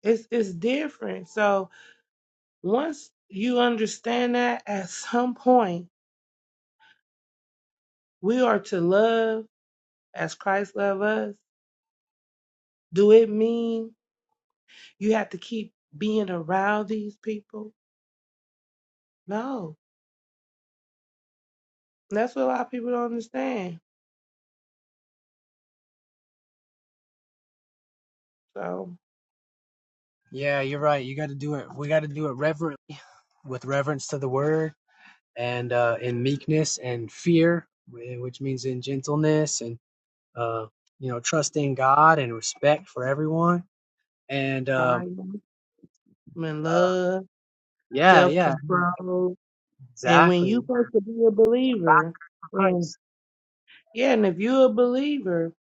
Speaker 11: it's it's different so Once you understand that, at some point, we are to love as Christ loved us. Do it mean you have to keep being around these people? No. That's what a lot of people don't understand. So,
Speaker 4: Yeah, you're right. You got to do it. We got to do it reverently with reverence to the Word and uh, in meekness and fear, which means in gentleness and uh, you know trusting God and respect for everyone. And um,
Speaker 11: kindness, and
Speaker 4: uh,
Speaker 11: love,
Speaker 4: yeah,
Speaker 11: self
Speaker 4: yeah. I mean,
Speaker 11: control. And when
Speaker 4: Exactly.
Speaker 11: you
Speaker 4: Yeah,
Speaker 11: supposed to be a
Speaker 4: back
Speaker 11: believer,
Speaker 4: of
Speaker 11: and
Speaker 4: Christ.
Speaker 11: yeah, and if you're a believer,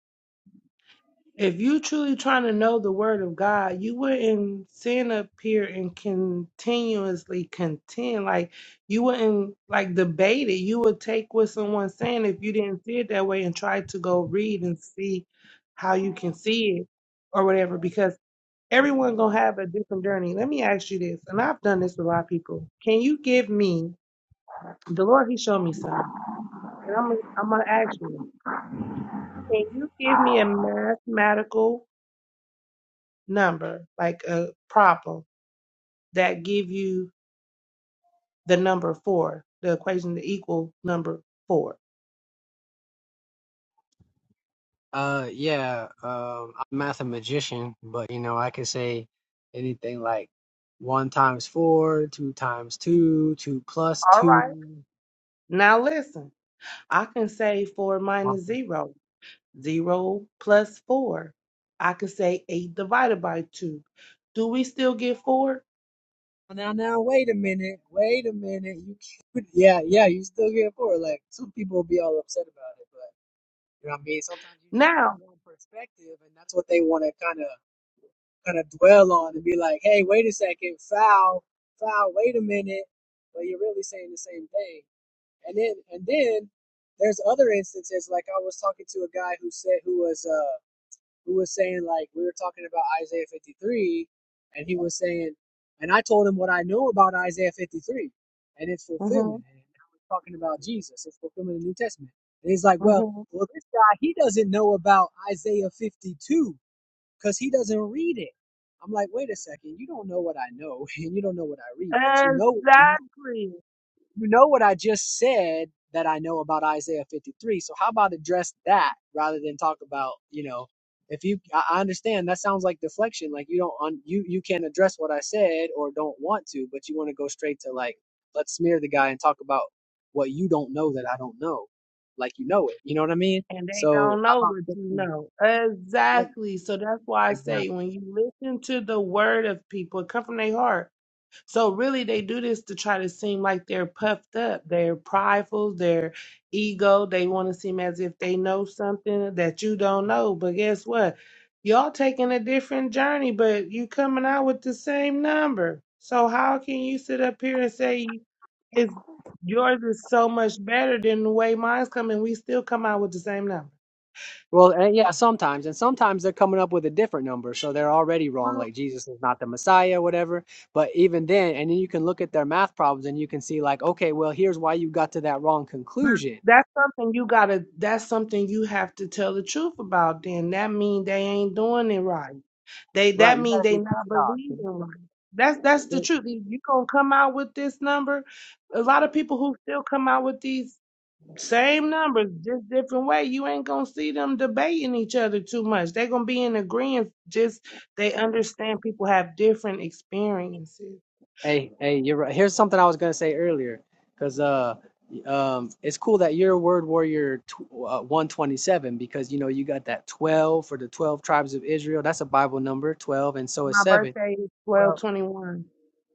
Speaker 11: If you truly trying to know the word of God, you wouldn't stand up here and continuously contend. Like you wouldn't like debate it. You would take what someone's saying if you didn't see it that way and try to go read and see how you can see it or whatever, because everyone gonna have a different journey. Let me ask you this, and I've done this with a lot of people. Can you give me the Lord he showed me something. And I'm gonna I'm gonna ask you, can you give me a mathematical number, like a problem that give you the number four, the equation to equal number four.
Speaker 4: Uh, yeah. Um, I'm a mathematician, but you know, I could say anything like one times four, two times two, two plus
Speaker 11: All right.
Speaker 4: two.
Speaker 11: Now listen, I can say four
Speaker 4: Well,
Speaker 11: minus zero, zero plus four. I can say eight divided by two. Do we still get four?
Speaker 4: Now, now, wait a minute. Wait a minute. You can't. Yeah, yeah. You still get four. Like some people will be all upset about it, but you know what I mean. Sometimes you just got
Speaker 11: Now.
Speaker 4: your own perspective, and that's what they want to kind of kind of dwell on and be like, hey, wait a second, foul, foul. Wait a minute. But you're really saying the same thing. And then and then there's other instances like I was talking to a guy who said who was uh who was saying like we were talking about Isaiah 53 and he was saying and I told him what I know about Isaiah 53 and its
Speaker 11: hmm
Speaker 4: fulfillment and I was talking about Jesus its fulfillment in the New Testament. And he's like, "Well,
Speaker 11: hmm
Speaker 4: well this guy he doesn't know about Isaiah 52 cuz he doesn't read it." I'm like, "Wait a second. You don't know what I know and you don't know what I read, but you know what you
Speaker 11: Exactly.
Speaker 4: you know what I just said that I know about Isaiah 53. So how about address that rather than talk about, you know, if you, I I understand that sounds like deflection. Like you don't, un, you, you can't address what I said or don't want to, but you want to go straight to like, let's smear the guy and talk about what you don't know that I don't know. Like you know it. You know what I mean?
Speaker 11: And they
Speaker 4: So
Speaker 11: don't know
Speaker 4: how about,
Speaker 11: what you know.
Speaker 4: yeah,
Speaker 11: Exactly. So that's why I
Speaker 4: exactly.
Speaker 11: say when you listen to the word of people, it come from their heart So really they do this to try to seem like they're puffed up, they're prideful, their ego, they want to seem as if they know something that you don't know. But guess what? Y'all taking a different journey, but you coming out with the same number. So how can you sit up here and say it's yours is so much better than the way mine's coming? We still come out with the same number.
Speaker 4: Well, and yeah, sometimes, and sometimes they're coming up with a different number, so they're already wrong, like Jesus is not the Messiah, whatever. But even then, and then you can look at their math problems and you can see, like, okay, well, here's why you got to that wrong conclusion,
Speaker 11: That's something you gotta. That's something you have to tell the truth about. Then that mean they ain't doing it right. They
Speaker 4: right?
Speaker 11: that
Speaker 4: You
Speaker 11: mean
Speaker 4: gotta
Speaker 11: they
Speaker 4: do
Speaker 11: not believing right. That's that's the
Speaker 4: PEMDAS.
Speaker 11: truth. If you gonna come out with this number, a lot of people who still come out with these same numbers, just different way. You ain't gonna see them debating each other too much. They gonna be in agreement. Just they understand people have different experiences.
Speaker 4: Hey, hey, you're right. Here's something I was gonna say earlier, because uh, um, it's cool that you're Word Warrior tw uh, 127 because you know you got that 12 for the 12 tribes of Israel. That's a Bible number, 12, and so is
Speaker 11: My
Speaker 4: seven
Speaker 11: birthday is twelve twenty one.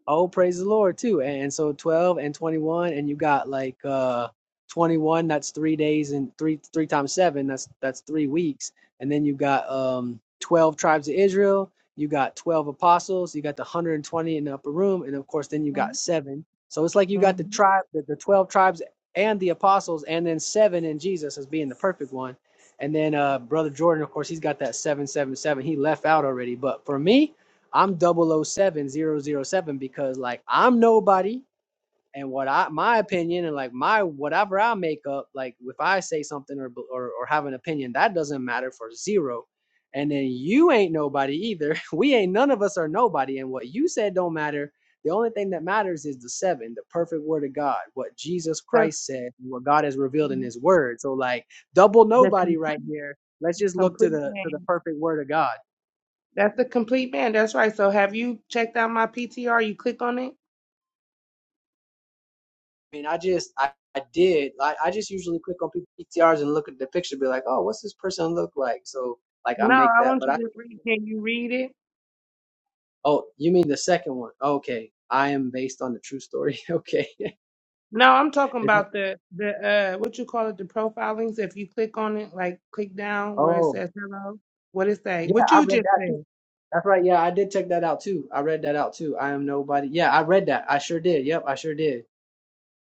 Speaker 4: Oh, praise the Lord too. And so 12 and 21 and you got like uh 21 that's 3 days and 3 3 times 7 that's that's 3 weeks. And then you got um 12 tribes of Israel, you got 12 apostles, you got the 120 in the upper room and of course then you got 7. So it's like you got the
Speaker 11: hmm
Speaker 4: tribe the, the 12 tribes and the apostles and then 7 in Jesus as being the perfect one. And then uh brother Jordan of course he's got that 777. He left out already, but for me I'm zero zero seven double oh seven because like I'm nobody and what I my opinion and like my whatever I make up like if I say something or or, or have an opinion that doesn't matter for zero and then you ain't nobody either we ain't none of us are nobody and what you said don't matter the only thing that matters is the seven the perfect word of God what Jesus
Speaker 11: So
Speaker 4: Christ said what God has revealed in
Speaker 11: mm-hmm.
Speaker 4: his word so like double
Speaker 11: the
Speaker 4: nobody
Speaker 11: complete,
Speaker 4: right here let's just look to
Speaker 11: complete
Speaker 4: the to the
Speaker 11: man.
Speaker 4: perfect word of God
Speaker 11: That's the complete man. That's right. So have you checked out my PTR? You click on it?
Speaker 4: mean, I just I, I did I, I just usually click on people's PTRs and look at the picture, be like, oh, what's this person look like? So like I
Speaker 11: No,
Speaker 4: make
Speaker 11: I
Speaker 4: that,
Speaker 11: want
Speaker 4: but
Speaker 11: you
Speaker 4: I didn't.
Speaker 11: to read. Can you read it?
Speaker 4: oh, you mean the second one? Okay, I am based on the true story. okay,
Speaker 11: No, I'm talking
Speaker 4: It's like,
Speaker 11: about the the uh what you call it, the profile links. If you click on it, like click down where it
Speaker 4: oh
Speaker 11: says hello, what it say?
Speaker 4: yeah,
Speaker 11: What
Speaker 4: I
Speaker 11: you
Speaker 4: read
Speaker 11: just
Speaker 4: that too.
Speaker 11: said.
Speaker 4: That's right. Yeah, I did check that out too. I read that out too. I am nobody. Yeah, I read that. I sure did. Yep, I sure did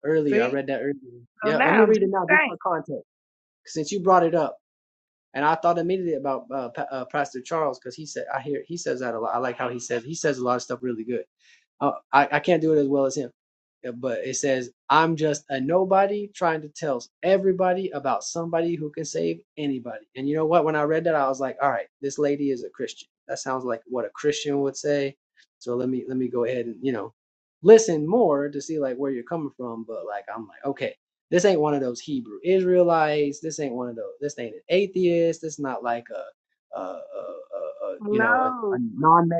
Speaker 4: earlier. I
Speaker 11: See?
Speaker 4: read that earlier.
Speaker 11: So
Speaker 4: Yeah, let me
Speaker 11: now just
Speaker 4: read it now just
Speaker 11: think.
Speaker 4: for context, since you brought it up. And I thought immediately about uh, uh, Pastor Charles because he said I hear he says that a lot. I like how he says he says a lot of stuff really good. Uh, I, I can't do it as well as him. Yeah, But it says, I'm just a nobody trying to tell everybody about somebody who can save anybody. And you know what? When I read that, I was like, all right, this lady is a Christian. That sounds like what a Christian would say. So let me let me go ahead and, you know, listen more to see like where you're coming from. But like I'm like, okay, this ain't one of those Hebrew Israelites. This ain't one of those. This ain't an atheist. This not like a, a, a, a, a you know, a, a
Speaker 11: No.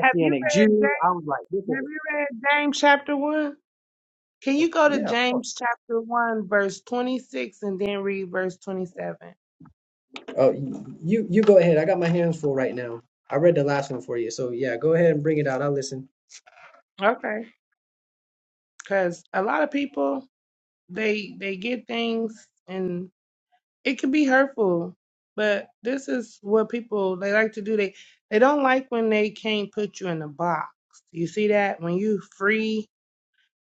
Speaker 11: Have you read
Speaker 4: Jew.
Speaker 11: James
Speaker 4: I was like, this is
Speaker 11: have
Speaker 4: a
Speaker 11: you read James chapter one? Can you
Speaker 4: of course.
Speaker 11: go to
Speaker 4: Yeah. of course.
Speaker 11: James chapter 1, verse 26 and then read verse 27?
Speaker 4: Oh, you you go ahead. I got my hands full right now. I read the last one for you, so yeah, go ahead and bring it out. I'll listen.
Speaker 11: Okay. Because a lot of people, they they get things and it can be hurtful. But this is what people they like to do. They they don't like when they can't put you in a box. You see that? When you free.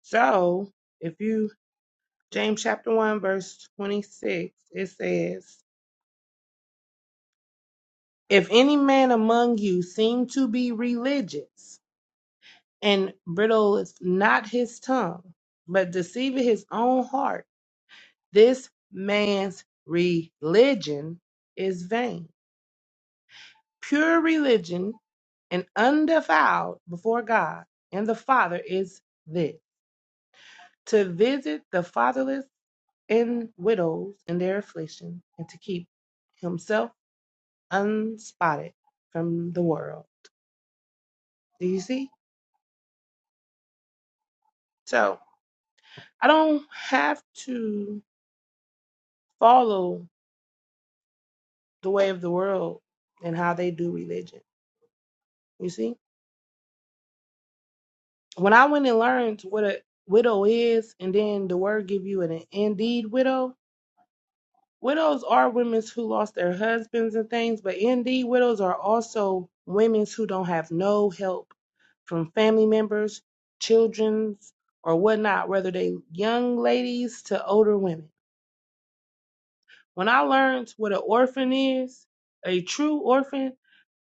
Speaker 11: So if you James chapter 1, verse 26, it says, If any man among you seem to be religious and bridles not his tongue, but deceiving his own heart. This man's religion is vain. Pure religion and undefiled before God and the Father is this to visit the fatherless and widows in their affliction and to keep himself unspotted from the world. Do you see? So I don't have to follow the way of the world and how they do religion. You see, when I went and learned what a widow is, and then the word give you an indeed widow. Widows are women who lost their husbands and things, but indeed widows are also women who don't have no help from family members, children's, or whatnot, whether they young ladies to older women. When I learned what an orphan is, a true orphan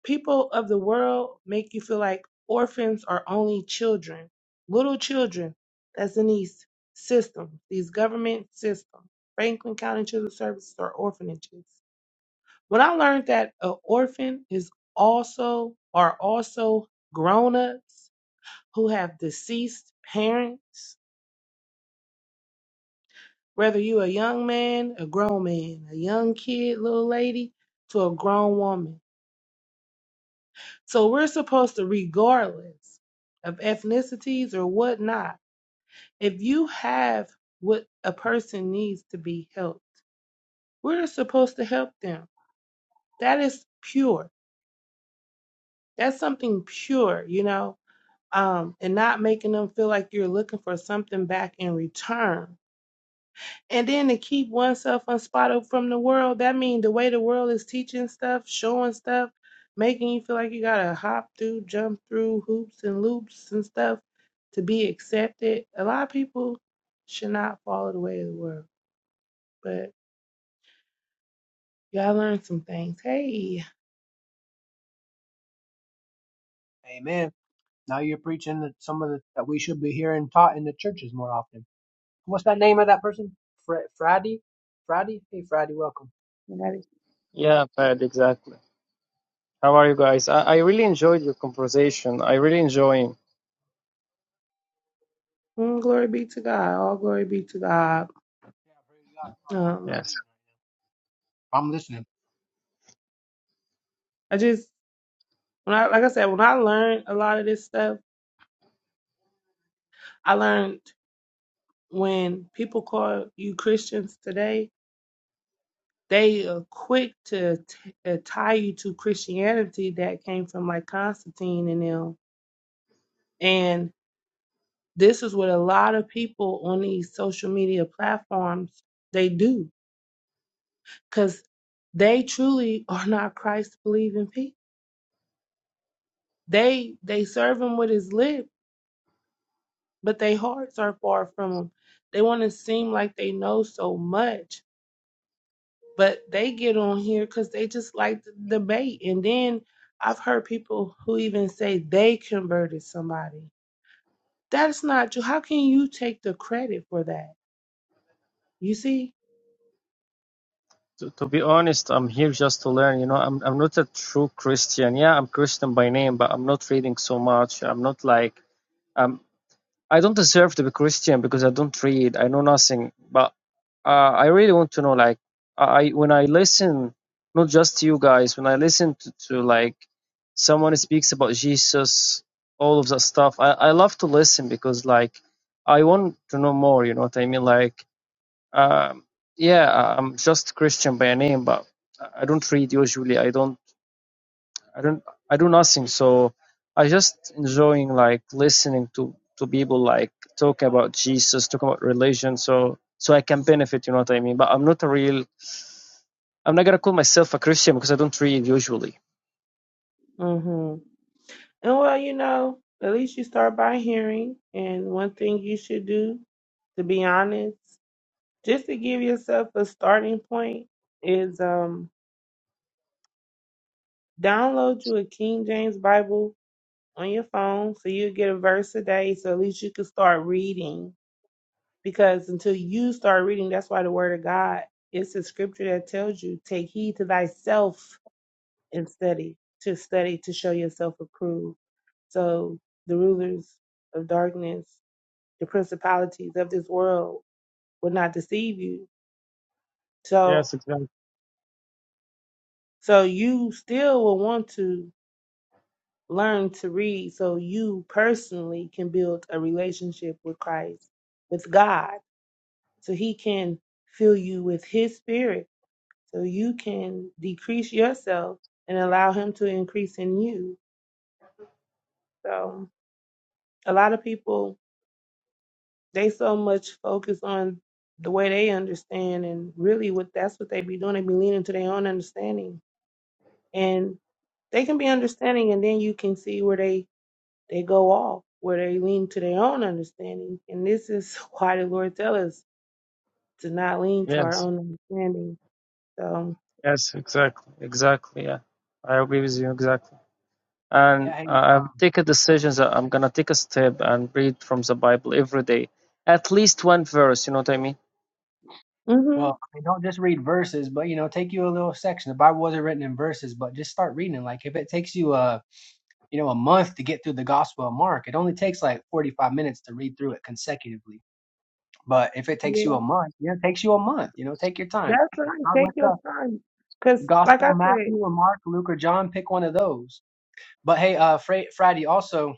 Speaker 11: People of the world make you feel like orphans are only children, little children that's in these systems, these government systems. Franklin County Children's Services are orphanages. When I learned that an orphan is also are also grown-ups who have deceased parents, whether you a young man, a grown man, a young kid, little lady, to a grown woman So we're supposed to, regardless of ethnicities or whatnot, if you have what a person needs to be helped, we're supposed to help them. That is pure. That's something pure, you know, um, and not making them feel like you're looking for something back in return and then to keep oneself unspotted from the world that means the way the world is teaching stuff showing stuff making you feel like you gotta hop through jump through hoops and loops and stuff to be accepted a lot of people should not follow the way of the world but y'all learned some things hey
Speaker 4: Amen. Now you're preaching that some of the that we should be hearing taught in the churches more often. What's that name of that person? Fr- Friday? Friday? Hey, Friday, welcome.
Speaker 11: everybody.
Speaker 13: Yeah, Pat, exactly. How are you guys? I, I really enjoyed your conversation. I really enjoying.
Speaker 11: Mm, glory be to god all glory be to god
Speaker 4: Yeah, praise God. Sorry, I'm,
Speaker 11: um
Speaker 4: I'm
Speaker 13: Yes.
Speaker 4: eating right now. I'm listening.
Speaker 11: i just when i like i said when i learned a lot of this stuff i learned when people call you christians today they are quick to t- uh, tie you to Christianity that came from like Constantine and them. And this is what a lot of people on these social media platforms they do because they truly are not Christ believing people. They they serve him with his lip, but their hearts are far from him. They want to seem like they know so much, but they get on here because they just like to debate. And then I've heard people who even say they converted somebody. That's not true. How can you take the credit for that? You see?
Speaker 13: To, to be honest, I'm here just to learn. You know, I'm I'm not a true Christian. Yeah, I'm Christian by name, but I'm not reading so much. I'm not like I'm I don't deserve to be Christian because I don't read. I know nothing. But uh, I really want to know. Like, I when I listen, not just to you guys, when I listen to, to like someone speaks about Jesus, all of that stuff. I I love to listen because like I want to know more. You know what I mean? Like, um, yeah, I'm just Christian by name, but I don't read usually. I don't. I don't I do nothing. So I just enjoying like listening to to people like talking about Jesus, talking about religion. So so I can benefit. You know what I mean? But I'm not a real. I'm not gonna call myself a Christian because I don't read usually.
Speaker 11: hmm And well, you know, at least you start by hearing. And one thing you should do, to be honest, just to give yourself a starting point, is um, download you a King James Bible on your phone so you get a verse a day so at least you can start reading because until you start reading, that's why the word of God, it's a scripture that tells you, take heed to thyself and study, to study, to show yourself approved. So the rulers of darkness, the principalities of this world will not deceive you. So,
Speaker 13: Yes, exactly.
Speaker 11: so you still will want to learn to read so you personally can build a relationship with Christ, with God, so he can fill you with his spirit So you can decrease yourself and allow him to increase in you. So a lot of people they so much focus on the way they understand and really what that's what they be doing. They be leaning to their own understanding. And they can be understanding and then you can see where they they go off, where they lean to their own understanding. And this is why the Lord tell us to not lean to our
Speaker 13: Yes,
Speaker 11: own understanding. So
Speaker 13: yes, exactly, exactly. Yeah, I agree with you exactly. And
Speaker 4: Yeah, hey.
Speaker 13: uh, I've
Speaker 4: um,
Speaker 13: taken decisions that I'm gonna take a step and read from the Bible every day, at least one verse. You know what I mean?
Speaker 11: mhm.
Speaker 4: Well, I mean, don't just read verses, but you know, take you a little section. The Bible wasn't written in verses, but just start reading. it. Like if it takes you a you know a month to get through the Gospel of Mark, it only takes like forty five minutes to read through it consecutively. But if it takes
Speaker 11: Yeah.
Speaker 4: you a month, you know, it takes you a month. You know, take your time.
Speaker 11: That's right.
Speaker 4: Start with
Speaker 11: Take your
Speaker 4: the
Speaker 11: time. Cause like
Speaker 4: Gospel
Speaker 11: I
Speaker 4: of
Speaker 11: said,
Speaker 4: Matthew or Mark, Luke, or John. Pick one of those. But hey, uh, Fra- Friday also.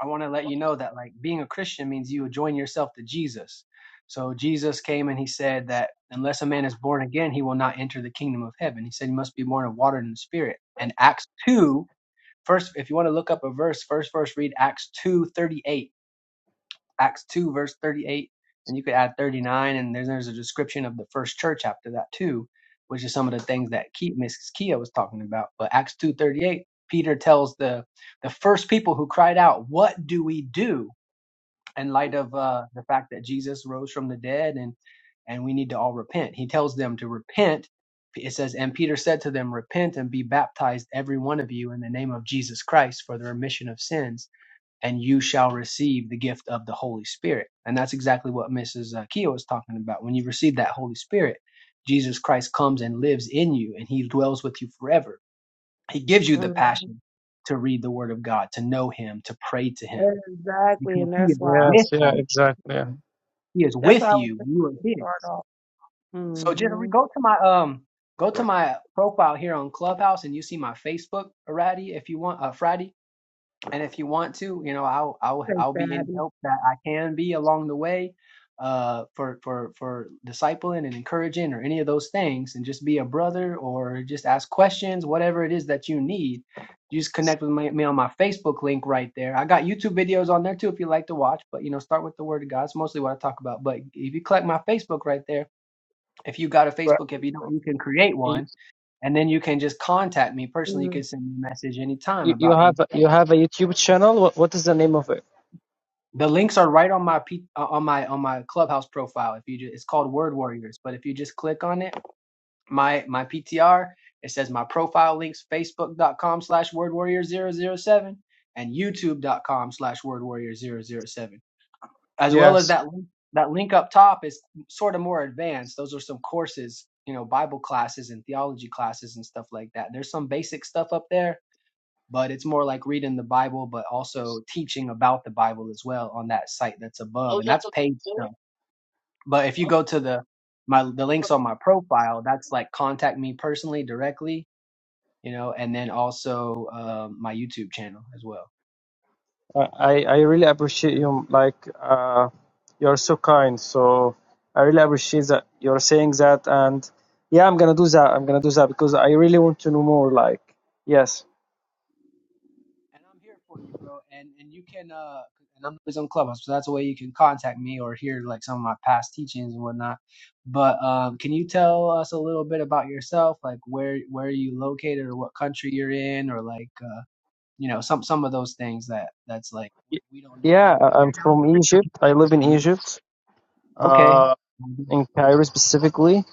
Speaker 4: I want to let you know that like being a Christian means you join yourself to Jesus. So Jesus came and he said that unless a man is born again, he will not enter the kingdom of heaven. He said he must be born of water and the spirit. And Acts 2, first, if you want to look up a verse, first verse read Acts 2 38. Acts 2, verse 38. And you could add 39, and there's, there's a description of the first church after that too, which is some of the things that Ke- Mrs. Kia was talking about. But Acts 2 38, Peter tells the the first people who cried out, What do we do? in light of uh, the fact that Jesus rose from the dead and and we need to all repent. He tells them to repent. It says, and Peter said to them, Repent and be baptized, every one of you, in the name of Jesus Christ for the remission of sins, and you shall receive the gift of the Holy Spirit. And that's exactly what Mrs. uh, Keogh was talking about. When you receive that Holy Spirit, Jesus Christ comes and lives in you, and he dwells with you forever. He gives you the
Speaker 11: hmm
Speaker 4: passion to read the Word of God, to know Him, to pray to Him,
Speaker 11: Exactly,
Speaker 4: because
Speaker 11: and
Speaker 4: He
Speaker 11: that's
Speaker 4: is
Speaker 11: why I
Speaker 4: with
Speaker 13: Yes.
Speaker 11: was,
Speaker 13: Yeah.
Speaker 4: you
Speaker 13: Exactly. Yeah.
Speaker 4: he is
Speaker 11: that's why I
Speaker 4: with
Speaker 11: was
Speaker 4: you.
Speaker 11: thinking
Speaker 4: You are
Speaker 11: to
Speaker 4: His.
Speaker 11: start off.
Speaker 4: So just re-
Speaker 11: Mm-hmm.
Speaker 4: go to my um go to my profile here on Clubhouse, and you see my Facebook, Arati, if you want, uh, Friday and if you want to, you know, I'll I'll
Speaker 11: Thanks,
Speaker 4: I'll be any
Speaker 11: Abby.
Speaker 4: help that I can be along the way, uh, for for for discipling and encouraging or any of those things, and just be a brother or just ask questions, whatever it is that you need. Just connect with my, me on my Facebook link right there. I got YouTube videos on there too if you like to watch, but you know, start with the Word of God. It's mostly what I talk about. But if you click my Facebook right there, if you got a Facebook, if you don't, you can create
Speaker 13: Right.
Speaker 4: one, and then you can just contact me personally. You
Speaker 11: hmm
Speaker 4: can send me a message anytime
Speaker 13: You, you
Speaker 4: about
Speaker 13: have a- you
Speaker 4: anything
Speaker 13: have a YouTube channel. What what is the name of it?
Speaker 4: The links are right on my P, uh, on my on my Clubhouse profile. If you just, it's called Word Warriors, but if you just click on it, my my PTR, it says my profile links: Facebook dot com slash Word Warrior zero zero 7 and youtube dot com slash Word Warrior zero zero 7 As well as
Speaker 13: Yes,
Speaker 4: that link, that link up top is sort of more advanced. Those are some courses, you know, Bible classes and theology classes and stuff like that. There's some basic stuff up there but it's more like reading the Bible, but also teaching about the Bible as well on that site that's above, and that's paid stuff. But if you go to the my the links on my profile, that's like contact me personally directly, you know, and then also um my YouTube channel as well.
Speaker 13: I I I really appreciate you. Like uh, you're so kind. So I really appreciate that you're saying that. And yeah, I'm gonna do that. I'm gonna do that because I really want to know more. Like yes,
Speaker 4: And I'm here for you, bro. And and you can uh and I'm always on Clubhouse, so that's a way you can contact me or hear like some of my past teachings and whatnot. But um, can you tell us a little bit about yourself, like where where you located or what country you're in, or like uh, you know some some of those things that that's like we
Speaker 13: Y-
Speaker 4: don't know
Speaker 13: yeah.
Speaker 4: if
Speaker 13: I-
Speaker 4: you're
Speaker 13: I'm
Speaker 4: not a
Speaker 13: from Egypt. I live in
Speaker 4: Christian,
Speaker 13: Egypt,
Speaker 4: okay
Speaker 13: uh, in
Speaker 4: I
Speaker 13: Cairo specifically.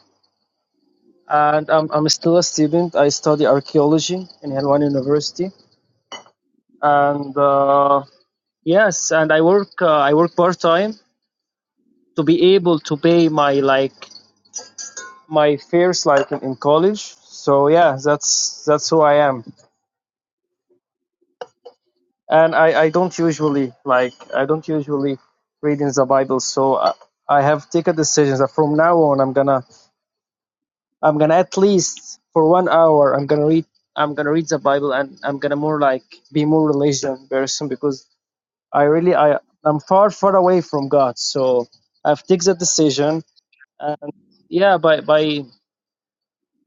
Speaker 13: and I'm, I'm still a student. I study archaeology in Helwan University, and uh, yes, and I work uh, I work part time to be able to pay my like my fares like in, in college. So yeah, that's that's who I am, and I, I don't usually like I don't usually read in the Bible. So I, I have taken decisions that from now on I'm gonna I'm gonna at least for one hour I'm gonna read I'm gonna read the Bible and I'm gonna more like be more religion person because I really I I'm far far away from God so I've taken the decision and yeah by by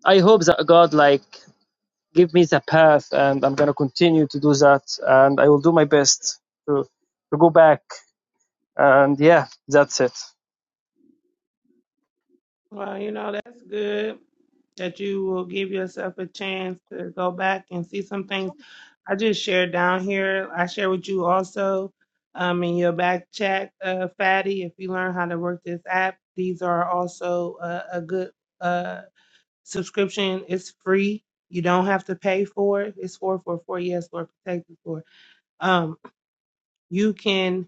Speaker 13: I hope that God like give me the path and I'm gonna continue to do that and I will do my best to to go back and yeah that's it
Speaker 11: Well, you know that's good that you will give yourself a chance to go back and see some things. I just shared down here. I share with you also um, in your back chat, uh, Fatty. If you learn how to work this app, these are also uh, a good uh, subscription. It's free. You don't have to pay for it. It's four four four. Yes, Lord, protect us, Lord. um, you can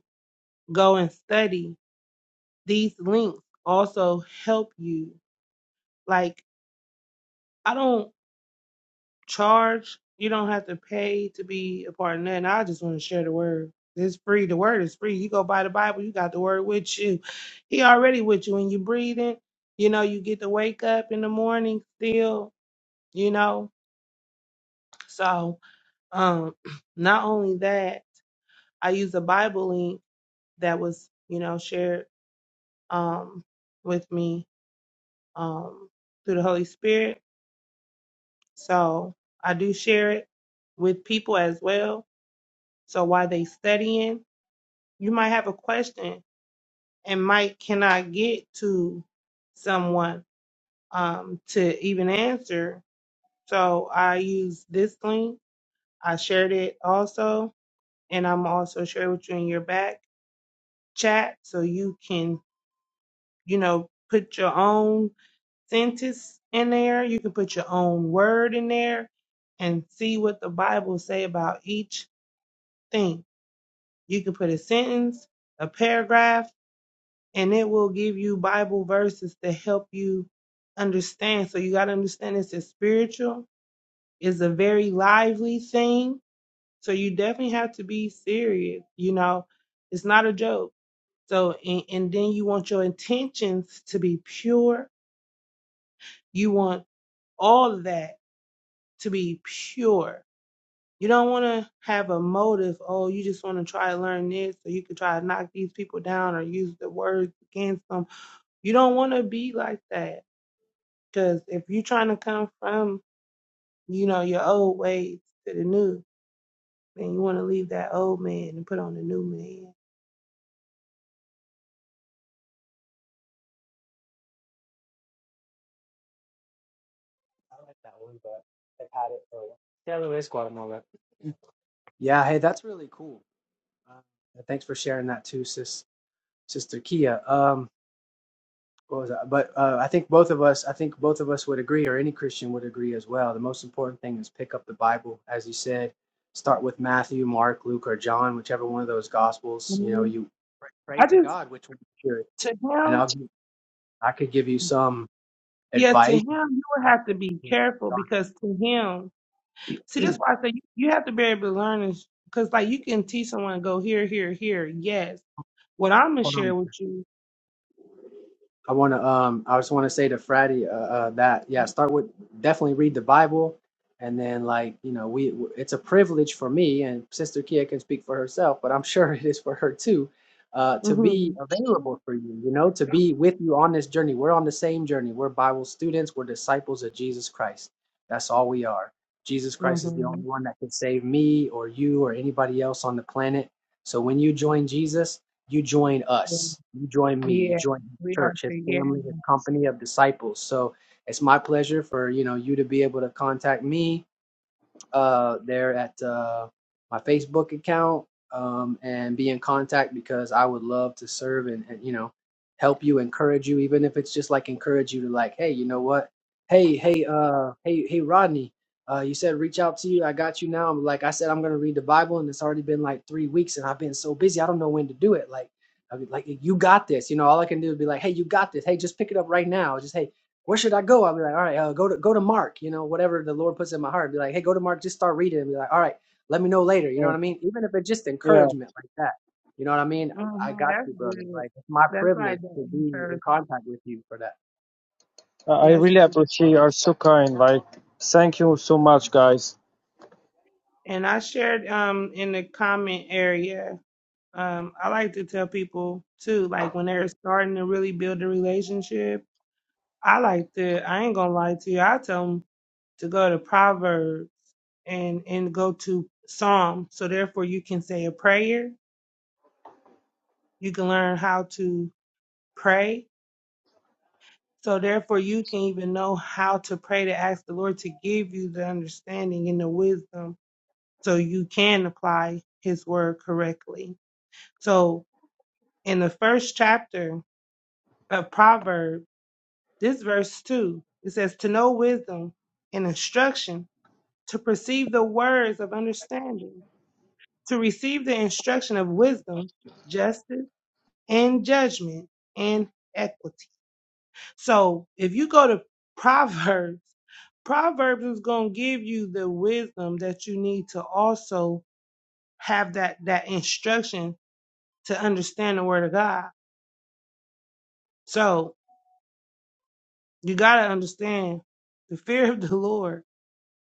Speaker 11: go and study. These links also help you. Like, I don't charge. You don't have to pay to be a part of nothing. I just want to share the word. It's free. The word is free. You go buy the Bible, you got the word with you. He already with you when you breathing. You know, you get to wake up in the morning still, you know. So, um, not only that, I use a Bible link that was, you know, shared um with me um, through the Holy Spirit. So I do share it with people as well. So while they studying, you might have a question and might cannot get to someone um, to even answer. So I use this link. I shared it also, and I'm also sharing with you in your back chat so you can, you know, put your own sentence in there. You can put your own word in there and see what the Bible say about each thing. You can put a sentence, a paragraph, and it will give you Bible verses to help you understand. So you got to understand it's a spiritual, it's a very lively thing. So you definitely have to be serious. You know, it's not a joke. So and, and then you want your intentions to be pure. You want all of that to be pure. You don't want to have a motive, oh, you just want to try to learn this, so you can try to knock these people down or use the words against them. You don't want to be like that. Because if you're trying to come from, you know, your old ways to the new, then you want to leave that old man and put on the new man.
Speaker 4: like that one, but I've had it for a while. Yeah, Luis Guatemala. Yeah, hey, that's really cool. Uh, thanks for sharing that too, sis, Sister Kia. Um, what was that? But uh, I think both of us, I think both of us would agree, or any Christian would agree as well. The most important thing is pick up the Bible, as you said. Start with Matthew, Mark, Luke, or John, whichever one of those Gospels. You know,
Speaker 11: Mhm.
Speaker 4: you pray pray
Speaker 11: I
Speaker 4: to
Speaker 11: just,
Speaker 4: God, which one?
Speaker 11: to
Speaker 4: and
Speaker 11: him,
Speaker 4: I'll give, I could give you some
Speaker 11: yeah, to
Speaker 4: advice.
Speaker 11: him, you would have to be careful because to him, see, that's why I say you, you have to be able to learn because like you can teach someone to go here, here, here, yes. What I'm gonna share with you.
Speaker 4: I want to um I just want to say to Friday uh, uh that yeah start with definitely read the Bible and then like you know we it's a privilege for me and Sister Kia can speak for herself but I'm sure it is for her too uh to
Speaker 11: hmm
Speaker 4: be available for you you know to be with you on this journey we're on the same journey we're Bible students we're disciples of Jesus Christ that's all we are Jesus Christ is the
Speaker 11: hmm
Speaker 4: only one that can save me or you or anybody else on the planet so when you join Jesus you join
Speaker 11: Yeah.
Speaker 4: us you join me. You
Speaker 11: yeah,
Speaker 4: join his
Speaker 11: we are
Speaker 4: church, his
Speaker 11: too. Yeah.
Speaker 4: family, his company of disciples. So it's my pleasure for you know you to be able to contact me uh, there at uh, my Facebook account um, and be in contact because I would love to serve and, and you know help you, encourage you, even if it's just like encourage you to like, hey, you know what? Hey, hey, uh, hey, hey, Rodney. Uh, you said reach out to you. I got you now. I'm like I said, I'm gonna read the Bible, and it's already been like three weeks, and I've been so busy. I don't know when to do it. Like, I mean, like you got this. You know, all I can do is be like, hey, you got this. Hey, just pick it up right now. Just hey, where should I go? I'll be like, all right, uh, go to go to Mark, you know, whatever the Lord puts in my heart. Be like, hey, go to Mark, just start reading, and be like, all right, let me know later. You know
Speaker 13: yeah,
Speaker 4: what I mean? Even if it's just
Speaker 13: yeah.
Speaker 4: encouragement like that, you know what I mean?
Speaker 11: hmm
Speaker 4: I got
Speaker 11: That's
Speaker 4: you, brother.
Speaker 11: good.
Speaker 4: Like it's my
Speaker 11: That's like
Speaker 4: privilege
Speaker 11: the
Speaker 4: to be in
Speaker 11: encouragement.
Speaker 4: contact with you for that.
Speaker 13: I I
Speaker 11: That's
Speaker 13: really
Speaker 11: good.
Speaker 13: appreciate you are so kind like thank you so much guys
Speaker 11: And I shared um in the comment area. Um, I like to tell people too, like when they're starting to really build a relationship. I like to. I ain't gonna lie to you. I tell them to go to Proverbs and and go to Psalm. So therefore, you can say a prayer. You can learn how to pray So therefore you can even know how to pray to ask the Lord to give you the understanding and the wisdom so you can apply his word correctly. So in the first chapter of Proverbs, this verse two, it says to know wisdom and instruction, to perceive the words of understanding, to receive the instruction of wisdom, justice, and judgment and equity So if you go to Proverbs, Proverbs is going to give you the wisdom that you need to also have that that instruction to understand the word of God. So you got to understand the fear of the Lord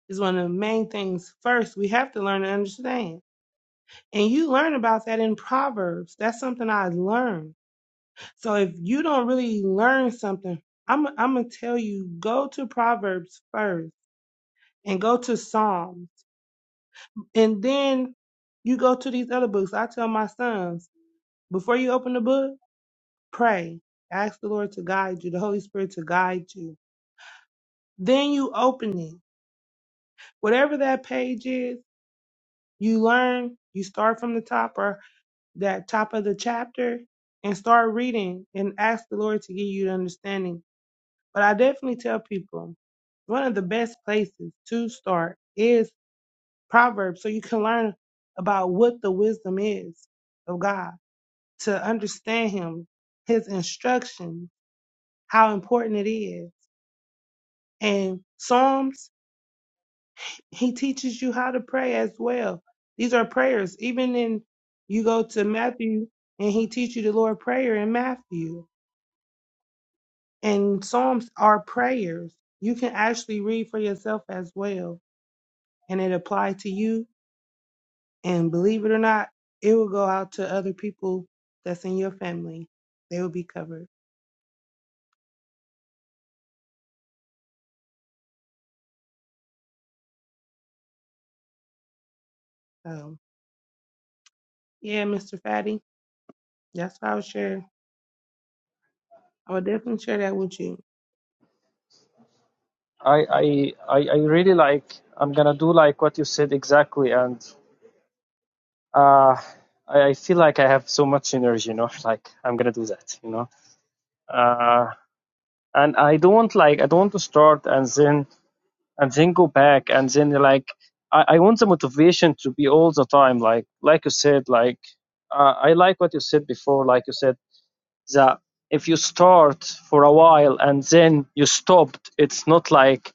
Speaker 11: is one of the main things first we have to learn to understand. And you learn about that in Proverbs. That's something I learned. So if you don't really learn something, I'm I'm going to tell you go to Proverbs first and go to Psalms And then you go to these other books. I tell my sons, before you open the book, pray. Ask the Lord to guide you, the Holy Spirit to guide you. Then you open it. Whatever that page is, you learn, you start from the top or that top of the chapter and start reading and ask the Lord to give you the understanding. But I definitely tell people one of the best places to start is Proverbs so you can learn about what the wisdom is of God to understand him, his instruction, how important it is. And Psalms, he teaches you how to pray as well. These are prayers. Even in you go to Matthew and he teaches you the Lord prayer in Matthew. And Psalms are prayers. You can actually read for yourself as well. And it applies to you. And believe it or not, it will go out to other people that's in your family. They will be covered. So yeah, Mr. Fatty, that's what I was sharing. I would definitely share that with you.
Speaker 13: I, I I I really like I'm gonna do like what you said exactly and uh I, I feel like I have so much energy, you know, like I'm gonna do that, you know. Uh and I don't want like I don't want to start and then and then go back and then like I, I want the motivation to be all the time like like you said, like uh, I like what you said before, like you said that if you start for a while and then you stopped, it's not like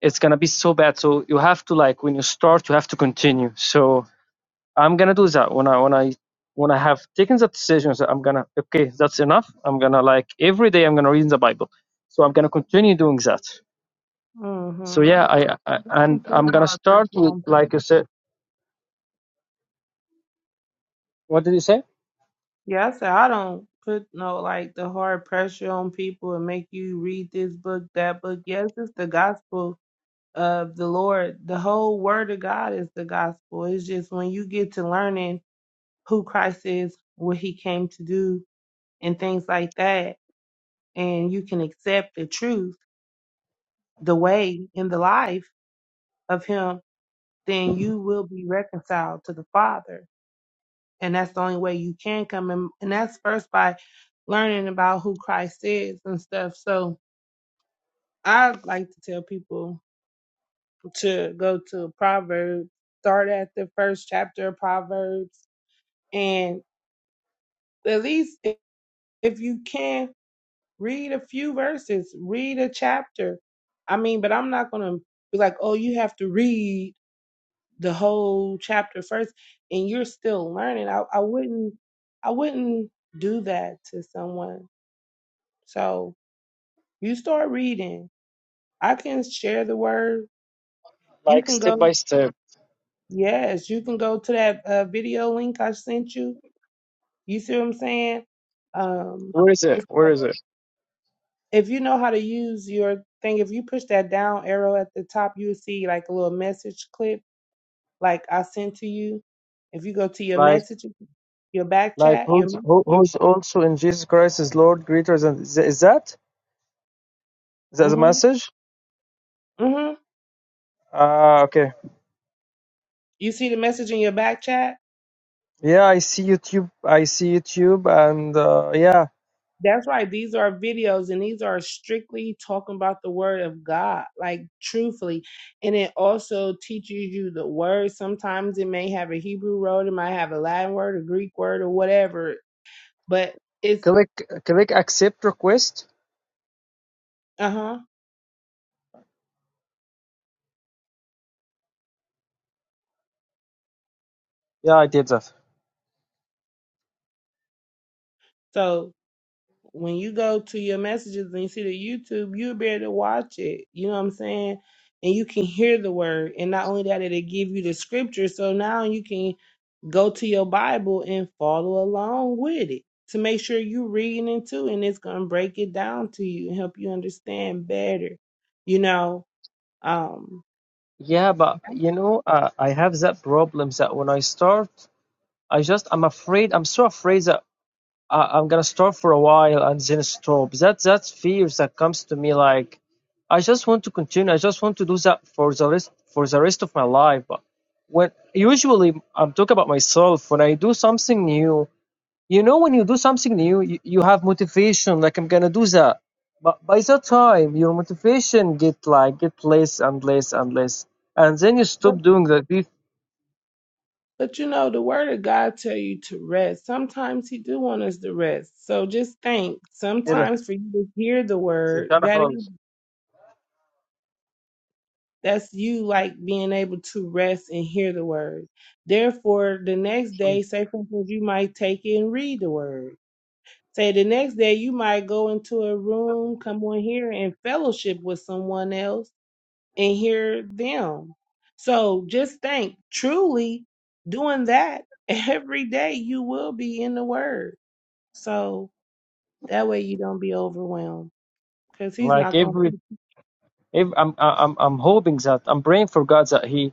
Speaker 13: it's gonna be so bad. So you have to like when you start, you have to continue. So I'm gonna do that when I when I when I have taken the decisions. I'm gonna okay, that's enough. I'm gonna like every day I'm gonna read the Bible. So I'm gonna continue doing that. So
Speaker 11: Mm-hmm.
Speaker 13: yeah, I, I
Speaker 11: I
Speaker 13: and
Speaker 11: don't
Speaker 13: I'm
Speaker 11: put
Speaker 13: gonna
Speaker 11: hard
Speaker 13: start
Speaker 11: pressure
Speaker 13: with
Speaker 11: on people.
Speaker 13: like you said. What did you say?
Speaker 11: Yeah, I said I don't put no like the hard pressure on people and make you read this book, that book. Yes, it's the gospel of the Lord. The whole word of God is the gospel. It's just when you get to learning who Christ is, what he came to do, and things like that, and you can accept the truth, the way, and the life of him, then you will be reconciled to the Father And that's the only way you can come in. And that's first by learning about who Christ is and stuff. So I like to tell people to go to Proverbs, start at the first chapter of Proverbs, and at least if if you can, read a few verses, read a chapter. I mean, but I'm not going to be like, oh, you have to read the whole chapter first and you're still learning. I, I wouldn't, I wouldn't do that to someone So you start reading. I can share the word. You
Speaker 13: Like
Speaker 11: can go,
Speaker 13: step by step.
Speaker 11: yes, you can go to that uh, video link I sent you. You see what I'm saying? Um,
Speaker 13: Where is it?
Speaker 11: it's
Speaker 13: Where
Speaker 11: called,
Speaker 13: is it?
Speaker 11: if you know how to use your thing, if you push that down arrow at the top, you'll see like a little message clip, like I sent to you. If you go to your
Speaker 13: Like
Speaker 11: message, your back
Speaker 13: like
Speaker 11: chat, your,
Speaker 13: who's who, who's also in Jesus Christ is Lord greater than is that is that the
Speaker 11: mm-hmm,
Speaker 13: message?
Speaker 11: mm-hmm.
Speaker 13: Ah, okay.
Speaker 11: You see the message in your back chat?
Speaker 13: Yeah, I see YouTube. I see YouTube, and uh, yeah,
Speaker 11: That's right. These are videos and these are strictly talking about the word of God, like truthfully. And it also teaches you the word. Sometimes it may have a Hebrew word, it might have a Latin word, a Greek word, or whatever. But it's
Speaker 13: click click accept request.
Speaker 11: uh huh.
Speaker 13: Yeah, I did that.
Speaker 11: So when you go to your messages and you see the YouTube, you'll be able to watch it. You know what I'm saying? And you can hear the word. And not only that, it'll give you the scripture. So now you can go to your Bible and follow along with it to make sure you're reading it too, and it's gonna break it down to you and help you understand better, you know. Um,
Speaker 13: Yeah, but you know, uh, I have that problem that when I start, I just I'm afraid. I'm so afraid that I, I'm gonna start for a while and then stop. That that's fears that comes to me. Like, I just want to continue. I just want to do that for the rest for the rest of my life. But when usually I'm talking about myself when I do something new. you know when you do something new you, you have motivation like i'm gonna do that but by the time your motivation get like get less and less and less and then you
Speaker 11: but,
Speaker 13: stop doing that this
Speaker 11: but you know, the Word of God tell you to rest. Sometimes He do want us to rest. So just think.
Speaker 13: كده،
Speaker 11: Sometimes for you to hear the Word,
Speaker 13: بتاعنا
Speaker 11: that is
Speaker 13: خالص.
Speaker 11: that's you like being able to rest and hear the Word. Therefore, the next day, say for instance, you might take it and read the Word Say the next day you might go into a room, come on here and fellowship with someone else and hear them. So just think truly doing that every day you will be in the word. So that way you don't be overwhelmed because he's
Speaker 13: like
Speaker 11: not going
Speaker 13: every,
Speaker 11: to.
Speaker 13: every I'm, I'm i'm hoping that i'm praying for god that he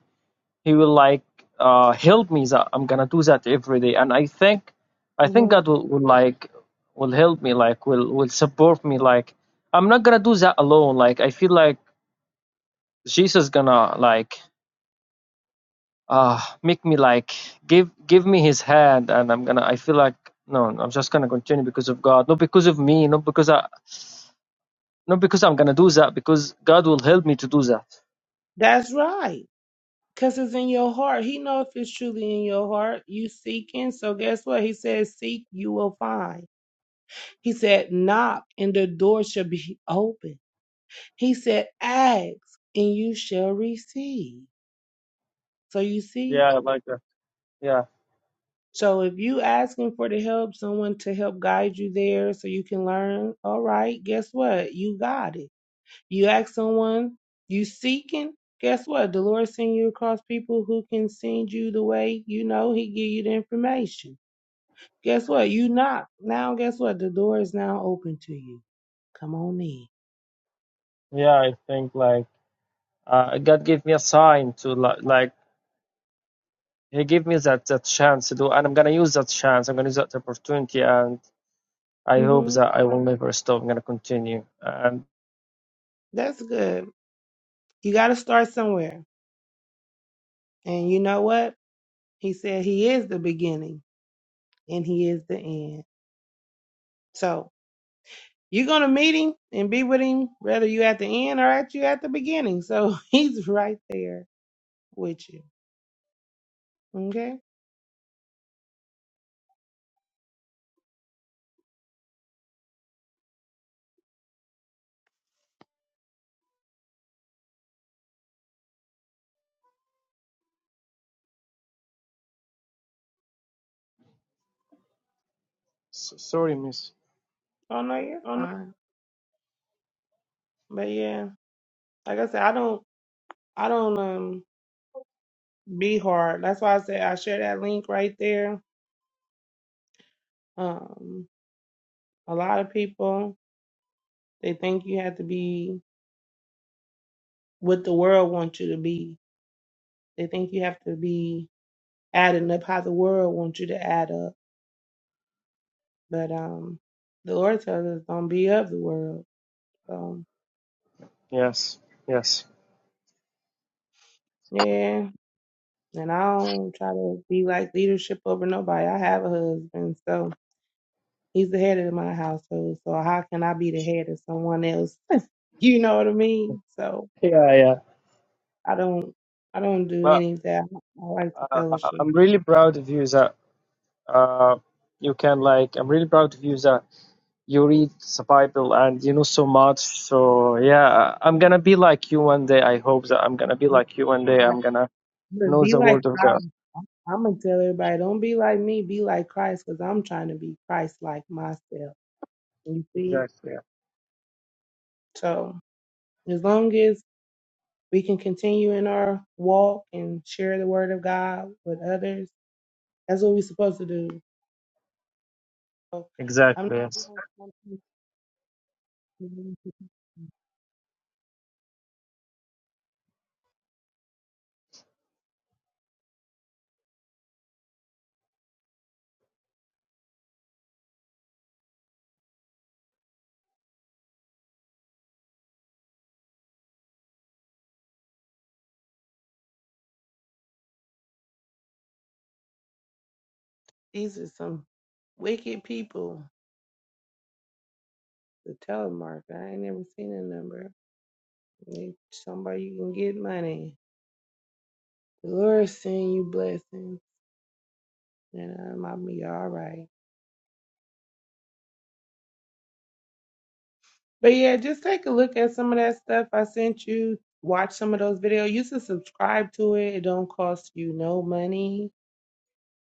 Speaker 13: he will like uh help me that i'm gonna do that every day and i think i think
Speaker 11: Mhm.
Speaker 13: god will, will like will help me like will will support me like i'm not gonna do that alone like i feel like jesus gonna like uh make me like give give me his hand and i'm gonna i feel like no i'm just gonna continue because of god not because of me not because i not because i'm gonna do that because god will help me to do that
Speaker 11: That's right. Because it's in your heart. He know if it's truly in your heart. You seeking. So guess what? He says, seek, you will find. He said, knock and the door shall be open. He said, Ask and you shall receive. So you see,
Speaker 13: yeah I like that yeah
Speaker 11: so if you asking for the help, someone to help guide you there so you can learn, all right, guess what? You got it. You ask someone, you seeking, guess what? The Lord send you across people who can send you the way you know he give you the information. Guess what? You knock. Now guess what? The door is now open to you. Come on in.
Speaker 13: yeah i think like uh, god gave me a sign to like, like he gave me that that chance to do and i'm gonna use that chance i'm gonna use that opportunity and i hope
Speaker 11: hmm
Speaker 13: that i will never stop i'm gonna continue and
Speaker 11: That's good. You gotta start somewhere. And you know what? He said he is the beginning and he is the end. So you're going to meet him and be with him, whether you at the end or at you at the beginning. So he's right there with you. Okay. Oh no, you're fine. But yeah, like I said, I don't, I don't, um, be hard. That's why I said I share that link right there. Um, a lot of people, they think you have to be what the world wants you to be. They think you have to be adding up how the world wants you to add up But um, the Lord tells us don't be of the world. So
Speaker 13: yes yes
Speaker 11: yeah, and I don't try to be like leadership over nobody. I have a husband, so he's the head of my household. So how can I be the head of someone else? you know what I mean? So
Speaker 13: yeah yeah
Speaker 11: I don't, I don't do
Speaker 13: but
Speaker 11: any of that. I like the
Speaker 13: uh,
Speaker 11: fellowship.
Speaker 13: i'm really proud of you that uh, you can like i'm really proud of you that you read the bible and you know so much so yeah i'm gonna be like you one day i hope that i'm gonna be
Speaker 11: Be
Speaker 13: like you one day
Speaker 11: like,
Speaker 13: i'm gonna
Speaker 11: look,
Speaker 13: know
Speaker 11: be
Speaker 13: the
Speaker 11: like
Speaker 13: word of god
Speaker 11: Christ. I'm gonna tell everybody, don't be like me. Be like Christ, cause I'm trying to be Christ like myself. You see?
Speaker 13: exactly yeah.
Speaker 11: So as long as we can continue in our walk and share the word of God with others. That's what we're supposed to do. So I'm
Speaker 13: exactly
Speaker 11: not
Speaker 13: yes
Speaker 11: doing something. These are some wicked people. The telemark. I ain't never seen a number. Need Somebody you can get money. The Lord send you blessings, and um, I'll be all right. But yeah, just take a look at some of that stuff I sent you. Watch some of those videos. You should subscribe to it. It don't cost you no money.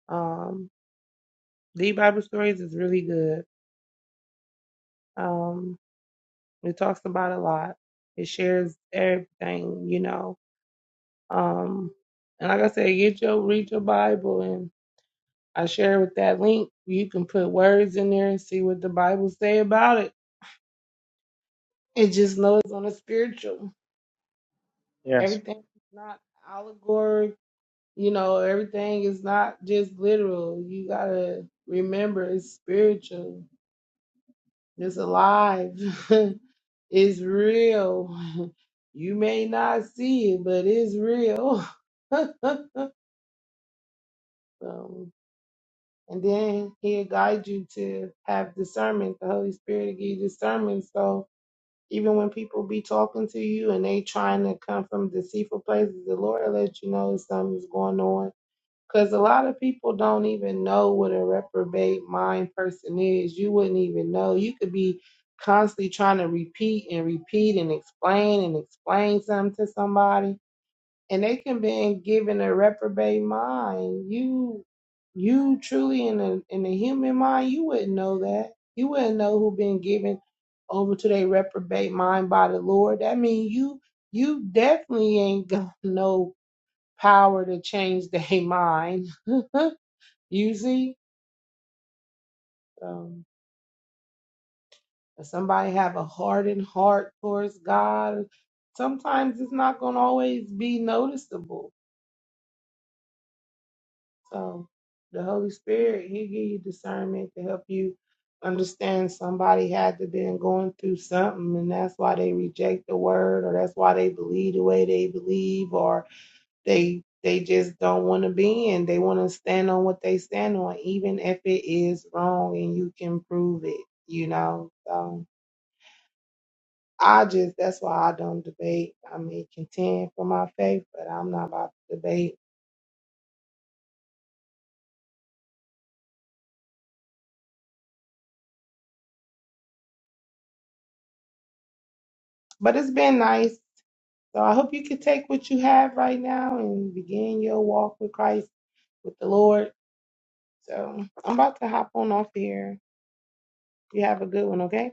Speaker 11: Um, The Bible Stories is really good. Um, it talks about a lot. It shares everything, you know. Um, and like I said, get your read your Bible, and I share with that link. You can put words in there and see what the Bible say about it. And just know it's on a spiritual.
Speaker 13: Yes.
Speaker 11: Everything is not allegory. You know, everything is not just literal. You gotta remember it's spiritual. It's alive. it's real. You may not see it, but it's real. so, and then he'll guide you to have discernment. The Holy Spirit will give you discernment. So even when people be talking to you and they trying to come from deceitful places, the Lord will let you know something's going on because a lot of people don't even know what a reprobate mind person is. You wouldn't even know. You could be constantly trying to repeat and repeat and explain and explain something to somebody, and they can be given a reprobate mind. You, you truly in a in a human mind, you wouldn't know that. You wouldn't know who been given over to their reprobate mind by the Lord. That means you, you definitely ain't got no power to change their mind usually um, if somebody have a hardened heart towards god sometimes it's not going to always be noticeable so the holy spirit he give you discernment to help you understand somebody had to been going through something and that's why they reject the word or that's why they believe the way they believe or they they just don't want to be in they want to stand on what they stand on even if it is wrong and you can prove it you know so I just that's why I don't debate. I may contend for my faith, but I'm not about to debate. But it's been nice. So I hope you can take what you have right now and begin your walk with Christ, with the Lord. So I'm about to hop on off here. You have a good one, okay?